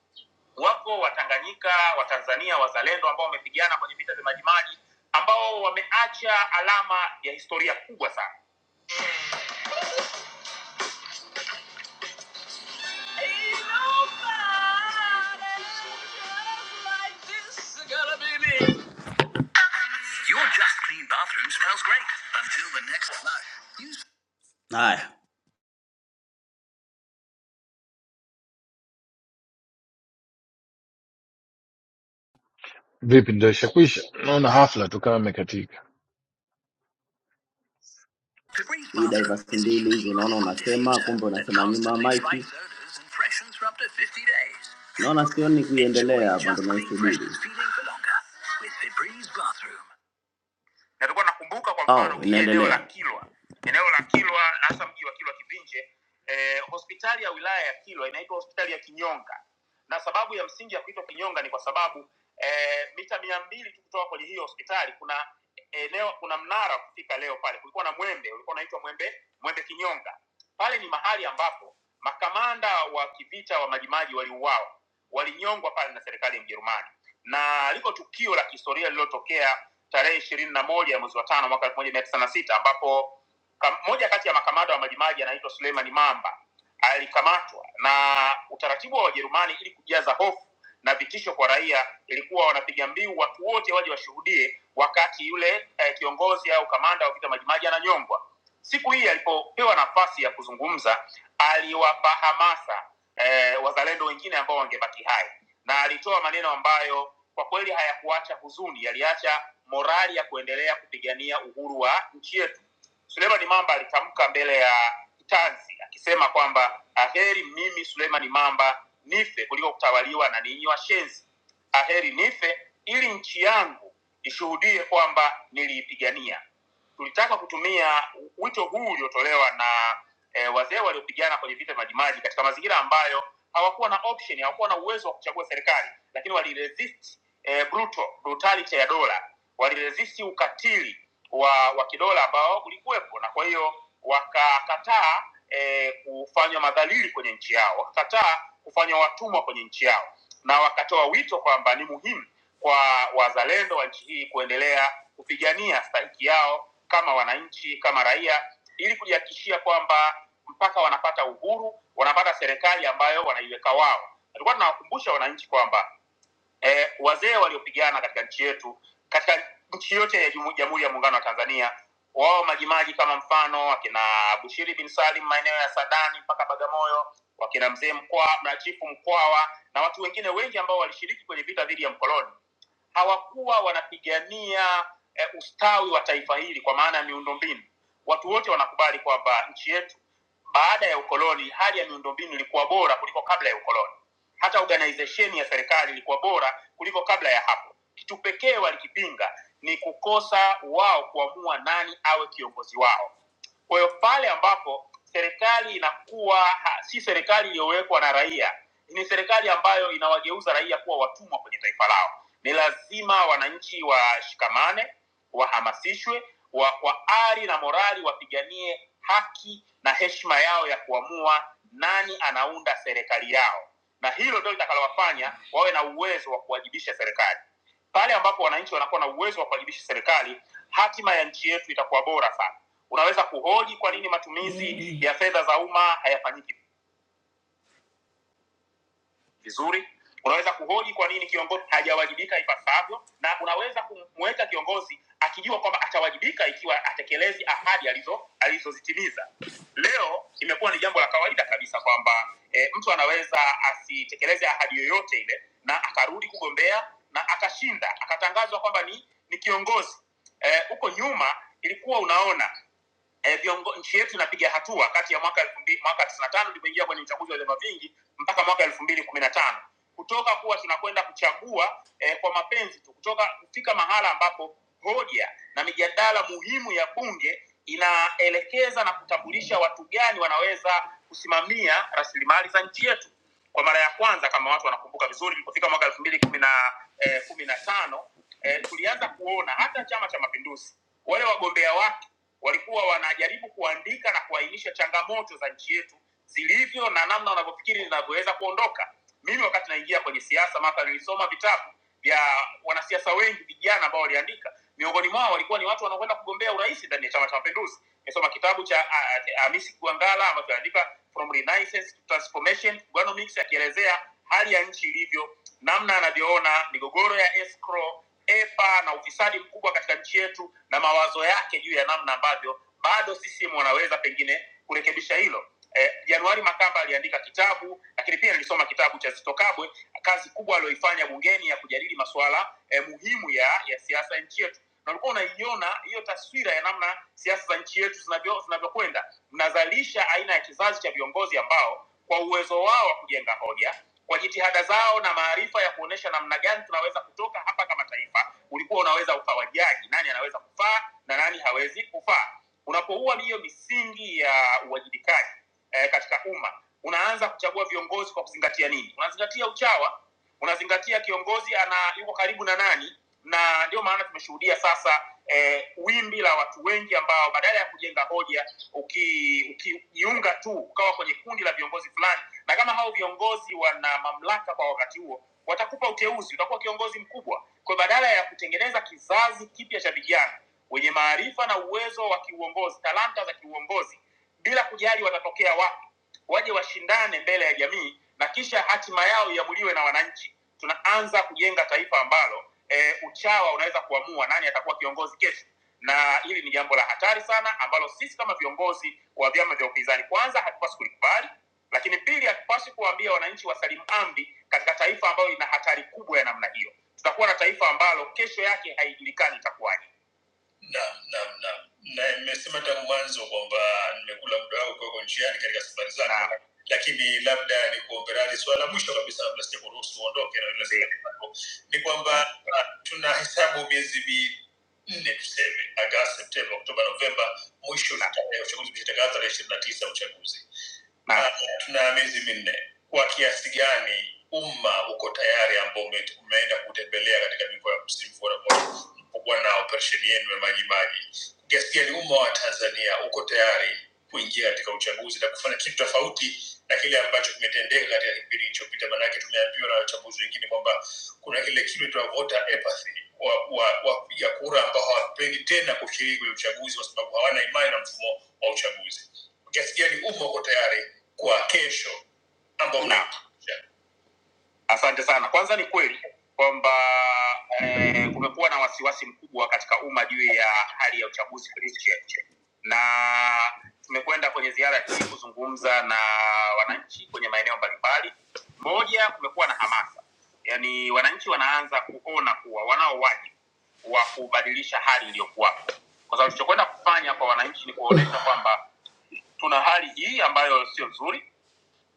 Speaker 8: wako watanganyika watanzania wazalendo ambao wamepigana kwenye vita vya majimaji ambao wameacha alama ya historia kubwa sana Haya,
Speaker 11: vipi? Ndo ishakwisha? Naona hafla tu kama imekatika.
Speaker 8: hii diverse mbili hizi naona unasema, kumbe unasema nyuma ya mic. Naona sioni kuiendelea hapa, ndio naisubiri. na tulikuwa nakumbuka kwa mfano oh, ukija eneo la inaendelea Kilwa, eneo la Kilwa, hasa mji wa Kilwa Kivinje, eh, hospitali ya wilaya ya Kilwa inaitwa hospitali ya Kinyonga, na sababu ya msingi ya kuitwa Kinyonga ni kwa sababu eh, mita mia mbili tu kutoka kwenye hiyo hospitali kuna eneo, kuna mnara wa kufika leo pale, kulikuwa na mwembe ulikuwa unaitwa mwembe mwembe Kinyonga. Pale ni mahali ambapo makamanda wa kivita wa Majimaji waliuawa, walinyongwa pale na serikali ya Mjerumani, na liko tukio la kihistoria lililotokea tarehe ishirini na moja mwezi wa tano mwaka elfu moja mia tisa na sita ambapo kam- moja kati ya makamanda wa Majimaji anaitwa Suleiman Mamba alikamatwa, na utaratibu wa Wajerumani ili kujaza hofu na vitisho kwa raia ilikuwa wanapiga mbiu watu wote waje washuhudie wakati yule eh, kiongozi au kamanda wa vita Majimaji ananyongwa. Siku hii alipopewa nafasi ya kuzungumza, aliwapa hamasa eh, wazalendo wengine ambao wangebaki hai na alitoa maneno ambayo kwa kweli hayakuacha huzuni, yaliacha morali ya kuendelea kupigania uhuru wa nchi yetu. Suleiman Mamba alitamka mbele ya kitanzi akisema kwamba aheri mimi Suleiman Mamba nife kuliko kutawaliwa na ninyi washenzi, aheri nife ili nchi yangu ishuhudie kwamba niliipigania. Tulitaka kutumia wito huu uliotolewa na eh, wazee waliopigana kwenye vita vya Majimaji katika mazingira ambayo hawakuwa na option, hawakuwa na uwezo wa kuchagua serikali, lakini waliresist eh, brutal, brutality ya dola, waliresist ukatili wa wa kidola ambao ulikuwepo, na kwa hiyo wakakataa eh, kufanywa madhalili kwenye nchi yao, wakakataa kufanywa watumwa kwenye nchi yao, na wakatoa wito kwamba ni muhimu kwa wazalendo wa nchi hii kuendelea kupigania stahiki yao kama wananchi, kama raia ili kujihakikishia kwamba mpaka wanapata uhuru, wanapata serikali ambayo wanaiweka wao. Tulikuwa tunawakumbusha wananchi kwamba eh, wazee waliopigana katika nchi yetu, katika nchi yote ya Jumu- Jamhuri ya Muungano wa Tanzania, wao majimaji kama mfano akina Bushiri bin Salim maeneo ya Sadani mpaka Bagamoyo, wakina mzee Mkwa na chifu Mkwawa na watu wengine wengi ambao walishiriki kwenye vita dhidi ya mkoloni hawakuwa wanapigania eh, ustawi wa taifa hili kwa maana ya miundombinu watu wote wanakubali kwamba nchi yetu baada ya ukoloni hali ya miundombinu ilikuwa bora kuliko kabla ya ukoloni hata organization ya serikali ilikuwa bora kuliko kabla ya hapo kitu pekee walikipinga ni kukosa wao kuamua nani awe kiongozi wao kwa hiyo pale ambapo serikali inakuwa ha, si serikali iliyowekwa na raia ni serikali ambayo inawageuza raia kuwa watumwa kwenye taifa lao. Ni lazima wananchi washikamane, wahamasishwe, wa kwa ari na morali wapiganie haki na heshima yao ya kuamua nani anaunda serikali yao, na hilo ndio litakalowafanya wawe na uwezo wa kuwajibisha serikali. Pale ambapo wananchi wanakuwa na uwezo wa kuwajibisha serikali, hatima ya nchi yetu itakuwa bora sana. Unaweza kuhoji kwa nini matumizi ya fedha za umma hayafanyiki vizuri unaweza kuhoji kwa nini kiongozi hajawajibika ipasavyo na unaweza kumweka kiongozi akijua kwamba atawajibika ikiwa atekelezi ahadi alizo alizozitimiza leo imekuwa ni jambo la kawaida kabisa kwamba e, mtu anaweza asitekeleze ahadi yoyote ile na akarudi kugombea na akashinda akatangazwa kwamba ni ni kiongozi Eh, huko e, nyuma ilikuwa unaona e, viongo, nchi yetu inapiga hatua kati ya mwaka elfu mbili mwaka tisini na tano tulivyoingia kwenye uchaguzi wa vyama vingi mpaka mwaka elfu mbili kumi na tano kutoka kuwa tunakwenda kuchagua e, kwa mapenzi tu kutoka kufika mahala ambapo hoja na mijadala muhimu ya bunge inaelekeza na kutambulisha watu gani wanaweza kusimamia rasilimali za nchi yetu kwa mara ya kwanza kama watu wanakumbuka vizuri ilipofika mwaka elfu mbili kumi na eh, kumi na tano eh, tulianza kuona hata chama cha mapinduzi wale wagombea wake walikuwa wanajaribu kuandika na kuainisha changamoto za nchi yetu zilivyo na namna wanavyofikiri zinavyoweza kuondoka mimi wakati naingia kwenye siasa maka nilisoma vitabu vya wanasiasa wengi vijana ambao waliandika miongoni mwao walikuwa ni watu wanaokwenda kugombea urais ndani ya chama cha mapinduzi nimesoma kitabu cha ah, ah, hamisi kuangala ambacho anaandika from renaissance to transformation Kuganomics akielezea hali ya nchi ilivyo namna anavyoona migogoro ya escrow epa na ufisadi mkubwa katika nchi yetu na mawazo yake juu ya namna ambavyo bado CCM wanaweza pengine kurekebisha hilo. Eh, Januari Makamba aliandika kitabu, lakini pia nilisoma kitabu cha Zitto Kabwe, kazi kubwa aliyoifanya bungeni ya kujadili masuala eh, muhimu ya ya siasa ya nchi yetu, na ulikuwa unaiona hiyo taswira ya namna siasa za nchi yetu zinavyo- zinavyokwenda. Mnazalisha aina ya kizazi cha viongozi ambao kwa uwezo wao wa kujenga hoja kwa jitihada zao na maarifa ya kuonesha namna gani tunaweza kutoka hapa kama taifa ulikuwa unaweza ukawajaji nani anaweza kufaa na nani hawezi kufaa unapoua hiyo misingi ya uwajibikaji eh, katika umma unaanza kuchagua viongozi kwa kuzingatia nini unazingatia uchawa unazingatia kiongozi ana yuko karibu na nani na ndio maana tumeshuhudia sasa eh, wimbi la watu wengi ambao badala ya kujenga hoja uki ukijiunga tu ukawa kwenye kundi la viongozi fulani na kama hao viongozi wana mamlaka kwa wakati huo watakupa uteuzi utakuwa kiongozi mkubwa kwa badala ya kutengeneza kizazi kipya cha vijana wenye maarifa na uwezo wa kiuongozi talanta za kiuongozi bila kujali watatokea wapi waje washindane mbele ya jamii na kisha hatima yao iamuliwe na wananchi tunaanza kujenga taifa ambalo eh, uchawa unaweza kuamua nani atakuwa kiongozi kesho na hili ni jambo la hatari sana ambalo sisi kama viongozi wa vyama vya upinzani kwanza hatupaswi kulikubali lakini pili hatupaswi kuwaambia wananchi wasalimu amri katika taifa ambalo lina hatari kubwa ya namna hiyo tutakuwa na taifa ambalo kesho yake haijulikani itakuwaje Naam, naam, naam. Na nimesema tangu mwanzo kwamba nimekula muda wangu kwako njiani katika safari zako, lakini labda nikuombe radhi. Swala la mwisho kabisa, kabla sijakuruhusu uondoke na ile swali lako, ni kwamba ah, tuna hesabu miezi minne tuseme, Agosti, Septemba, Oktoba, Novemba, mwisho tutakuwa uchaguzi ukishatangaza tarehe ishirini na tisa uchaguzi. Ah, tuna miezi minne. Kwa kiasi gani umma uko tayari ambao ume- umeenda kutembelea katika mikoa ya kusini kuona kuwa na operesheni yenu ya Majimaji. Kiasi gani umma wa Tanzania uko tayari kuingia katika uchaguzi na kufanya kitu tofauti na kile ambacho kimetendeka katika kipindi kilichopita? Maanake tumeambiwa na wachambuzi wengine kwamba kuna kile kitu cha voter apathy, wa- wa- wapiga kura ambao hawapendi tena kushiriki kwenye uchaguzi kwa sababu hawana imani na mfumo wa uchaguzi. Kiasi gani umma uko tayari kwa kesho ambao na Asante sana. Kwanza ni kweli kwamba eh, kumekuwa na wasiwasi mkubwa katika umma juu ya hali ya uchaguzi kwenye nchi yetu, na tumekwenda kwenye ziara hii kuzungumza na wananchi kwenye maeneo mbalimbali. Moja, kumekuwa na hamasa, yaani wananchi wanaanza kuona kuwa wanao wajibu wa kubadilisha hali iliyokuwapo, kwa sababu tulichokwenda kufanya kwa wananchi ni kuwaonyesha kwamba tuna hali hii ambayo sio nzuri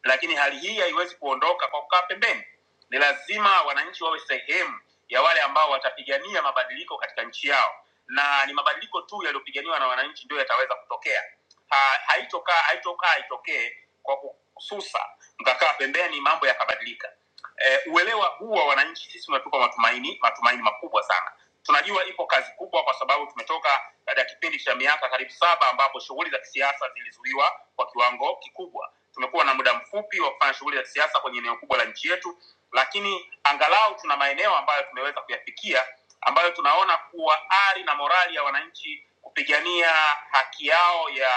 Speaker 8: lakini hali hii haiwezi kuondoka kwa kukaa pembeni. Ni lazima wananchi wawe sehemu ya wale ambao watapigania mabadiliko katika nchi yao, na ni mabadiliko tu yaliyopiganiwa na wananchi ndio yataweza kutokea. Ha, haitokaa haitokaa itokee kwa kususa mkakaa pembeni mambo yakabadilika. E, uelewa huu wa wananchi sisi unatupa matumaini matumaini makubwa sana tunajua ipo kazi kubwa kwa sababu tumetoka baada ya kipindi cha miaka karibu saba ambapo shughuli za kisiasa zilizuiwa kwa kiwango kikubwa tumekuwa na muda mfupi wa kufanya shughuli za kisiasa kwenye eneo kubwa la nchi yetu lakini angalau tuna maeneo ambayo tumeweza kuyafikia ambayo tunaona kuwa ari na morali ya wananchi kupigania haki yao ya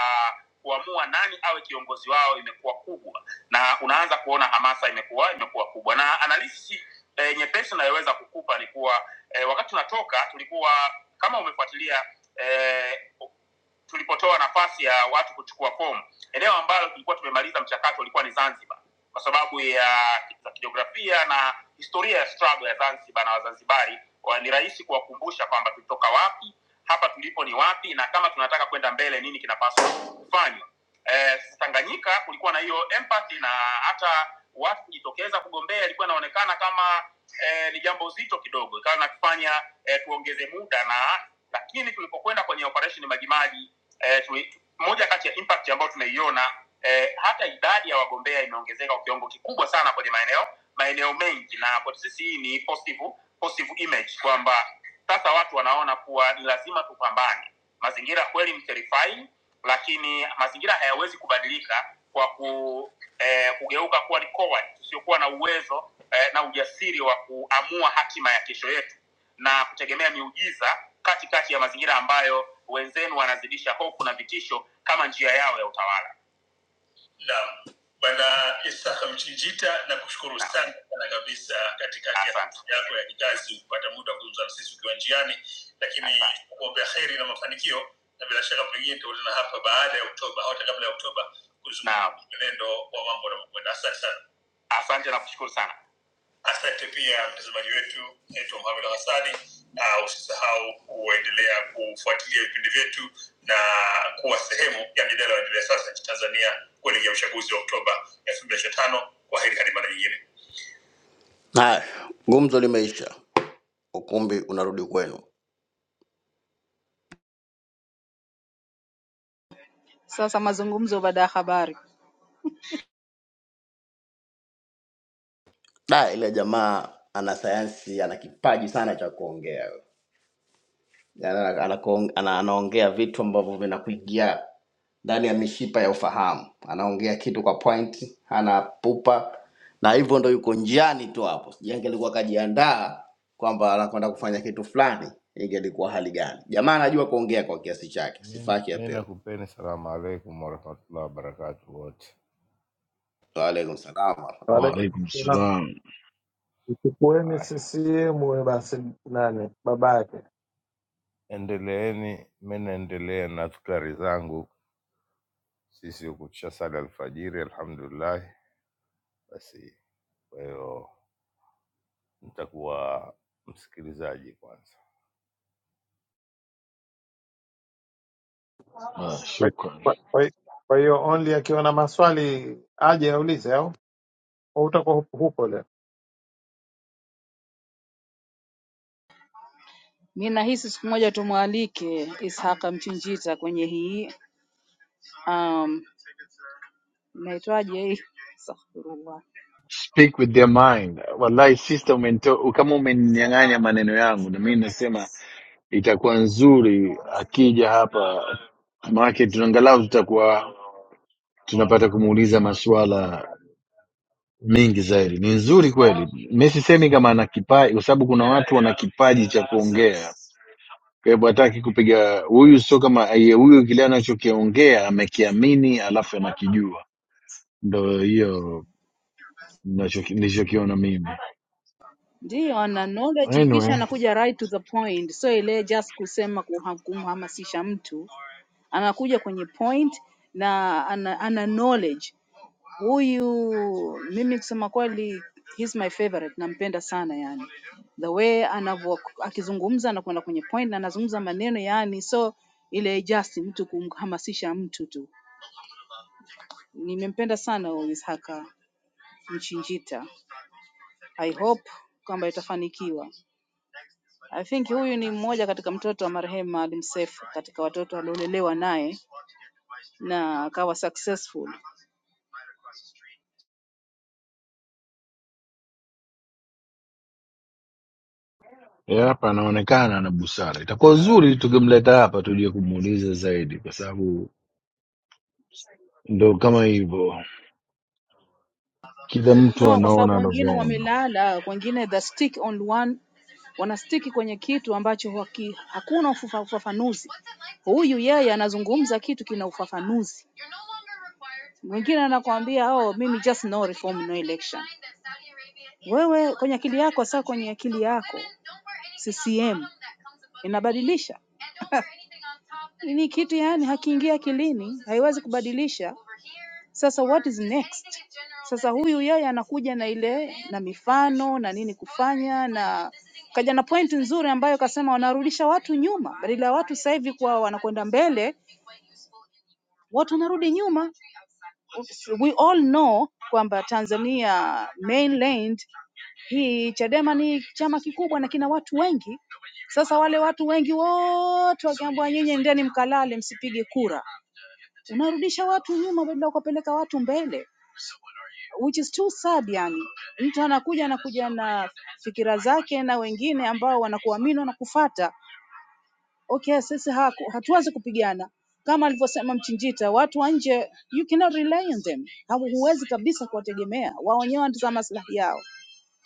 Speaker 8: kuamua nani awe kiongozi wao imekuwa kubwa na unaanza kuona hamasa imekuwa imekuwa kubwa na analysis eh, nyepesi inayoweza kukupa ni kuwa e, wakati tunatoka tulikuwa kama umefuatilia e, tulipotoa nafasi ya watu kuchukua fomu eneo ambalo tulikuwa tumemaliza mchakato ulikuwa ni zanzibar kwa sababu ya za kijiografia na historia ya struggle ya zanzibar na wazanzibari wa- ni rahisi kuwakumbusha kwamba tulitoka wapi hapa tulipo ni wapi na kama tunataka kwenda mbele nini kinapaswa kufanywa eh, Tanganyika kulikuwa na hiyo empathy na hata watu kujitokeza kugombea ilikuwa inaonekana kama eh, ni jambo zito kidogo, ikawa nakufanya eh, tuongeze muda na lakini tulipokwenda kwenye operation Majimaji eh, tui, moja kati ya impact ambayo tumeiona eh, hata idadi ya wagombea imeongezeka kwa kiwango kikubwa sana kwenye maeneo maeneo mengi, na kwetu sisi hii ni positive positive image kwamba sasa watu wanaona kuwa ni lazima tupambane. Mazingira kweli ni terrifying, lakini mazingira hayawezi kubadilika kwa ku, eh, kugeuka kuwa ni coward, tusiokuwa na uwezo eh, na ujasiri wa kuamua hatima ya kesho yetu na kutegemea miujiza katikati ya mazingira ambayo wenzenu wanazidisha hofu na vitisho kama njia yao ya utawala Naam, bwana Isaka Mchinjita, nakushukuru Naam. sana sana kabisa katikati ya Asante. safari yako ya kikazi kupata muda wa kuzungumza na sisi ukiwa njiani, lakini Asante. kuombea heri na mafanikio, na bila shaka pengine tutakutana hapa baada ya Oktoba au hata kabla ya Oktoba kuzungumza Naam. mwenendo wa mambo yanavyokwenda. Asante sana. asante na kushukuru sana Asante pia mtazamaji wetu, naitwa Mohamed Hassani, na usisahau kuendelea kufuatilia vipindi vyetu na kuwa sehemu ya mjadala unaoendelea sasa nchini Tanzania kuelekea uchaguzi wa Oktoba elfu mbili ishirini na tano. Kwa heri hadi mara nyingine. Haya, gumzo limeisha, ukumbi unarudi kwenu.
Speaker 13: Sasa mazungumzo baada ya habari.
Speaker 8: Da, ile jamaa ana sayansi, ana kipaji sana cha kuongea. Yaani ana- ana- ana- anaongea vitu ambavyo vinakuingia ndani ya mishipa ya ufahamu, anaongea kitu kwa point, hana pupa, na hivyo ndo yuko njiani tu hapo. Sijui angelikuwa kajiandaa kwamba anakwenda kufanya kitu fulani, ingelikuwa hali gani? Jamaa anajua kuongea kwa kiasi chake,
Speaker 14: Mi
Speaker 8: sifa yake
Speaker 14: mi
Speaker 8: apewe.
Speaker 14: nakupeni salamu alaikum warahmatullahi wabarakatu wote.
Speaker 8: Waalaikum salaam.
Speaker 3: Waalaikum
Speaker 11: Waalaikum
Speaker 3: salaam.
Speaker 11: salam.
Speaker 3: Mchukueni
Speaker 14: Haya,
Speaker 3: CCM huyo basi nani baba yake.
Speaker 14: endeleeni, mi naendelea na fikari zangu. Sisi huku tushasali alfajiri, alhamdulillahi. Basi kwa hiyo nitakuwa msikilizaji kwanza.
Speaker 11: Ah,
Speaker 3: Kwa
Speaker 11: shukran.
Speaker 3: kwa- kwa- kwa hiyo only akiwa na maswali aje aulize au Au utakuwa hupo leo?
Speaker 13: Mi nahisi siku moja tumwalike Ishaq Mchinjita kwenye hii um, inaitwaje hii? Astaghfirullah.
Speaker 11: speak with their mind. Wallahi sister, umenito, kama umeninyang'anya maneno yangu, na mimi nasema itakuwa nzuri akija hapa, maanake tunaangalau tutakuwa tunapata kumuuliza maswala mengi zaidi. Ni nzuri kweli, mi sisemi kama ana kipaji, kwa sababu kuna watu wana kipaji cha kuongea. Kwa hivyo hataki kupiga huyu, sio kama aye, huyu kile anachokiongea amekiamini, alafu anakijua. Ndo hiyo nacho- nilichokiona mimi.
Speaker 13: Ndiyo, ana knowledge kisha
Speaker 11: Anyway.
Speaker 13: anakuja right to the point, so ile just kusema kuha- kumhamasisha mtu, anakuja kwenye point na ana, ana knowledge Huyu mimi kusema kweli he's my favorite, nampenda sana yani. The way anavyo akizungumza anakwenda kwenye point na anazungumza maneno yani so ile just mtu kumhamasisha mtu tu. Nimempenda sana huyu Ishaka Mchinjita. I hope kwamba itafanikiwa. I think huyu ni mmoja katika mtoto wa marehemu Maalim Seif katika watoto aliolelewa naye na akawa successful.
Speaker 11: Eh, hapa anaonekana ana busara. Itakuwa uzuri tukimleta hapa tuje kumuuliza zaidi, kwa sababu ndo kama hivyo, kila mtu
Speaker 13: no kwa sababu
Speaker 11: anaona
Speaker 13: wengine
Speaker 11: anavyoona.
Speaker 13: wamelala wengine the stick on one wanastiki kwenye kitu ambacho haki, hakuna ufufa- ufafanuzi huyu yeye anazungumza kitu kina ufafanuzi mwingine anakuambia oh mimi just no reform no election wewe kwenye akili yako saa kwenye akili yako ccm inabadilisha ni kitu yani hakiingia akilini haiwezi kubadilisha Sasa what is next? Sasa huyu yeye anakuja na ile na mifano na nini kufanya na kaja na pointi nzuri ambayo kasema wanarudisha watu nyuma, badala ya watu sasa hivi kuwa wanakwenda mbele, watu wanarudi nyuma. We all know kwamba Tanzania mainland hii Chadema ni chama kikubwa na kina watu wengi. Sasa wale watu wengi wote wakiambiwa nyinyi endeni mkalale, msipige kura, unarudisha watu nyuma badala ya kuwapeleka watu mbele. which is too sad yani mtu anakuja anakuja na fikira zake na wengine ambao wanakuamini wanakufuata okay sisi haku- hatuwezi kupigana kama alivyosema mchinjita watu wa nje you cannot rely on them Hamu- huwezi kabisa kuwategemea wao wenyewe wanatazama maslahi yao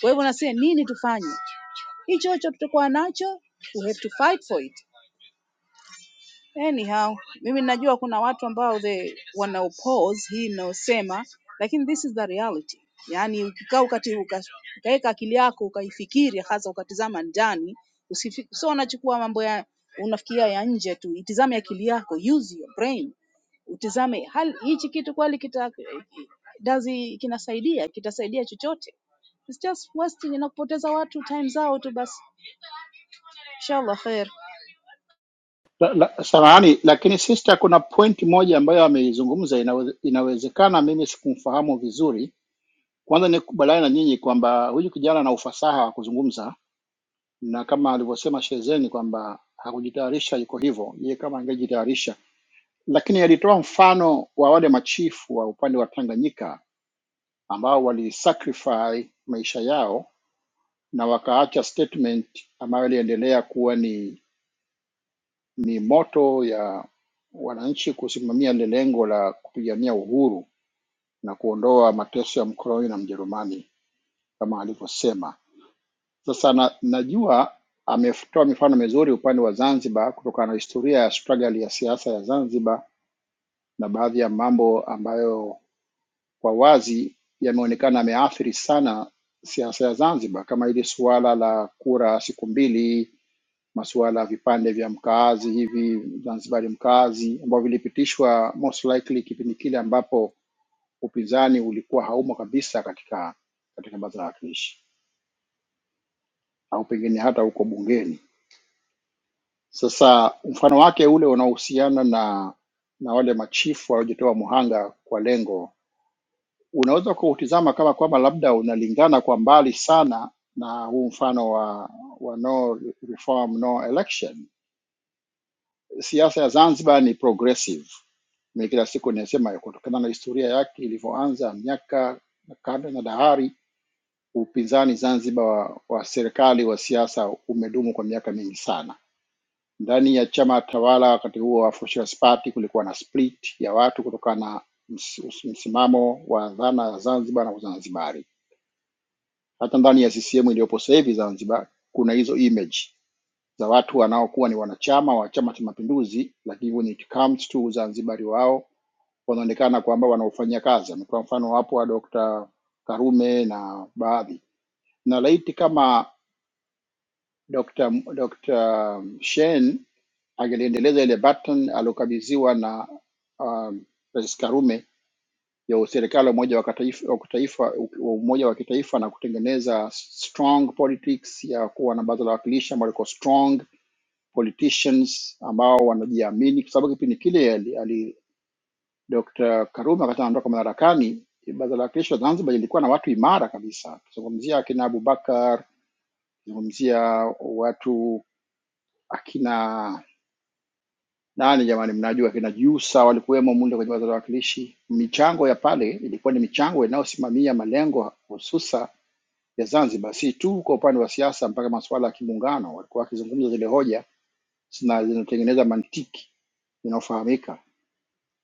Speaker 13: kwa hivyo nasema nini tufanye hicho hicho tutakuwa nacho we have to fight for it Anyhow mimi najua kuna watu ambao they wana oppose hii inayosema lakini this is the reality yaani ukikaa ukati uka- ukaweka akili yako ukaifikiri hasa ukatizama ndani usifi- sio unachukua mambo ya unafikiria ya nje tu itizame akili yako use your brain utizame hali hichi kitu kweli kita does it- kinasaidia kitasaidia chochote It's just wasting na kupoteza watu time zao tu basi inshallah khair
Speaker 12: La, la, samahani lakini sister, kuna point moja ambayo ameizungumza inawe, inawezekana mimi sikumfahamu vizuri. Kwanza nikubaliana na nyinyi kwamba huyu kijana ana ufasaha wa kuzungumza, na kama alivyosema Shezeni kwamba hakujitayarisha, yuko hivyo yeye, kama angejitayarisha. Lakini alitoa mfano wa wale machifu wa upande wa Tanganyika ambao walisacrifice maisha yao na wakaacha statement ambayo iliendelea kuwa ni, ni moto ya wananchi kusimamia lile lengo la kupigania uhuru na kuondoa mateso ya mkoloni na Mjerumani kama alivyosema. Sasa na, najua ametoa mifano mizuri upande wa Zanzibar kutokana na historia ya struggle ya siasa ya Zanzibar na baadhi ya mambo ambayo kwa wazi yameonekana yameathiri sana siasa ya Zanzibar kama hili suala la kura siku mbili masuala ya vipande vya mkaazi hivi Zanzibari mkaazi ambavyo vilipitishwa most likely kipindi kile ambapo upinzani ulikuwa haumo kabisa katika katika baraza la wawakilishi au pengine hata huko bungeni. Sasa mfano wake ule unaohusiana na na wale machifu waliojitoa muhanga kwa lengo, unaweza kuutizama kama kwamba labda unalingana kwa mbali sana na huu mfano wa wa no reform no election Siasa ya Zanzibar ni progressive, mimi kila siku ninasema kutokana na historia yake ilivyoanza miaka na karne na dahari. Upinzani Zanzibar wa, wa serikali wa siasa umedumu kwa miaka mingi sana. Ndani ya chama tawala wakati huo wa Socialist Party kulikuwa na split ya watu kutokana na ms- ms- msimamo wa dhana ya Zanzibar na Uzanzibari. Hata ndani ya CCM iliyopo sasa hivi Zanzibar kuna hizo image za watu wanaokuwa ni wanachama wa Chama cha Mapinduzi, lakini when it comes to Uzanzibari wao wanaonekana kwamba wanaofanyia kazi. Ametoa mfano wapo wa Dr. Karume na baadhi, na laiti kama Dr. M- Dr. Shein angeliendeleza ile baton aliokabidhiwa na um, Rais Karume ya serikali ya umoja wa kitaifa, wa kitaifa, wa umoja wa kitaifa na kutengeneza strong politics ya kuwa na baraza la wawakilishi ambalo liko strong politicians ambao wanajiamini, kwa sababu kipindi kile ali, ali Dr. Karume wakati anondoka madarakani, baraza la wakilishi wa Zanzibar lilikuwa na watu imara kabisa, kizungumzia akina Abubakar, kizungumzia watu akina nani jamani, mnajua kina Jusa walikuwemo mule kwenye baraza la wawakilishi. Michango ya pale ilikuwa ni michango inayosimamia malengo hususa ya Zanzibar, si tu kwa upande wa siasa, mpaka masuala ya kimuungano. Walikuwa wakizungumza zile hoja zina- zinatengeneza mantiki inayofahamika,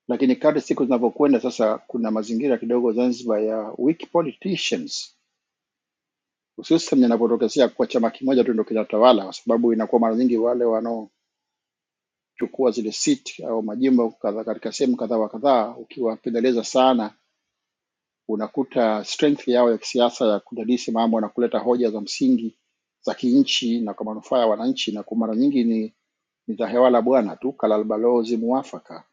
Speaker 12: lakini kadri siku zinavyokwenda sasa, kuna mazingira kidogo Zanzibar ya weak politicians, hususan yanapotokezea kuwa chama kimoja tu ndio kinatawala, kwa sababu inakuwa mara nyingi wale chukua zile seat au majimbo kadha katika sehemu kadhaa wa kadhaa, ukiwapendeleza sana, unakuta strength yao ya kisiasa ya kudadisi mambo na kuleta hoja za msingi za kinchi na kwa manufaa ya wananchi, na kwa mara nyingi ni ni za hewa la bwana tu, kalalbalozi muafaka.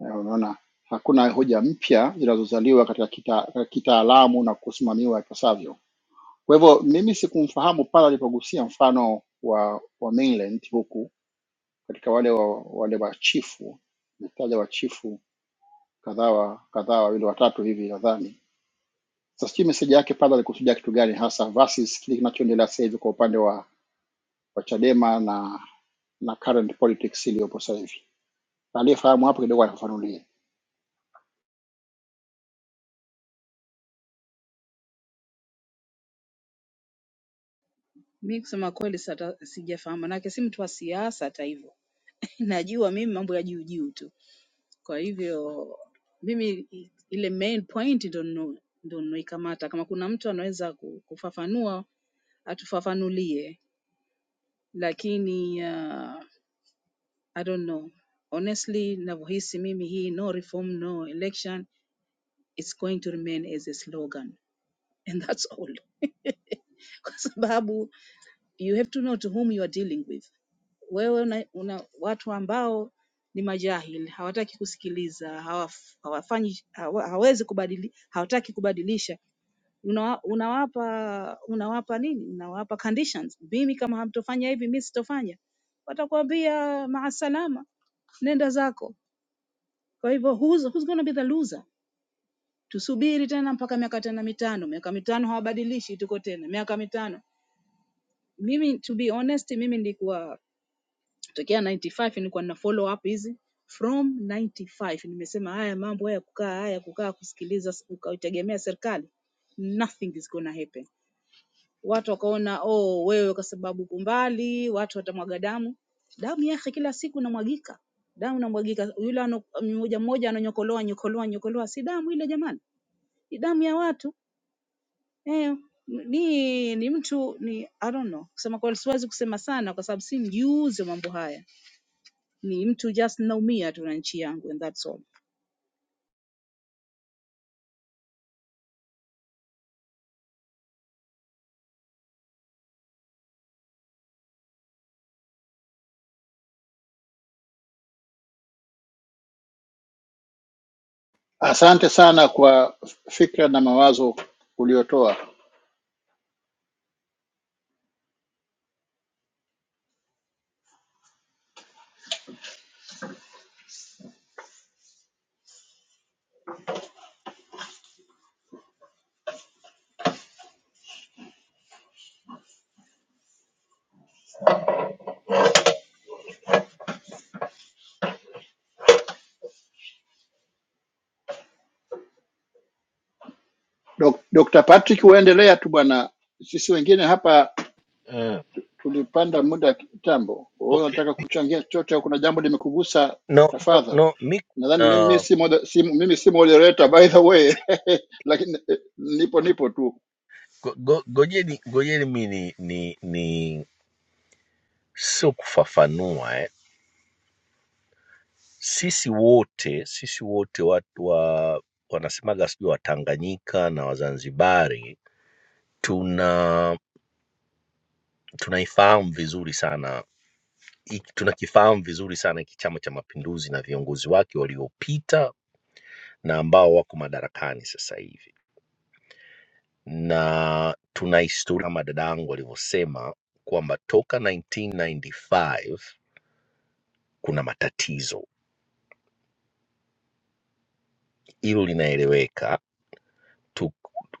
Speaker 12: Eh, Unaona, hakuna hoja mpya zinazozaliwa katika kita- katika kitaalamu na kusimamiwa ipasavyo. Kwa hivyo mimi sikumfahamu pale alipogusia mfano wa, wa mainland huku katika wale wa, wale wachifu nataja wachifu kadhaa wa- kadhaa wawili watatu hivi nadhani. Sasa sijui meseji yake padre alikusudia kitu gani hasa versus kile kinachoendelea sasa hivi kwa upande wa, wa Chadema na na current politics iliyopo sasa hivi. Aliyefahamu hapo kidogo anafafanulie.
Speaker 13: Mi kusema kweli sata, sijafahamu manake si mtu wa siasa hata hivyo. Najua mimi mambo ya juu juu tu. Kwa hivyo mimi i- ile main point ndo nno- ndo naikamata. Kama kuna mtu anaweza ku- kufafanua atufafanulie, lakini uh, I don't know honestly, navyohisi mimi hii no reform no election it's going to remain as a slogan and that's all, kwa sababu you have to know to whom you are dealing with Wewe una, una watu ambao ni majahil, hawataki kusikiliza, hawaf, hawafanyi hawa, hawezi kubadili, hawataki kubadilisha. Unawa, unawapa unawapa nini? Unawapa conditions. Mimi kama hamtofanya hivi, mimi sitofanya. Watakwambia maasalama, nenda zako. Kwa hivyo who's, who's gonna be the loser? Tusubiri tena mpaka miaka tena mitano, miaka mitano hawabadilishi, tuko tena miaka mitano. Mimi to be honest, mimi nilikuwa Kutokea 95 nilikuwa nina follow up hizi from 95 nimesema haya mambo haya kukaa haya kukaa kusikiliza ukaitegemea serikali nothing is gonna happen watu wakaona oh wewe kwa sababu kumbali watu watamwaga damu damu yake kila siku inamwagika damu inamwagika yule ano- mmoja mmoja ananyokoloa nyokoloa nyokoloa si damu ile jamani ni damu ya watu eh, ni ni mtu ni i don't know kusema kweli siwezi kusema sana kwa sababu si mjuzi wa mambo haya ni mtu just naumia tu na nchi yangu and that's all.
Speaker 12: Asante sana kwa fikra na mawazo uliotoa Dok- Dr. Patrick, uendelea tu bwana, sisi wengine hapa
Speaker 15: Uh,
Speaker 12: tulipanda muda kitambo. Wewe
Speaker 15: okay.
Speaker 12: unataka kuchangia chochote au kuna jambo limekugusa?
Speaker 15: No, no,
Speaker 12: Tafadhali.
Speaker 15: no mi
Speaker 12: nadhani mimi
Speaker 15: kuna
Speaker 12: si moder- si- mimi si moderator by the way lakini eh, nipo nipo tu
Speaker 15: go, go, gojeni, gojeni mi ni, ni, ni sio kufafanua eh. Sisi wote sisi wote watu wa wanasemaga sijui Watanganyika na Wazanzibari tuna tunaifahamu vizuri sana hiki- tunakifahamu vizuri sana hiki Chama cha Mapinduzi na viongozi wake waliopita na ambao wako madarakani sasa hivi na tuna historia kama dadangu alivyosema kwamba toka 1995 kuna matatizo, hilo linaeleweka tu.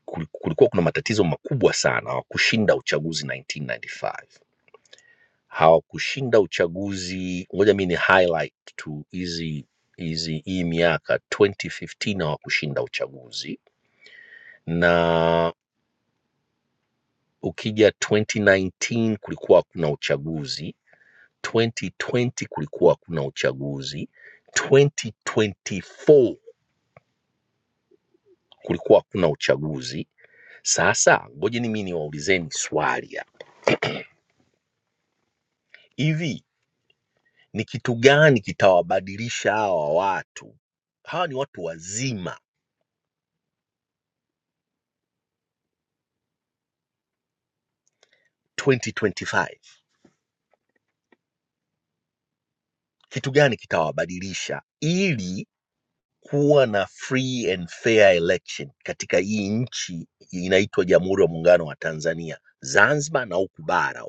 Speaker 15: kul- Kulikuwa kuna matatizo makubwa sana, hawakushinda uchaguzi 1995, hawakushinda uchaguzi. Ngoja mi ni highlight tu hizi hizi hii miaka 2015 hawakushinda uchaguzi, na ukija 2019 kulikuwa hakuna uchaguzi 2020 kulikuwa kuna uchaguzi, 2024 kulikuwa kuna uchaguzi. Sasa ngojeni mimi niwaulizeni swali hapa, hivi ni kitu gani kitawabadilisha hawa watu? Hawa ni watu wazima 2025, kitu gani kitawabadilisha ili kuwa na free and fair election katika hii nchi inaitwa Jamhuri ya Muungano wa Tanzania, Zanzibar na huku bara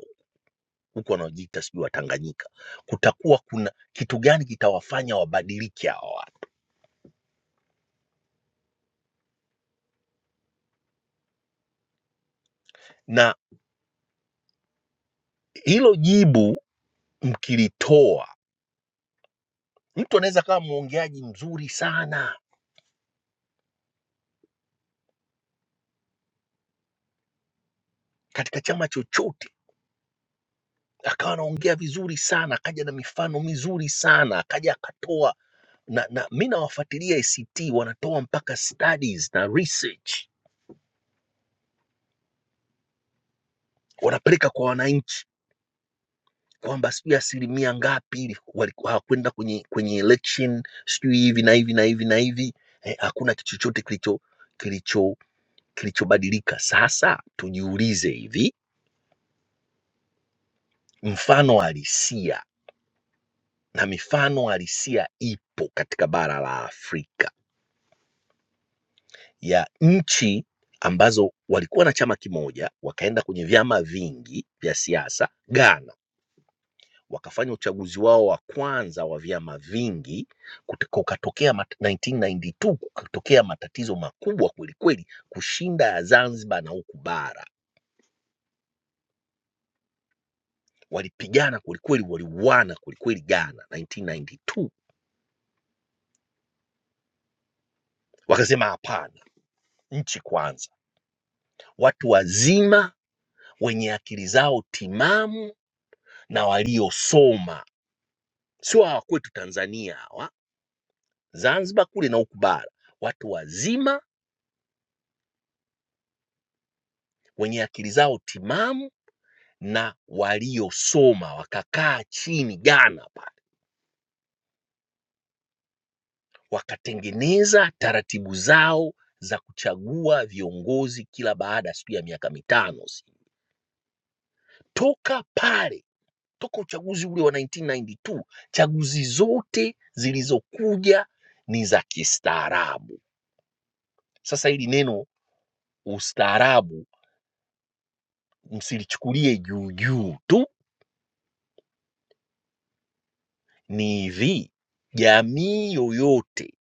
Speaker 15: huku wanaojiita sijui Watanganyika, kutakuwa kuna kitu gani kitawafanya wabadilike hawa watu? Na hilo jibu mkilitoa, mtu anaweza akawa mwongeaji mzuri sana katika chama chochote, akawa anaongea vizuri sana, akaja na mifano mizuri sana, akaja akatoa na, na mi nawafuatilia ACT wanatoa mpaka studies na research wanapeleka kwa wananchi kwamba sijui asilimia ngapi ili waliku- hawakwenda kwenye kwenye election sijui hivi na hivi na hivi na hivi eh, hakuna kitu chochote kilicho kilicho kilichobadilika. Sasa tujiulize hivi, mfano halisia na mifano halisia ipo katika bara la Afrika ya nchi ambazo walikuwa na chama kimoja wakaenda kwenye vyama vingi vya siasa. Ghana wakafanya uchaguzi wao wa kwanza wa vyama vingi, kuta- kukatokea mat- 1992 kukatokea matatizo makubwa kwelikweli, kushinda ya Zanzibar na huku bara walipigana kwelikweli, waliuana kwelikweli Ghana 1992. Wakasema hapana, nchi kwanza, watu wazima wenye akili zao timamu na waliosoma, sio hawa kwetu Tanzania hawa Zanzibar kule na huku bara, watu wazima wenye akili zao timamu na waliosoma wakakaa chini Ghana pale, wakatengeneza taratibu zao za kuchagua viongozi kila baada ya sijui ya miaka mitano sijui. toka pale toka uchaguzi ule wa 1992 chaguzi zote zilizokuja ni za kistaarabu. Sasa hili neno ustaarabu msilichukulie juu juu tu, ni hivi, jamii yoyote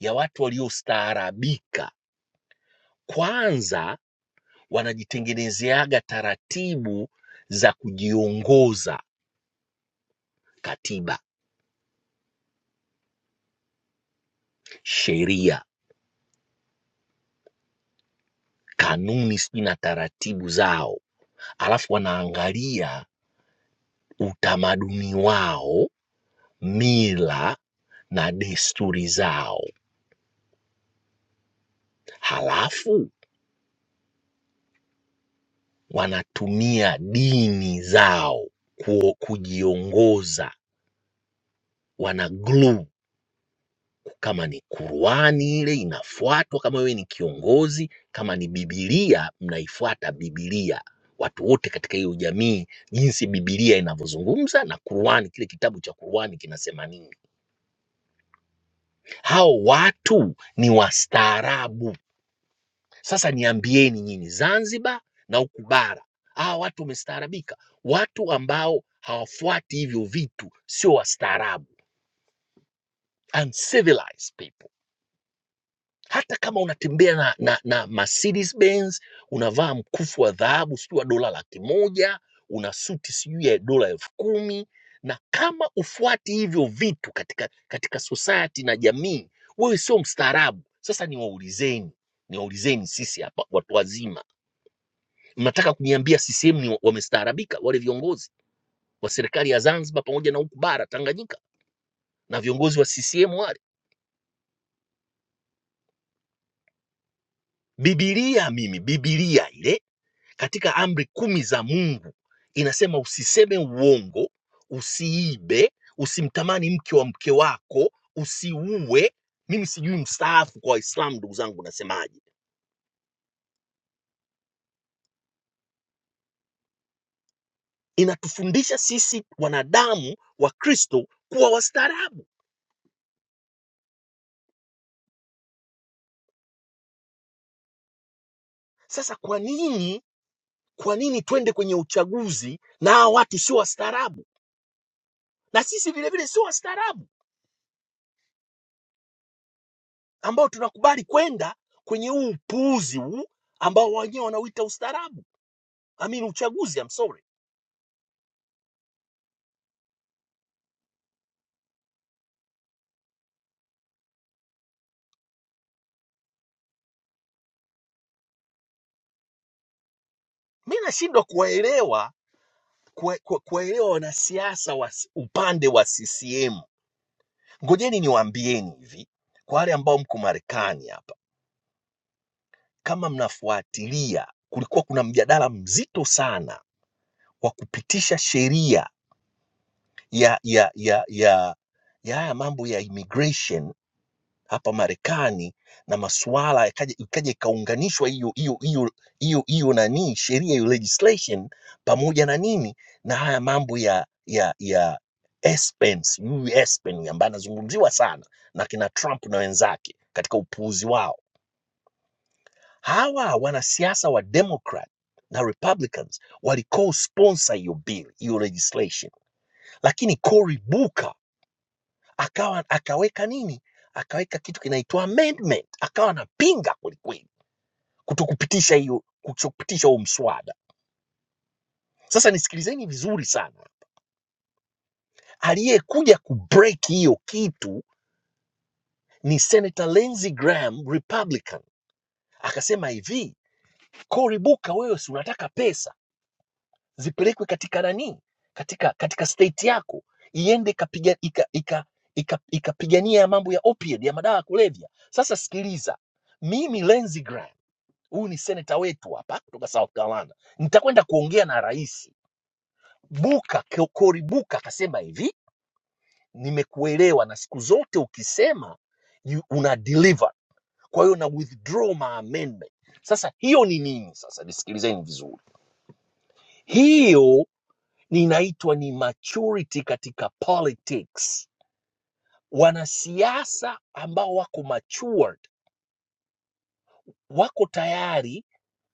Speaker 15: ya watu waliostaarabika kwanza wanajitengenezeaga taratibu za kujiongoza katiba sheria kanuni sijui na taratibu zao alafu wanaangalia utamaduni wao mila na desturi zao halafu wanatumia dini zao kuo- kujiongoza wana glue kama ni Qur'ani ile inafuatwa, kama wewe ni kiongozi, kama ni Biblia mnaifuata Biblia, watu wote katika hiyo jamii, jinsi Biblia inavyozungumza na Qur'ani, kile kitabu cha Qur'ani kinasema nini. Hao watu ni wastaarabu. Sasa niambieni nyinyi, Zanzibar na huku bara, hawa watu wamestaarabika. Watu ambao hawafuati hivyo vitu sio wastaarabu, uncivilized people. hata kama unatembea na, na, na Mercedes Benz, unavaa mkufu wa dhahabu sijui wa dola laki moja, una suti sijui ya dola elfu kumi na kama ufuati hivyo vitu katika, katika society na jamii, wewe sio mstaarabu. Sasa niwaulizeni niwaulizeni sisi hapa watu wazima, mnataka kuniambia CCM ni wa- wamestaarabika wale viongozi wa serikali ya Zanzibar pamoja na huku bara Tanganyika na viongozi wa CCM wale? Bibilia mimi, bibilia ile katika amri kumi za Mungu inasema usiseme uongo, usiibe, usimtamani mke wa mke wako, usiue. Mimi sijui mstaafu kwa Waislamu, ndugu zangu, nasemaje? Inatufundisha sisi wanadamu wa Kristo kuwa wastaarabu. Sasa kwa nini, kwa nini twende kwenye uchaguzi na hawa watu sio wastaarabu, na sisi vilevile sio wastaarabu ambao tunakubali kwenda kwenye huu upuuzi huu ambao wenyewe wanauita ustaarabu? I mean, uchaguzi I'm sorry. Mimi nashindwa kuwaelewa kuwa- kuwa- kuwaelewa wanasiasa wa s- upande wa CCM. Ngojeni niwaambieni hivi, kwa wale ambao mko Marekani hapa, kama mnafuatilia, kulikuwa kuna mjadala mzito sana wa kupitisha sheria ya ya ya ya ya haya mambo ya immigration hapa Marekani na masuala yakaja ikaja ikaunganishwa hiyo hiyo hiyo hiyo hiyo nani sheria hiyo legislation pamoja na nini na haya mambo ya ya ya Spence, huyu Spence ambaye anazungumziwa sana na kina Trump na wenzake katika upuuzi wao. Hawa wanasiasa wa Democrat na Republicans wali co-sponsor hiyo bill, hiyo legislation, lakini Cory Booker akawa akaweka nini, akaweka kitu kinaitwa amendment, akawa anapinga kwelikweli kutokupitisha hiyo kutokupitisha huo mswada. Sasa nisikilizeni vizuri sana, aliyekuja kubreak hiyo kitu ni Senator Lindsey Graham Republican, akasema hivi, Koribuka, wewe si unataka pesa zipelekwe katika nani, katika katika state yako iende ikapiga ika, ika, ikapigania ika, ikapigania mambo ya opiate ya madawa ya kulevya. Sasa sikiliza, mimi Lindsey Graham huyu ni seneta wetu hapa kutoka South Carolina, nitakwenda kuongea na rais. Buka Cory Buka akasema hivi, nimekuelewa na siku zote ukisema you, una deliver, kwa hiyo na withdraw my amendment. Sasa hiyo ni nini? Sasa nisikilizeni vizuri, hiyo inaitwa ni maturity katika politics. Wanasiasa ambao wako mature wako tayari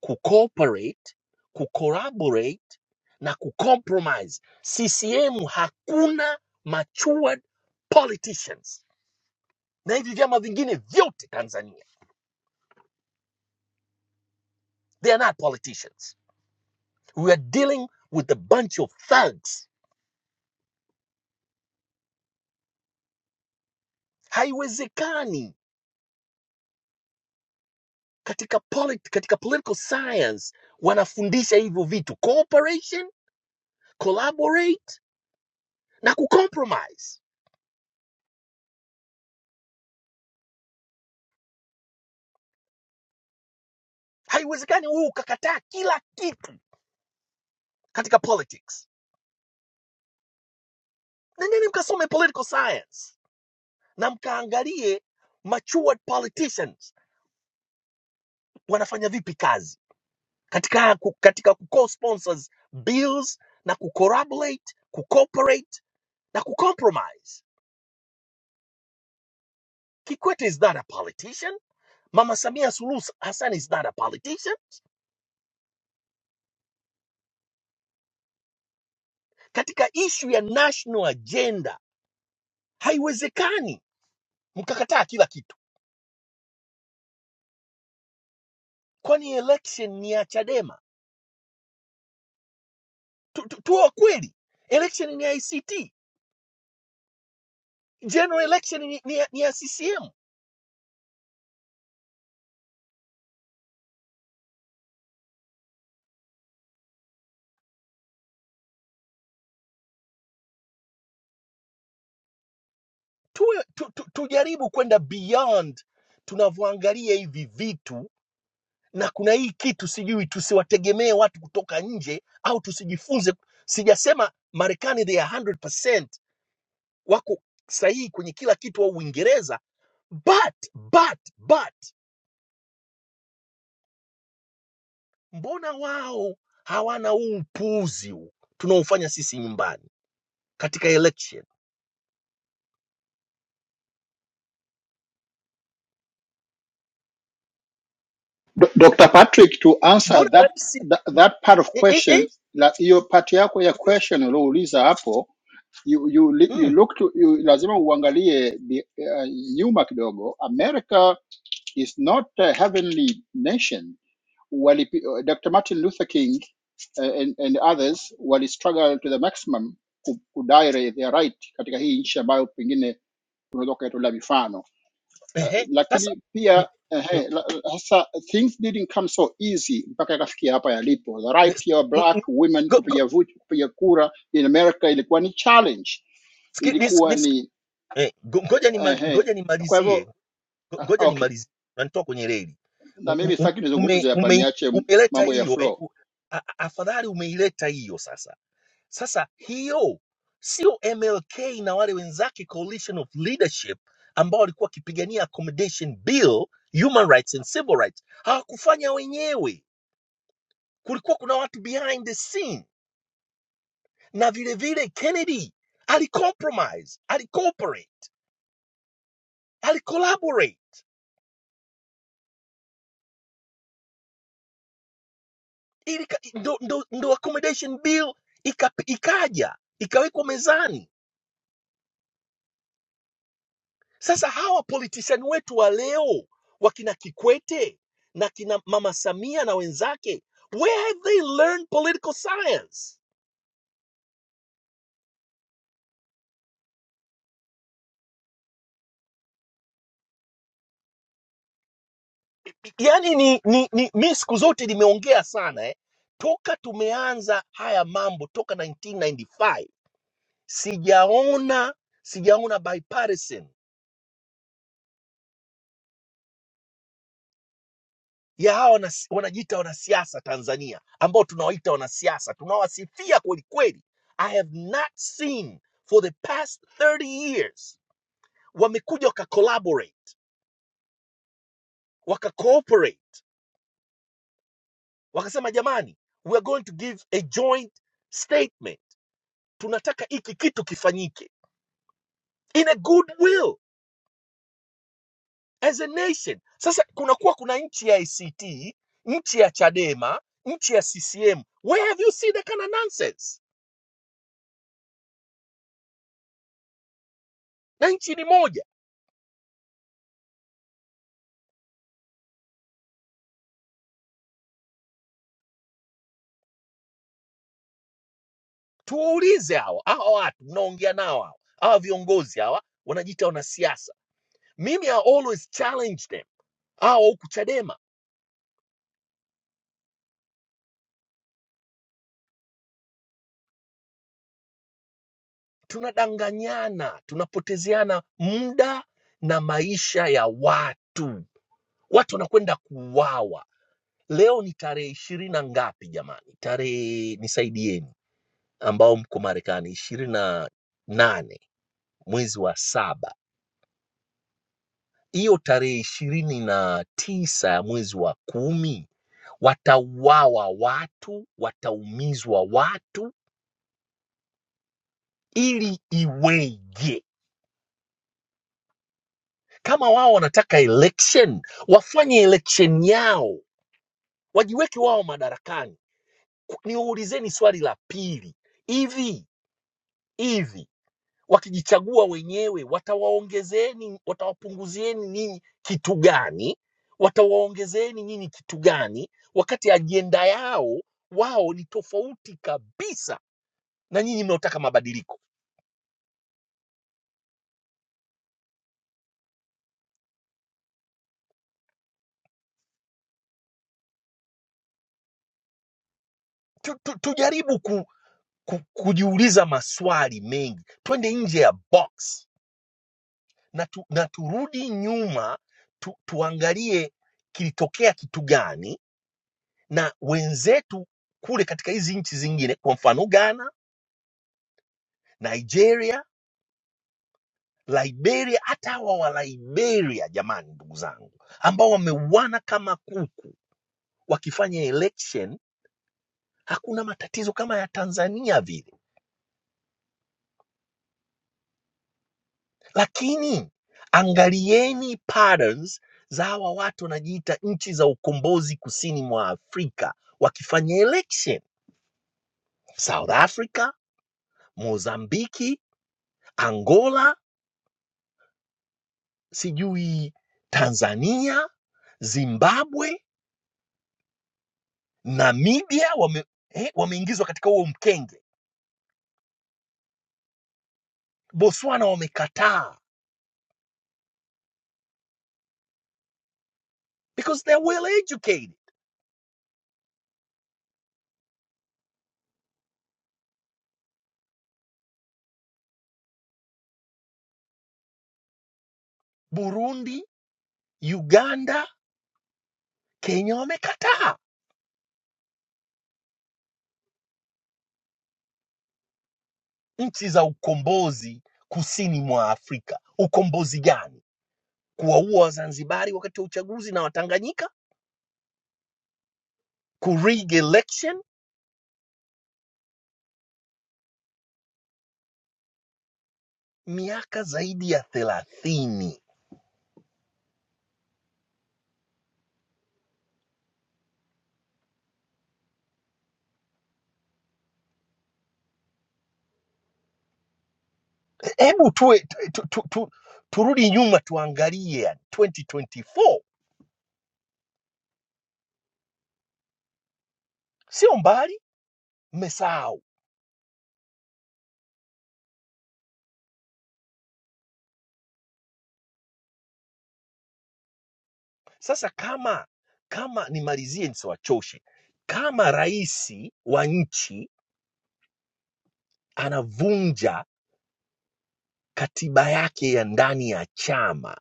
Speaker 15: kucooperate, kucollaborate na kucompromise. CCM hakuna matured politicians, na hivi vyama vingine vyote Tanzania, they are not politicians. We are dealing with a bunch of thugs. Haiwezekani katika, polit, katika political science wanafundisha hivyo vitu cooperation, collaborate na kucompromise. Haiwezekani wewe ukakataa kila kitu katika politics nendeni mkasome political science na mkaangalie matured politicians wanafanya vipi kazi katika ku- katika ku sponsors bills na kucorroborate kucooperate na kucompromise kikwete is not a politician mama samia suluhu hassan is not a politician katika issue ya national agenda haiwezekani mkakataa kila kitu kwani election ni ya chadema tu, tu, tuwe wa kweli election ni ya act general election ni, ni, ya- ni ya CCM. Tuwe, tu, tu, tujaribu kwenda beyond tunavyoangalia hivi vitu, na kuna hii kitu sijui, tusiwategemee watu kutoka nje au tusijifunze. Sijasema Marekani they are 100% wako sahihi kwenye kila kitu au Uingereza, but but but, mbona wao hawana huu upuuzi huu tunaofanya sisi nyumbani katika election?
Speaker 12: D- Dr. Patrick to answer
Speaker 15: Mbona
Speaker 12: that
Speaker 15: rais
Speaker 12: that, that part of
Speaker 15: eh, eh,
Speaker 12: question
Speaker 15: eh?
Speaker 12: la hiyo part yako ya question uliouliza hapo you, you, li- you
Speaker 15: Mm.
Speaker 12: look to, you, lazima uangalie bi- eh, nyuma kidogo America is not a heavenly nation Walipi, eh, Dr. Martin Luther King eh, and, and others wali struggle to the maximum ku- kudai their right katika hii nchi ambayo pengine unaweza ukaitolea mifano uh,
Speaker 15: Ehe, sasa
Speaker 12: lakini
Speaker 15: mm,
Speaker 12: pia
Speaker 15: mm,
Speaker 12: ehe, la- sasa things didn't come so easy mpaka yakafikia hapa yalipo. The right
Speaker 15: s-
Speaker 12: ya
Speaker 15: mm,
Speaker 12: black
Speaker 15: mm,
Speaker 12: women
Speaker 15: go- go-
Speaker 12: kupiga vuti kupiga kura in America ilikuwa ni challenge,
Speaker 15: ski- nis-
Speaker 12: ilikuwa
Speaker 15: nis-
Speaker 12: ni
Speaker 15: eh, go- ngoja nima-
Speaker 12: ehe.
Speaker 15: ngoja
Speaker 12: Kwa
Speaker 15: nimalizie,
Speaker 12: hivyo
Speaker 15: Ngo-
Speaker 12: uh,
Speaker 15: ngoja
Speaker 12: okay,
Speaker 15: nimalizie, unanitoa kwenye reli.
Speaker 12: na
Speaker 15: U- u-
Speaker 12: mimi
Speaker 15: u-
Speaker 12: sitaki
Speaker 15: ume-
Speaker 12: nizungumze hapa,
Speaker 15: ume-
Speaker 12: niache
Speaker 15: Umeleta
Speaker 12: mambo ya
Speaker 15: hiyo eh,
Speaker 12: flow.
Speaker 15: u- a- a- afadhali umeileta hiyo sasa. Sasa hiyo sio MLK na wale wenzake Coalition of Leadership ambao walikuwa wakipigania accommodation bill, human rights and civil rights, hawakufanya wenyewe, kulikuwa kuna watu behind the scene na vile vile Kennedy alicompromise, alicooperate, alicollaborate ili ka- ndo, ndo, ndo accommodation bill ika, ikaja ikawekwa mezani. Sasa hawa politician wetu wa leo wakina Kikwete na kina Mama Samia na wenzake, where have they learned political science? Yaani ni, ni, ni mi siku zote nimeongea sana eh, toka tumeanza haya mambo toka 1995 sijaona sijaona bipartisan ya hawa wana- wanajiita wanasiasa Tanzania ambao tunawaita wanasiasa tunawasifia kweli kweli. I have not seen for the past 30 years wamekuja waka collaborate waka cooperate wakasema, jamani, we are going to give a joint statement, tunataka hiki kitu kifanyike in a good will as a nation. Sasa kunakuwa kuna nchi ya ACT, nchi ya Chadema, nchi ya CCM. Where have you seen that kind of nonsense? Na nchi ni moja. Tuwaulize hawa hawa watu mnaongea nao hawa hawa viongozi hawa wanajiita wanasiasa. Mimi I always challenge them. Hawa huku Chadema tunadanganyana, tunapotezeana muda na maisha ya watu. Watu wanakwenda kuuawa. Leo ni tarehe ishirini na ngapi jamani? Tarehe nisaidieni ambao mko Marekani ishirini na nane mwezi wa saba, hiyo tarehe ishirini na tisa ya mwezi wa kumi watauawa watu, wataumizwa watu, ili iweje? Kama wao wanataka election, wafanye election yao, wajiweke wao madarakani. Ku- Niulizeni swali la pili, hivi hivi wakijichagua wenyewe, watawaongezeni, watawapunguzieni ninyi kitu gani? Watawaongezeni nyinyi kitu gani, wakati ajenda yao wao ni tofauti kabisa na nyinyi mnaotaka mabadiliko? Tu, tu, tujaribu ku, ku, kujiuliza maswali mengi, twende nje ya box na, tu, na turudi nyuma tu, tuangalie kilitokea kitu gani na wenzetu kule katika hizi nchi zingine, kwa mfano Ghana, Nigeria Liberia, hata hawa wa Liberia jamani, ndugu zangu, ambao wameuana kama kuku wakifanya election, hakuna matatizo kama ya Tanzania vile. Lakini angalieni patterns za hawa watu wanajiita nchi za ukombozi kusini mwa Afrika wakifanya election, South Africa, Mozambiki, Angola, sijui Tanzania, Zimbabwe, Namibia wame, eh, wameingizwa katika huo mkenge Botswana wamekataa because they're well educated. Burundi, Uganda, Kenya wamekataa. Nchi za ukombozi kusini mwa Afrika, ukombozi gani? Kuwaua Wazanzibari wakati wa uchaguzi na Watanganyika, kurig election miaka zaidi ya thelathini. Hebu tuwe tu, tu, tu, tu, turudi nyuma tuangalie, yani 2024 sio mbali, mmesahau Sasa kama kama nimalizie nisiwachoshe, kama rais wa nchi anavunja katiba yake ya ndani ya chama,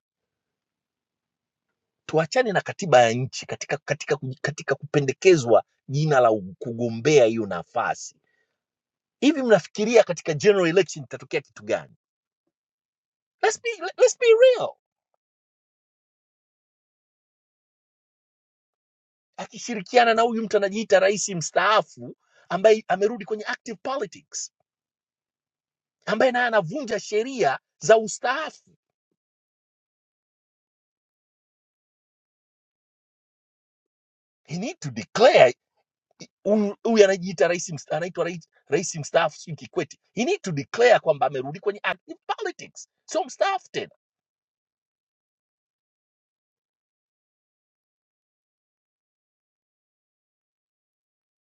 Speaker 15: tuachane na katiba ya nchi katika, katika, katika kupendekezwa jina la kugombea hiyo nafasi, hivi mnafikiria katika general election itatokea kitu gani? Let's be, let's be real. Akishirikiana na huyu mtu anajiita rais mstaafu ambaye amerudi kwenye active politics, ambaye naye anavunja sheria za ustaafu he need to declare huyu huyu anajiita rais mst- anaitwa rais, rais mstaafu sijui Kikwete, he need to declare kwamba amerudi kwenye active politics, sio mstaafu tena.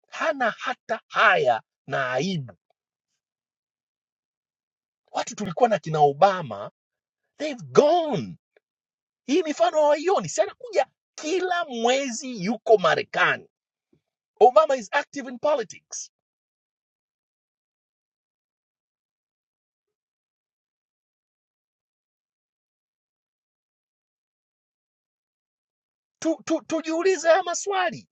Speaker 15: Hana hata haya na aibu. Watu tulikuwa na kina Obama, they've gone. Hii mifano hawaioni, si anakuja kila mwezi, yuko Marekani. Obama is active in politics. Tu, tu, tujiulize haya maswali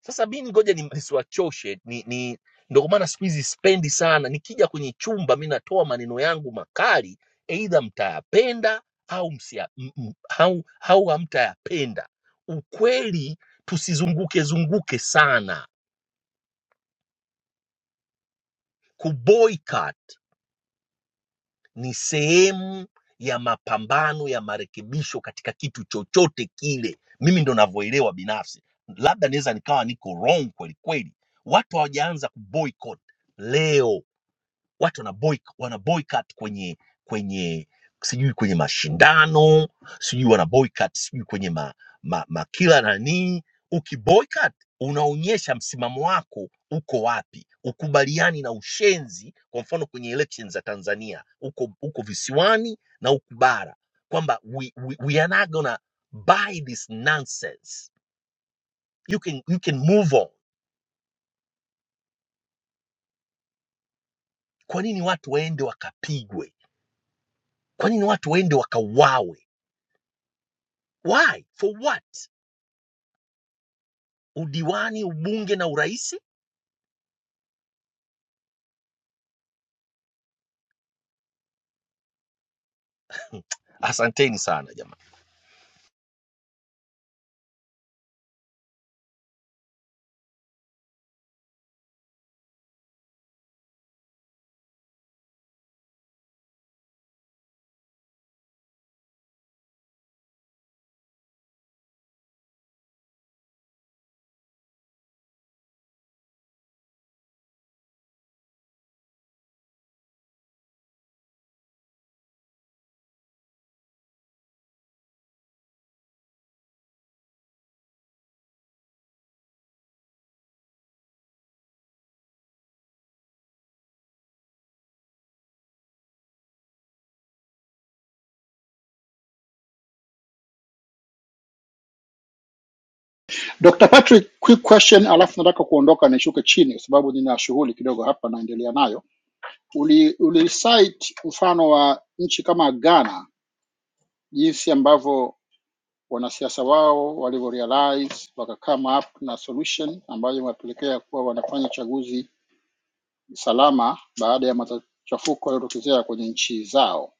Speaker 15: Sasa mimi ngoja ni- nisiwachoshe ni, ni ndio kwa maana siku hizi spendi sana. Nikija kwenye chumba mi natoa maneno yangu makali, aidha mtayapenda au msia, m, m, au, au hamtayapenda. Ukweli tusizunguke zunguke sana. Kuboycott ni sehemu ya mapambano ya marekebisho katika kitu chochote kile. Mimi ndo navyoelewa binafsi, labda naweza nikawa niko wrong kweli kweli. Watu hawajaanza kuboycott leo watu wana boyc- wana boycott kwenye kwenye sijui kwenye mashindano sijui wana boycott sijui kwenye ma, ma, ma kila nanii ukiboycott unaonyesha msimamo wako uko wapi ukubaliani na ushenzi kwa mfano kwenye elections za tanzania uko uko visiwani na uko bara kwamba we, we, we are not gonna buy this nonsense you can, you can move on kwa nini watu waende wakapigwe kwa nini watu waende wakauawe Why? For what? Udiwani, ubunge na uraisi? Asanteni sana jamani.
Speaker 12: Dr. Patrick, quick question, alafu nataka kuondoka nishuke chini kwa sababu nina shughuli kidogo hapa naendelea nayo. Uli, uli cite mfano wa nchi kama Ghana jinsi ambavyo wanasiasa wao walivyorealize waka come up na solution ambayo imewapelekea kuwa wanafanya uchaguzi salama baada ya machafuko yaliyotokezea kwenye nchi zao.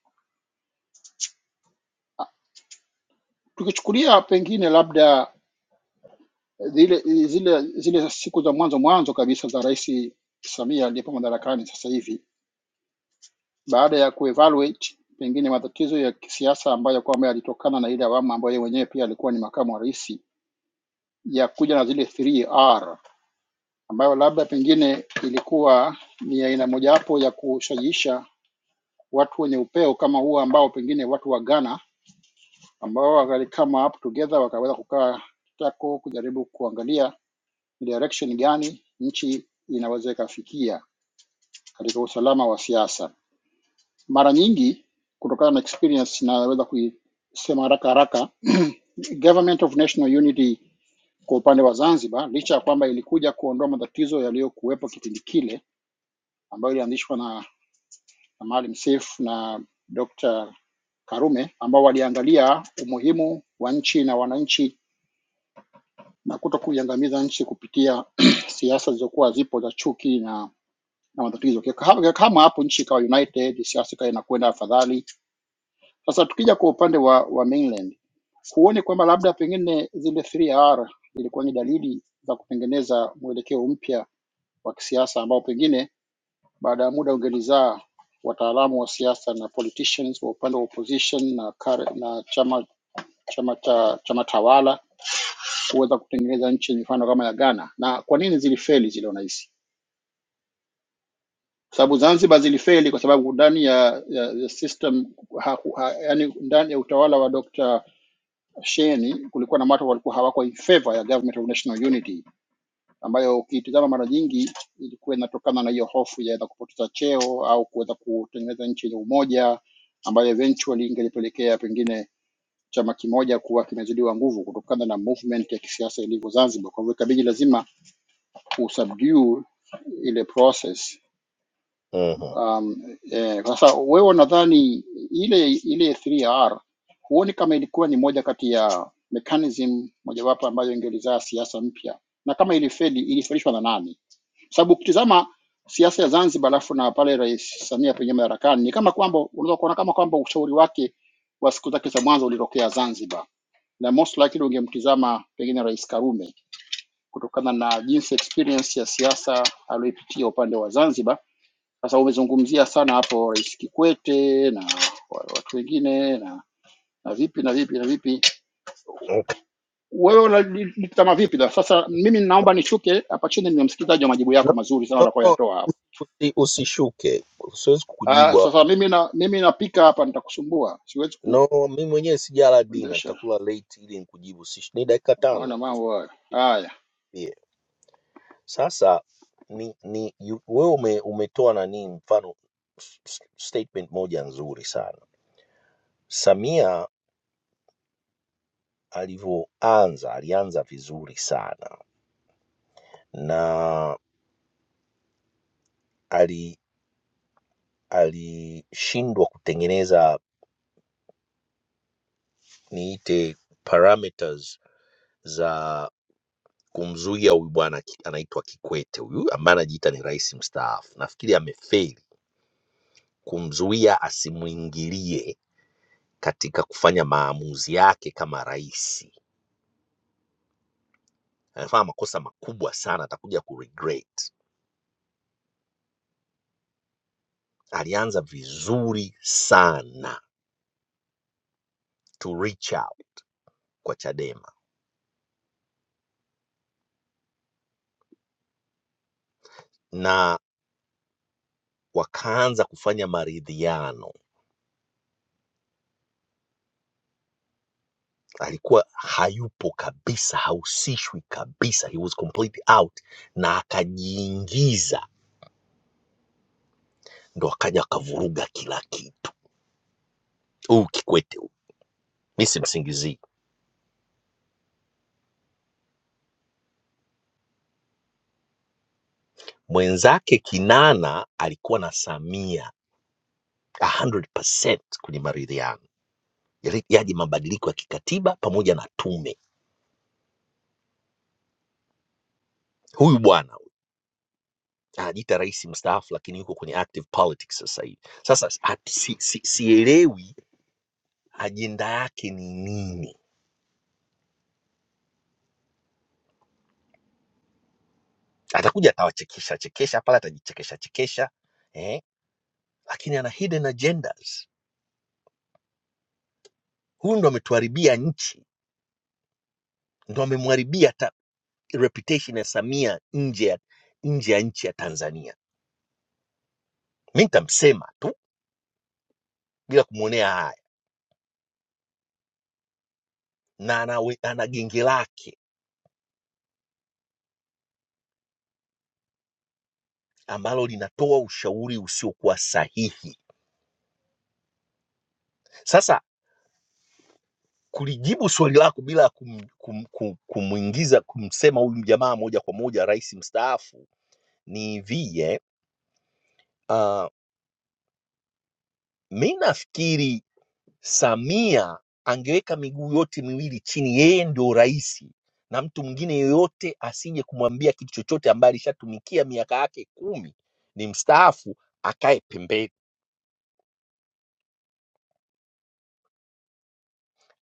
Speaker 12: Tukichukulia pengine labda zile zile zile siku za mwanzo mwanzo kabisa za Rais Samia aliyepo madarakani sasa hivi, baada ya kuevaluate pengine matatizo ya kisiasa ambayo kwamba yalitokana na ile awamu ambayo yeye mwenyewe pia alikuwa ni makamu wa rais, ya kuja na zile 3R ambayo labda pengine ilikuwa ni aina mojawapo ya kushajiisha watu wenye upeo kama huo ambao pengine watu wa Ghana ambao walikama up together wakaweza kukaa kitako kujaribu kuangalia ni direction gani nchi inaweza ikafikia katika usalama wa siasa. Mara nyingi kutokana na experience naweza kuisema haraka haraka Government of National Unity kwa upande wa Zanzibar, licha ya kwamba ilikuja kuondoa matatizo yaliyokuwepo kipindi kile, ambayo ilianzishwa na Maalim Seif na Dr. Karume ambao waliangalia umuhimu wa nchi na wananchi na kuto kuiangamiza nchi kupitia siasa zilizokuwa zipo za chuki na na matatizo. Kama kama hapo nchi ikawa united, siasa ikawa inakwenda afadhali. Sasa tukija kwa upande wa, wa mainland huoni kwamba labda pengine zile 3R zilikuwa ni dalili za kutengeneza mwelekeo mpya wa kisiasa ambao pengine Baada ya muda ungenizaa wataalamu wa siasa na politicians wa upande wa opposition na, kare, na chama chama cha chama tawala kuweza kutengeneza nchi yenye mfano kama ya Ghana. Na kwa nini zilifeli zile unahisi? Kwa sababu Zanzibar zilifeli kwa sababu ndani ya, ya, ya system ha, ha, yani ndani ya utawala wa Dr. Sheni kulikuwa na watu walikuwa hawako in favor ya government of national unity ambayo ukiitizama mara nyingi ilikuwa inatokana na hiyo hofu ya aidha kupoteza cheo au kuweza kutengeneza nchi yenye umoja ambayo eventually ingelipelekea pengine chama kimoja kuwa kimezidiwa nguvu kutokana na movement ya kisiasa ilivyo Zanzibar. Kwa hivyo ikabidi lazima usubdue ile process
Speaker 15: Mhm.
Speaker 12: Um, eh, sasa wewe unadhani ile ile 3R huoni kama ilikuwa ni moja kati ya mechanism mojawapo ambayo ingelizaa siasa mpya, na kama ilifeli ilifelishwa na nani? sababu ukitizama siasa ya Zanzibar alafu na pale Rais Samia penye madarakani ni kama kwamba unaweza kuona kama kwamba ushauri wake wa siku zake za mwanzo ulitokea Zanzibar, na most likely ungemtizama pengine Rais Karume kutokana na jinsi experience ya siasa aliyoipitia upande wa Zanzibar sasa umezungumzia sana hapo Rais Kikwete na wa- watu wengine na na vipi na vipi na vipi,
Speaker 15: Okay.
Speaker 12: wewe unalitama vipi na sasa? Mimi naomba nishuke hapa chini, ni msikilizaji wa majibu yako
Speaker 15: No,
Speaker 12: mazuri sana
Speaker 15: no, no. no.
Speaker 12: utakayoyatoa hapa.
Speaker 15: Usi, usishuke, siwezi kukujibu
Speaker 12: Ah,
Speaker 15: hapo.
Speaker 12: sasa mimi na mimi napika hapa, nitakusumbua, siwezi
Speaker 15: No, mi mwenyewe sijala dina,
Speaker 12: kuendesha.
Speaker 15: nitakula late ili nikujibu. Si ni dakika
Speaker 12: Ona
Speaker 15: tano tu,
Speaker 12: mambo hayo haya.
Speaker 15: pia. Sasa ni ni yu- wewe ume, umetoa nani mfano s- s- statement moja nzuri sana. Samia alivyoanza alianza vizuri sana na alishindwa kutengeneza niite parameters za kumzuia huyu bwana ki- anaitwa Kikwete huyu ambaye anajiita ni rais mstaafu. Nafikiri amefeli kumzuia asimuingilie katika kufanya maamuzi yake kama rais. Anafanya makosa makubwa sana, atakuja kuregret. Alianza vizuri sana to reach out kwa Chadema na wakaanza kufanya maridhiano alikuwa hayupo kabisa, hahusishwi kabisa, he was completely out, na akajiingiza, ndo akaja akavuruga kila kitu. Huu Kikwete huu, mi simsingizii mwenzake. Kinana alikuwa na Samia 100% kwenye maridhiano Yali- yaje mabadiliko ya kikatiba pamoja na tume. Huyu bwana huyu, anajiita rais mstaafu, lakini yuko kwenye active politics sasa hivi. Sasa at- si- si- sielewi ajenda yake ni nini atakuja atawachekesha chekesha pale, atajichekesha chekesha eh, lakini ana hidden agendas. Huyu ndo ametuharibia nchi, ndo amemharibia hata reputation ya Samia nje ya nje ya nchi ya Tanzania. Mi nitamsema tu bila kumwonea haya, na anawe, ana genge lake ambalo linatoa ushauri usiokuwa sahihi. Sasa kulijibu swali lako bila kum, kum, kum, kumwingiza kumsema huyu jamaa moja kwa moja rais mstaafu ni vie, mi nafikiri Samia angeweka miguu yote miwili chini, yeye ndio rais na mtu mwingine yoyote asije kumwambia kitu chochote, ambaye alishatumikia miaka yake kumi, ni mstaafu, akae pembeni.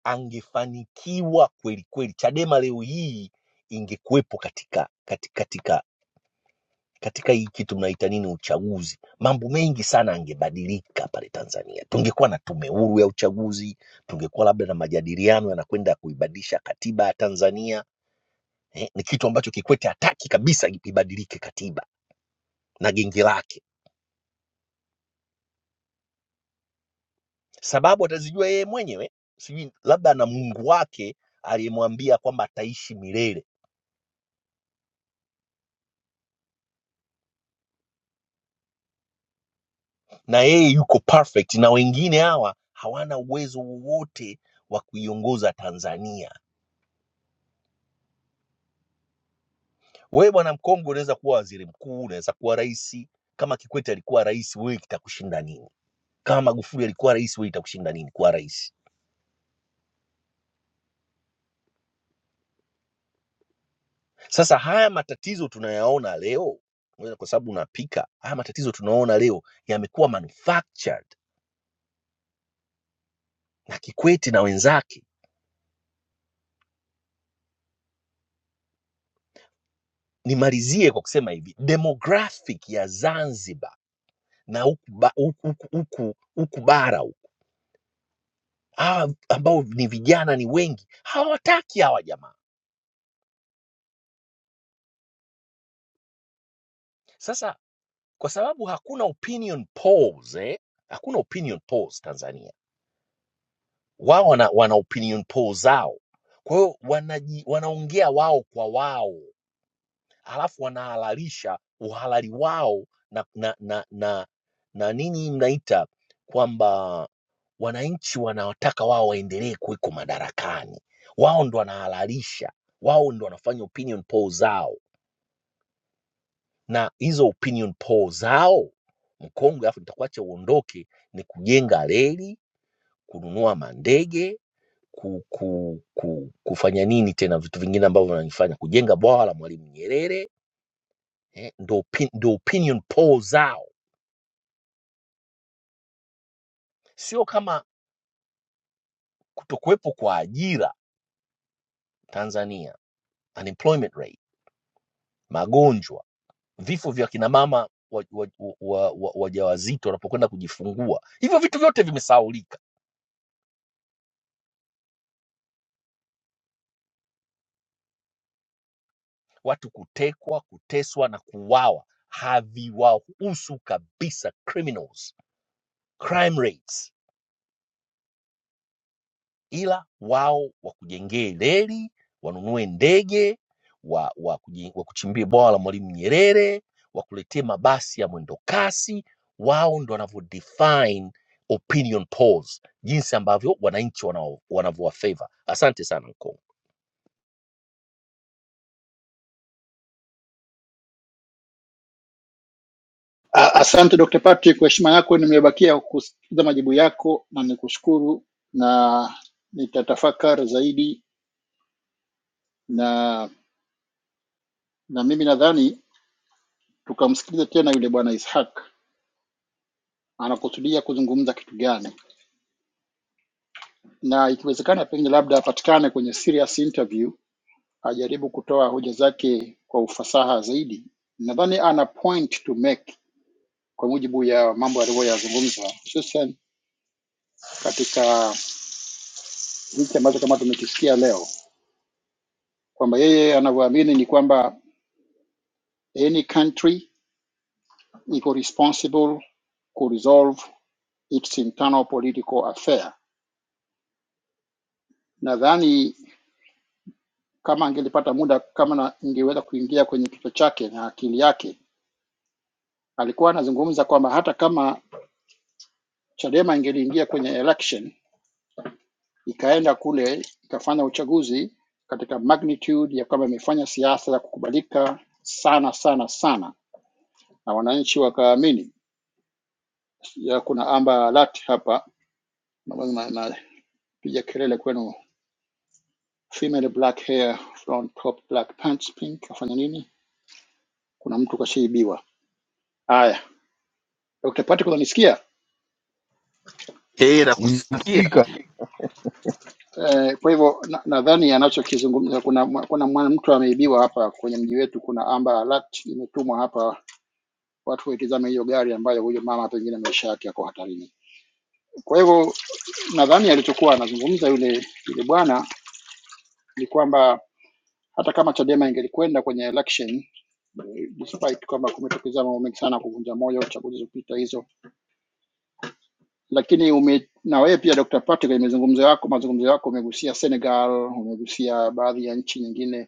Speaker 15: Angefanikiwa kweli kweli. Chadema leo hii ingekuwepo katika katika katika katika hii kitu mnaita nini, uchaguzi. Mambo mengi sana angebadilika pale Tanzania, tungekuwa na tume huru ya uchaguzi, tungekuwa labda na majadiliano yanakwenda kuibadilisha katiba ya Tanzania eh, ni kitu ambacho Kikwete hataki kabisa ibadilike katiba na genge lake. Sababu atazijua yeye mwenyewe, sijui labda na Mungu wake aliyemwambia kwamba ataishi milele na yeye yuko perfect, na wengine hawa hawana uwezo wowote wa kuiongoza Tanzania. Wewe bwana mkongwe, unaweza kuwa waziri mkuu, unaweza kuwa rais. Kama Kikwete alikuwa rais, wewe kitakushinda nini? Kama Magufuli alikuwa rais, wewe itakushinda nini kuwa rais? Sasa haya matatizo tunayaona leo, ngoja kwa sababu unapika, haya matatizo tunaona leo yamekuwa manufactured na Kikwete na wenzake. Nimalizie kwa kusema hivi, demographic ya Zanzibar na huku ba- huku- huku- huku- huku bara huku, hawa ambao ni vijana ni wengi, hawataki hawa jamaa. Sasa kwa sababu hakuna opinion polls, eh? hakuna opinion polls Tanzania, wao wana, wana opinion polls zao kwa hiyo wanaji- wanaongea wao kwa wao halafu wanahalalisha uhalali wao na, na, na, na, na nini mnaita kwamba wananchi wanawataka wao waendelee kuweko madarakani. Wao ndo wanahalalisha, wao ndo wanafanya opinion poll zao, na hizo opinion poll zao mkongwe, alafu nitakuacha uondoke, ni kujenga reli, kununua mandege ku, ku, ku, kufanya nini tena, vitu vingine ambavyo wananifanya kujenga bwawa la Mwalimu Nyerere eh, ndo, opi- ndo opinion poll zao, sio kama kutokuwepo kwa ajira Tanzania, unemployment rate, magonjwa, vifo vya kina mama wajawazito wa, wa, wa, wa wajawazito wanapokwenda kujifungua, hivyo vitu vyote vimesahaulika. Watu kutekwa, kuteswa na kuuawa haviwahusu kabisa. Criminals crime rates ila wao wakujengee reli, wanunue ndege, wa, wa, kuji- wa kuchimbie bwawa la Mwalimu Nyerere, wakuletee mabasi ya mwendo kasi. Wao ndo wanavyo define opinion polls, jinsi ambavyo wananchi wanao- wanavyowa favor. Asante sana Nkongo.
Speaker 12: Ah, Asante Dr. Patrick, kwa heshima yako nimebakia kusikiliza majibu yako na nikushukuru, na nitatafakari zaidi na na mimi nadhani tukamsikiliza tena yule bwana Ishaq anakusudia kuzungumza kitu gani, na ikiwezekana pengine labda apatikane kwenye serious interview, ajaribu kutoa hoja zake kwa ufasaha zaidi. Nadhani ana point to make kwa mujibu ya mambo aliyoyazungumza, hususan katika hiki ambacho kama tumekisikia leo kwamba yeye anavyoamini ni kwamba any country iko responsible ku resolve its internal political affair. Nadhani Kama angelipata muda, kama na ingeweza kuingia kwenye kichwa chake na akili yake, alikuwa anazungumza kwamba hata kama Chadema ingeliingia kwenye election ikaenda kule ikafanya uchaguzi katika magnitude ya kwamba imefanya siasa ya kukubalika sana sana sana, na wananchi wakaamini. Ya kuna Amber Alert hapa, napiga na, na, piga kelele kwenu, female black hair front top black pants pink, afanya nini? Kuna mtu kashaibiwa. Haya, Dr. Patrick, unanisikia?
Speaker 15: Eh, nakusikia.
Speaker 11: Nasikika.
Speaker 12: Eh, kwa hivyo nadhani na nadhani anachokizungumza kuna kuna mwa- mtu ameibiwa hapa kwenye mji wetu. Kuna amber alert imetumwa hapa, watu waitizame hiyo gari ambayo huyo mama pengine maisha yake yako hatarini. Kwa hivyo nadhani alichokuwa anazungumza yule yule bwana ni kwamba hata kama Chadema ingelikwenda kwenye election eh, despite kwamba kumetokeza mambo mengi sana kuvunja moyo chaguzi zilizopita hizo, lakini ume, na wewe pia Dr. Patrick, kwenye mazungumzo yako mazungumzo yako umegusia Senegal, umegusia baadhi ya nchi nyingine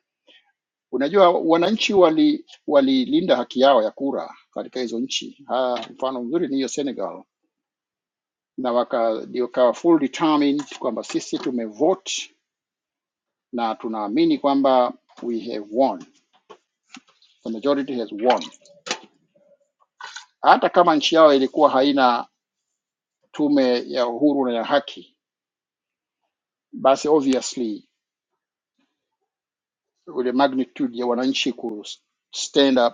Speaker 12: Unajua, wananchi wali walilinda haki yao ya kura katika hizo nchi. Ha, mfano mzuri ni hiyo Senegal, na waka, ndio kawa full determined kwamba sisi tumevote na tunaamini kwamba we have won, the majority has won. Hata kama nchi yao ilikuwa haina tume ya uhuru na ya haki, basi obviously ile magnitude ya wananchi ku stand up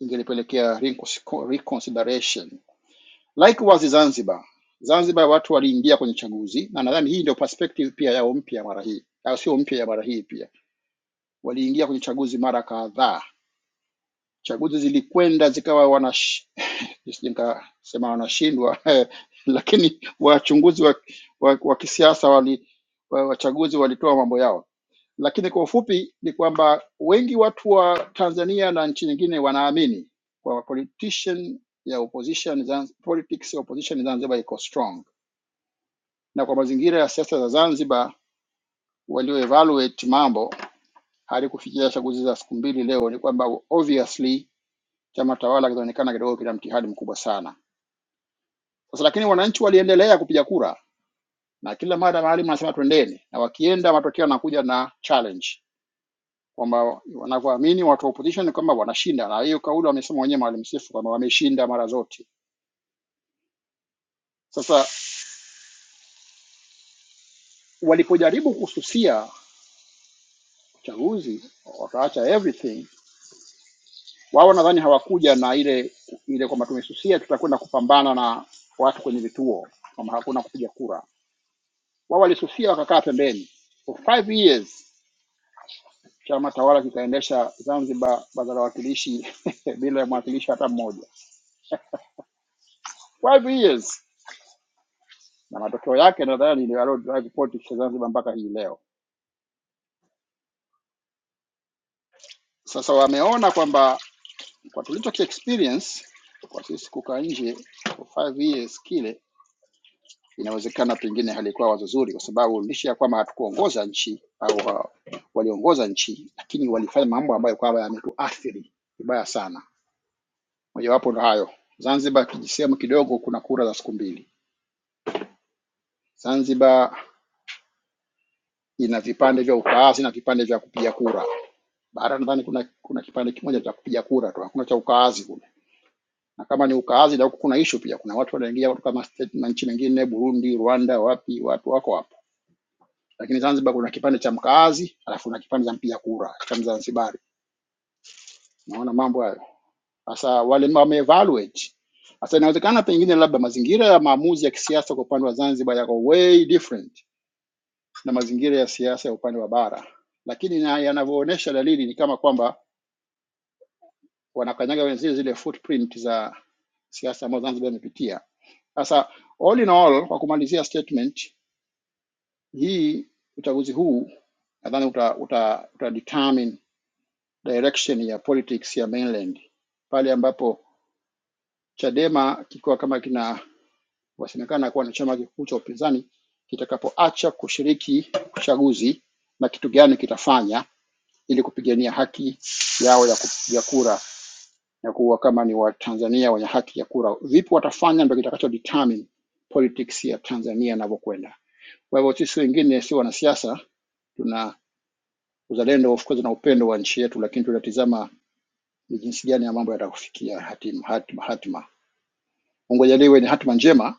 Speaker 12: ingelipelekea reconsi- reconsideration Likewise Zanzibar, Zanzibar watu waliingia kwenye chaguzi, na nadhani hii ndio perspective pia yao mpya mara hii, au sio mpya ya mara hii pia. Waliingia kwenye chaguzi mara kadhaa, chaguzi zilikwenda zikawa wanash... nisije nikasema wanashindwa lakini wachunguzi wa, wa, wa kisiasa wali wa- wachaguzi walitoa mambo yao, lakini kwa ufupi ni kwamba wengi watu wa Tanzania na nchi nyingine wanaamini kwamba politician ya opposition Zanz- politics ya opposition Zanzibar iko strong na kwa mazingira ya siasa za Zanzibar walioevaluate mambo hadi kufikia chaguzi za siku mbili leo, ni kwamba obviously chama tawala kinaonekana kidogo kina mtihani mkubwa sana sasa. Lakini wananchi waliendelea kupiga kura, na kila mara maalim anasema twendeni, na wakienda matokeo yanakuja na challenge kwamba wanavyoamini watu wa opposition ni kwamba wanashinda, na hiyo kauli wamesema wenyewe Maalim Seif kwamba wameshinda mara zote. Sasa walipojaribu kususia uchaguzi wataacha everything Wao nadhani hawakuja na ile ile kwamba tumesusia tutakwenda kupambana na watu kwenye vituo, kwamba hakuna kupiga kura. Wao walisusia wakakaa pembeni for five years. Chama tawala kikaendesha Zanzibar baraza la wawakilishi bila ya mwakilishi hata mmoja, five years, na matokeo yake nadhani ndio yalo drive politics ya Zanzibar mpaka hii leo. Sasa wameona kwamba kwa tulicho experience kwa sisi kukaa nje for five years kile Inawezekana pengine halikuwa wazo zuri, kwa sababu licha ya kwamba hatukuongoza nchi au ha- waliongoza nchi, lakini walifanya mambo ambayo kwamba yametuathiri vibaya sana. Mojawapo ndo hayo. Zanzibar kijisehemu kidogo, kuna kura za siku mbili. Zanzibar ina vipande vya ukaazi na vipande vya kupiga kura. Bara nadhani kuna kuna kipande kimoja cha kupiga kura tu, hakuna cha ukaazi kule. Na kama ni ukaazi, na huku kuna issue pia, kuna watu wanaingia kutoka ma- state na nchi nyingine, Burundi, Rwanda, wapi, watu wako hapo. lakini Zanzibar kuna kipande cha mkaazi alafu kuna kipande cha mpiga kura cha Mzanzibari. Naona mambo hayo sasa, wale wame evaluate sasa. Inawezekana pengine labda mazingira ya maamuzi ya kisiasa kwa upande wa Zanzibar yako way different na mazingira ya siasa ya upande wa bara, lakini na yanavyoonyesha dalili ni kama kwamba wanakanyaga zile zile footprint za siasa ambazo Zanzibar imepitia. Sasa all in all, kwa kumalizia statement hii, uchaguzi huu nadhani uta, uta, uta determine direction ya politics ya mainland, pale ambapo Chadema kikiwa kama kina wasemekana kuwa ni chama kikuu cha upinzani kitakapoacha kushiriki uchaguzi na kitu gani kitafanya ili kupigania haki yao ya kupiga kura na kuwa kama ni Watanzania wenye haki ya kura. Vipi watafanya ndio kitakacho determine politics ya Tanzania inavyokwenda. Kwa hivyo sisi wengine si wanasiasa, tuna uzalendo of course na upendo wa nchi yetu, lakini tunatizama ni jinsi gani ya mambo yatakufikia hatima, hatima, hatima. Mungu ajalie iwe ni hatima njema,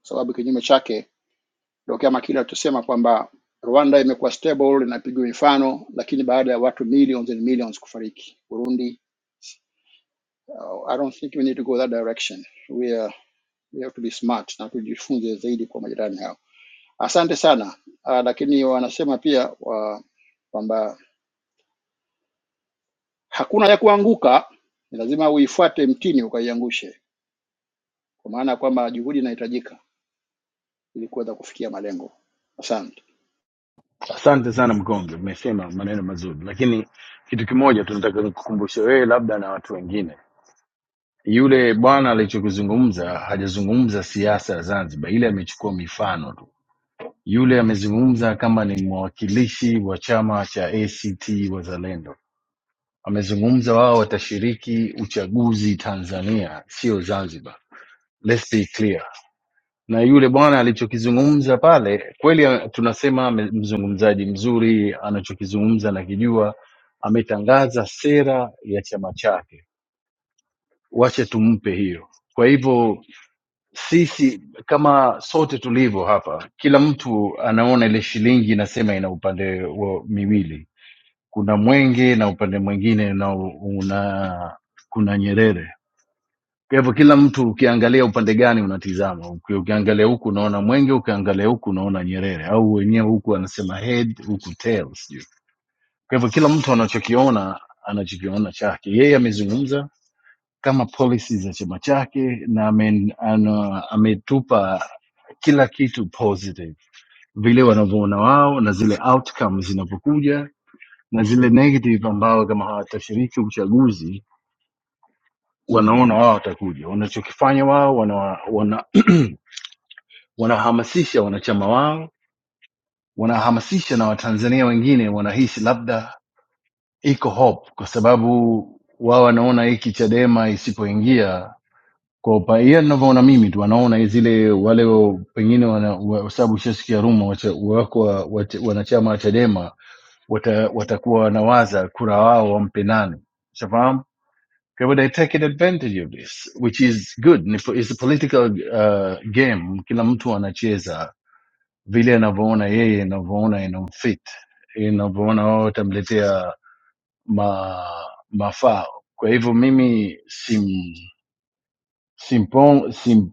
Speaker 12: kwa sababu kinyume chake ndio kama kile alichosema kwamba Rwanda imekuwa stable inapigwa mifano, lakini baada ya watu millions and millions kufariki Burundi. Uh, I don't think we need to go that direction. We are, we have to be smart na tujifunze zaidi kwa majirani hao. Asante sana. Uh, lakini wanasema pia wa, kwamba hakuna ya kuanguka, ni lazima uifuate mtini ukaiangushe, kwa maana ya kwamba juhudi inahitajika ili kuweza kufikia malengo. Asante.
Speaker 11: Asante sana Mkonge, umesema maneno mazuri, lakini kitu kimoja tunataka nikukumbushe wewe, labda na watu wengine. Yule bwana alichokizungumza hajazungumza siasa ya Zanzibar, ile amechukua mifano tu. Yule amezungumza kama ni mwakilishi wa chama cha ACT Wazalendo Amezungumza wao watashiriki uchaguzi Tanzania, sio Zanzibar. Let's be clear. Na yule bwana alichokizungumza pale kweli, ame- tunasema ame- mzungumzaji mzuri, anachokizungumza nakijua, ametangaza sera ya chama chake, wache tumpe hiyo. Kwa hivyo sisi kama sote tulivyo hapa, kila mtu anaona ile shilingi inasema ina upande wa miwili kuna mwenge na upande mwingine na una kuna nyerere kwa hivyo kila mtu ukiangalia upande gani unatizama Uki- ukiangalia huku unaona mwenge ukiangalia huku unaona nyerere au wenyewe huku anasema head huku tail sijui kwa hivyo kila mtu anachokiona anachokiona chake yeye amezungumza kama policy za chama chake na ame, ana, ametupa kila kitu positive vile wanavyoona wao na zile outcomes zinavyokuja na zile negative ambao kama hawatashiriki uchaguzi wanaona wao watakuja. Wanachokifanya wao wana, wana, wanahamasisha wanachama wao, wanahamasisha na Watanzania wengine wanahisi labda iko hope, kwa sababu wao wanaona hiki Chadema isipoingia kwa upaia ninavyoona mimi tu wanaona zile wale wa- pengine wana, wa, kwa sababu ushasikia rumo wacha- wako wa- wacha- wanachama wa Chadema wata, watakuwa wata wanawaza kura wao wampe nani, ushafahamu Okay, but they're taking advantage of this, which is good. Ni po- It's a political uh, game. Kila mtu anacheza vile anavyoona yeye, anavyoona inamfit, inavyoona wao watamletea ma, mafao. Kwa hivyo mimi sim, simpon, simpondi,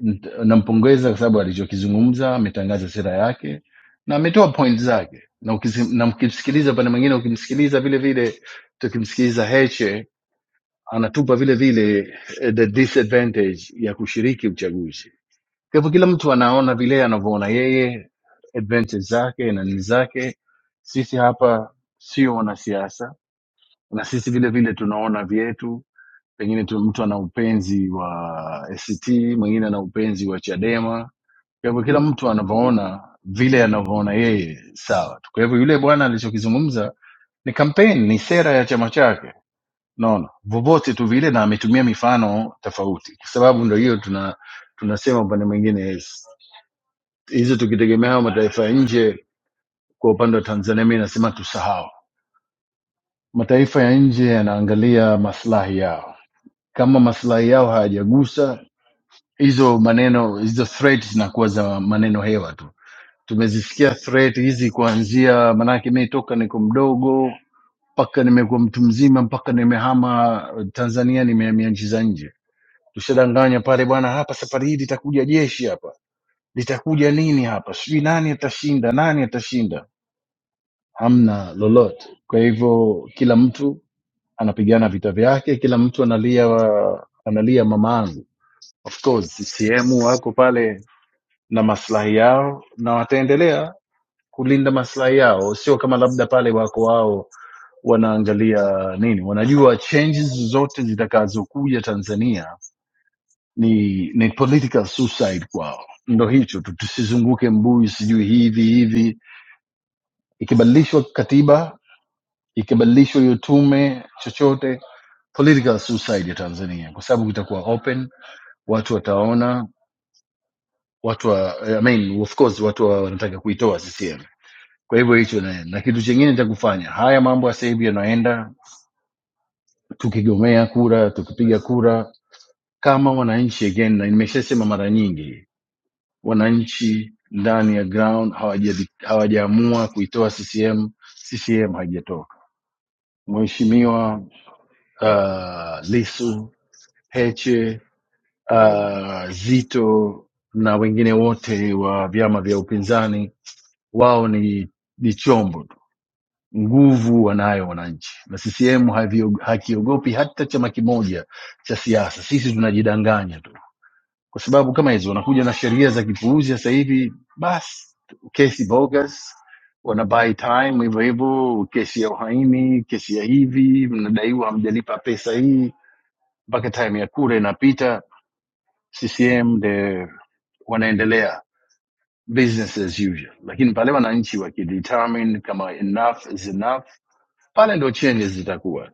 Speaker 11: nt- nampongeza kwa sababu alichokizungumza, ametangaza sera yake na ametoa point zake, na ukisi- na mkimsikiliza upande mwingine, ukimsikiliza vile vile, tukimsikiliza Heche anatupa vile vile eh, the disadvantage ya kushiriki uchaguzi. Kwa hivyo kila mtu anaona vile anavyoona yeye, advantage zake na nini zake. Sisi hapa sio wanasiasa, na sisi vile vile tunaona vyetu. Pengine tu mtu ana upenzi wa ACT, mwingine ana upenzi wa Chadema. Kwa hivyo kila mtu anavyoona vile anavyoona yeye sawa tu. Kwa hivyo yule bwana alichokizungumza ni kampeni, ni sera ya chama chake naona vyovyote tu vile, na ametumia mifano tofauti, kwa sababu ndo hiyo tuna tunasema upande mwingine yes. hizo tukitegemea hayo mataifa ya nje. Kwa upande wa Tanzania, mi nasema tusahau. Mataifa ya nje yanaangalia maslahi yao, kama maslahi yao hayajagusa hizo maneno, hizo threat zinakuwa za maneno hewa tu. Tumezisikia threat hizi kuanzia, manake mi toka niko mdogo mpaka nimekuwa mtu mzima, mpaka nimehama Tanzania, nimehamia nchi za nje tushadanganya pale bwana, hapa safari hii litakuja jeshi hapa, litakuja nini hapa, sijui nani atashinda, nani atashinda, hamna lolote. Kwa hivyo kila mtu anapigana vita vyake, kila mtu analia analia mamangu. Of course
Speaker 16: kweli.
Speaker 11: CCM wako pale na maslahi yao na wataendelea kulinda maslahi yao, sio kama labda pale wako wao wanaangalia nini, wanajua changes zote zitakazokuja Tanzania ni ni political suicide kwao ndo hicho tu tusizunguke mbuyu sijui hivi hivi ikibadilishwa katiba ikibadilishwa hiyo tume chochote political suicide ya tanzania kwa sababu itakuwa open watu wataona watu wa, I mean, of course watu wa- wanataka kuitoa ccm kwa hivyo hicho na, na kitu chingine cha kufanya haya mambo ya sasa hivi yanaenda tukigomea kura tukipiga kura kama wananchi again na nimeshasema mara nyingi wananchi ndani ya ground hawaja- hawajaamua kuitoa CCM. CCM haijatoka. Mheshimiwa uh, Lisu, Heche, uh, Zito na wengine wote wa vyama vya upinzani,
Speaker 16: Mm.
Speaker 11: wao ni, ni chombo tu, nguvu wanayo wananchi, na CCM
Speaker 16: kweli.
Speaker 11: havio- hakiogopi hata chama kimoja cha siasa. Sisi tunajidanganya tu kwa sababu kama hizo wanakuja na sheria za kipuuzi sasa hivi, basi kesi bogus wana buy time hivyo hivyo, kesi ya uhaini, kesi ya hivi, mnadaiwa hamjalipa pesa hii, mpaka time ya kura inapita, CCM the wanaendelea business as usual, lakini pale wananchi wakidetermine kama enough is enough, pale ndo changes zitakuwa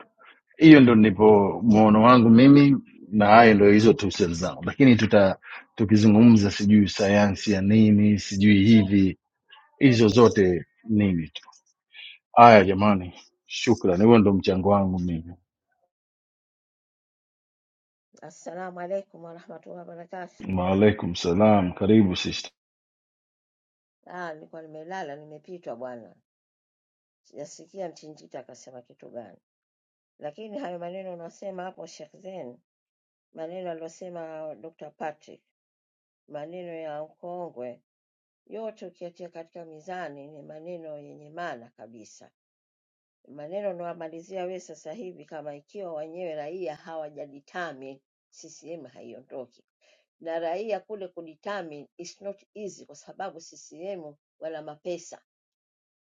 Speaker 11: hiyo ndo ndipo mwono wangu mimi na hayo ndo hizo tafsiri zangu lakini tuta tukizungumza sijui sayansi ya nini sijui hivi
Speaker 16: Hmm.
Speaker 11: hizo zote nini tu haya jamani shukran huo ndo mchango wangu mimi
Speaker 16: Assalamu alaikum warahmatullahi wabarakatuh.
Speaker 11: waalaikum salam karibu sister
Speaker 16: Ah, nilikuwa nimelala nimepitwa bwana, sijasikia Mchinjita akasema kitu gani, lakini hayo maneno unasema hapo Sheikh Zen, maneno aliyosema Dr. Patrick, maneno ya mkongwe yote ukiatia katika mizani ni maneno yenye maana kabisa. Maneno unawamalizia wewe sasa hivi, kama ikiwa wenyewe raia hawajaditami, CCM haiondoki. na raia kule kudetermine is not easy, kwa sababu CCM wana mapesa,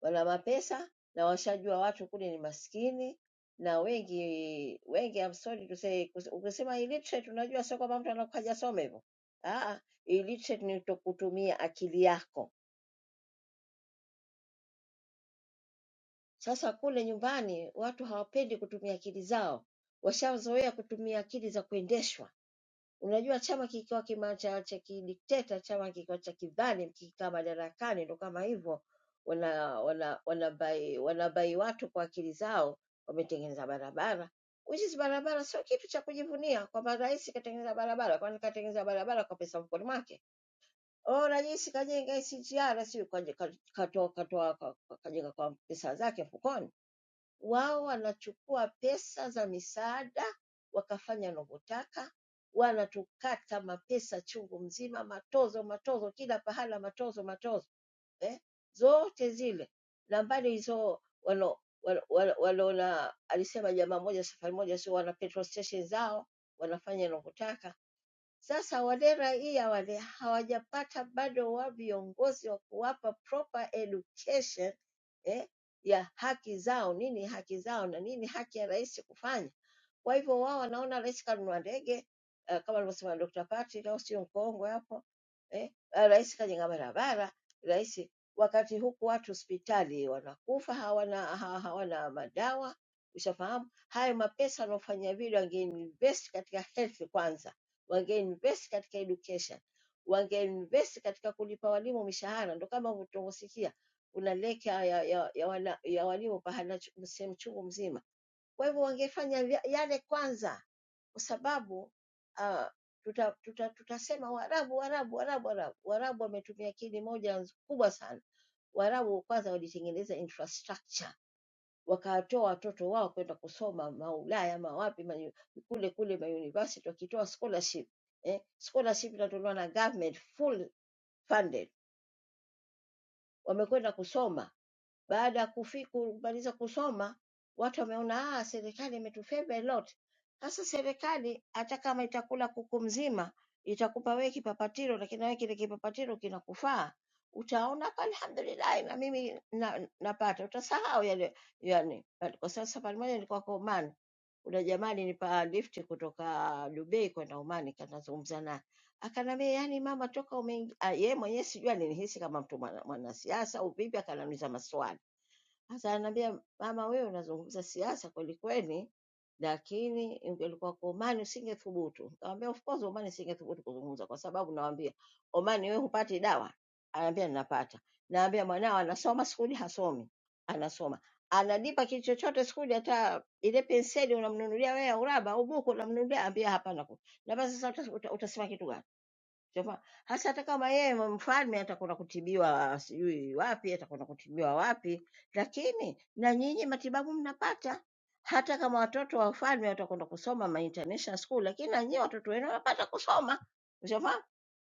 Speaker 16: wana mapesa na washajua watu kule ni maskini na wengi wengi, I'm sorry to say, kus- ukisema illiterate, unajua sio kwamba mtu anakuwa hajasoma hivyo. Ah, illiterate ni kutokutumia akili yako. Sasa kule nyumbani watu hawapendi kutumia akili zao, washazoea kutumia akili za kuendeshwa Unajua chama kikiwa kima cha cha kidikteta, chama kikiwa cha kidhalimu, kikikaa madarakani, ndo kama hivyo wana wana wanabai wanabai watu kwa akili zao. Wametengeneza barabara, which is barabara sio kitu cha kujivunia kwamba rais katengeneza barabara, kwani katengeneza barabara kwa pesa mfukoni mwake? Oh, rais kajenga SGR, si katoa katoa kajenga kwa pesa zake mfukoni wao wanachukua pesa za misaada wakafanya wanavyotaka, wanatukata mapesa chungu mzima, matozo matozo, kila pahala matozo matozo eh? zote zile na mbali hizo walo walo- walona, alisema jamaa moja safari moja, sio wana petrol station zao wanafanya wanavyotaka sasa wale raia wale hawajapata bado wa viongozi wa kuwapa proper education eh, ya haki zao, nini haki zao na nini haki ya rais kufanya. Kwa hivyo wao wanaona rais kanunua ndege uh, kama alivyosema Dr. Pati, au sio mkongwe hapo eh, ah, rais kajenga barabara, rais wakati huku watu hospitali wanakufa hawana, ha- hawana madawa. Ushafahamu hayo mapesa wanaofanya vile wangeinvest katika health kwanza wangeinvest katika education, wangeinvest katika kulipa walimu mishahara. Ndo kama tunavyosikia kuna leka ya, ya, ya, wana, ya walimu pahana chu- sehemu chungu mzima. Kwa hivyo wangefanya vya- yale kwanza, kwa sababu uh, tuta, tuta, tutasema Waarabu, Waarabu, Waarabu, Waarabu. Waarabu wametumia akili moja nz- kubwa sana. Waarabu kwanza walitengeneza infrastructure wakawatoa watoto wao kwenda kusoma maulaya ama wapi ma, kule kule mauniversity wakitoa scholarship eh, scholarship inatolewa na government full funded, wamekwenda kusoma baada ya kufi- kumaliza kusoma watu wameona, ah, serikali imetufeva a lot. Sasa serikali hata kama itakula kuku mzima itakupa wewe kipapatiro, lakini na wewe kile kipapatiro kinakufaa, utaona hapa, alhamdulillah, na mimi na, napata. Utasahau yale yani. yani, Kwa sasa safari moja nilikuwa kwa Oman, kuna jamaa alinipa lift kutoka Dubai kwenda Oman, kanazungumza naye akaniambia, yani mama, toka umeingia yeye mwenyewe sijui alinihisi kama mtu mwana- mwanasiasa au vipi, akaniuliza maswali sasa ananiambia mama, wewe unazungumza siasa kweli kweli, lakini ingelikuwa kwa Omani usingethubutu. Nikamwambia of course Omani singethubutu kuzungumza kwa sababu nawaambia Omani, wewe hupati dawa? Ananiambia ninapata. Naambia mwanao anasoma skuli, hasomi, anasoma analipa kitu chochote skuli, hata ile penseli unamnunulia wewe ya uraba au buku unamnunulia, ambia hapana. Naambia sasa uta- uta- utasema kitu gani? Shafa- Hasa hata kama yeye mfalme atakwenda kutibiwa sijui wapi, atakwenda kutibiwa wapi, lakini na nyinyi matibabu mnapata. Hata kama watoto wa wafalme watakwenda kusoma ma international school, lakini na nyinyi watoto wenu wanapata kusoma. Shafa?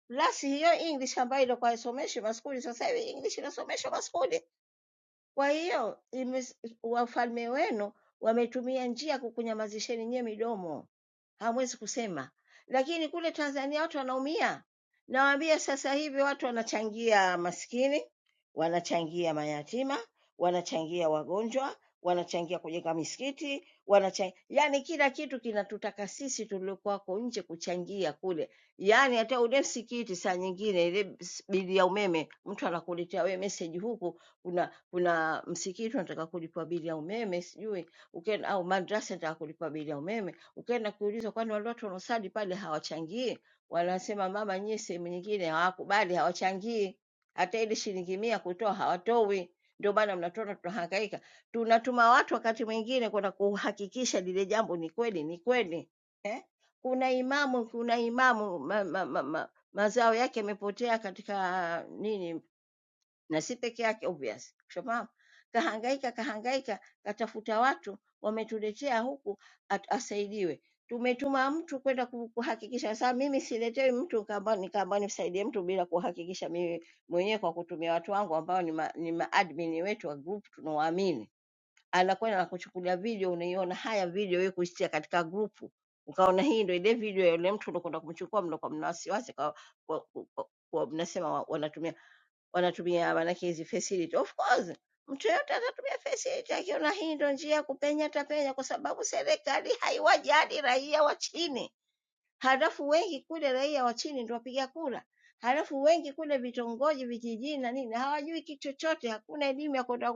Speaker 16: Lasi hiyo English ambayo ilikuwa haisomeshwi maskuli, sasa hivi English inasomeshwa maskuli. Kwa hiyo imes- wafalme wenu wametumia njia ya kukunyamazisheni nyie midomo hamwezi kusema. Lakini kule Tanzania watu wanaumia, nawaambia sasa hivi watu wanachangia maskini, wanachangia mayatima, wanachangia wagonjwa, wanachangia kujenga misikiti, wanachangia yani kila kitu kinatutaka sisi tuliokuwako nje kuchangia kule, yani hata ule msikiti saa nyingine ile s- bili ya umeme mtu anakuletea wewe message huku, kuna kuna msikiti unataka kulipwa bili ya umeme sijui ukienda, au madrasa nataka kulipwa bili ya umeme Ukaenda kuulizwa, kwani wale watu wanaosali pale hawachangii? Wanasema mama, nyie sehemu nyingine hawakubali, hawachangii hata ile shilingi mia kutoa hawatoi. Ndio maana mnatuona tunahangaika, tunatuma watu wakati mwingine kwenda kuhakikisha lile jambo ni kweli, ni kweli eh? Kuna imamu, kuna imamu ma, ma, ma, ma, mazao yake yamepotea katika nini na si peke yake obvious. Shomam kahangaika kahangaika, katafuta watu wametuletea huku at, asaidiwe. Tumetuma mtu kwenda ku- kuhakikisha. Sasa mimi siletewi mtu nikaamba nikaamba nimsaidie mtu bila kuhakikisha mimi mwenyewe kwa kutumia watu wangu ambao ni, ma, ni maadmin wetu wa group tunawaamini, anakwenda na kuchukulia video, unaiona haya video wewe kuitia katika grupu ukaona hii ndio ile video ya yule mtu uliokwenda kumchukua, mlokuwa mna wasiwasi kwa, kwa, kwa, kwa, kwa mnasema wa- wanatumia wanatumia maanake hizi facility. Of course mtu yoyote atatumia facility, akiona hii ndio njia ya kupenya atapenya, kwa sababu serikali haiwajali raia wa chini. Halafu wengi kule raia wa chini ndio wapiga kura, halafu wengi kule vitongoji, vijijini na nini hawajui kitu chochote, hakuna elimu ya kwenda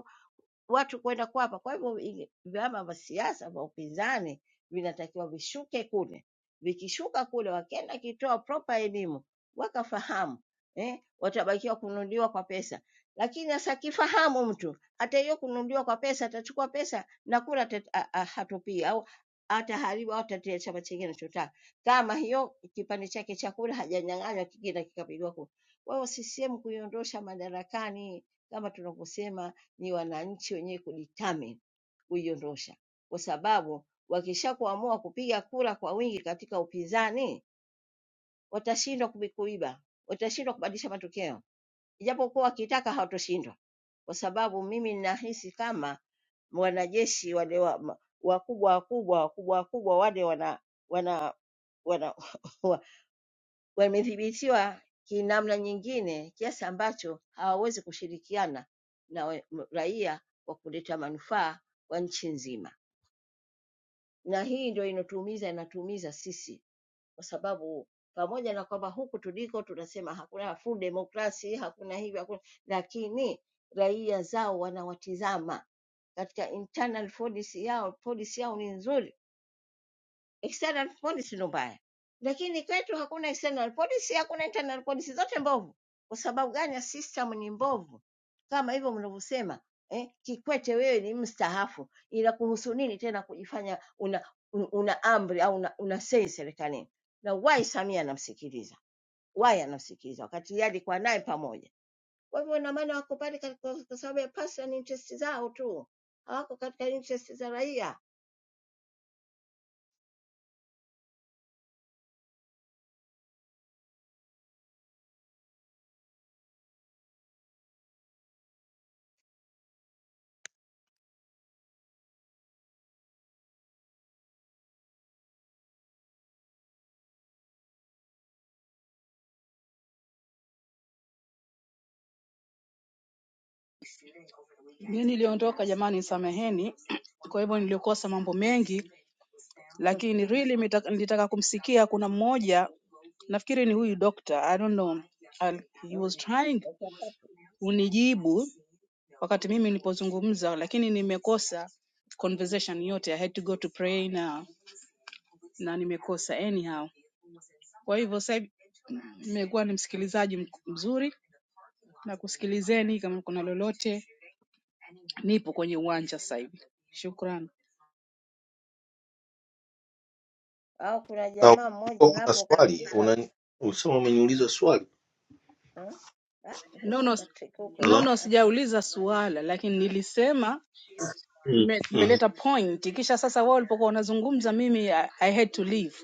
Speaker 16: watu kwenda kuapa. Kwa hivyo ili- vyama vya siasa vya upinzani vinatakiwa vishuke kule, vikishuka kule, wakienda kitoa proper elimu wakafahamu, eh, watabakiwa kununuliwa kwa pesa. Lakini sasa akifahamu mtu hata hiyo kununuliwa kwa pesa, atachukua pesa na kura atat- a- a- hatupii au ataharibu au atatia chama chingine anachotaka, kama hiyo kipande chake cha kura hajanyang'anywa, kingine kikapigwa kura. Kwa hiyo CCM kuiondosha madarakani kama tunavyosema ni wananchi wenyewe kudetermine kuiondosha, kwa sababu wakishakuamua kupiga kura kwa wingi katika upinzani watashindwa kubi- kuiba, watashindwa kubadilisha matokeo, ijapokuwa wakitaka hawatoshindwa, kwa sababu mimi ninahisi kama wanajeshi wale wa- ma- wakubwa wakubwa wakubwa wakubwa wale wana, wana, wamedhibitiwa kinamna nyingine kiasi ambacho hawawezi kushirikiana na wa- m- raia kwa kuleta manufaa kwa nchi nzima. Na hii ndio inatuumiza, inatuumiza sisi kwa sababu pamoja na kwamba huku tuliko tunasema hakuna full democracy, hakuna hivyo, hakuna, lakini raia zao wanawatizama katika internal policy yao, policy yao ni nzuri External policy ndo mbaya, lakini kwetu hakuna external policy, hakuna internal policy, zote mbovu. Kwa sababu gani? ya System ni mbovu, kama hivyo mnavyosema eh, Kikwete wewe ni mstaafu, ila kuhusu nini tena kujifanya una, un- una amri au una, una sei serikalini? Na why Samia anamsikiliza? Why anamsikiliza wakati yeye alikuwa naye pamoja? Kwa hivyo ina maana wako pale kwa kwa sababu ya personal interest zao tu, hawako katika interest za raia.
Speaker 13: Mimi niliondoka jamani, nisameheni kwa hivyo nilikosa mambo mengi, lakini really nitaka, nitaka kumsikia kuna mmoja nafikiri ni huyu doctor, I don't know, al, he was trying kunijibu wakati mimi nilipozungumza, lakini nimekosa conversation yote. I had to go to pray na na nimekosa anyhow. Kwa hivyo sasa hivi, nimekuwa ni msikilizaji mk- mzuri na kusikilizeni kama kuna lolote Nipo kwenye uwanja sasa hivi. Shukrani.
Speaker 16: au kuna
Speaker 15: Au
Speaker 16: jamaa
Speaker 15: kulikuwa
Speaker 16: mmoja
Speaker 15: kuna
Speaker 16: hapo
Speaker 15: swali
Speaker 16: kaandika
Speaker 15: una usema umeniuliza swali
Speaker 16: mm, ah,
Speaker 13: Nono,
Speaker 16: utakatika huko
Speaker 15: Halo?
Speaker 13: nono sijauliza suala lakini nilisema
Speaker 15: Mm.
Speaker 13: nime-
Speaker 15: Mm.
Speaker 13: nimeleta point kisha sasa wao walipokuwa wanazungumza mimi I, I had to leave.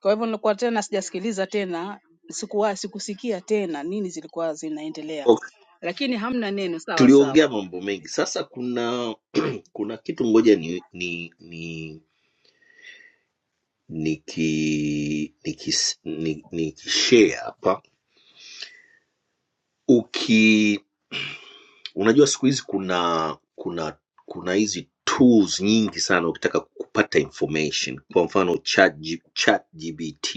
Speaker 13: Kwa hivyo nilikuwa tena sijasikiliza tena, sikuwa sikusikia tena nini zilikuwa zinaendelea.
Speaker 15: Okay.
Speaker 13: Lakini hamna neno sawa sawa.
Speaker 15: Tuliongea mambo mengi. Sasa kuna kuna kitu ngoja ni, ni, ni niki nikis- ni- nikishare hapa uki unajua siku hizi kuna kuna kuna hizi tools nyingi sana ukitaka kupata information kwa mfano chat, chat gbt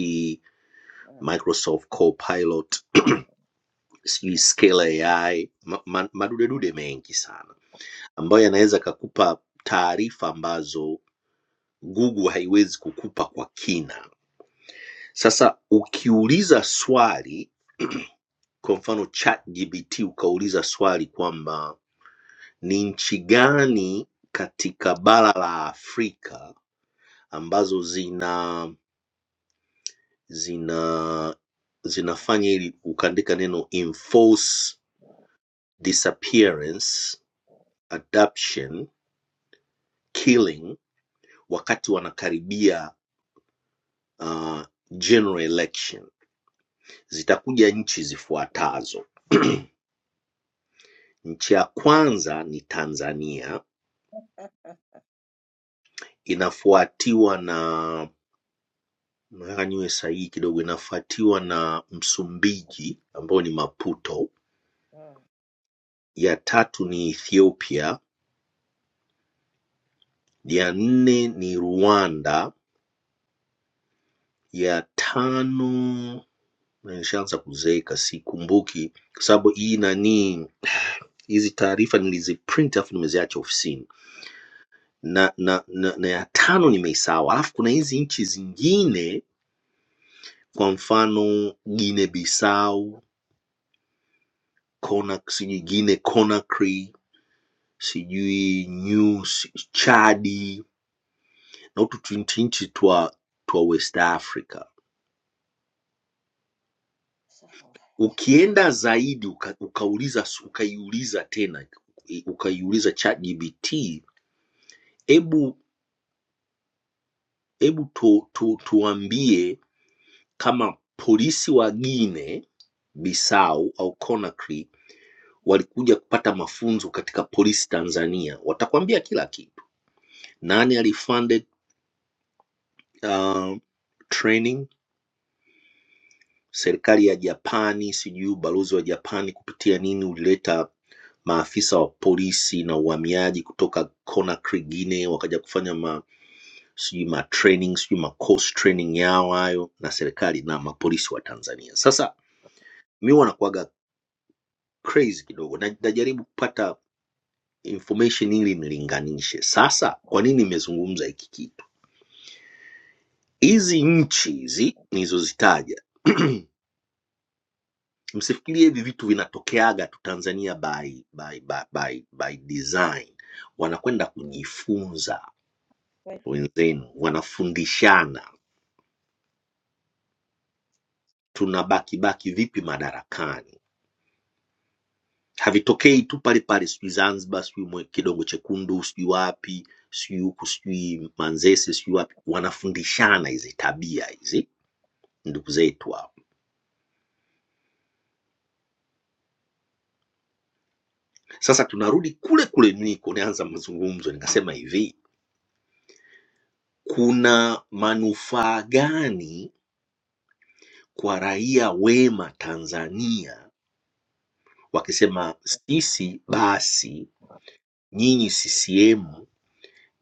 Speaker 16: Mm,
Speaker 15: microsoft copilot sijui
Speaker 16: sawa.
Speaker 15: scale ai ma, ma, madudedude mengi sana ambayo yanaweza kakupa taarifa ambazo google haiwezi kukupa kwa kina sasa ukiuliza swali Kwa mfano ChatGPT ukauliza swali kwamba ni nchi gani katika bara la Afrika ambazo zina zina zinafanya
Speaker 16: Sawa.
Speaker 15: ili ukaandika neno enforce
Speaker 16: Oh,
Speaker 15: disappearance adoption killing wakati wanakaribia uh, general election zitakuja nchi zifuatazo nchi ya kwanza ni tanzania inafuatiwa na Nataka niwe sahihi kidogo, inafuatiwa na Msumbiji ambao ni Maputo, ya tatu ni Ethiopia, ya nne ni Rwanda, ya tano na nishaanza kuzeeka, sikumbuki kwa sababu hii nani, hizi taarifa niliziprint alafu nimeziacha ofisini, na, na, na, na ya tano nimeisahau. Alafu kuna hizi nchi zingine, kwa mfano Guinea Bissau, Conakry, Guinea Conakry sijui New Chadi na utu tunchi nchi twa twa West Africa.
Speaker 16: so
Speaker 15: Ukienda zaidi uka, ukauliza s- ukaiuliza tena i- ukaiuliza ChatGPT, hebu hebu tu, tu, tuambie kama polisi wa Guinea Bissau au Conakry walikuja kupata mafunzo katika polisi Tanzania, watakwambia kila kitu. Nani alifunded uh, training serikali ya Japani, sijui ubalozi wa Japani kupitia nini ulileta maafisa wa polisi na uhamiaji kutoka Conakry, Guinea wakaja kufanya ma sijui ma training sijui ma course training yao hayo na serikali na mapolisi wa Tanzania. Sasa mi wanakuaga crazy kidogo, na- najaribu kupata information ili nilinganishe. Sasa kwa nini nimezungumza hiki kitu? Hizi nchi hizi nilizozitaja msifikirie hivi vitu vinatokeaga tu Tanzania by, by, by, by, by design. Wanakwenda kujifunza
Speaker 16: wait.
Speaker 15: wenzenu, wanafundishana, tunabaki baki vipi madarakani. Havitokei tu pale pale, sijui Zanzibar, sijui Mwe- Kidongo Chekundu, sijui wapi, sijui huku, sijui Manzese, sijui wapi. Wanafundishana hizi tabia hizi ndugu zetu hao. Sasa tunarudi kule kule niko nianza mazungumzo, nikasema hivi, kuna manufaa gani kwa raia wema Tanzania
Speaker 16: Oh, so-
Speaker 15: wakisema, sisi basi nyinyi CCM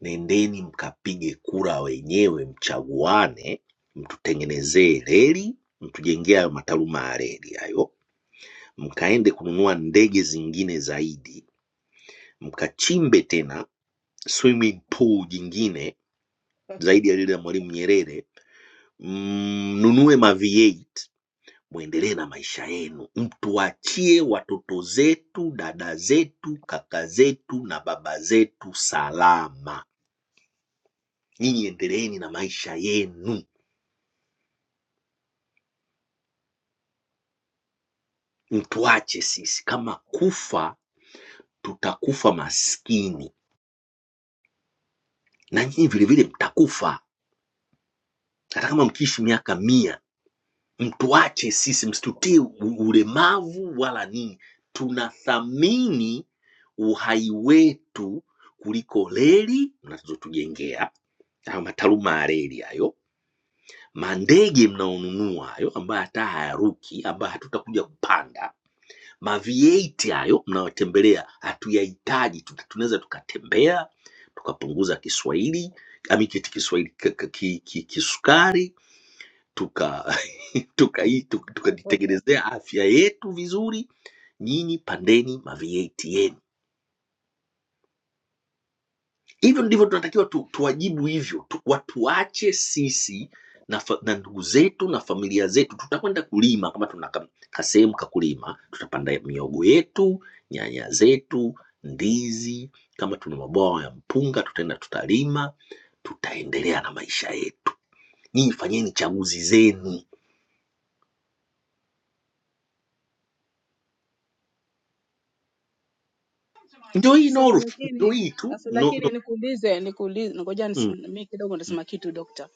Speaker 15: nendeni mkapige kura wenyewe, mchaguane, mtutengenezee reli, mtujengee hayo mataruma ya reli hayo, mkaende kununua ndege zingine zaidi, mkachimbe tena swimming pool jingine zaidi ya lile la Mwalimu Nyerere, mnunue mm, ma V8 mwendelee na maisha yenu, mtuachie watoto zetu, dada zetu, kaka zetu na baba zetu salama. Nyinyi endeleeni na maisha yenu, mtuache sisi. Kama kufa, tutakufa maskini na nyinyi vilevile mtakufa, hata kama mkiishi miaka mia. Mtuache sisi, msitutie u- ulemavu wala nini. Tunathamini uhai wetu kuliko leli mnazotujengea hayo mataruma ya reli hayo, mandege mnaonunua hayo ambayo hata hayaruki, ambayo hatutakuja kupanda, ma V8 hayo mnayotembelea hatuyahitaji, tuta- tunaweza tukatembea tukapunguza Kiswahili amikiti Kiswahili k- k- ki- ki- kisukari tuka tukai- tuka- tukajitengenezea tuka afya yetu vizuri. Nyinyi pandeni ma V8 yenu hivyo ndivyo tunatakiwa tu, tuwajibu hivyo tu, watuache sisi na, fa, na ndugu zetu na familia zetu. Tutakwenda kulima kama tuna ka- kasehemu kakulima, tutapanda miogo yetu, nyanya zetu, ndizi. Kama tuna mabwawa ya mpunga, tutaenda tutalima, tutaendelea na maisha yetu. Nyinyi fanyeni chaguzi zenu, ndio hii
Speaker 13: Sasa
Speaker 15: North, ndio
Speaker 13: lakini
Speaker 15: hii tu
Speaker 13: sasa
Speaker 15: no, no.
Speaker 13: lakini nikuulize nikuulize ngoja nisi-
Speaker 15: Mm,
Speaker 13: mimi kidogo
Speaker 15: mm,
Speaker 13: nitasema kitu dokta.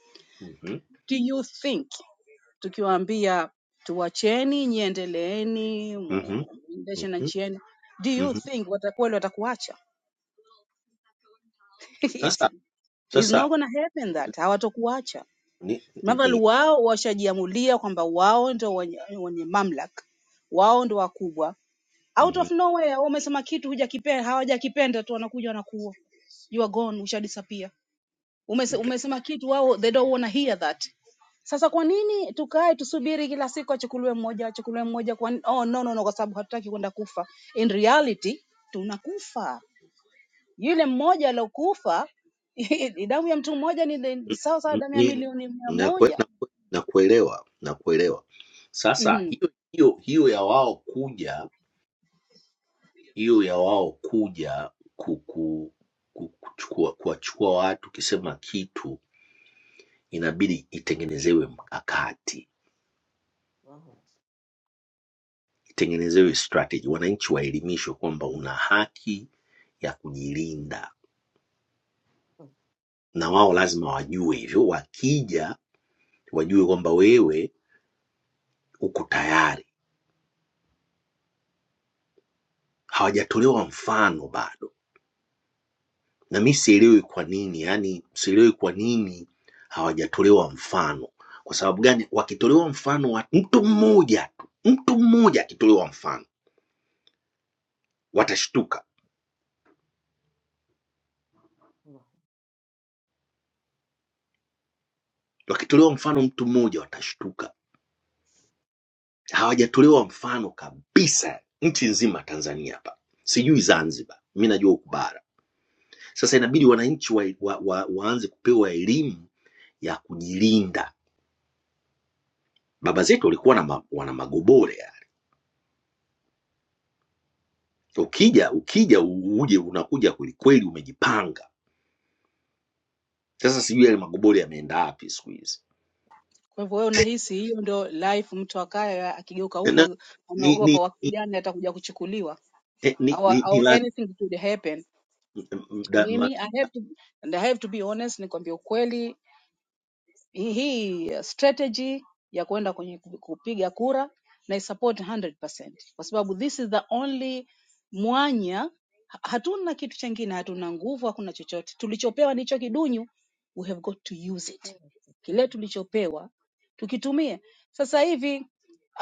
Speaker 15: mhm,
Speaker 13: do you think tukiwaambia tuwacheni nyie endeleeni
Speaker 15: mhm,
Speaker 13: muendeshe na
Speaker 15: mhm,
Speaker 13: nchi yenu do you
Speaker 15: mhm.
Speaker 13: think wata- kweli watakuacha
Speaker 15: Sasa
Speaker 13: It's not
Speaker 15: sasa
Speaker 13: gonna happen that hawatokuacha
Speaker 15: ni,
Speaker 13: madhali
Speaker 15: ni,
Speaker 13: wao washajiamulia kwamba wao ndio wenye, wenye mamlaka wao ndio wakubwa out of
Speaker 15: mhm,
Speaker 13: nowhere wao wamesema kitu hujakipenda hawajakipenda tu wanakuja wanakuua you are gone ushadisappear Umese, umesema kitu wao they don't wanna hear that. Sasa kwa nini tukae tusubiri kila siku achukuliwe mmoja achukuliwe mmoja kwa nini? Oh, no, no, no, kwa sababu hatutaki kwenda kufa. In reality tunakufa. Yule mmoja aliokufa damu ya mtu mmoja ni ni sawa sawa
Speaker 15: Mm,
Speaker 13: damu ya
Speaker 15: ni-
Speaker 13: milioni mia
Speaker 15: nakue-
Speaker 13: moja.
Speaker 15: nakue- Nakuelewa, nakuelewa. Sasa
Speaker 13: Mhm.
Speaker 15: hiyo hiyo hiyo ya wao kuja hiyo ya wao kuja kuku, ku- kuchukua kuwachukua watu, ukisema kitu inabidi itengenezewe mkakati,
Speaker 16: oh,
Speaker 15: itengenezewe strategy, wananchi waelimishwe kwamba una haki ya kujilinda, na wao lazima wajue hivyo, wakija wajue kwamba wewe uko tayari. Hawajatolewa mfano bado Na mi sielewi kwa nini, yani sielewi kwa nini hawajatolewa mfano. Kwa sababu gani? Wakitolewa mfano wa mtu mmoja tu, mtu mmoja akitolewa mfano watashtuka, wakitolewa mfano mtu mmoja watashtuka. Hawajatolewa mfano kabisa nchi nzima, Tanzania hapa, sijui Zanzibar, mi najua huku bara. Sasa inabidi wananchi wa, wa, wa, waanze kupewa elimu ya kujilinda. Baba zetu walikuwa na ma, wana magobore Ukija ukija uje unakuja kwelikweli, umejipanga. Sasa sijui yale magoboli yameenda wapi siku hizi
Speaker 13: Kwa hivyo wewe unahisi hiyo ndio life mtu akaye akigeuka
Speaker 15: na,
Speaker 13: huko
Speaker 15: ni,
Speaker 13: anaogopa
Speaker 15: ni,
Speaker 13: wakati
Speaker 15: ni,
Speaker 13: gani atakuja kuchukuliwa
Speaker 15: eh, ni,
Speaker 13: au
Speaker 15: ni, ni
Speaker 13: au
Speaker 15: lazima
Speaker 13: anything could happen.
Speaker 15: da- ma-
Speaker 13: Mimi I have to and I have to be honest nikwambie ukweli hii strategy ya kwenda kwenye ku- kupiga kura na support 100% kwa sababu this is the only mwanya ha- hatuna kitu chengine hatuna nguvu hakuna chochote tulichopewa ndicho kidunyu we have got to use it kile tulichopewa tukitumie sasa hivi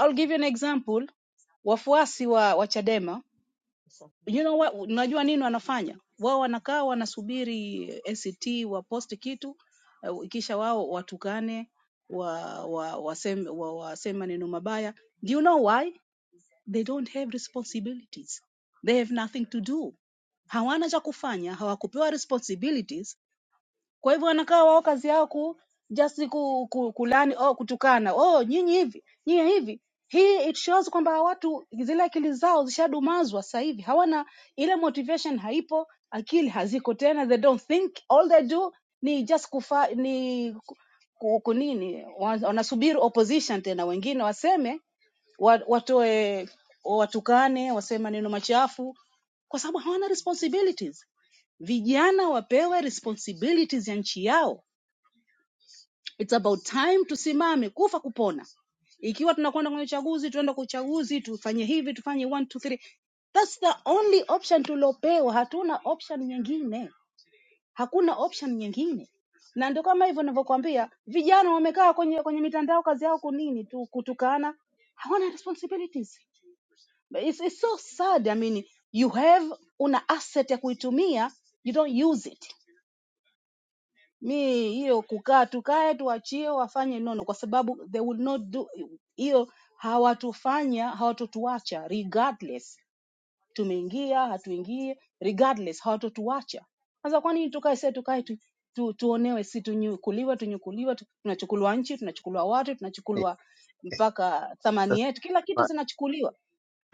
Speaker 13: i'll
Speaker 16: so-
Speaker 13: give you an example wafuasi wa, wa chadema
Speaker 16: so-
Speaker 13: you know what, unajua nini wanafanya wao? Wanakaa wanasubiri ACT waposti kitu eh, kisha wao watukane wa, wa, waseme, wa, waseme maneno mabaya. Do you know why? They don't have responsibilities, they have nothing to do, hawana cha kufanya, hawakupewa responsibilities kwa hivyo wanakaa wao kazi yao ku just ku, ku, kulani oh, kutukana oh, nyinyi hivi nyinyi hivi. Hii it shows kwamba hawa watu zile akili zao zishadumazwa sasa hivi, hawana ile motivation, haipo, akili haziko tena, they don't think, all they do ni just kufa, ni ku- ku- kunini, wa- wanasubiri opposition tena, wengine waseme wa- watoe watukane, waseme maneno machafu, kwa sababu hawana responsibilities Vijana wapewe responsibilities ya nchi yao. It's about time tusimame kufa kupona. Ikiwa tunakwenda kwenye uchaguzi, tuende kwa uchaguzi, tufanye hivi, tufanye one, two, three. That's the only option tuliopewa. Hatuna option nyingine, hakuna option nyingine. Na ndio kama hivyo ninavyokuambia, vijana wamekaa kwenye kwenye mitandao, kazi yao kunini tu kutukana, hawana responsibilities. But It's, it's so sad. I mean, you have una asset ya kuitumia, you don't use it mi hiyo kukaa tukae tuachie wafanye nono kwa sababu they will not do hiyo hawatufanya hawatotuacha regardless tumeingia hatuingie regardless hawatotuacha sasa kwa nini tukae sie tukae tu, tu, tuonewe si tunyukuliwe tunyukuliwe tu, tunachukuliwa nchi tunachukuliwa watu
Speaker 15: Eh,
Speaker 13: tunachukuliwa mpaka thamani
Speaker 15: sasa
Speaker 13: yetu kila kitu zinachukuliwa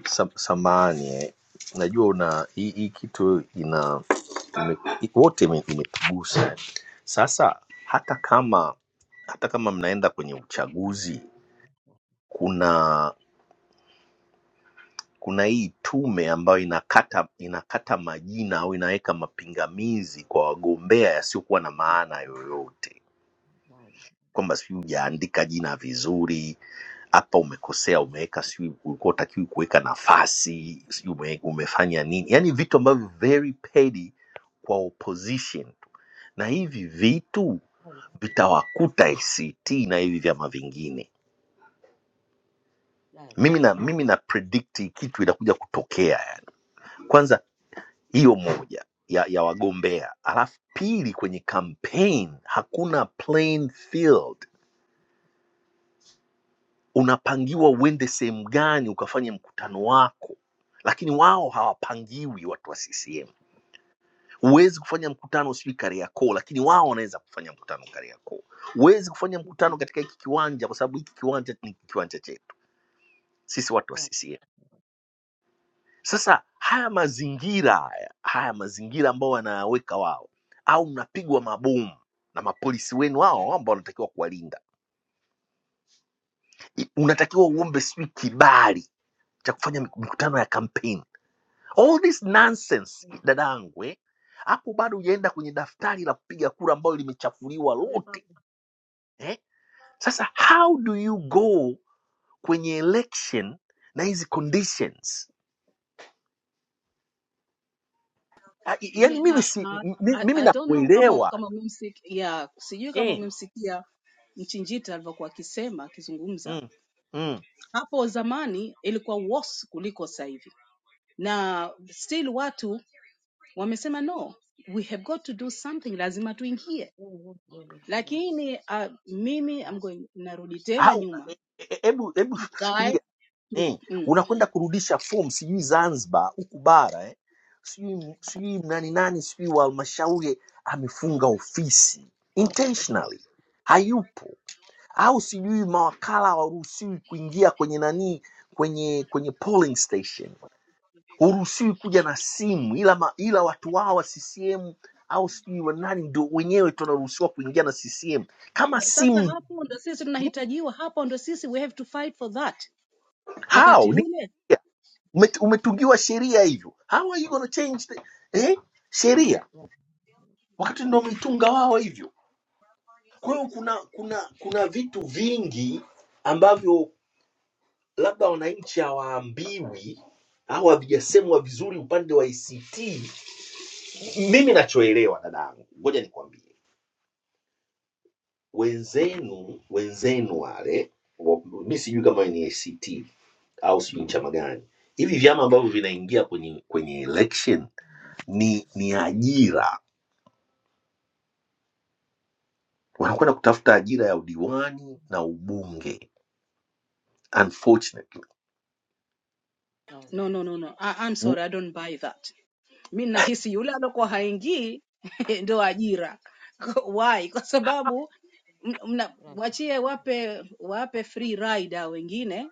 Speaker 15: sam- samahani eh. najua una hii hii kitu ina ime, wote ime- imetugusa sasa hata kama hata kama mnaenda kwenye uchaguzi kuna kuna hii tume ambayo inakata inakata majina au inaweka mapingamizi kwa wagombea yasiokuwa na maana yoyote,
Speaker 16: so-
Speaker 15: kwamba sijui hujaandika jina vizuri, hapa umekosea, umeweka sijui ulikuwa utakiwi kuweka
Speaker 16: مم.
Speaker 15: nafasi, sijui ume, umefanya nini, yaani vitu ambavyo very petty kwa opposition, na hivi vitu
Speaker 16: حلو.
Speaker 15: vitawakuta ACT na hivi vyama vingine.
Speaker 16: لا لا
Speaker 15: Mimi na mimi na predict hii kitu inakuja kutokea yani. Kwanza hiyo moja ya, ya wagombea. Alafu pili, kwenye campaign hakuna playing field, unapangiwa uende sehemu gani ukafanye mkutano wako, lakini wao hawapangiwi. Watu wa CCM huwezi kufanya mkutano sijui Kariakoo, lakini wao wanaweza kufanya mkutano Kariakoo. Huwezi kufanya mkutano katika hiki kiwanja, kwa sababu hiki kiwanja ni kiwanja chetu sisi watu wa
Speaker 16: لا
Speaker 15: CCM Sasa haya mazingira haya, haya mazingira ambao wanaweka wao, au mnapigwa mabomu na mapolisi wenu wao ambao wanatakiwa kuwalinda, I- unatakiwa uombe sijui kibali cha kufanya mik- mikutano ya kampeni. All this nonsense dadangu, eh, hapo bado hujaenda kwenye daftari la kupiga kura ambayo limechafuliwa
Speaker 16: ثقة
Speaker 15: lote eh. Sasa how do you go kwenye election na hizi conditions? Ah, i- Yaani
Speaker 13: Mi-
Speaker 15: mimi
Speaker 13: na-
Speaker 15: si,
Speaker 13: na-
Speaker 15: m-
Speaker 13: I,
Speaker 15: mimi
Speaker 13: I don't know kama
Speaker 15: nakuelewa
Speaker 13: kama umemsikia yeah, sijui kama
Speaker 15: eh.
Speaker 13: umemsikia Mchinjita alivyokuwa akisema akizungumza
Speaker 15: mm, mm.
Speaker 13: Hapo zamani ilikuwa worse kuliko sasa hivi, na still watu wamesema no, we have got to do something, lazima tuingie.
Speaker 16: قوة من الحلو.
Speaker 13: Lakini uh, mimi I'm
Speaker 16: لا
Speaker 13: going, narudi tena
Speaker 15: Au
Speaker 13: nyuma,
Speaker 15: e- e- hebu hebu
Speaker 13: mkae
Speaker 15: fikiria
Speaker 13: tu-
Speaker 15: eh,
Speaker 13: mm.
Speaker 15: unakwenda kurudisha fomu sijui Zanzibar huku bara eh, sijui sijui nani nani sijui wa halmashauri amefunga ofisi intentionally hayupo, au sijui mawakala hawaruhusiwi kuingia kwenye nani kwenye kwenye polling station, huruhusiwi kuja na simu, ila ma, ila watu wao wa CCM au sijui wa nani ndio wenyewe tunaruhusiwa kuingia na CCM kama
Speaker 13: Na Sasa
Speaker 15: simu
Speaker 13: hapo ndo sisi tunahitajiwa, hapo ndo sisi we have to fight for that.
Speaker 15: how
Speaker 13: Wakati ule
Speaker 15: Umet- umetungiwa sheria hivyo how are you gonna change the, eh? sheria
Speaker 16: لا
Speaker 15: wakati ndo wametunga wao hivyo kwa hiyo kuna kuna kuna vitu vingi ambavyo labda wananchi hawaambiwi au havijasemwa vizuri upande wa ict mimi nachoelewa dadangu ngoja nikwambie wenzenu wenzenu wale wa- mi sijui kama ni act au sijui ni chama gani hivi vyama ambavyo vinaingia kwenye kwenye election
Speaker 16: والله.
Speaker 15: ni ni ajira wanakwenda kutafuta ajira ya udiwani na ubunge unfortunately
Speaker 16: لا لا
Speaker 13: no, no, no, no. I, I'm
Speaker 15: mm,
Speaker 13: sorry, I don't buy that. mi nahisi yule
Speaker 16: لا
Speaker 13: alokuwa
Speaker 16: لا
Speaker 13: haingii ndo ajira why kwa sababu m- mna-
Speaker 16: لا لا والله.
Speaker 13: mwachie wape wape free rider wengine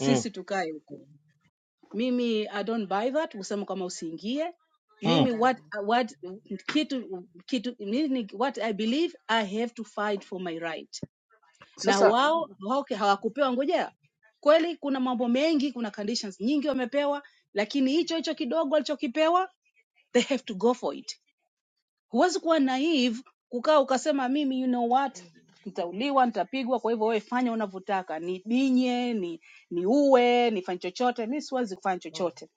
Speaker 15: mm,
Speaker 13: tukae huku mimi i don't buy that kusema kama usiingie
Speaker 15: mm.
Speaker 13: mimi
Speaker 16: لا لا لا
Speaker 13: what
Speaker 16: لا
Speaker 13: what kitu kitu mimi what i believe i have to fight for my right na
Speaker 15: sasa
Speaker 13: wao okay, hawakupewa ngoja kweli kuna mambo mengi kuna conditions nyingi wamepewa lakini hicho hicho kidogo walichokipewa they have to go for it Huwezi kuwa naive kukaa ukasema mimi you know what nitauliwa, nitapigwa, kwa hivyo wewe fanya unavyotaka, nibinye, ni niue, nifanye chochote. Mimi siwezi kufanya chochote.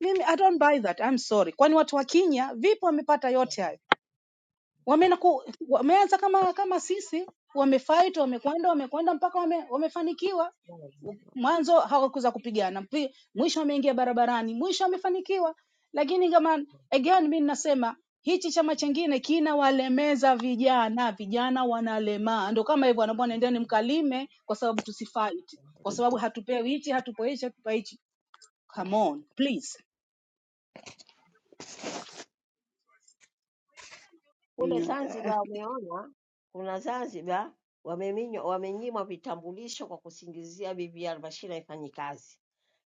Speaker 13: Mimi I don't buy that. I'm sorry. Kwani watu wa Kenya vipi wamepata yote hayo? Wamenaku, wameanza kama kama sisi, wamefight, wamekwenda, wamekwenda mpaka wame, wamefanikiwa.
Speaker 16: والله.
Speaker 13: Mwanzo hawakuweza kupigana, mpi- mwisho wameingia barabarani, mwisho wamefanikiwa. Lakini kama again, mimi ninasema hichi chama chingine kinawalemeza vijana, vijana wanalemaa. Ndio kama hivyo wanabwana, endeni mkalime, kwa sababu tusifight, kwa sababu hatupewi hichi, hatupewi hichi, hatupewi hichi.
Speaker 16: لا
Speaker 13: Come
Speaker 16: لا
Speaker 13: on please.
Speaker 16: Kule Zanzibar wameona kuna Zanzibar wameminywa, wamenyimwa vitambulisho kwa kusingizia bibi Albashira haifanyi kazi.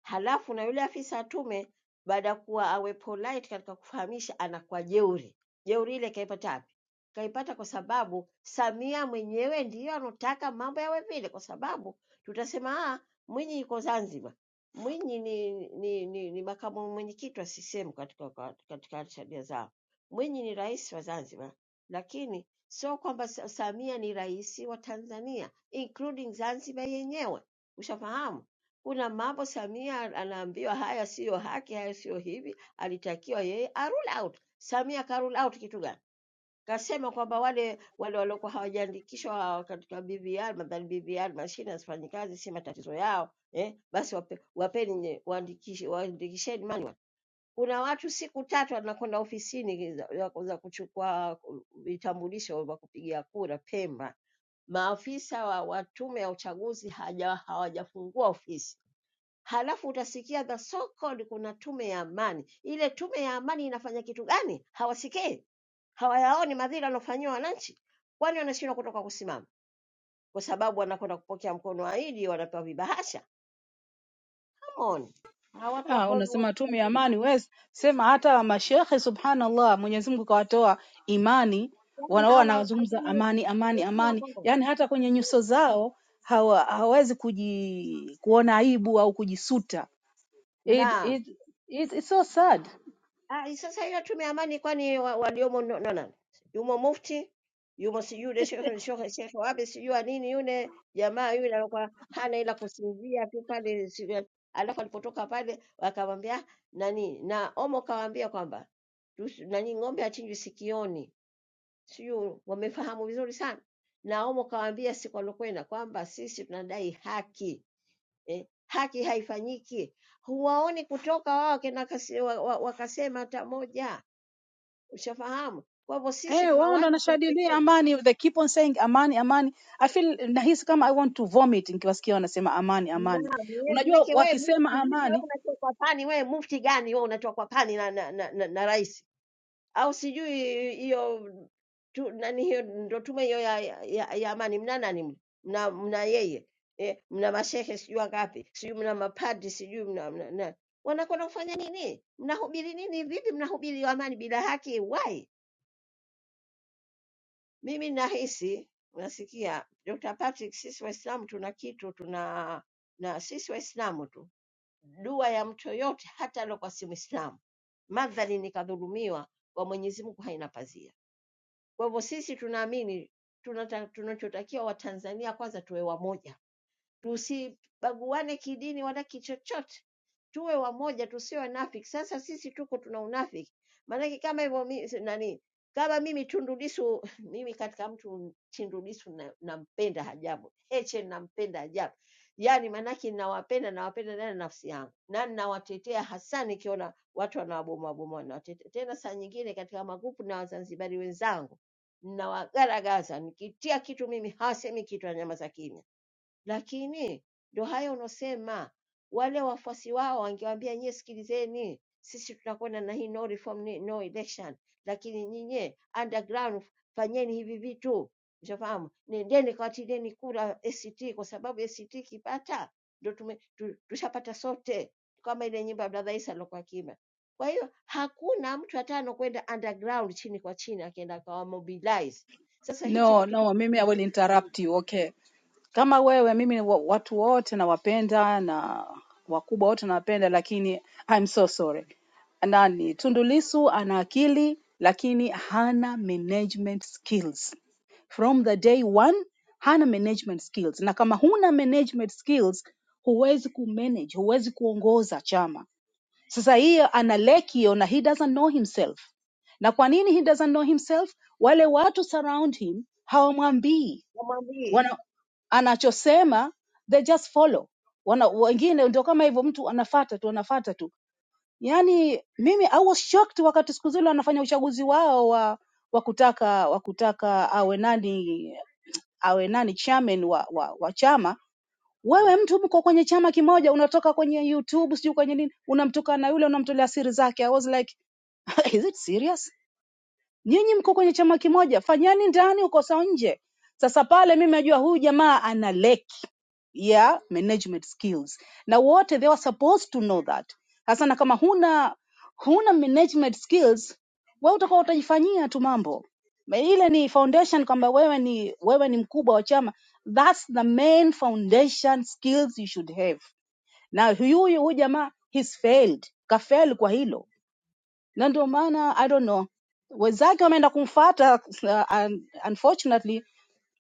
Speaker 16: halafu na yule afisa wa tume baada ya kuwa awe polite katika kufahamisha anakuwa jeuri. Jeuri ile kaipata wapi? Kaipata kwa sababu Samia mwenyewe ndiyo anotaka mambo yawe vile, kwa sababu tutasema ah, Mwinyi yuko Zanzibar. Mwinyi ni, ni, ni, ni makamu mwenyekiti wa CCM katika, katika sheria zao. Mwinyi ni rais wa Zanzibar, lakini sio kwamba Sa- Samia ni rais wa Tanzania including Zanzibar yenyewe, ushafahamu? Kuna mambo Samia anaambiwa haya siyo haki, haya siyo hivi. Alitakiwa yeye a rule out. Samia ka rule out kitu gani? Kasema kwamba wale wale waliokuwa hawajaandikishwa hawa katika BVR, nadhani BVR mashine hazifanyi kazi, si matatizo yao eh? Basi wape, wapeni nye- waandikishi, waandikisheni manual. Kuna watu siku tatu wanakwenda ofisini za, za za kuchukua vitambulisho vya kupigia kura Pemba. Maafisa wa, wa tume ya uchaguzi haja- hawajafungua ofisi halafu utasikia the so called kuna tume ya amani. Ile tume ya amani inafanya kitu gani? Hawasikii, hawayaoni madhila wanaofanyiwa wananchi, kwani wanashindwa kutoka kusimama kwa sababu wanakwenda kupokea mkono wa idi, wanapewa vibahasha. Come on, hawa watu
Speaker 13: Ah,
Speaker 16: wako watu
Speaker 13: unasema tume ya
Speaker 16: wako-
Speaker 13: amani wes, sema hata mashehe subhanallah, Mwenyezi Mungu kawatoa imani,
Speaker 16: kwani
Speaker 13: wanao
Speaker 16: hao ma-
Speaker 13: wanazungumza
Speaker 16: kwani
Speaker 13: amani, amani,
Speaker 16: wenye tume
Speaker 13: amani,
Speaker 16: wako ngapi?
Speaker 13: yaani hata kwenye nyuso zao hawa, hawawezi kuji, kuona aibu au kujisuta. It,
Speaker 16: Naam.
Speaker 13: it, it, it's so sad.
Speaker 16: Ah, hii sasa hiyo tume ya amani kwani wa- waliomo no, no, no. Yumo mufti, yumo sijui yule shekhe shekhe shekhe wapi sijui wa nini yule jamaa yule alikuwa hana ila kusinzia tu pale sijui- alafu alipotoka pale wakamwambia "Ah, nani na Omo kawaambia kwamba tusi- nani ng'ombe achinjwi sikioni. Sijui wamefahamu vizuri sana. Na Omo kawaambia siku alokwenda kwamba sisi tunadai haki. Eh, haki haifanyiki. Huwaoni kutoka wao kina kasi- wa- wa- wakasema hata moja Ushafahamu? Kwa hivyo sisi
Speaker 13: Eh,
Speaker 16: tuna
Speaker 13: wao ndo
Speaker 16: wajibu wa
Speaker 13: wanashadilia
Speaker 16: kusema.
Speaker 13: amani, they keep on saying amani, amani. I feel nahisi kama I want to vomit nikiwasikia wanasema amani, amani.
Speaker 16: Naam, yeye
Speaker 13: Unajua
Speaker 16: manake wewe mufti
Speaker 13: wakisema
Speaker 16: vipi wewe
Speaker 13: amani,
Speaker 16: unatoa kwa pani wewe mufti gani wewe unatoa kwa pani na na, na, na, na rais? Au sijui hiyo tu, nani hiyo ndo tume hiyo ya, ya, ya, ya amani mna nani mle? mna mna yeye eh, mna mashehe sijui wangapi sijui mna mapadi sijui mna, mna na, wanakwenda kufanya nini? Mnahubiri nini? Vipi mnahubiri amani bila haki? Why? Mimi nahisi unasikia, Dr. Patrick, sisi Waislamu tuna kitu tuna na sisi Waislamu tu, dua ya mtu yoyote hata aliokuwa si Mwislamu, madhali nikadhulumiwa, kwa Mwenyezi Mungu haina pazia. Kwa hivyo sisi tunaamini tunata- tunachotakiwa Watanzania kwanza tuwe wamoja tusibaguane kidini wala kichochote, tuwe wamoja, tusiwe wanafiki. Sasa sisi tuko tuna unafiki, maanake kama hivyo mi- si- nani, kama mimi Tundu Lissu, mimi katika mtu Tundu Lissu na- nampenda ajabu, Heche nampenda ajabu, yaani maanake nawapenda, nawapenda ndani ya nafsi yangu, na ninawatetea hasa nikiona watu wanawabomoa bomoa, nawatetea tena. Saa nyingine katika magrupu na Wazanzibari wenzangu nawagaragaza, nikitia kitu mimi hasemi kitu, anyamaza kimya lakini ndo hayo unosema, wale wafuasi wao wangewaambia nyie, sikilizeni, sisi tunakwenda na hii no reform, ni- no election, lakini nyinyi underground fanyeni hivi vitu, ushafahamu, nendeni kawatileni kura ACT, kwa sababu ACT ikipata ndo tume, tu, tushapata sote, kama ile nyimbo ya Brother Isa alikuwa akiimba. Kwa hiyo hakuna mtu hata anokwenda underground chini kwa chini, akienda akawamobilize. Sasa hichi ndo
Speaker 13: no,
Speaker 16: kitu
Speaker 13: no, mimi I
Speaker 16: kinachotaka
Speaker 13: will
Speaker 16: kufanyika.
Speaker 13: interrupt you, okay. kama wewe mimi wa- watu wote nawapenda na wakubwa wote nawapenda lakini I'm so sorry nani Tundu Lissu ana akili lakini hana management skills from the day one hana management skills na kama huna management skills huwezi kumanage huwezi kuongoza chama sasa hiyo ana leki hiyo na he doesn't know himself na kwa nini he doesn't know himself wale watu surround him hawamwambii
Speaker 16: wamwambie
Speaker 13: wana, anachosema they just follow wana, wengine ndio kama hivyo mtu anafata tu anafata tu yaani mimi I was shocked wakati siku zile wanafanya uchaguzi wao wa wa kutaka wa kutaka awe nani awe nani chairman wa, wa, wa chama wewe mtu mko kwenye chama kimoja unatoka kwenye youtube sijui kwenye nini unamtukana na yule unamtolea siri zake i was like is it serious nyinyi mko kwenye chama kimoja, fanyeni ndani ukosa nje. Sasa pale mimi najua huyu jamaa ana leki ya management skills, na wote they were supposed to know that. Sasa na kama huna huna management skills, wewe utakuwa utajifanyia tu mambo Ma- ile ni foundation kwamba wewe ni wewe ni mkubwa wa chama, that's the main foundation skills you should have. Na huyu huyu jamaa he's failed, kafeli kwa hilo na ndio maana i don't know wenzake wameenda kumfata uh, un- unfortunately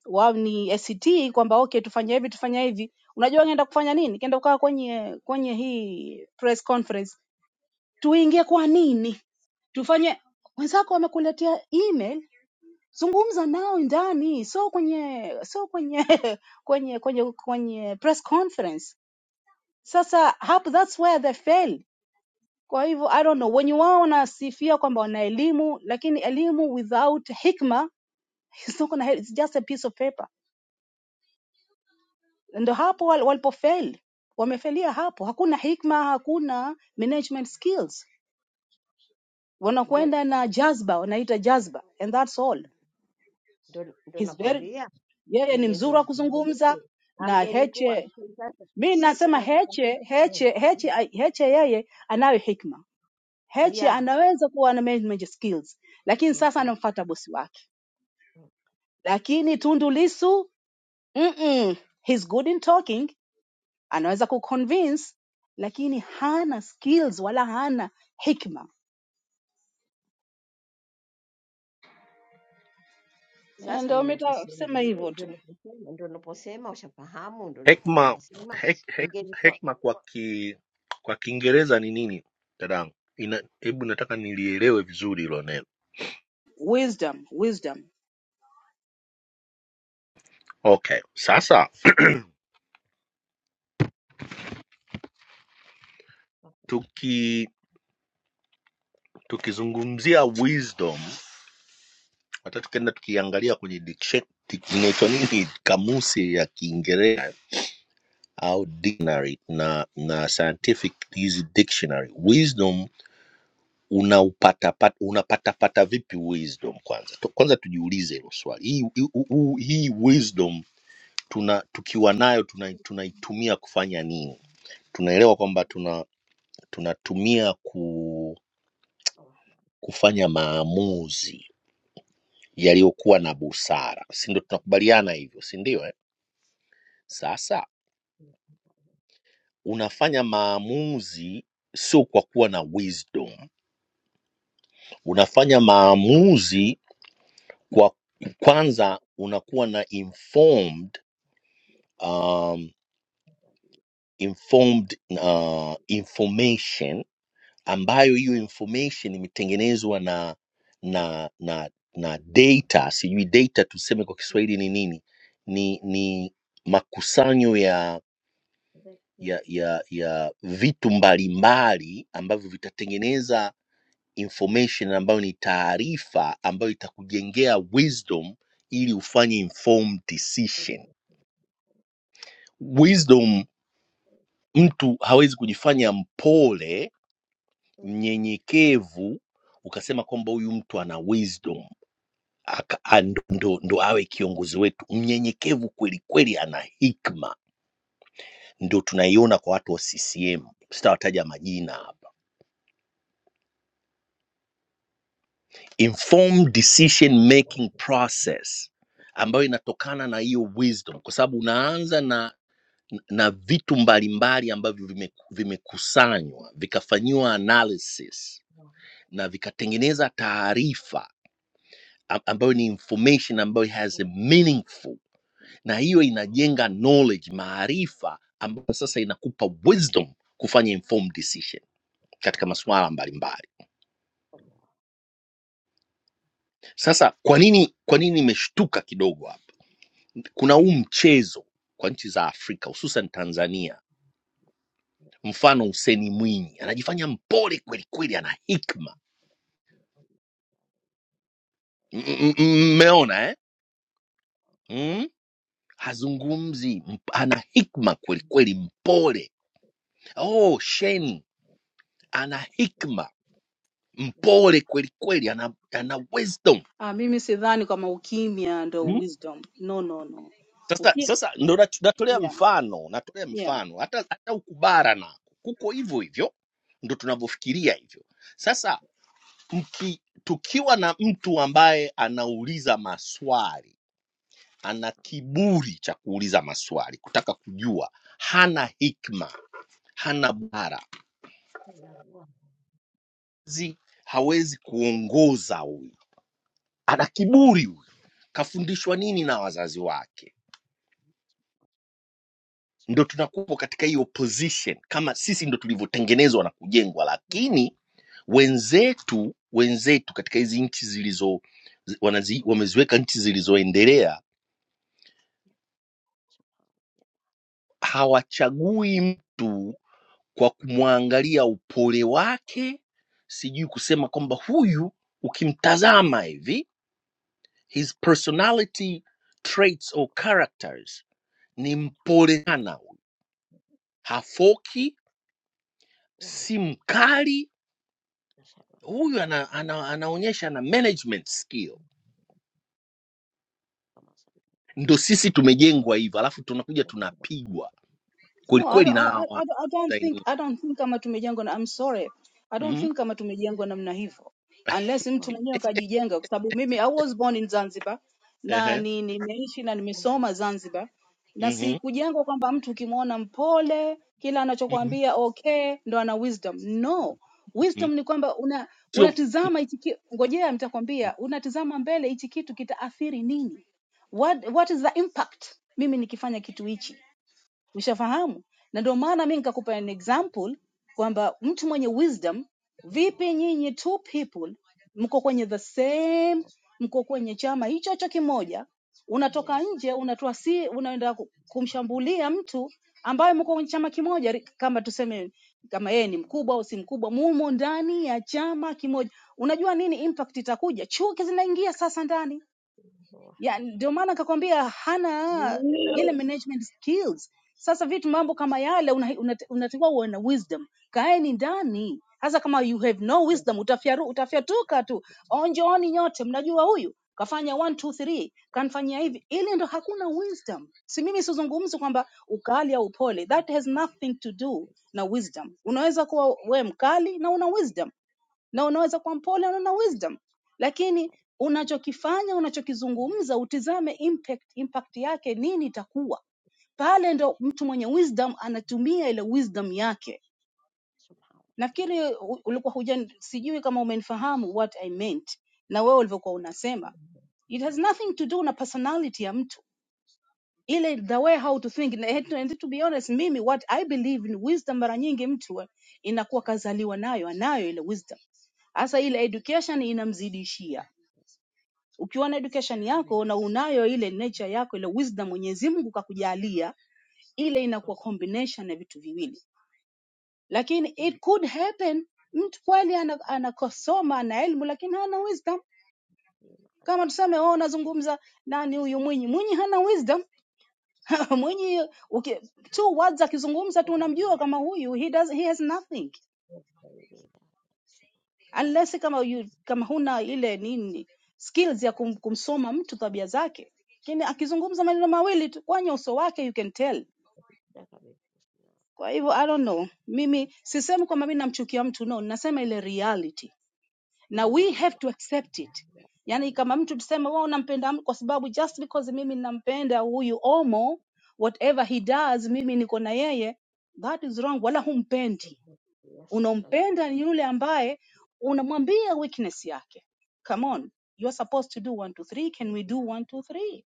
Speaker 13: wao ni ACT kwamba okay tufanye hivi tufanye hivi unajua ngeenda kufanya nini kaenda kukaa kwenye kwenye hii press conference tuingie kwa nini tufanye wenzako wamekuletea email zungumza nao ndani so kwenye so kwenye kwenye kwenye kwenye press conference sasa hapo that's where they fail kwa hivyo I don't know, wenye wao wanasifia kwamba wana elimu, lakini elimu without hikma is not gonna help, it's just a piece of paper. Ndio hapo wal- walipofeli, wamefelia hapo. Hakuna hikma, hakuna management skills,
Speaker 16: Ndio
Speaker 13: wanakwenda na jazba, wanaita jazba and that's all.
Speaker 16: ndo ndo
Speaker 13: He's very,
Speaker 16: nakwambia,
Speaker 13: yeye ni
Speaker 16: ingie ndo
Speaker 13: mzuri wa
Speaker 16: nakwambia
Speaker 13: kuzungumza
Speaker 16: vipi,
Speaker 13: na
Speaker 16: angelikuwa
Speaker 13: Heche.
Speaker 16: sasa
Speaker 13: Mi
Speaker 16: sisi
Speaker 13: nasema
Speaker 16: tunataka
Speaker 13: Heche,
Speaker 16: eh,
Speaker 13: Heche, Heche, Heche yeye anayo hikma, Heche
Speaker 16: ya
Speaker 13: anaweza kuwa na management skills, lakini sasa
Speaker 16: Mhm.
Speaker 13: anamfuata bosi wake lakini Tundu Lissu mm-mm, he's good in talking, anaweza kuconvince, lakini hana skills wala hana hikma. Eh,
Speaker 16: Sasa
Speaker 13: Ndio
Speaker 16: ndo naposema
Speaker 13: umetasema hivyo
Speaker 16: mimi, ndo
Speaker 13: tu,
Speaker 16: naposema, ndo naposema, ushafahamu, ndo napokuwa
Speaker 15: Hekma,
Speaker 16: nasema
Speaker 15: hek, hek,
Speaker 16: ingelikuwa
Speaker 15: hekma kwa ki, kwa Kiingereza ni nini dadangu? Ina, hebu nataka nilielewe vizuri hilo neno.
Speaker 13: wisdom wisdom.
Speaker 15: Okay, sasa tuki tukizungumzia wisdom, hata tukienda tukiangalia kwenye dikshe- dik- inaitwa nini kamusi ya Kiingereza au dictionary na na scientific hizi dictionary, wisdom unaupata unapatapata vipi wisdom kwanza Tu- kwanza tujiulize hilo swali hii, hii, huu- hii wisdom tuna tukiwa nayo tuna- tunaitumia kufanya nini tunaelewa kwamba tuna tunatumia ku, kufanya maamuzi yaliyokuwa na busara si ndio tunakubaliana hivyo si ndio eh? sasa unafanya maamuzi sio kwa kuwa na wisdom unafanya maamuzi kwa kwanza unakuwa na informed um, informed uh, information ambayo hiyo information imetengenezwa na na na na data sijui data tuseme kwa kiswahili ni nini ni ni makusanyo ya ya ya ya vitu mbalimbali ambavyo vitatengeneza information ambayo ni taarifa ambayo itakujengea wisdom ili ufanye informed decision wisdom mtu hawezi kujifanya mpole mnyenyekevu ukasema kwamba huyu mtu ana wisdom aka- a- ndo, ndo, ndo awe kiongozi wetu mnyenyekevu kweli kweli ana hikma ndo tunaiona kwa watu wa ccm sitawataja majina hapa informed decision making process ambayo inatokana na hiyo wisdom kwa sababu unaanza na na vitu mbalimbali ambavyo vimeku- vimekusanywa vikafanyiwa analysis na vikatengeneza taarifa am- ambayo ni information ambayo has a meaningful na hiyo inajenga knowledge maarifa ambayo sasa inakupa wisdom kufanya informed decision katika masuala mbalimbali sasa kwa nini kwa nini nimeshtuka kidogo hapa kuna huu mchezo kwa nchi za afrika hususan tanzania mfano useni mwinyi anajifanya mpole kwelikweli ana hikma M- m- m- mmeona eh? mm? hazungumzi mp- ana hikma kwelikweli mpole oh sheni ana hikma mpole kweli kweli, ana, ana wisdom
Speaker 13: Ah, mimi sidhani kama ukimya ndio
Speaker 15: Mm.
Speaker 13: wisdom. No, no, no.
Speaker 15: sasa
Speaker 13: Uki
Speaker 15: sasa ndo nat- natolea
Speaker 13: yeah,
Speaker 15: mfano natolea
Speaker 13: yeah.
Speaker 15: mano hata hata ukubara nako kuko hivyo hivyo ndo tunavyofikiria hivyo sasa mki, tukiwa na mtu ambaye anauliza maswali ana kiburi cha kuuliza maswali kutaka kujua hana hikma hana bara Zi- hawezi kuongoza huyu ana kiburi huyu kafundishwa nini na wazazi wake ndo tunakuwa katika hiyo position kama sisi ndo tulivyotengenezwa na kujengwa lakini wenzetu wenzetu katika hizi nchi zilizo zi- wanazi, wameziweka nchi zilizoendelea hawachagui mtu kwa kumwangalia upole wake sijui kusema kwamba huyu ukimtazama hivi his personality traits or characters ni mpole sana huyu. hafoki si mkali huyu ana, ana, anaonyesha ana management skill. Ndo sisi tumejengwa hivyo, alafu tunakuja tunapigwa
Speaker 13: No, I
Speaker 15: kwelikweli
Speaker 13: don't,
Speaker 15: na
Speaker 13: I, I, I
Speaker 15: hawa
Speaker 13: don't I don't think
Speaker 15: Zaini.
Speaker 13: I don't think kama tumejengwa na I'm sorry. I don't
Speaker 15: Mhm,
Speaker 13: think kama tumejengwa namna hivyo. Unless mtu mwenyewe kajijenga kwa sababu mimi I was born in Zanzibar na
Speaker 15: ehe,
Speaker 13: ni nimeishi na nimesoma Zanzibar na
Speaker 15: mhm,
Speaker 13: sikujengwa kwamba mtu ukimwona mpole kila
Speaker 15: mhm,
Speaker 13: anachokwambia okay ndo ana wisdom. No.
Speaker 15: mhm.
Speaker 13: Wisdom ni kwamba una
Speaker 15: Sio
Speaker 13: unatizama hichi ki- ngojea nitakwambia unatizama mbele hichi kitu kitaathiri nini? What what is the impact mimi nikifanya kitu hichi? Ushafahamu? Na ndio maana mi nikakupa an example kwamba mtu mwenye wisdom, vipi nyinyi two people mko kwenye the same, mko kwenye chama hicho hicho kimoja, unatoka nje unatoa si, unaenda ku- kumshambulia mtu ambaye mko kwenye chama kimoja, ri- kama tuseme kama yeye ni mkubwa au si mkubwa, mumo ndani ya chama kimoja. Unajua nini impact itakuja? Chuki zinaingia sasa ndani ya ndio maana akakwambia hana ile management skills. Sasa vitu mambo kama yale unatakiwa una, una- unatakiwa uwe na wisdom. Kaeni ndani sasa, kama you have no wisdom utafyaru, utafyatuka tu. Onjooni nyote, mnajua huyu kafanya 1 2 3 kanfanyia hivi, ile ndo hakuna wisdom. Si mimi sizungumzi kwamba ukali au upole, that has nothing to do na wisdom. Unaweza kuwa we mkali na una wisdom na unaweza kuwa mpole na una wisdom, lakini unachokifanya unachokizungumza, utizame impact, impact yake nini itakuwa pale. Ndo mtu mwenye wisdom anatumia ile wisdom yake. Nafikiri u- ulikuwa huja, sijui kama umenifahamu what I meant na wewe ulivyokuwa unasema, it has nothing to do na personality ya mtu ile the way how to think na- and, to, and to be honest mimi what i believe in wisdom mara nyingi mtu wa- inakuwa kazaliwa nayo anayo ile wisdom hasa ile education inamzidishia ukiwa na education yako na unayo ile nature yako ile wisdom mwenyezi mungu kakujalia ile inakuwa
Speaker 16: الله
Speaker 13: combination ya vitu viwili lakini
Speaker 16: إيدينا
Speaker 13: it could happen mtu kweli anakosoma ana anakosoma, ana elimu lakini hana wisdom kama tuseme wewe unazungumza nani huyu mwinyi mwinyi hana wisdom Mwinyi uki, two words akizungumza tu unamjua kama huyu he does, he has nothing
Speaker 16: وبيدينا
Speaker 13: unless
Speaker 16: ونحدك
Speaker 13: kama you, kama huna ile nini skills ya kum, kumsoma mtu tabia zake, lakini akizungumza maneno mawili tu kwenye uso wake you can tell.
Speaker 16: بالحسنى
Speaker 13: Kwa hivyo I don't
Speaker 16: وحسن
Speaker 13: know, mimi sisemi kwamba mimi namchukia mtu no, ninasema ile reality na
Speaker 16: إن
Speaker 13: we have
Speaker 16: علينا
Speaker 13: to accept it
Speaker 16: لا
Speaker 13: yaani
Speaker 16: إلا
Speaker 13: kama mtu
Speaker 16: على
Speaker 13: tuseme wewe unampenda mtu kwa sababu just because mimi ninampenda huyu omo whatever he does mimi niko na yeye that is wrong wala humpendi
Speaker 16: إنه يسألن عن
Speaker 13: unampenda ni yule ambaye unamwambia weakness yake come on you are supposed to do one two three can we do one two three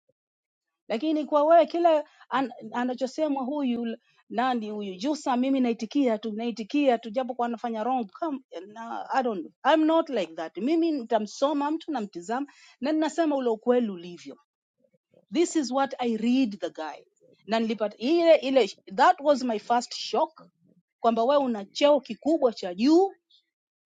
Speaker 13: lakini kwa wewe kila an, anachosemwa huyu nani huyu
Speaker 16: الحديث
Speaker 13: Jusa, mimi naitikia tu, naitikia tu, japo kwa anafanya wrong. Come, na, I don't, I'm not like that. Mimi nitamsoma mtu, namtizama na ninasema ule ukweli ulivyo. This
Speaker 16: أحدث
Speaker 13: is what I read the guy na nilipata
Speaker 16: أحدث
Speaker 13: ile ile, that was my first shock kwamba
Speaker 16: أشفى
Speaker 13: wewe una
Speaker 16: أن
Speaker 13: cheo kikubwa cha
Speaker 16: تكون مع
Speaker 13: juu,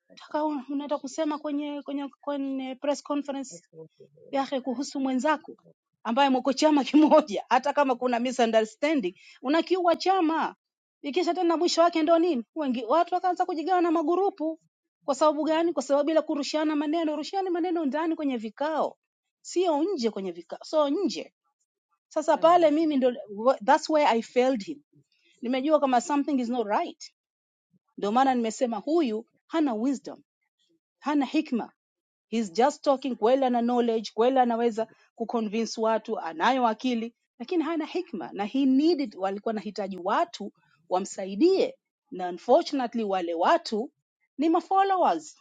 Speaker 16: قد
Speaker 13: unataka
Speaker 16: أفلح
Speaker 13: unataka kusema kwenye kwenye kwenye press conference
Speaker 16: أتوب من
Speaker 13: yake
Speaker 16: الحياة
Speaker 13: kuhusu
Speaker 16: الدنيا
Speaker 13: mwenzako ambaye mko chama
Speaker 16: خير
Speaker 13: kimoja, hata kama kuna misunderstanding, unakiua chama. Ikisha tena mwisho wake ndio nini? Wengi watu wakaanza kujigawana magurupu. Kwa sababu gani? Kwa
Speaker 16: عظيما
Speaker 13: sababu ile kurushiana maneno, rushiani maneno ndani kwenye vikao, sio nje kwenye vikao, so nje. Sasa pale
Speaker 16: سمعه
Speaker 13: mimi ndo, wh- that's where I failed him. Nimejua kama
Speaker 16: قدير
Speaker 13: something is not right, ndio maana
Speaker 16: الله
Speaker 13: nimesema huyu hana wisdom, hana hikma He's just talking kweli ana knowledge, kweli anaweza kuconvince watu, anayo akili lakini hana
Speaker 16: أكبر
Speaker 13: hikma na he needed, walikuwa anahitaji watu
Speaker 16: حين
Speaker 13: wamsaidie, na
Speaker 16: فعل
Speaker 13: unfortunately wale watu ni
Speaker 16: سبحان الله
Speaker 13: mafollowers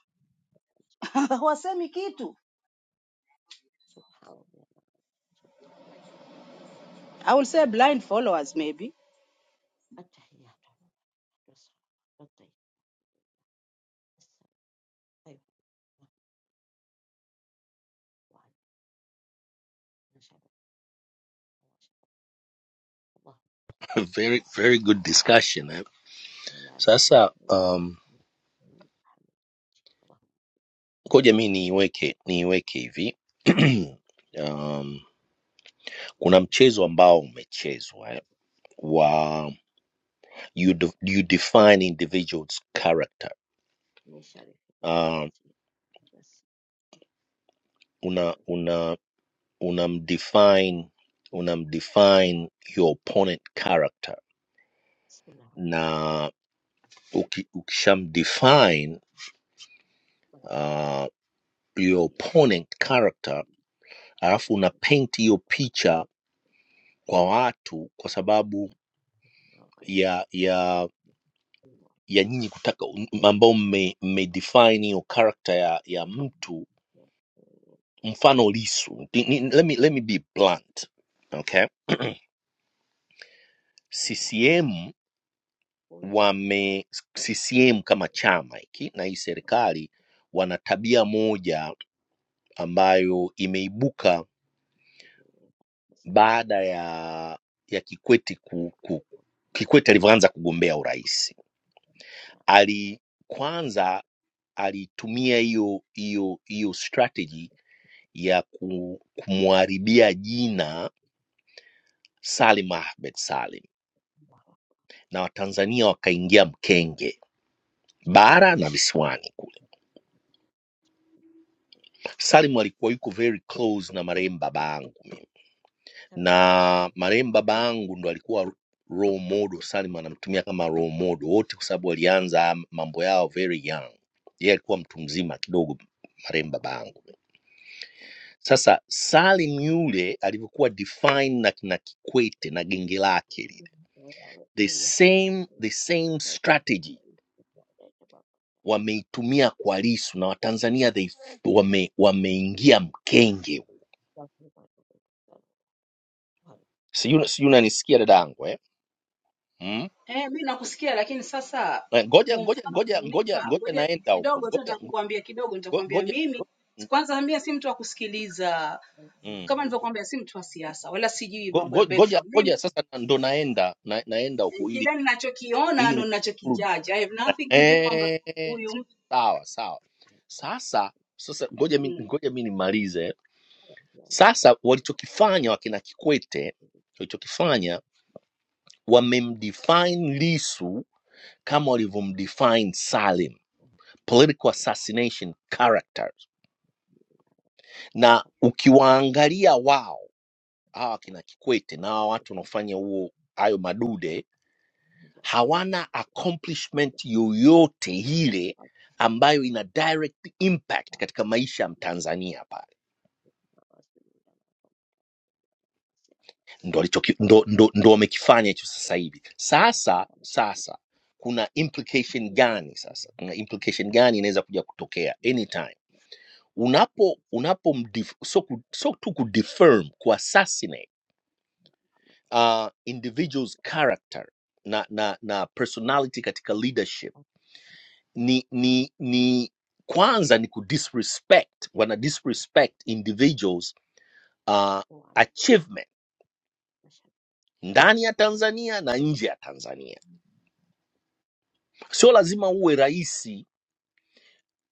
Speaker 13: hawasemi kitu.
Speaker 16: سبحان الله
Speaker 13: I will say blind followers maybe.
Speaker 16: التحيات والصلاة والطيب السلام أيوه وعن نشبة وشبع
Speaker 15: very very good discussion eh.
Speaker 16: اللهم صل على
Speaker 15: Sasa um,
Speaker 16: سيدنا محمد اللهم
Speaker 15: ngoja mi niiweke niiweke hivi um, kuna
Speaker 16: لا نقول
Speaker 15: mchezo ambao umechezwa eh, wa you, de, you define individuals character
Speaker 16: من شر فتنة
Speaker 15: um,
Speaker 16: المسيح بس
Speaker 15: una
Speaker 16: الشر
Speaker 15: una
Speaker 16: الحمد لله
Speaker 15: unamdefine unamdefine your opponent character
Speaker 16: بسم الله والحمد
Speaker 15: na
Speaker 16: لله
Speaker 15: uki, ukishamdefine
Speaker 16: بعد
Speaker 15: uh, your
Speaker 16: إياك
Speaker 15: opponent character alafu una
Speaker 16: نستعين
Speaker 15: paint hiyo picha kwa watu kwa
Speaker 16: لا
Speaker 15: sababu
Speaker 16: نتبع غير
Speaker 15: ya ya
Speaker 16: المعتدل
Speaker 15: ya nyinyi kutaka ambao mme, mme define hiyo character ya, ya mtu mfano lisu ni, ni, let, me, let me be blunt okay
Speaker 16: إلا كل عام
Speaker 15: ccm
Speaker 16: بس بسم
Speaker 15: wame CCM kama chama hiki na hii serikali wana tabia moja ambayo imeibuka baada
Speaker 16: الله
Speaker 15: ya ya Kikwete ku, ku, Kikwete alivyoanza kugombea urais
Speaker 16: ولا أجل
Speaker 15: ali kwanza
Speaker 16: الخير
Speaker 15: alitumia hiyo hiyo hiyo strategy
Speaker 16: بسم
Speaker 15: ya ku- kumharibia jina Salim Ahmed Salim
Speaker 16: الله
Speaker 15: na Watanzania wakaingia mkenge bara na visiwani Salim alikuwa yuko very close na marehemu baba yangu,
Speaker 16: سمع الله
Speaker 15: na marehemu baba yangu ndo alikuwa role model. Salim anamtumia kama role model wote, kwa sababu walianza mambo yao very young. Yeye alikuwa mtu mzima kidogo, marehemu baba yangu. Sasa Salim yule alivyokuwa defined na kina Kikwete na genge lake lile,
Speaker 16: تعالى
Speaker 15: the
Speaker 16: إنك
Speaker 15: same,
Speaker 16: معنا
Speaker 15: the same
Speaker 16: ذاك
Speaker 15: strategy
Speaker 16: الاستثناء ذاك ما
Speaker 15: wameitumia kwa Lisu na Watanzania they wame, wameingia mkenge,
Speaker 16: قدرت وما تقدر ولا
Speaker 15: sijui sijui unanisikia dadangu eh? Hmm?
Speaker 13: Eh, mi nakusikia lakini sasa
Speaker 15: Eh, ngoja
Speaker 13: huo
Speaker 15: ngoja
Speaker 13: mfano
Speaker 15: ngoja ngoja
Speaker 13: unaonipa,
Speaker 15: ngoja
Speaker 13: ngoja
Speaker 15: naenda huko
Speaker 13: kidogo tu
Speaker 15: ngoja ngo-
Speaker 13: nitakukwambia kidogo,
Speaker 15: ngo-
Speaker 13: nitakwambia
Speaker 15: ngoja
Speaker 13: mimi
Speaker 15: ngo- mm.
Speaker 13: kwanza, mimi si mtu wa kusikiliza,
Speaker 15: mm.
Speaker 13: kama nilivyokuambia, si mtu wa siasa wala sijui
Speaker 15: Ngo-
Speaker 13: mambo ya
Speaker 15: ngo- ngoja
Speaker 13: background mimi
Speaker 15: ngoja sasa na- ndo naenda na, naenda huko
Speaker 13: kile
Speaker 15: ili
Speaker 13: ninachokiona
Speaker 15: ili
Speaker 13: ndo
Speaker 15: ni conclude.
Speaker 13: ninachokijudge. I have nothing to do kwamba
Speaker 15: eh
Speaker 13: huyu mtu
Speaker 15: sawa sawa sasa sasa ngoja mi,
Speaker 13: mm.
Speaker 15: ngoja mi nimalize sasa walichokifanya wakina Kikwete walichokifanya wamemdefine Lisu kama walivyomdefine Salim political assassination characters na
Speaker 16: والحكاية
Speaker 15: ukiwaangalia wao hawa kina Kikwete na hawa
Speaker 16: ما
Speaker 15: watu
Speaker 16: جبت الحياة
Speaker 15: wanaofanya huo hayo
Speaker 16: قبل ذاك حياة
Speaker 15: madude
Speaker 16: يا جمعية
Speaker 15: hawana accomplishment yoyote ile ambayo ina direct impact
Speaker 16: أتباع
Speaker 15: katika maisha ya Mtanzania pale,
Speaker 16: رسول الله
Speaker 15: ndo alichoki- ndo, ndo, ndo wamekifanya hicho sasa hivi.
Speaker 16: يا
Speaker 15: Sasa sasa kuna implication gani? Sasa kuna implication gani inaweza kuja kutokea anytime unapo
Speaker 16: رئيس
Speaker 15: unapo mdif, so, ku- so tu kudefirm kuassassinate uh, individual's character na, na, na personality katika leadership ni, ni,
Speaker 16: التصديق
Speaker 15: ni kwanza ni kudisrespect wana disrespect individuals uh,
Speaker 16: وعلى
Speaker 15: achievement
Speaker 16: مشهد
Speaker 15: ndani ya tanzania na nje ya tanzania sio
Speaker 16: محكمة
Speaker 15: lazima uwe raisi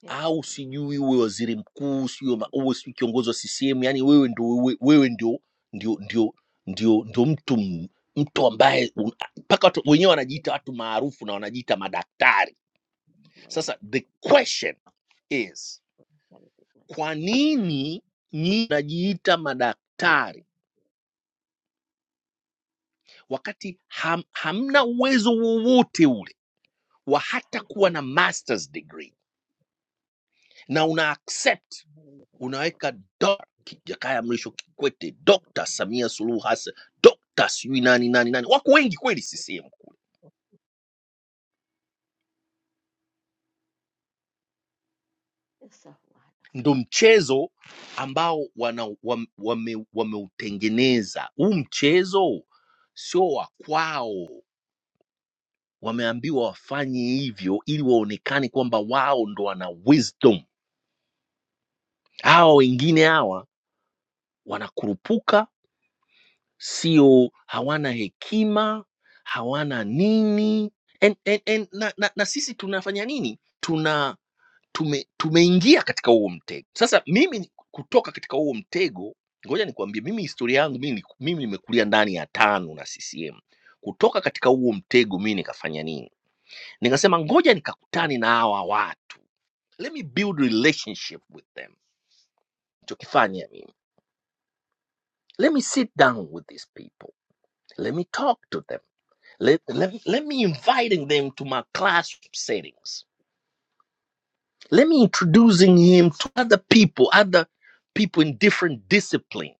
Speaker 16: هنا
Speaker 15: au
Speaker 16: على نيته
Speaker 15: sijui uwe waziri mkuu sijui ma-
Speaker 16: اللهم
Speaker 15: uwe sijui kiongozi wa ccm yani wewe ndio wewe, wewe ndio ndio ndio ndio
Speaker 16: يا
Speaker 15: ndio mtu m- mtu ambaye un- mpaka watu- wenyewe wanajiita watu maarufu na wanajiita madaktari
Speaker 16: رب
Speaker 15: Sasa the question is,
Speaker 16: وكان فتنة
Speaker 15: kwa
Speaker 16: المسيح سبحان
Speaker 15: nini nyinyi mnajiita madaktari wakati ham, hamna
Speaker 16: سبحان
Speaker 15: uwezo wowote ule wa hata kuwa na masters degree na una accept unaweka doc- Ki- Jakaya Mrisho
Speaker 16: الله
Speaker 15: Kikwete, Dr. Samia Suluhu Hassan, Dr. sijui nani nani nani, wako wengi kweli CCM.
Speaker 16: السهو هذا
Speaker 15: Ndo mchezo ambao wana, wam, wame, wameutengeneza. Huu mchezo sio wa kwao wameambiwa wafanye hivyo ili waonekane kwamba wao ndo wana wisdom. Hawa wengine hawa wanakurupuka, sio, hawana hekima, hawana nini and, and, and, na, na, na sisi tunafanya nini? Tuna tume, tumeingia katika huo mtego. Sasa mimi ni- kutoka katika huo mtego, ngoja nikwambie, mimi historia yangu mimi, ni- mimi nimekulia ndani ya tano na CCM. Kutoka katika huo mtego mimi nikafanya nini? Nikasema ngoja nikakutane na hawa watu let me build relationship with them chokifanya mimi let me sit down with these people let me talk to them let, let, let me inviting them to my class settings let me introducing him to other people other people in different discipline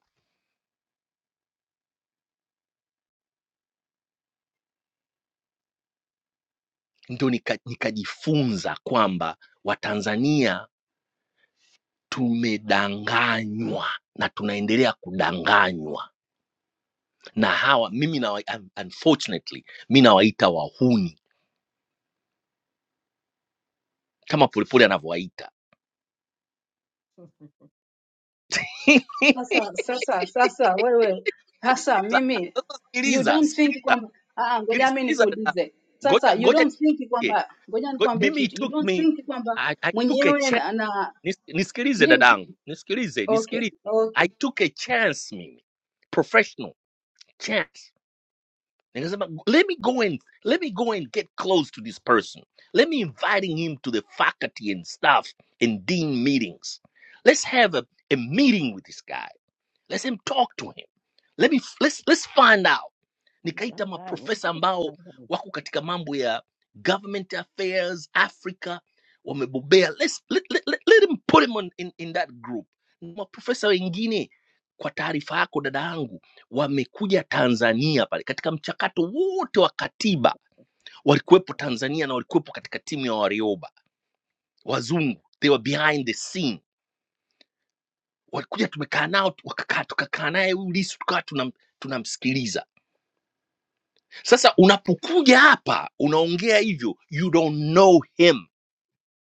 Speaker 15: ndo nika- nikajifunza kwamba watanzania tumedanganywa na tunaendelea kudanganywa na hawa mimi na, unfortunately mi nawaita wahuni kama polepole anavyowaita
Speaker 13: Sasa sasa sasa wewe sasa
Speaker 15: Sasa
Speaker 13: mimi
Speaker 15: sasa
Speaker 13: you
Speaker 15: sikiliza,
Speaker 13: don't think
Speaker 15: sikiliza,
Speaker 13: kwamba ah, ah,
Speaker 15: sikili-
Speaker 13: ngoja mimi
Speaker 15: sikiliza dada.
Speaker 13: nikuulize sasa,
Speaker 15: Ngoja
Speaker 13: you
Speaker 15: ngoja
Speaker 13: don't think
Speaker 15: nikie.
Speaker 13: kwamba ngoja
Speaker 15: Ngo-
Speaker 13: nikwambie
Speaker 15: Mimi it
Speaker 13: kitu, you
Speaker 15: took
Speaker 13: don't
Speaker 15: me
Speaker 13: think kwamba
Speaker 15: I, I took a
Speaker 13: mwenyewe
Speaker 15: chance.
Speaker 13: na, na
Speaker 15: Nis, nisikilize
Speaker 13: mimi
Speaker 15: dadangu. Nisikilize,
Speaker 13: okay
Speaker 15: nisikilize. I
Speaker 13: okay
Speaker 15: took a chance mimi. Professional chance. Nikasema let me go and let me go and get close to this person. Let me inviting him to the faculty and staff and dean meetings. Let's have a, a meeting with this guy. Let's him talk to him. Let me let's let's find out. nikaita
Speaker 16: Mdanganye,
Speaker 15: maprofesa ambao
Speaker 16: mdanganye.
Speaker 15: wako katika mambo ya government affairs africa wamebobea Let's, let, let, let, let him put him on, in, in that group Na maprofesa wengine kwa taarifa yako dada yangu wamekuja tanzania pale katika mchakato wote wa katiba walikuwepo tanzania na walikuwepo katika timu ya warioba wazungu they were behind the scene walikuja tumekaa nao tu- wakakaa tukakaa naye huyu lisu tukawa tunam, tunamsikiliza Sasa unapokuja hapa unaongea hivyo, you don't know him.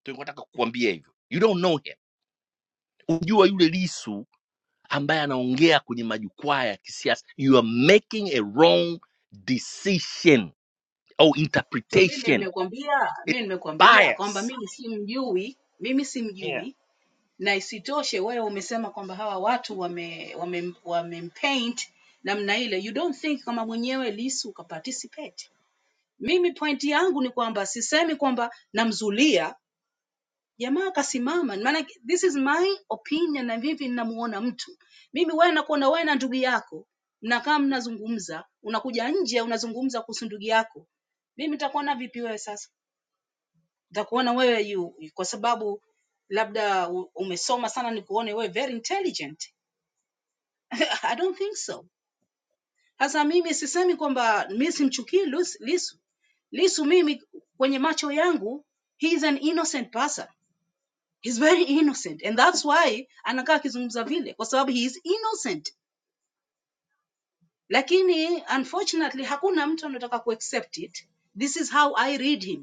Speaker 15: Tulikuwa nataka kukuambia hivyo, you don't know him. Unajua yule Lisu ambaye anaongea kwenye majukwaa ya kisiasa, you are making a wrong decision au
Speaker 13: So mimi
Speaker 15: interpretation.
Speaker 13: nimekwambia, mimi
Speaker 15: It's
Speaker 13: nimekwambia kwamba
Speaker 15: bias.
Speaker 13: mimi simjui, mimi simjui
Speaker 15: Yeah.
Speaker 13: na isitoshe wewe umesema kwamba hawa watu wame, wame, wamempaint namna ile you don't think kama mwenyewe lisu ukaparticipate mimi point yangu ni kwamba sisemi kwamba namzulia jamaa akasimama maana this is my opinion na vipi ninamuona mtu mimi wewe nakuona wewe na ndugu yako mnakaa mnazungumza unakuja nje unazungumza kuhusu ndugu yako mimi nitakuona vipi wewe sasa nitakuona wewe yu, yu- kwa sababu labda u- umesoma sana nikuone wewe very intelligent i don't think so sasa mimi sisemi kwamba mi simchukii Lus- lisu lisu mimi kwenye macho yangu he is an innocent person He's very innocent and that's why anakaa akizungumza vile kwa sababu he is innocent lakini unfortunately hakuna mtu anataka kuaccept it this is how i read him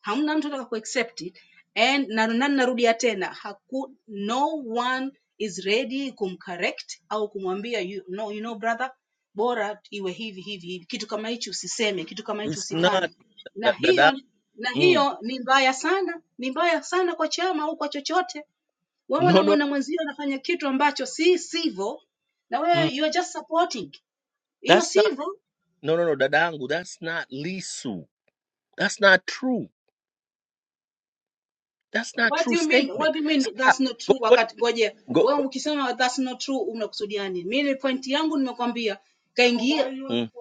Speaker 13: hamna mtu anataka kuaccept it and na na narudia tena haku, no one is ready kumcorrect au kumwambia you, no, you know brother bora iwe hivi hivi hivi kitu kama hichi usiseme kitu kama hichi
Speaker 15: It's not
Speaker 13: usifanye na
Speaker 15: da, dada.
Speaker 13: hiyo na
Speaker 15: Mm.
Speaker 13: hiyo ni mbaya sana ni mbaya sana kwa chama au kwa chochote wewe
Speaker 15: No, no.
Speaker 13: unamwona mwenzio anafanya kitu ambacho si sivyo na wewe
Speaker 15: Mm.
Speaker 13: you are just supporting hiyo
Speaker 15: That's not
Speaker 13: sivyo
Speaker 15: no no no dadangu, that's not Lisu. That's not true. That's not
Speaker 13: What
Speaker 15: true
Speaker 13: do you mean?
Speaker 15: statement.
Speaker 13: What do you mean
Speaker 15: Sasa,
Speaker 13: that's not
Speaker 15: go,
Speaker 13: true?
Speaker 15: go,
Speaker 13: Wakati ngoje
Speaker 15: go, go.
Speaker 13: wewe ukisema that's not true umekusudia nini? Mimi point yangu nimekwambia kaingia
Speaker 15: Mm.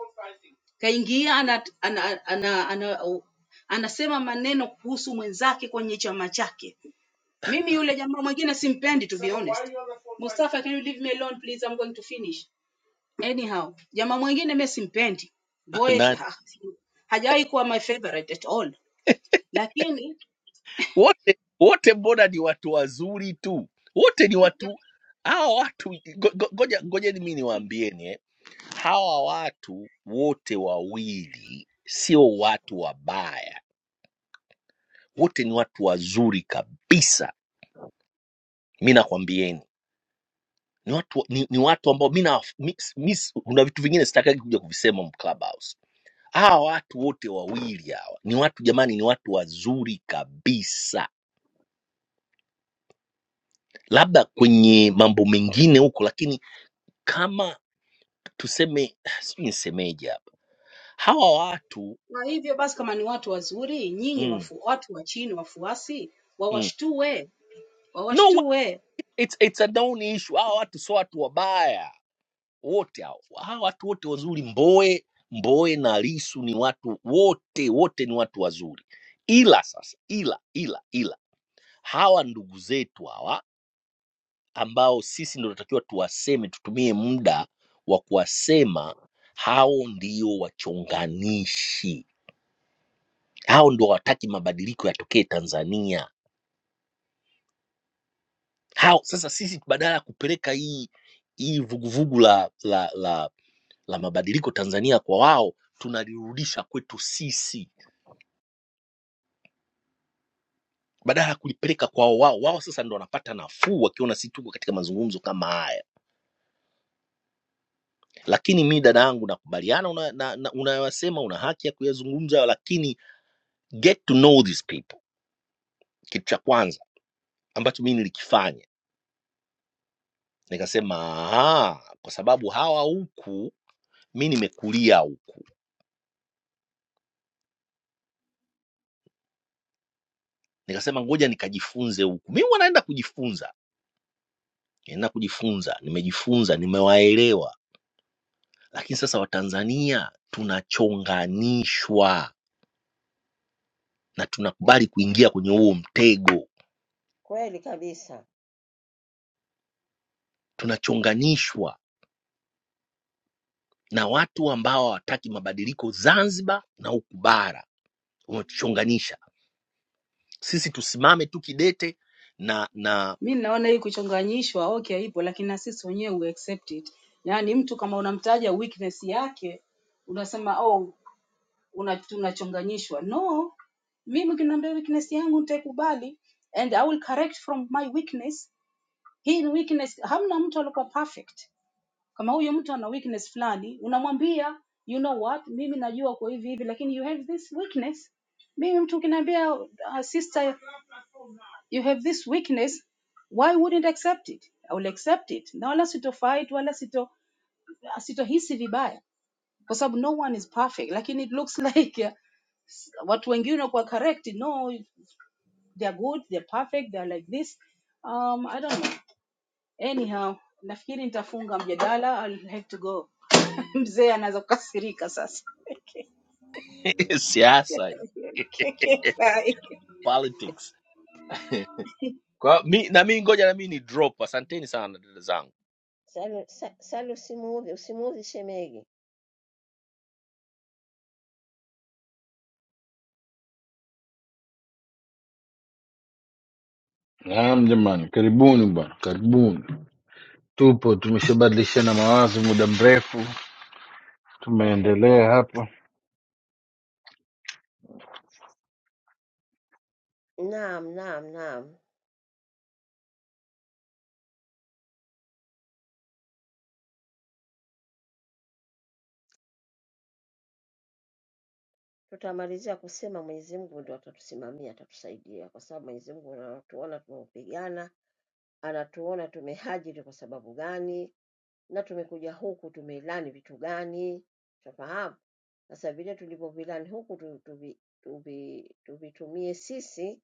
Speaker 13: kaingia ana, ana, ana, ana, ana, anasema maneno kuhusu mwenzake kwenye chama chake. Mimi yule jamaa mwingine simpendi to be honest. Mustafa, can you leave me alone please? I'm going to finish. Anyhow, jamaa mwingine mimi simpendi. Voice ha, hajawahi kuwa my favorite at all. Lakini
Speaker 15: wote wote mbona ni watu wazuri tu wote ni watu hawa watu ngo- ngo- ngoja ngojeni mi niwaambieni eh. hawa watu wote wawili sio watu wabaya wote ni watu wazuri kabisa mi nakwambieni ni watu, ni, ni watu ambao mi na- mi- mi- kuna vitu vingine sitakagi kuja kuvisema mu clubhouse hawa watu wote wawili hawa ni watu jamani ni watu wazuri kabisa labda kwenye mambo mengine huko lakini kama tuseme sijui nisemeje hapa hawa watu
Speaker 13: Kwa hivyo basi, kama ni watu wazuri, nyinyi
Speaker 15: mm,
Speaker 13: wafu, watu wa chini, wafuasi,
Speaker 15: mm.
Speaker 13: wawashtue,
Speaker 15: no wa-
Speaker 13: wawashtue.
Speaker 15: it's, it's a down issue hawa watu sio watu wabaya wote hao. hawa watu wote wazuri mboe mboe na lisu ni watu wote wote ni watu wazuri ila sasa ila ila ila hawa ndugu zetu hawa ambao sisi ndio tunatakiwa tuwaseme tutumie muda wa kuwasema hao ndio wachonganishi hao ndio hawataki mabadiliko yatokee tanzania How sasa sisi badala ya kupeleka hii hii vuguvugu la, la, la, la mabadiliko Tanzania kwa wao, tunalirudisha kwetu sisi badala ya kulipeleka kwao wao. Wao sasa ndo wanapata nafuu wakiona sisi tuko katika mazungumzo kama haya. Lakini mi dada yangu, nakubaliana unayosema, una, na, na, unayosema, una haki ya kuyazungumza, lakini get to know these people, kitu cha kwanza ambacho mi nilikifanya nikasema, "Aha, kwa sababu hawa huku mi nimekulia huku nikasema ngoja nikajifunze huku mi huwa naenda kujifunza naenda kujifunza nimejifunza nimewaelewa lakini sasa watanzania tunachonganishwa na tunakubali kuingia kwenye huo mtego
Speaker 16: Kweli kabisa.
Speaker 15: tunachonganishwa na watu ambao hawataki mabadiliko zanzibar na huku bara wametuchonganisha sisi tusimame tu kidete na na
Speaker 13: Mi naona hii kuchonganyishwa okay ipo, lakini na sisi wenyewe we accept it. Yaani mtu kama unamtaja weakness yake unasema oh, una, tunachonganyishwa. No, mimi ukiniambia weakness yangu nitaikubali and I will correct from my weakness. Hii ni weakness, hamna mtu alikuwa perfect Kama huyu mtu ana weakness fulani, unamwambia you know what, mimi najua kwa hivi hivi, lakini you have this weakness. Mimi mtu ukiniambia uh, sister you have this weakness, why wouldn't accept it? I will accept it na wala sito fight wala sito sitohisi vibaya kwa sababu no one is perfect, lakini it looks like uh, watu wengine kwa correct, no they are good, they are perfect, they are like this. Um, I don't know. Anyhow, nafikiri nitafunga mjadala. I'll have to go. Mzee anaweza kukasirika sasa.
Speaker 15: siasa
Speaker 13: Okay, okay, bye.
Speaker 15: politics kwa mi, na mi ngoja na mi ni drop asanteni sana dada zangu
Speaker 16: Salu, sa, salu usimuudhi, usimuudhi shemegi.
Speaker 11: naam jamani karibuni bwana karibuni tupo tumeshabadilishana mawazo muda mrefu tumeendelea hapa
Speaker 16: Naam, naam, naam. Tutamalizia kusema Mwenyezi Mungu ndio atatusimamia, atatusaidia kwa sababu Mwenyezi Mungu anatuona tumeupigana, anatuona tumehajiri kwa sababu gani, na tumekuja huku tumeilani vitu gani, tunafahamu. Sasa vile tulivyovilani huku tu- tuvi- tuvi- tuvitumie sisi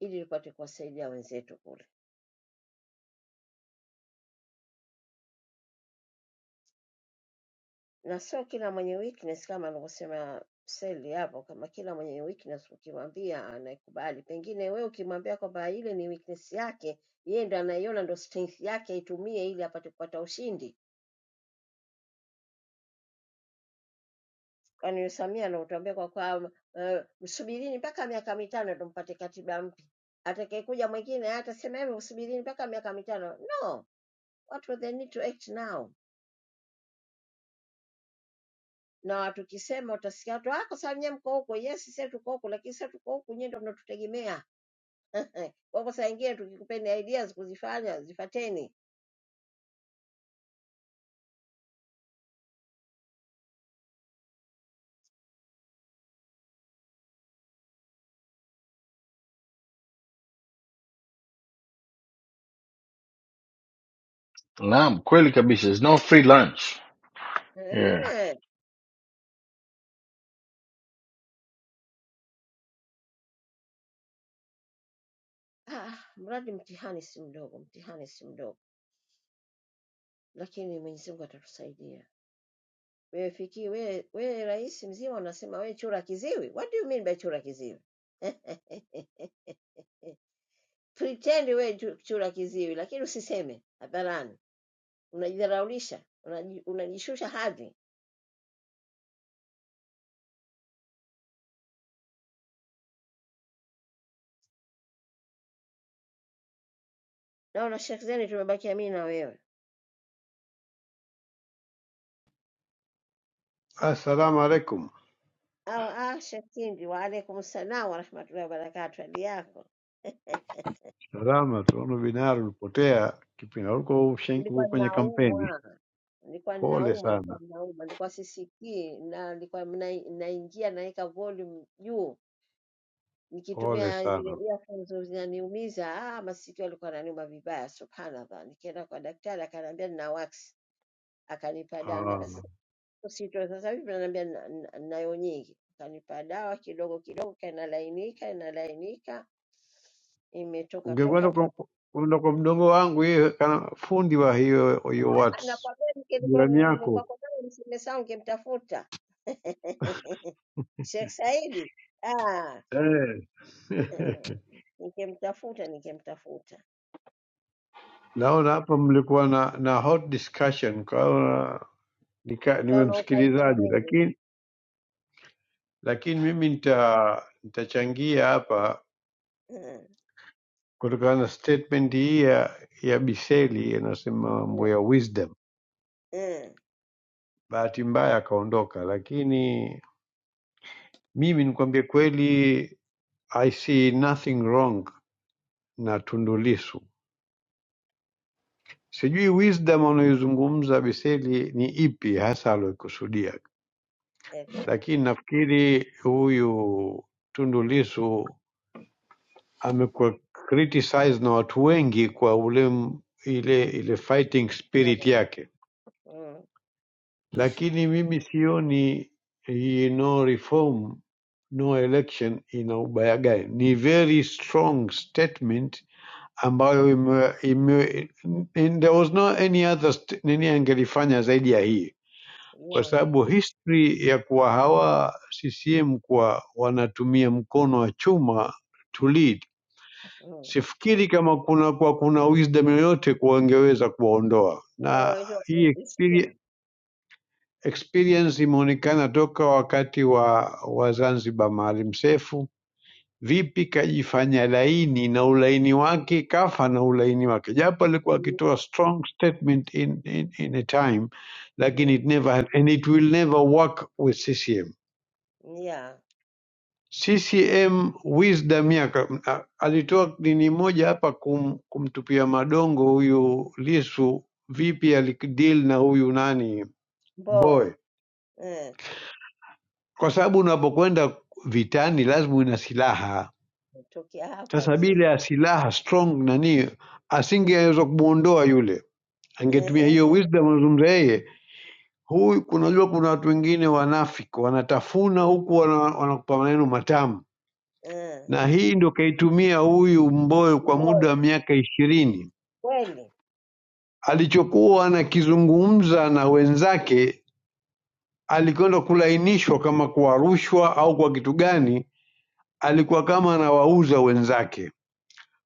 Speaker 16: ili tupate kuwasaidia wenzetu kule. na sio kila mwenye weakness kama alivyosema Seli hapo, kama kila mwenye weakness ukimwambia anaikubali. Pengine wewe ukimwambia kwamba ile ni weakness yake, yeye ndo anaiona ndo strength yake, aitumie ili apate kupata ushindi. Kwani Samia anatuambia kwa kwa eh, msubirini mpaka miaka mitano ndo mpate katiba mpya, atakayekuja mwingine yeye atasema hivyo, msubirini mpaka miaka mitano. No, watu they need to act now na tukisema utasikia watu "Ah, kwa sababu nyie mko huko. Yes, sisi tuko huko, lakini sisi tuko huku, nyie ndo mnatutegemea Wako saa ingine tukikupeni ideas kuzifanya zifateni.
Speaker 11: naam kweli kabisa There's no free lunch Yeah.
Speaker 16: Ehe. Ah, mradi mtihani si mdogo, mtihani si mdogo, lakini Mwenyezi Mungu atatusaidia. Wewe fiki, wewe wewe rais mzima unasema wewe chura kiziwi? What do you mean by chura kiziwi? Pretend wewe chu- chura kiziwi, lakini usiseme hadharani. Unajidharaulisha, unaji- unajishusha hadhi. Naona Sheikh Zeni, tumebakia mimi na wewe.
Speaker 17: Assalamu alaikum.
Speaker 16: Au ah, Sheikh Kindi, wa alaikum salaam wa rahmatullahi wa barakatuh. Hali yako?
Speaker 17: Salama, tunaona binari ulipotea kipindi na uko ushen- uko
Speaker 16: nilikuwa
Speaker 17: kwenye kampeni.
Speaker 16: ninaumwa, nilikuwa
Speaker 17: Pole
Speaker 16: ninaumwa, nilikuwa
Speaker 17: sana,
Speaker 16: ninaumwa, nilikuwa sisikii, na nilikuwa mna- naingia naweka volume juu,
Speaker 17: pole
Speaker 16: nikitumia zile
Speaker 17: sana.
Speaker 16: earphones zinaniumiza. Ah, masikio yalikuwa yananiuma vibaya, subhanallah. Nikienda kwa daktari akaniambia nina wax, akanipa dawa, na
Speaker 17: Ah,
Speaker 16: basi usitoe sasa hivi, ananiambia "Na- na- nayo nyingi, akanipa dawa kidogo kidogo, kanalainika inalainika, imetoka toka
Speaker 17: Ungekwenda kwa
Speaker 16: mpaka
Speaker 17: kwenda kwa mdogo wangu yeye kana fundi wa hiyo hiyo watu
Speaker 16: nakwambia,
Speaker 17: jirani
Speaker 16: ningekuwa
Speaker 17: yako
Speaker 16: kwako msime sawa, ningemtafuta Sheikh Saidi ah,
Speaker 17: eh.
Speaker 16: eh, nikemtafuta nikemtafuta,
Speaker 17: Naona hapa mlikuwa na, na hot discussion kwa hiyo nika- niwe
Speaker 16: ukaona ukai
Speaker 17: msikilizaji,
Speaker 16: pembeni
Speaker 17: lakini lakini mimi nita nitachangia hapa
Speaker 16: Eh,
Speaker 17: kutokana na statement hii ya, ya Biseli inasema mambo
Speaker 16: eh,
Speaker 17: ya wisdom.
Speaker 16: eh,
Speaker 17: Bahati mbaya akaondoka, lakini mimi nikwambie kweli, I see nothing wrong na Tundu Lissu. Sijui wisdom anayoizungumza Biseli ni ipi hasa aliyokusudia, lakini
Speaker 16: exactly.
Speaker 17: nafikiri huyu Tundu Lissu amekuwa criticized na watu wengi kwa ule m- ile ile fighting spirit
Speaker 16: Unaona?
Speaker 17: yake
Speaker 16: Mm,
Speaker 17: lakini mimi sioni hii no reform no election ina ubaya gani ni very strong statement ambayo ime, ime, and there was no any other st- nini angelifanya zaidi ya hii kwa
Speaker 16: yeah,
Speaker 17: sababu history ya kuwa hawa ccm kuwa wanatumia mkono wa chuma to lead
Speaker 16: mm.
Speaker 17: sifikiri kama kuna kwa kuna wisdom yoyote kuwa wangeweza kuwaondoa na
Speaker 16: Kwa hiyo,
Speaker 17: hii
Speaker 16: eh, it's
Speaker 17: experience
Speaker 16: true.
Speaker 17: Experience imeonekana toka wakati wa, wa Zanzibar Maalim Seif, vipi kajifanya laini na ulaini wake kafa na ulaini wake, japo alikuwa
Speaker 16: Mm,
Speaker 17: akitoa strong statement in, in, in a time, lakini
Speaker 16: mm,
Speaker 17: it never had, and it will never work with CCM.
Speaker 16: yeah,
Speaker 17: CCM wisdom yake ah, alitoa nini moja hapa kum, kumtupia madongo huyu Lisu, vipi alideal na huyu nani Mbowe
Speaker 16: Mbowe eh,
Speaker 17: kwa sababu unapokwenda vitani lazima una silaha.
Speaker 16: tokea hapa
Speaker 17: Sasa
Speaker 16: chini
Speaker 17: bila ya silaha strong nani, asingeweza kumwondoa yule, angetumia
Speaker 16: eh,
Speaker 17: hiyo wisdom anazungumza yeye huyu. Kunajua kuna watu wengine wanafiki, wanatafuna huku wana- wanakupa maneno matamu,
Speaker 16: eh,
Speaker 17: na hii ndio kaitumia huyu mboyo kwa muda wa
Speaker 16: Mbowe
Speaker 17: miaka ishirini.
Speaker 16: kweli
Speaker 17: Alichokuwa anakizungumza na wenzake alikwenda kulainishwa kama kwa rushwa au kwa kitu gani, alikuwa kama anawauza wenzake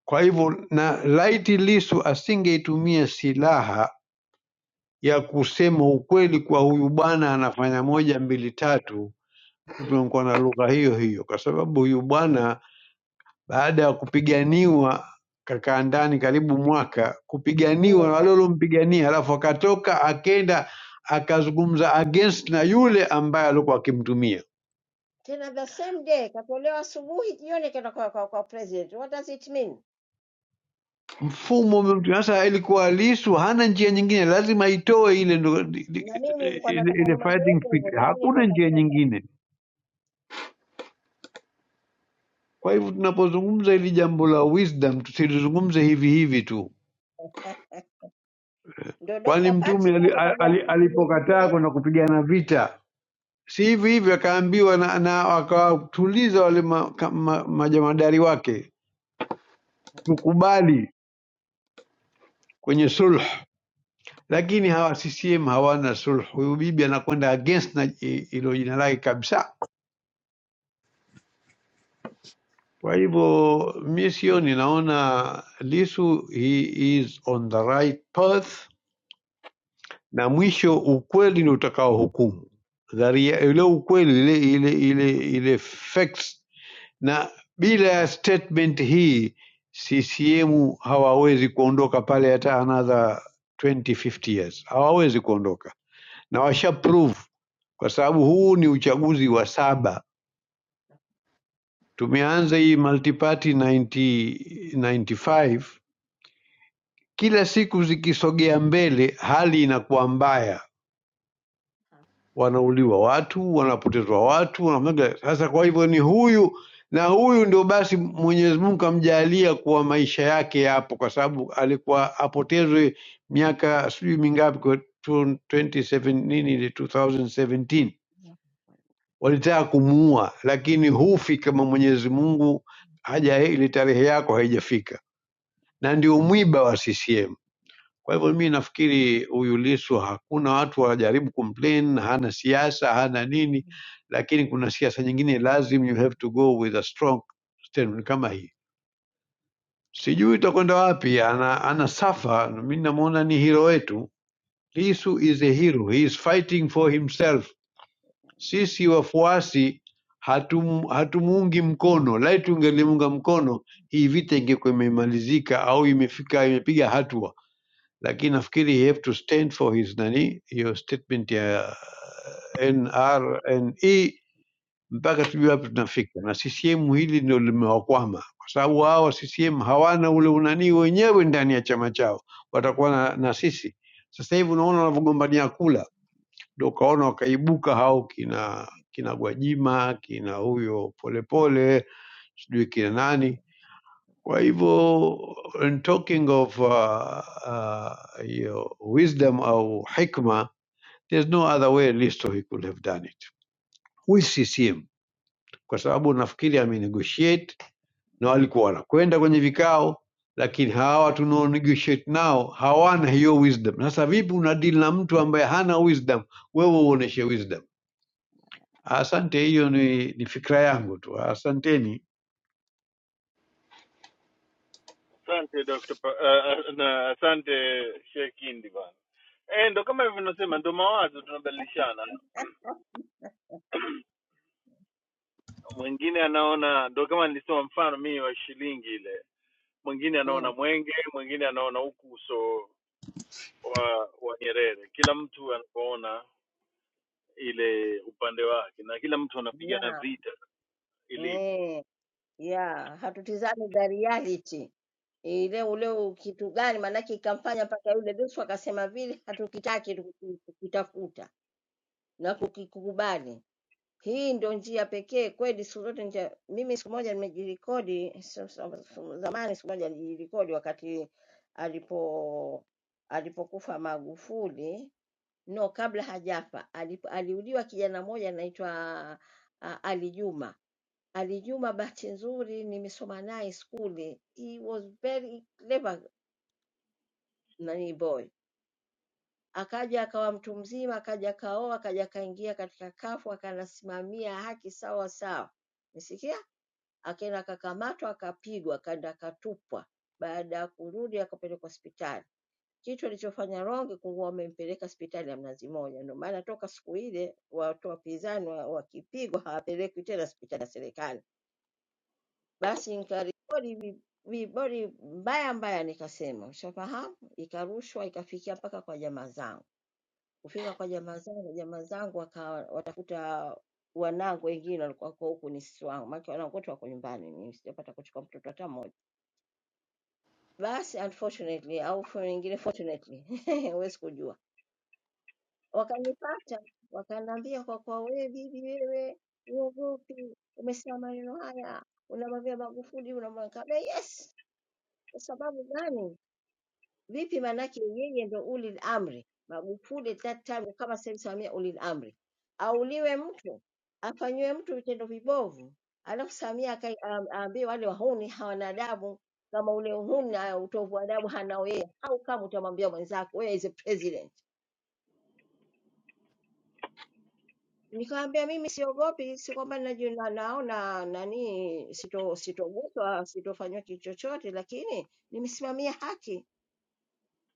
Speaker 17: Kwa hivyo na laiti Lissu asingeitumia silaha ya kusema ukweli kwa huyu bwana anafanya moja mbili tatu, tungekuwa na lugha hiyo hiyo, kwa sababu huyu bwana baada ya kupiganiwa kakaa ndani karibu mwaka, kupiganiwa
Speaker 16: mm.
Speaker 17: na wale waliompigania, alafu akatoka akenda akazungumza against na yule ambaye alikuwa akimtumia
Speaker 16: Tena the same day katolewa asubuhi, jioni kenda kwa, kwa, kwa president. What does it mean?
Speaker 17: mfumo umerudi sasa. Ilikuwa Lisu hana njia nyingine, lazima itoe ile ndo- di- di-
Speaker 16: na mimi nilikuwa
Speaker 17: ile,
Speaker 16: nataka
Speaker 17: ile
Speaker 16: nimwambie
Speaker 17: fighting
Speaker 16: hivyo,
Speaker 17: spirit,
Speaker 16: lakini ndo
Speaker 17: hakuna njia
Speaker 16: kachoka.
Speaker 17: nyingine. Kwa hivyo tunapozungumza hili jambo la wisdom, tusilizungumze hivi hivi tu,
Speaker 16: Ndo
Speaker 17: kwani
Speaker 16: Dokta Patrick
Speaker 17: Mtume ali,
Speaker 16: hapo
Speaker 17: ali,
Speaker 16: kajaribu
Speaker 17: alipokataa
Speaker 16: kunielezea
Speaker 17: kwenda kupigana vita si hivi hivi, akaambiwa na, na akawatuliza wale ma, ka- ma, majamadari wake, tukubali kwenye sulh, lakini hawa CCM hawana sulh. Huyu bibi anakwenda against na i- ilo jina lake kabisa. Kwa hivyo mi sio, ninaona Lisu he is on the right path, na mwisho ukweli ndio utakao hukumu dharia, ile ukweli ile ile ile ile facts, na bila ya statement hii CCM hawawezi kuondoka pale hata another 20, 50 years, hawawezi kuondoka na washa prove, kwa sababu huu ni uchaguzi wa saba. Tumeanza hii multiparty 90, 95 Kila siku zikisogea mbele hali inakuwa mbaya, wanauliwa watu, wanapotezwa watu, wanafanyaga. Sasa kwa hivyo ni huyu na huyu ndio basi Mwenyezi Mungu amjalia kuwa maisha yake yapo, kwa sababu alikuwa apotezwe miaka sijui mingapi, kwa 27 nini ile 2017 walitaka kumuua, lakini hufi kama Mwenyezi Mungu haja ile tarehe yako haijafika, na ndio mwiba wa CCM. Kwa hivyo mi nafikiri huyu Lissu hakuna watu wajaribu kumplain, hana siasa hana nini, lakini kuna siasa nyingine lazim you have to go with a strong statement kama hii. Sijui itakwenda wapi, ana, ana safa. Mi namuona ni hero wetu. Lissu is a hero, he is fighting for himself. Sisi wafuasi hatum, hatumuungi mkono, lai tungelimunga mkono hii vita ingekuwa imemalizika au imefika imepiga hatua lakini nafikiri you have to stand for his nani hiyo statement ya NRNE mpaka tujue hapo tunafika, na CCM hili ndio limewakwama, kwa sababu hawa CCM hawana ule unanii wenyewe ndani ya chama chao, watakuwa na, na sisi. Sasa hivi unaona wanavyogombania kula, ndio ukaona wakaibuka hao kina kina Gwajima kina huyo Polepole sijui kina nani kwa hivyo in talking of uh, uh, hiyo wisdom au hikma, there's no other way Listo he could have done it with CCM, kwa sababu nafikiri amenegotiate na walikuwa wanakwenda kwenye vikao, lakini hawa tunao negotiate nao hawana hiyo wisdom. Sasa vipi una deal na mtu ambaye hana wisdom, wewe uoneshe wisdom? Asante, hiyo ni, ni fikra yangu tu. Asanteni.
Speaker 16: Mm, na eh, yeah, hatutizami the reality ile ule u- kitu gani, maanake ikamfanya mpaka yule Lissu akasema vile hatukitaki tuku- tukitafuta na kukikubali. Hii ndio njia pekee kweli siku zote nita mimi siku moja nimejirekodi so- so- so- zamani siku moja nilijirekodi wakati alipo alipokufa Magufuli no kabla hajafa alipo, aliuliwa kijana mmoja anaitwa ah, Ali Juma Ali Juma bahati nzuri nimesoma naye skuli he was very clever nani boy akaja akawa mtu mzima akaja akaoa akaja akaingia katika kafu akanasimamia haki sawa sawa umesikia Akaenda akakamatwa akapigwa akaenda akatupwa. Baada ya kurudi akapelekwa hospitali. Kitu alichofanya Ronge kuwa wamempeleka hospitali ya Mnazi Mmoja. Ndio maana toka siku ile watu wapinzani wa- wakipigwa hawapelekwi tena hospitali ya serikali. Basi nikarekodi vi- vibodi mbaya mbaya, nikasema ushafahamu, ikarushwa ikafikia mpaka kwa jamaa zangu. Kufika kwa jamaa zangu, jamaa zangu wakawa watafuta wanangu wengine walikuwa kwa huku ni sisi wangu, maana wanangu wote wako nyumbani, mimi sijapata kuchukua mtoto hata mmoja. Basi unfortunately au for nyingine fortunately huwezi kujua. Wakanipata, wakaniambia kwa kwa wewe bibi wewe uogopi, umesema maneno haya, unamwambia Magufuli unamwambia, yes, kwa sababu gani? Vipi? Maanake yeye ndo ulil amri. Magufuli that time kama sasa hivi Samia ulil amri, auliwe mtu afanyiwe mtu vitendo vibovu, alafu Samia akai- aam- aambiwe wale wahuni hawana adabu, kama ule uhuni na utovu wa adabu hanao yeye, au kama utamwambia mwenzako wewe is a president. Nikamwambia mimi siogopi, si kwamba naju- na- naona nani sito- sitoguswa sitofanywa kitu chochote, lakini nimesimamia haki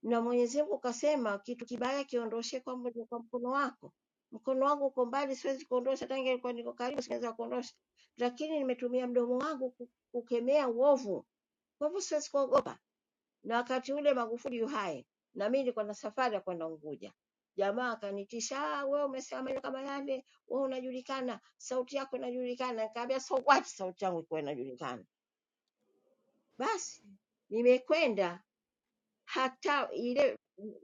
Speaker 16: na Mwenyezi Mungu kasema kitu kibaya kiondoshe kwa, mkono- kwa mkono wako. Mkono wangu uko mbali, siwezi kuondosha, tangu nilikuwa niko karibu singeweza kuondosha, lakini nimetumia mdomo wangu ku- kukemea uovu, kwa hivyo siwezi kuogopa. Na wakati ule Magufuli yu hai, na mimi nilikuwa na safari ya kwenda Unguja, jamaa akanitisha, "Ah, wewe umesema maneno kama yale, wewe unajulikana, sauti yako inajulikana. Nikamwambia so what, sauti yangu ikuwa inajulikana. Basi nimekwenda hata ile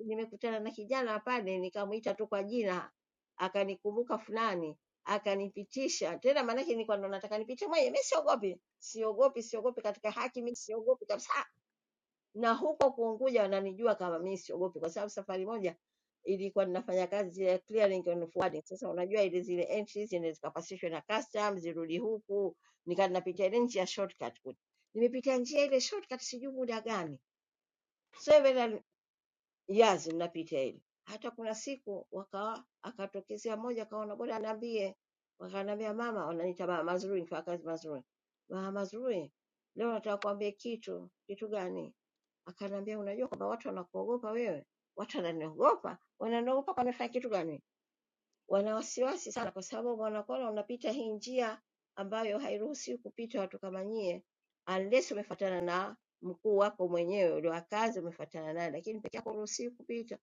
Speaker 16: nimekutana na kijana pale nikamwita tu kwa jina akanikumbuka fulani akanipitisha tena, maanake nilikuwa ndo nataka nipite mwenyewe. Mimi siogopi, siogopi, siogopi katika haki, mimi siogopi kabisa. Na huko Kuunguja wananijua kama mimi siogopi, kwa sababu safari moja ilikuwa ninafanya kazi ya clearing and forwarding. Sasa unajua ile zile entries zile zikapasishwe na custom zirudi huku, nikawa ninapitia ile njia shortcut kule. Nimepitia njia ile shortcut sijui muda gani several Jazi mnapita hili. Hata kuna siku wakawa akatokezea mmoja akawa na bora aniambie, wakaniambia mama, wananiita mama Mazrui, mfanyakazi Mazrui. Mama Mazrui, leo nataka kuambia kitu. Kitu gani? Akaniambia unajua kwamba watu wanakuogopa wewe. Watu wananiogopa, wananiogopa kwa nafanya kitu gani? Wana wasiwasi sana kwa sababu wanakuona unapita hii njia ambayo hairuhusiwi kupita watu kama nyie unless umefuatana na mkuu wako mwenyewe ule wa kazi umefuatana naye, lakini peke yako huruhusiwi kupita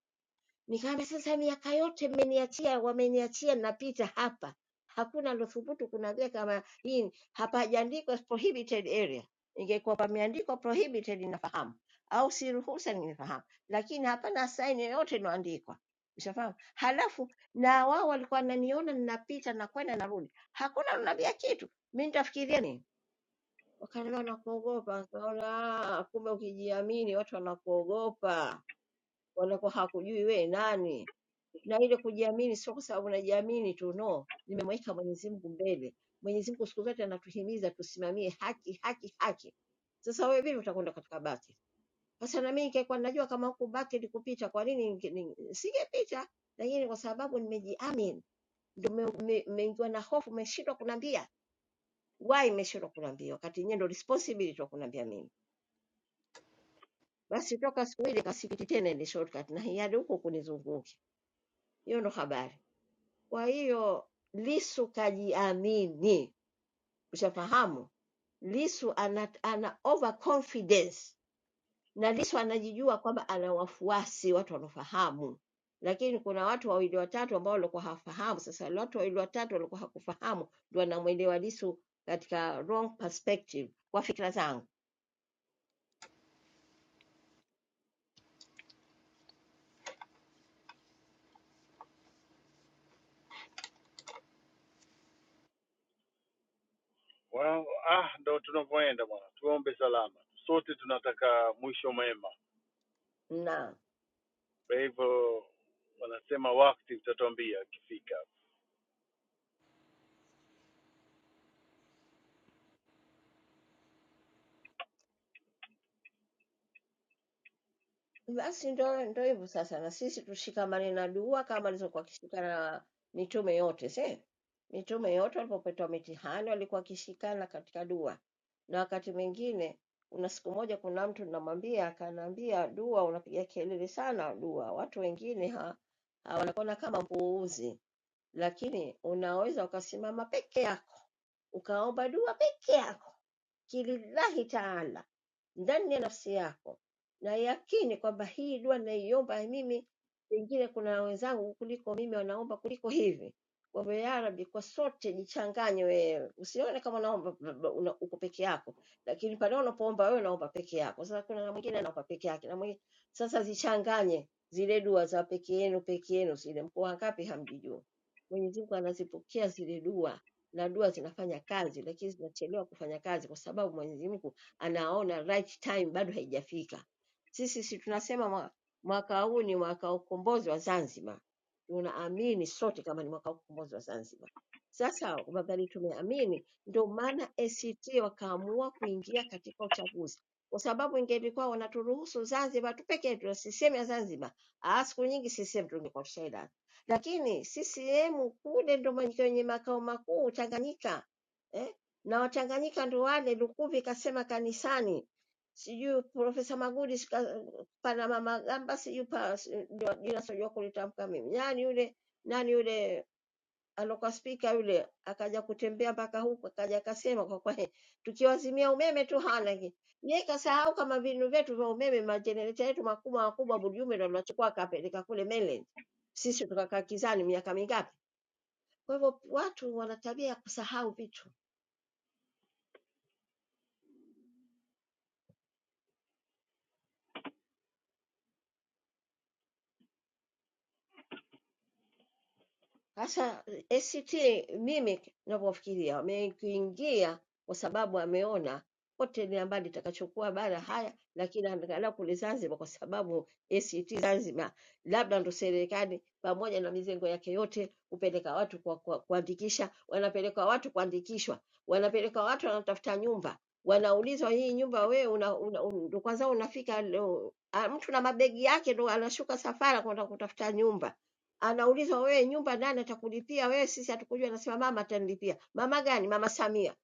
Speaker 16: Nikaambia sasa, miaka yote mmeniachia, wameniachia, napita hapa, hakuna alothubutu kuniambia kama hii ni- hapajaandikwa prohibited area. Ingekuwa pameandikwa prohibited, nafahamu au si ruhusa, ningefahamu, lakini hapana saini yoyote inoandikwa, ushafahamu. Halafu na wao walikuwa wananiona ninapita, nakwenda narudi, hakuna ananiambia kitu, mi nitafikiria nini? Wakaniambia wanakuogopa. Nikaona "Ah, kumbe ukijiamini watu wanakuogopa, wanakuwa hakujui wewe nani na ile kujiamini sio kwa sababu najiamini tu, no, nimemweka Mwenyezi Mungu mbele. Mwenyezi Mungu siku zote anatuhimiza tusimamie haki, haki, haki. Sasa wewe vipi utakwenda katika baki? Sasa na mimi ningekuwa najua kama huku baki likupita, kwa nini ninge- ninge- singepita? Lakini kwa sababu nimejiamini, ndio mmeingiwa me, me, mmeingiwa na hofu, mmeshindwa kuniambia why, mmeshindwa kuniambia wakati nyewe ndio responsibility wa kuniambia mimi. Basi toka siku ile kasikiti tena ile shortcut na hadi huko kunizunguke. Hiyo ndo habari. Kwa hiyo Lissu kajiamini, ushafahamu. Lissu ana, ana overconfidence na Lissu anajijua kwamba ana wafuasi watu wanaofahamu, lakini kuna watu wawili watatu ambao walikuwa hawafahamu. Sasa wale watu wawili watatu walikuwa hakufahamu, ndio anamwelewa Lissu katika wrong perspective, kwa fikra zangu Na Basi ndo ndo hivyo sasa, na sisi tushikamane na dua kama alizokuwa akishikana na mitume yote se mitume yote walipopetwa mitihani walikuwa wakishikana katika dua, na wakati mwingine kuna siku moja, kuna mtu namwambia, akaniambia dua unapiga kelele sana dua, watu wengine ha, ha, wanakuona kama mpuuzi lakini unaweza ukasimama peke yako ukaomba dua peke yako kilillahi taala ndani ya nafsi yako na yakini kwamba hii dua naiomba mimi pengine kuna wenzangu kuliko mimi wanaomba kuliko hivi kwa hivyo ya Rabbi, kwa sote jichanganye wewe usione kama unaomba b- b- una- uko peke yako lakini pale unapoomba wewe unaomba peke yako sasa kuna na mwingine anaomba peke yake na mwingine sasa zichanganye zile dua za peke yenu peke yenu zile mko wangapi hamjijui Mwenyezi Mungu anazipokea zile dua na dua zinafanya kazi, lakini zinachelewa kufanya kazi kwa sababu Mwenyezi Mungu anaona right time bado haijafika. Sisi si tunasema mwa- mwaka huu ni mwaka wa ukombozi wa Zanzibar, tunaamini sote kama ni mwaka wa ukombozi wa Zanzibar. Sasa wakati tumeamini, ndio maana ACT wakaamua kuingia katika uchaguzi, kwa sababu ingelikuwa wanaturuhusu Zanzibar tu peke yetu, na CCM ya Zanzibar, ah, siku nyingi CCM tungekuwa tushailala lakini ccm kule ndo ma- kwenye makao makuu tanganyika eh? na watanganyika ndo wale lukuvi kasema kanisani sijui profesa magudi sika- pana mama gamba sijui pa- si- ndio jina sijua kulitamka mimi nani yule nani yule alokuwa spika yule akaja kutembea mpaka huku, akaja akasema kwa kwa tukiwazimia umeme tu hana ki- yeye kasahau kama vinu vyetu vya umeme majenereta yetu makubwa makubwa, Bujume ndo aliwachukua akapeleka kule mainland, sisi tukakaa kizani miaka mingapi. Kwa hivyo watu wana tabia ya kusahau vitu. Sasa ACT mimi ninavyofikiria wamekuingia kwa sababu ameona pote ni ambalo litakachokuwa bara haya, lakini angalau kule Zanzibar, kwa sababu ACT Zanzibar labda ndo serikali pamoja na mizengo yake yote hupeleka watu kwa, kwa, kuandikisha, wanapeleka watu kuandikishwa, wanapeleka watu wanatafuta nyumba, wanaulizwa hii nyumba wewe una, una, un- ndo kwanza unafika leo, ah, mtu na mabegi yake ndo anashuka safara kwenda kutafuta nyumba anaulizwa wewe nyumba nani atakulipia wewe sisi hatukujua anasema mama atanilipia mama gani mama samia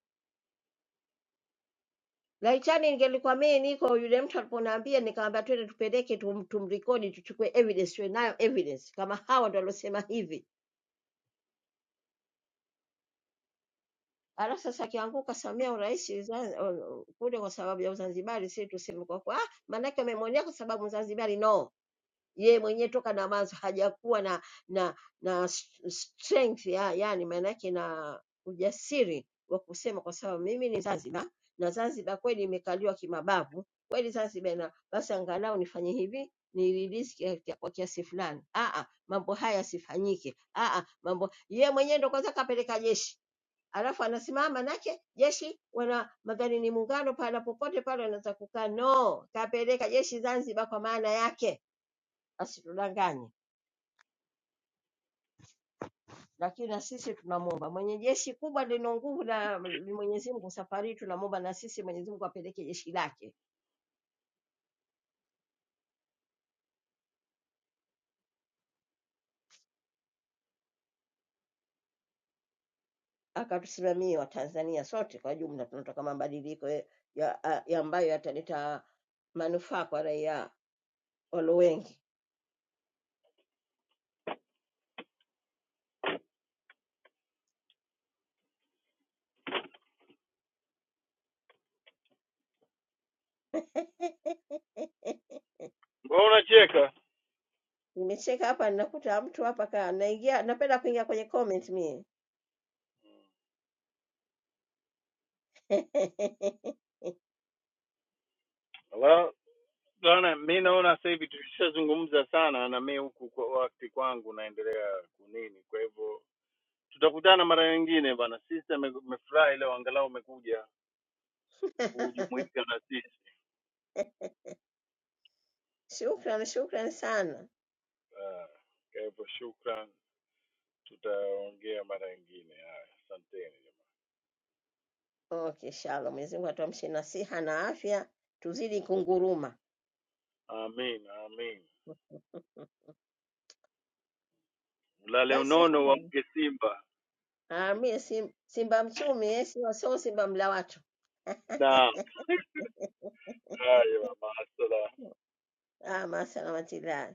Speaker 16: laitani ingelikuwa mimi niko yule mtu aliponiambia nikamwambia twende tupeleke tum, tumrekodi tuchukue evidence tuwe nayo evidence kama hawa ndo waliosema hivi alafu sasa akianguka samia urais kule kwa sababu ya uzanzibari si tuseme kwa kwa ah, maanake wamemwonea kwa sababu mzanzibari no yeye mwenyewe toka Damasco hajakuwa na na na s- strength ya, yani maana yake na ujasiri wa kusema kwa sababu mimi ni Zanzibar na Zanzibar kweli imekaliwa kimabavu kweli Zanzibar na basi angalau nifanye hivi ni release kia- kia- kwa kiasi fulani. Ah, ah, mambo haya yasifanyike. Ah, ah, mambo yeye mwenyewe ndo kwanza kapeleka jeshi alafu anasimama nake jeshi wana madhani ni muungano pahala popote pale wanaweza kukaa. No, kapeleka jeshi Zanzibar kwa maana yake asitudanganye. Lakini na sisi tunamwomba mwenye jeshi kubwa lina nguvu na ni Mwenyezi Mungu, safari hii tunamwomba na sisi Mwenyezi Mungu apeleke jeshi lake akatusimamie Watanzania sote kwa jumla. Tunataka mabadiliko ya, ya, a- ya ambayo yataleta manufaa kwa raia walio wengi. Nimecheka hapa, ninakuta mtu hapa ka naingia, napenda kuingia kwenye comment mie Shukran, shukran sana. Okay, shalom. Mwenyezi Mungu atuamshe na siha na afya, tuzidi kunguruma. Basi haya. Ah, mie sim, simba mchumi eh, sio sio simba mla watu. Ah, masalamatillahi.